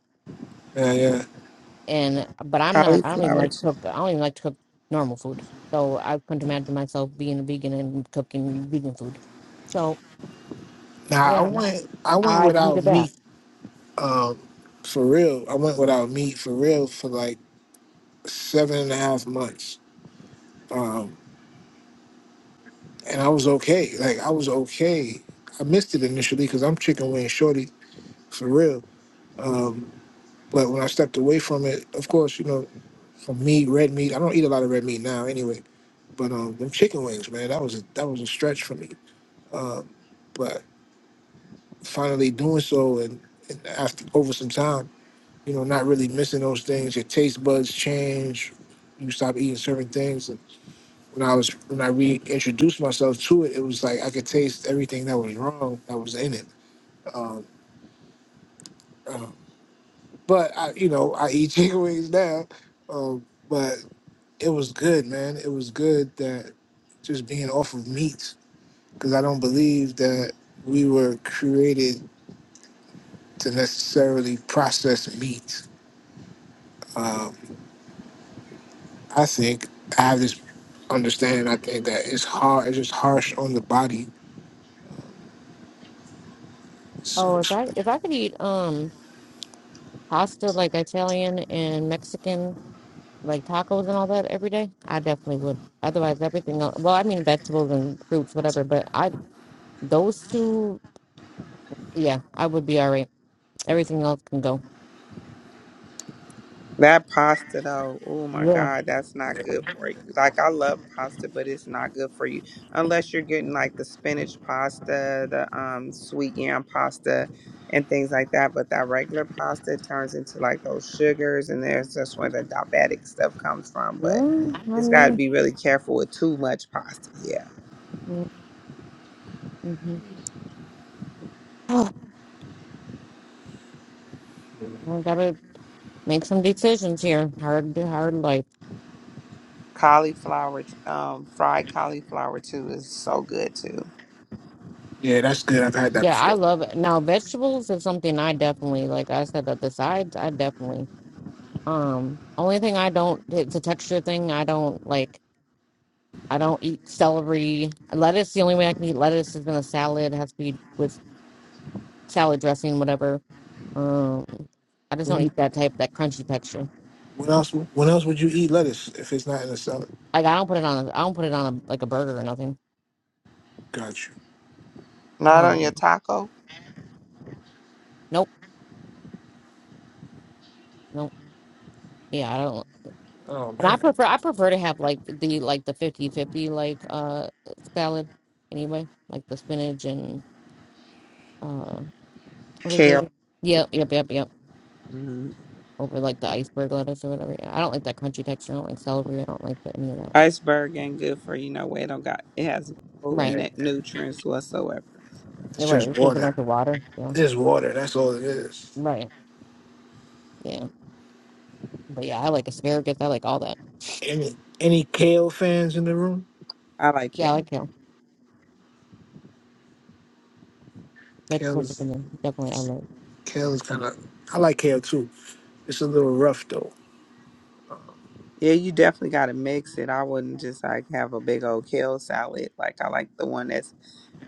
L: yeah, yeah.
H: And but I'm not. I don't even
J: Cauliflower.
H: like
J: ch-
H: cook. I don't even like to cook normal food. So I couldn't imagine myself being a vegan and cooking vegan food. So
L: Now I
H: yeah,
L: went I went
H: I agree to
L: without
H: that.
L: meat. Um, for real. I went without meat for real for like seven and a half months and I was okay. Like I was okay. I missed it initially because I'm chicken wing shorty for real. Um, but when I stepped away from it, of course, you know, for me, red meat. I don't eat a lot of red meat now, anyway. But um, them chicken wings, man, that was a, that was a stretch for me. Um, but finally doing so, and, and after over some time, you know, not really missing those things. Your taste buds change. You stop eating certain things. And when I was when I reintroduced myself to it, it was like I could taste everything that was wrong that was in it Um, uh, but I, you know, I eat chicken wings now. Um, but it was good, man. It was good that just being off of meat because I don't believe that we were created to necessarily process meat. Um, I think I have this understanding. I think that it's hard. It's just harsh on the body.
H: Oh,
L: So
H: if I if I could eat um pasta like Italian and Mexican like tacos and all that every day, I definitely would. Otherwise, everything else. Well, I mean vegetables and fruits, whatever. But I those two, yeah, I would be all right. Everything else can go.
J: That pasta though, oh my
H: Yeah.
J: God, that's not good for you. Like I love pasta, but it's not good for you unless you're getting like the spinach pasta, the um sweet yam pasta, and things like that. But that regular pasta turns into like those sugars, and there's just where the diabetic stuff comes from. But
H: Mm, I
J: it's got to
H: know.
J: be really careful with too much pasta. Yeah.
H: Mm, mhm. Oh, I gotta make some decisions here. Hard, hard life.
J: Cauliflower, um, fried cauliflower too is so good too.
L: yeah, that's good. I've had that
H: Yeah, I
L: before.
H: love it. Now, vegetables is something I definitely like. I said that the sides, I definitely. Um, only thing I don't, it's a texture thing. I don't like. I don't eat celery, lettuce. The only way I can eat lettuce is in a salad. It has to be with salad dressing, whatever. Um, I just don't
L: When,
H: eat that type, that crunchy texture.
L: when else? When else would you eat lettuce if it's not in a salad?
H: Like I don't put it on. I don't put it on a, like a burger or nothing.
L: Got you.
J: Not on your
H: Um,
J: taco.
H: nope. no Yeah, I don't.
L: Oh
H: And I
L: man.
H: prefer I prefer to have like the like the fifty fifty like uh salad anyway, like the spinach and uh what is
J: Kale.
H: it? Yep, yep, yep, yep.
J: Mhm.
H: Over like the iceberg lettuce or whatever. Yeah, I don't like that crunchy texture. I don't like celery. I don't like the, any of that.
J: Iceberg ain't good for you know what it don't got it has no
H: Right.
J: net nutrients whatsoever.
L: It's
H: You're right.
L: just
H: It's just a
L: water.
H: bunch of water. Yeah.
L: Just water. That's all it is.
H: Right. Yeah. But yeah, I like asparagus. I like all that.
L: Any any kale fans in the room?
J: I like
H: Yeah, I like
J: kale.
H: kale.
L: Kale
H: Vegetables are
L: is
H: good. definitely I like.
L: kale is kind of. I like kale too. It's a little rough though.
J: Yeah, you definitely gotta mix it. I wouldn't just like have a big old kale salad. Like I like the one that's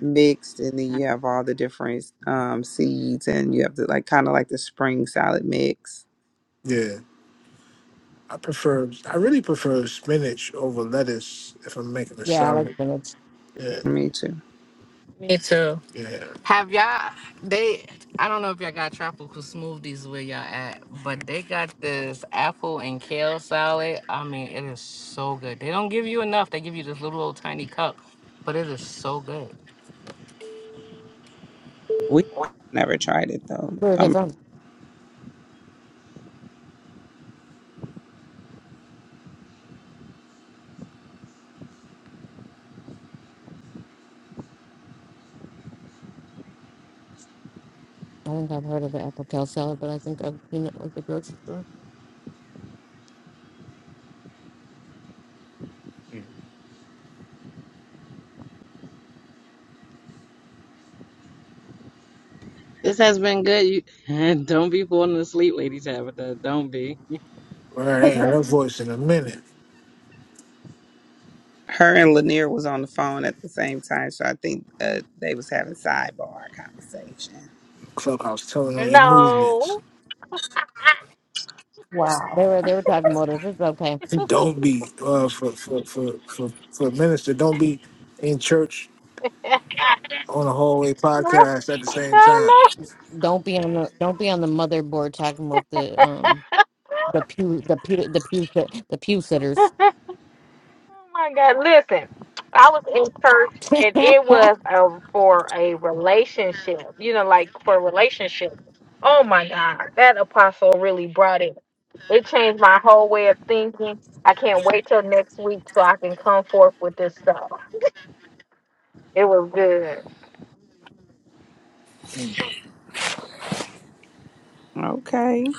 J: mixed and then you have all the different um seeds and you have to like kinda like the spring salad mix.
L: Yeah, I prefer. I really prefer spinach over lettuce if I'm making a
H: Yeah, I like
L: salad.
H: spinach.
L: Yeah,
J: Me too.
B: Me too.
L: yeah.
B: Have y'all? They. I don't know if y'all got tropical smoothies where y'all at, but they got this apple and kale salad. I mean, it is so good. They don't give you enough. They give you this little old tiny cup, but it is so good.
J: We never tried it though.
H: Where is it from? I think I've heard of the apple kale salad, but I think I've seen it like the grocery store.
B: This has been good. You, don't be falling asleep, Lady Tabitha. Don't be.
L: All right, I ain't heard her voice in a minute.
J: Her and Lanier was on the phone at the same time, so I think uh, they was having sidebar conversation.
L: Clubhouse telling on your movements.
K: No.
H: They were they were talking about it. It's okay.
L: Don't be uh, for, for for for for a minister. Don't be in church
K: no,
L: on a hallway
K: no.
L: podcast at the same time.
K: no.
H: Don't be on the don't be on the motherboard talking about the um the pew the pew the pew sit- the pew sitters.
K: oh my God. Listen, I was in church and it was
H: yeah,
K: a, for a relationship, you know, like for a relationship. Oh my God. That apostle really brought it. It changed my whole way of thinking. I can't wait till next week so I can come forth with this stuff. It was good.
J: Okay.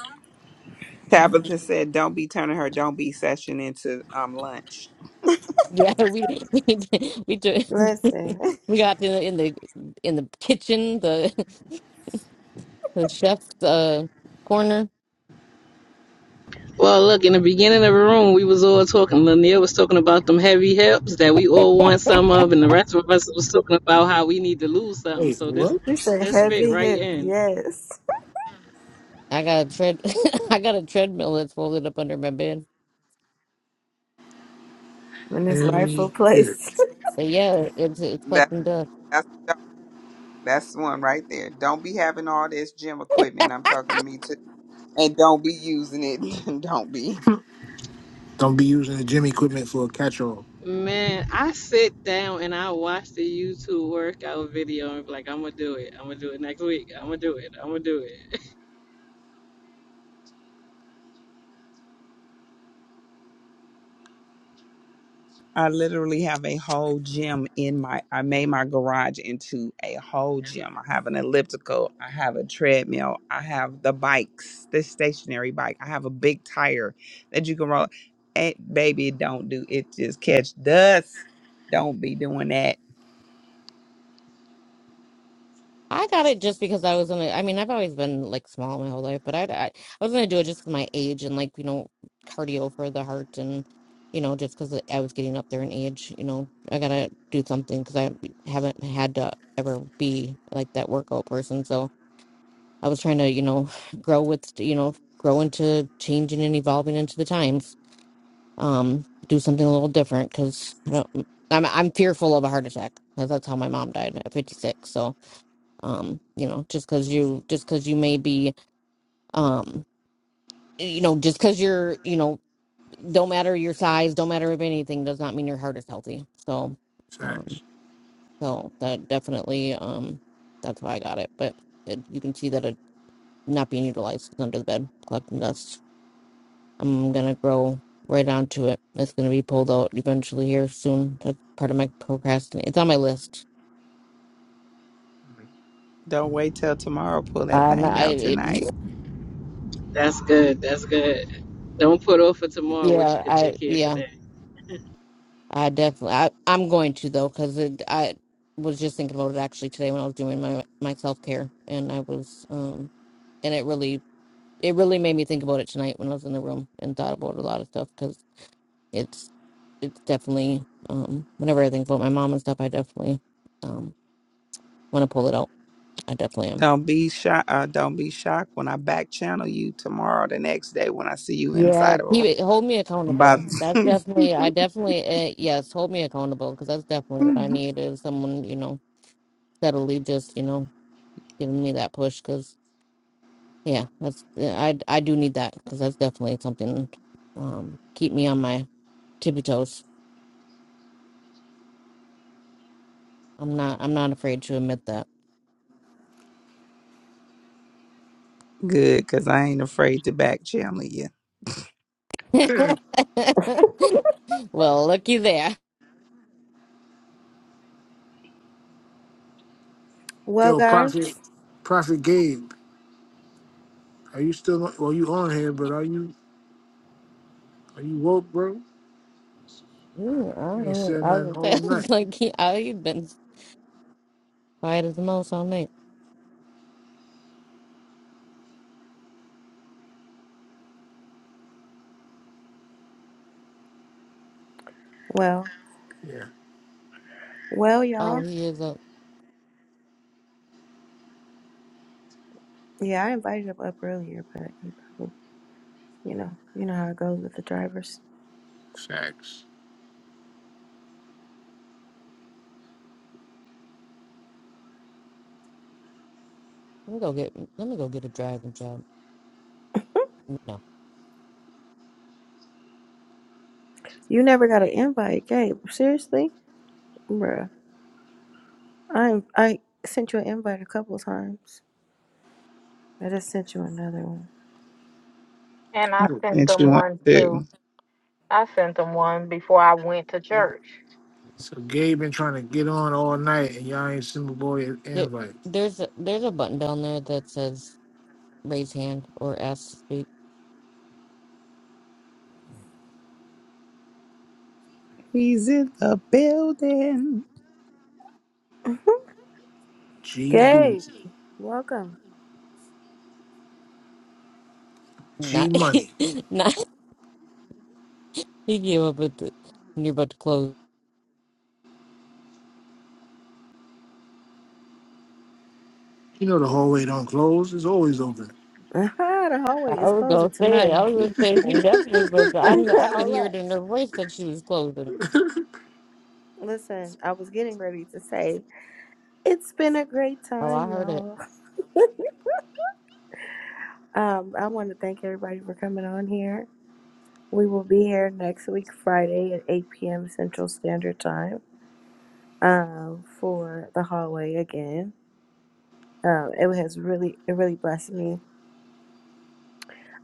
J: Tabitha said, "Don't be turning her don't be session into um lunch."
H: we we did- we, do,
A: Listen,
H: we got in the in the in the kitchen the the chef's uh corner.
B: Well, look, in the beginning of the room, we was all talking. Lanier was talking about them heavy hips that we all want some of, and the rest of us was talking about how we need to lose something.
L: Wait,
B: So this,
L: what?
A: you said
B: this fit
A: heavy
B: right
A: hip,
B: in.
A: yes,
H: I got a tread I got a treadmill that's folded up under my bed.
A: in its rightful
L: Every hit.
A: place.
H: But yeah, it's it's
J: That
H: collecting dust.
J: that's that's the one right there. Don't be having all this gym equipment. I'm talking to me too, and don't be using it. don't be.
L: Don't be using the gym equipment for a catch-all.
B: Man, I sit down and I watch the YouTube workout video and be like, I'm gonna do it. I'm gonna do it next week. I'm gonna do it. I'm gonna do it.
J: I literally have a whole gym in my I made my garage into a whole gym. I have an elliptical, I have a treadmill, I have the bikes, the stationary bike. I have a big tire that you can roll. And baby, don't do it just catch dust. Don't be doing that.
H: I got it just because I was gonna. I mean, I've always been like small my whole life, but I I, I was gonna do it just 'cause my age and like you know cardio for the heart and you know just because I was getting up there in age. You know, I gotta do something because I haven't had to ever be like that workout person. So I was trying to you know grow with you know grow into changing and evolving into the times. Um, do something a little different because I'm I'm fearful of a heart attack 'cause that's how my mom died at 56. So um you know just because you just because you may be um you know just because you're you know don't matter your size don't matter if anything does not mean your heart is healthy so um
L: Facts.
H: so that definitely um that's why i got it but it, you can see that it not being utilized is under the bed collecting dust i'm gonna grow right onto it it's gonna be pulled out eventually here soon that's part of my procrastinate it's on my list
J: Don't wait till tomorrow. Pull that
H: uh,
J: thing
H: I,
J: out
H: it,
J: tonight.
B: That's good. That's good. Don't put off for tomorrow what you
H: yeah,
B: could
H: I,
B: take care of
H: yeah,
B: today.
H: I definitely. I, I'm going to though, because I was just thinking about it actually today when I was doing my my self care, and I was um, and it really it really made me think about it tonight when I was in the room and thought about a lot of stuff because it's it's definitely um, whenever I think about my mom and stuff, I definitely um want to pull it out. I definitely am.
J: Don't be shocked. Uh, don't be shocked when I back channel you tomorrow, the next day when I see you
H: Yeah,
J: inside of a
H: keep
J: room.
H: it. Hold me
J: About
H: accountable. That's definitely. I definitely. Uh, yes, hold me accountable because that's definitely what I need is someone you know steadily just you know giving me that push 'cause Yeah, that's yeah, I I do need that because that's definitely something um keep me on my tippy toes. I'm not I'm not afraid to admit that.
J: good, cause I ain't afraid to back channel you.
H: well, looky there.
A: well,
L: Yo,
A: guys,
L: Prophet, Prophet Gabe, are you still? Well, you on here, but are you are you woke, bro?
H: Ooh, I,
L: You
H: don't-
L: ain't
H: know.
L: said
H: I
L: nothing
H: was gonna
L: all
H: say,
L: night.
H: it's like he, I, he's been quiet as a mouse all night.
A: well,
L: Yeah,
A: well,
H: Oh,
A: y'all.
H: he is up.
A: Yeah, I invited him up earlier, but he probably, you know, you know how it goes with the drivers.
L: facts.
H: Let me go get let me go get a driving job. No.
A: You never got an invite, Gabe. Seriously? Bruh. I I sent you an invite a couple times. I just sent you another one.
K: And I
J: I
K: sent
J: sent you
K: them
J: one
K: one too.
J: too.
K: I sent them one before I went to
H: Mhm.
K: church.
L: So Gabe been trying to get on all night, and y'all ain't send my boy an
H: There,
L: invite.
H: there's a, there's a button down there that says raise hand or ask to speak.
J: He's in the building.
L: G B.
A: Gabe,
L: G
A: welcome.
H: Not
L: money.
H: not he gave up with the, when you're about to close.
L: You know the hallway don't close; it's always open.
A: Aha, the hallway
H: I
A: is
H: was
A: closing
H: gonna say it. I
A: tonight.
H: was
A: Jesus,
H: gonna say he
A: man.
H: definitely was. I kn I could
A: Hold
H: hear it
A: up.
H: in her voice that she was closing.
A: Listen, I was getting ready to say it's been a great
H: Oh,
A: time,
H: I heard it.
A: y'all. Um, I want to thank everybody for coming on here. We will be here next week, Friday at 8 p.m. Central Standard Time, um, for the hallway again. Um, it has really, it really blessed me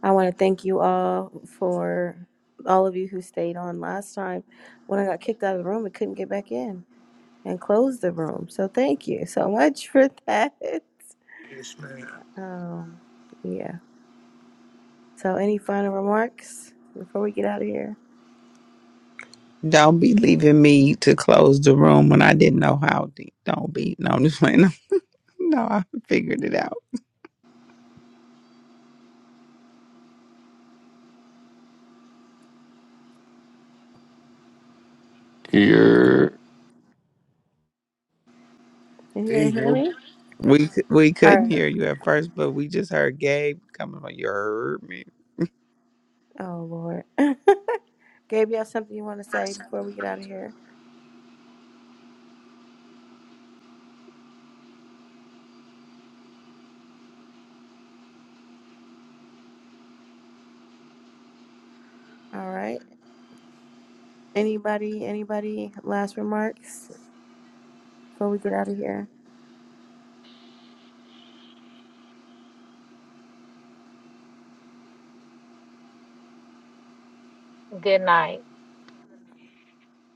A: I want to thank you all for all of you who stayed on last time when I got kicked out of the room and couldn't get back in and closed the room. So thank you so much for that.
L: yes, man.
A: Um, yeah. So any final remarks before we get out of here?
J: Don't be leaving me to close the room when I didn't know how deep. Don't be. No, I'm just playing. No, I figured it out.
S: Your
A: Can you
L: There you
A: guys hear
L: go.
A: me?
J: We c- we
A: All
J: couldn't hear
A: right.
J: you at first, but we just heard Gabe coming. on. You heard me.
A: Oh Lord. Gabe, you have something you want to say before we get out of here? All right. Anybody? Anybody? Last remarks before we get out of here?
K: Good night.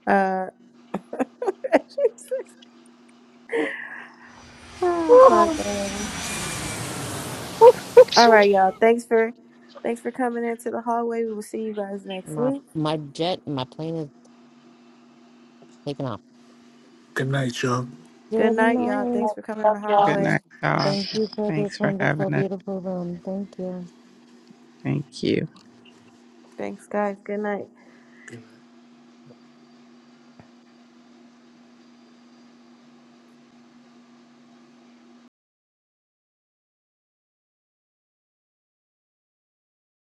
A: Uh. Oh my
K: Love
A: goodness. All right, y'all. Thanks for thanks for coming into the hallway. We will see you guys next
H: My
A: week.
H: my jet, my plane is. Taking off.
L: Good night, y'all.
A: Good
H: Good
A: night, y'all.
H: night.
A: Thanks for coming in the
K: y'all.
J: Good
A: hallway.
J: night, y'all.
H: Thank you for this
J: Thanks for
H: wonderful,
J: having us.
H: beautiful room. Thank you.
J: Thank you.
A: Thanks, guys. Good night.
L: Good night.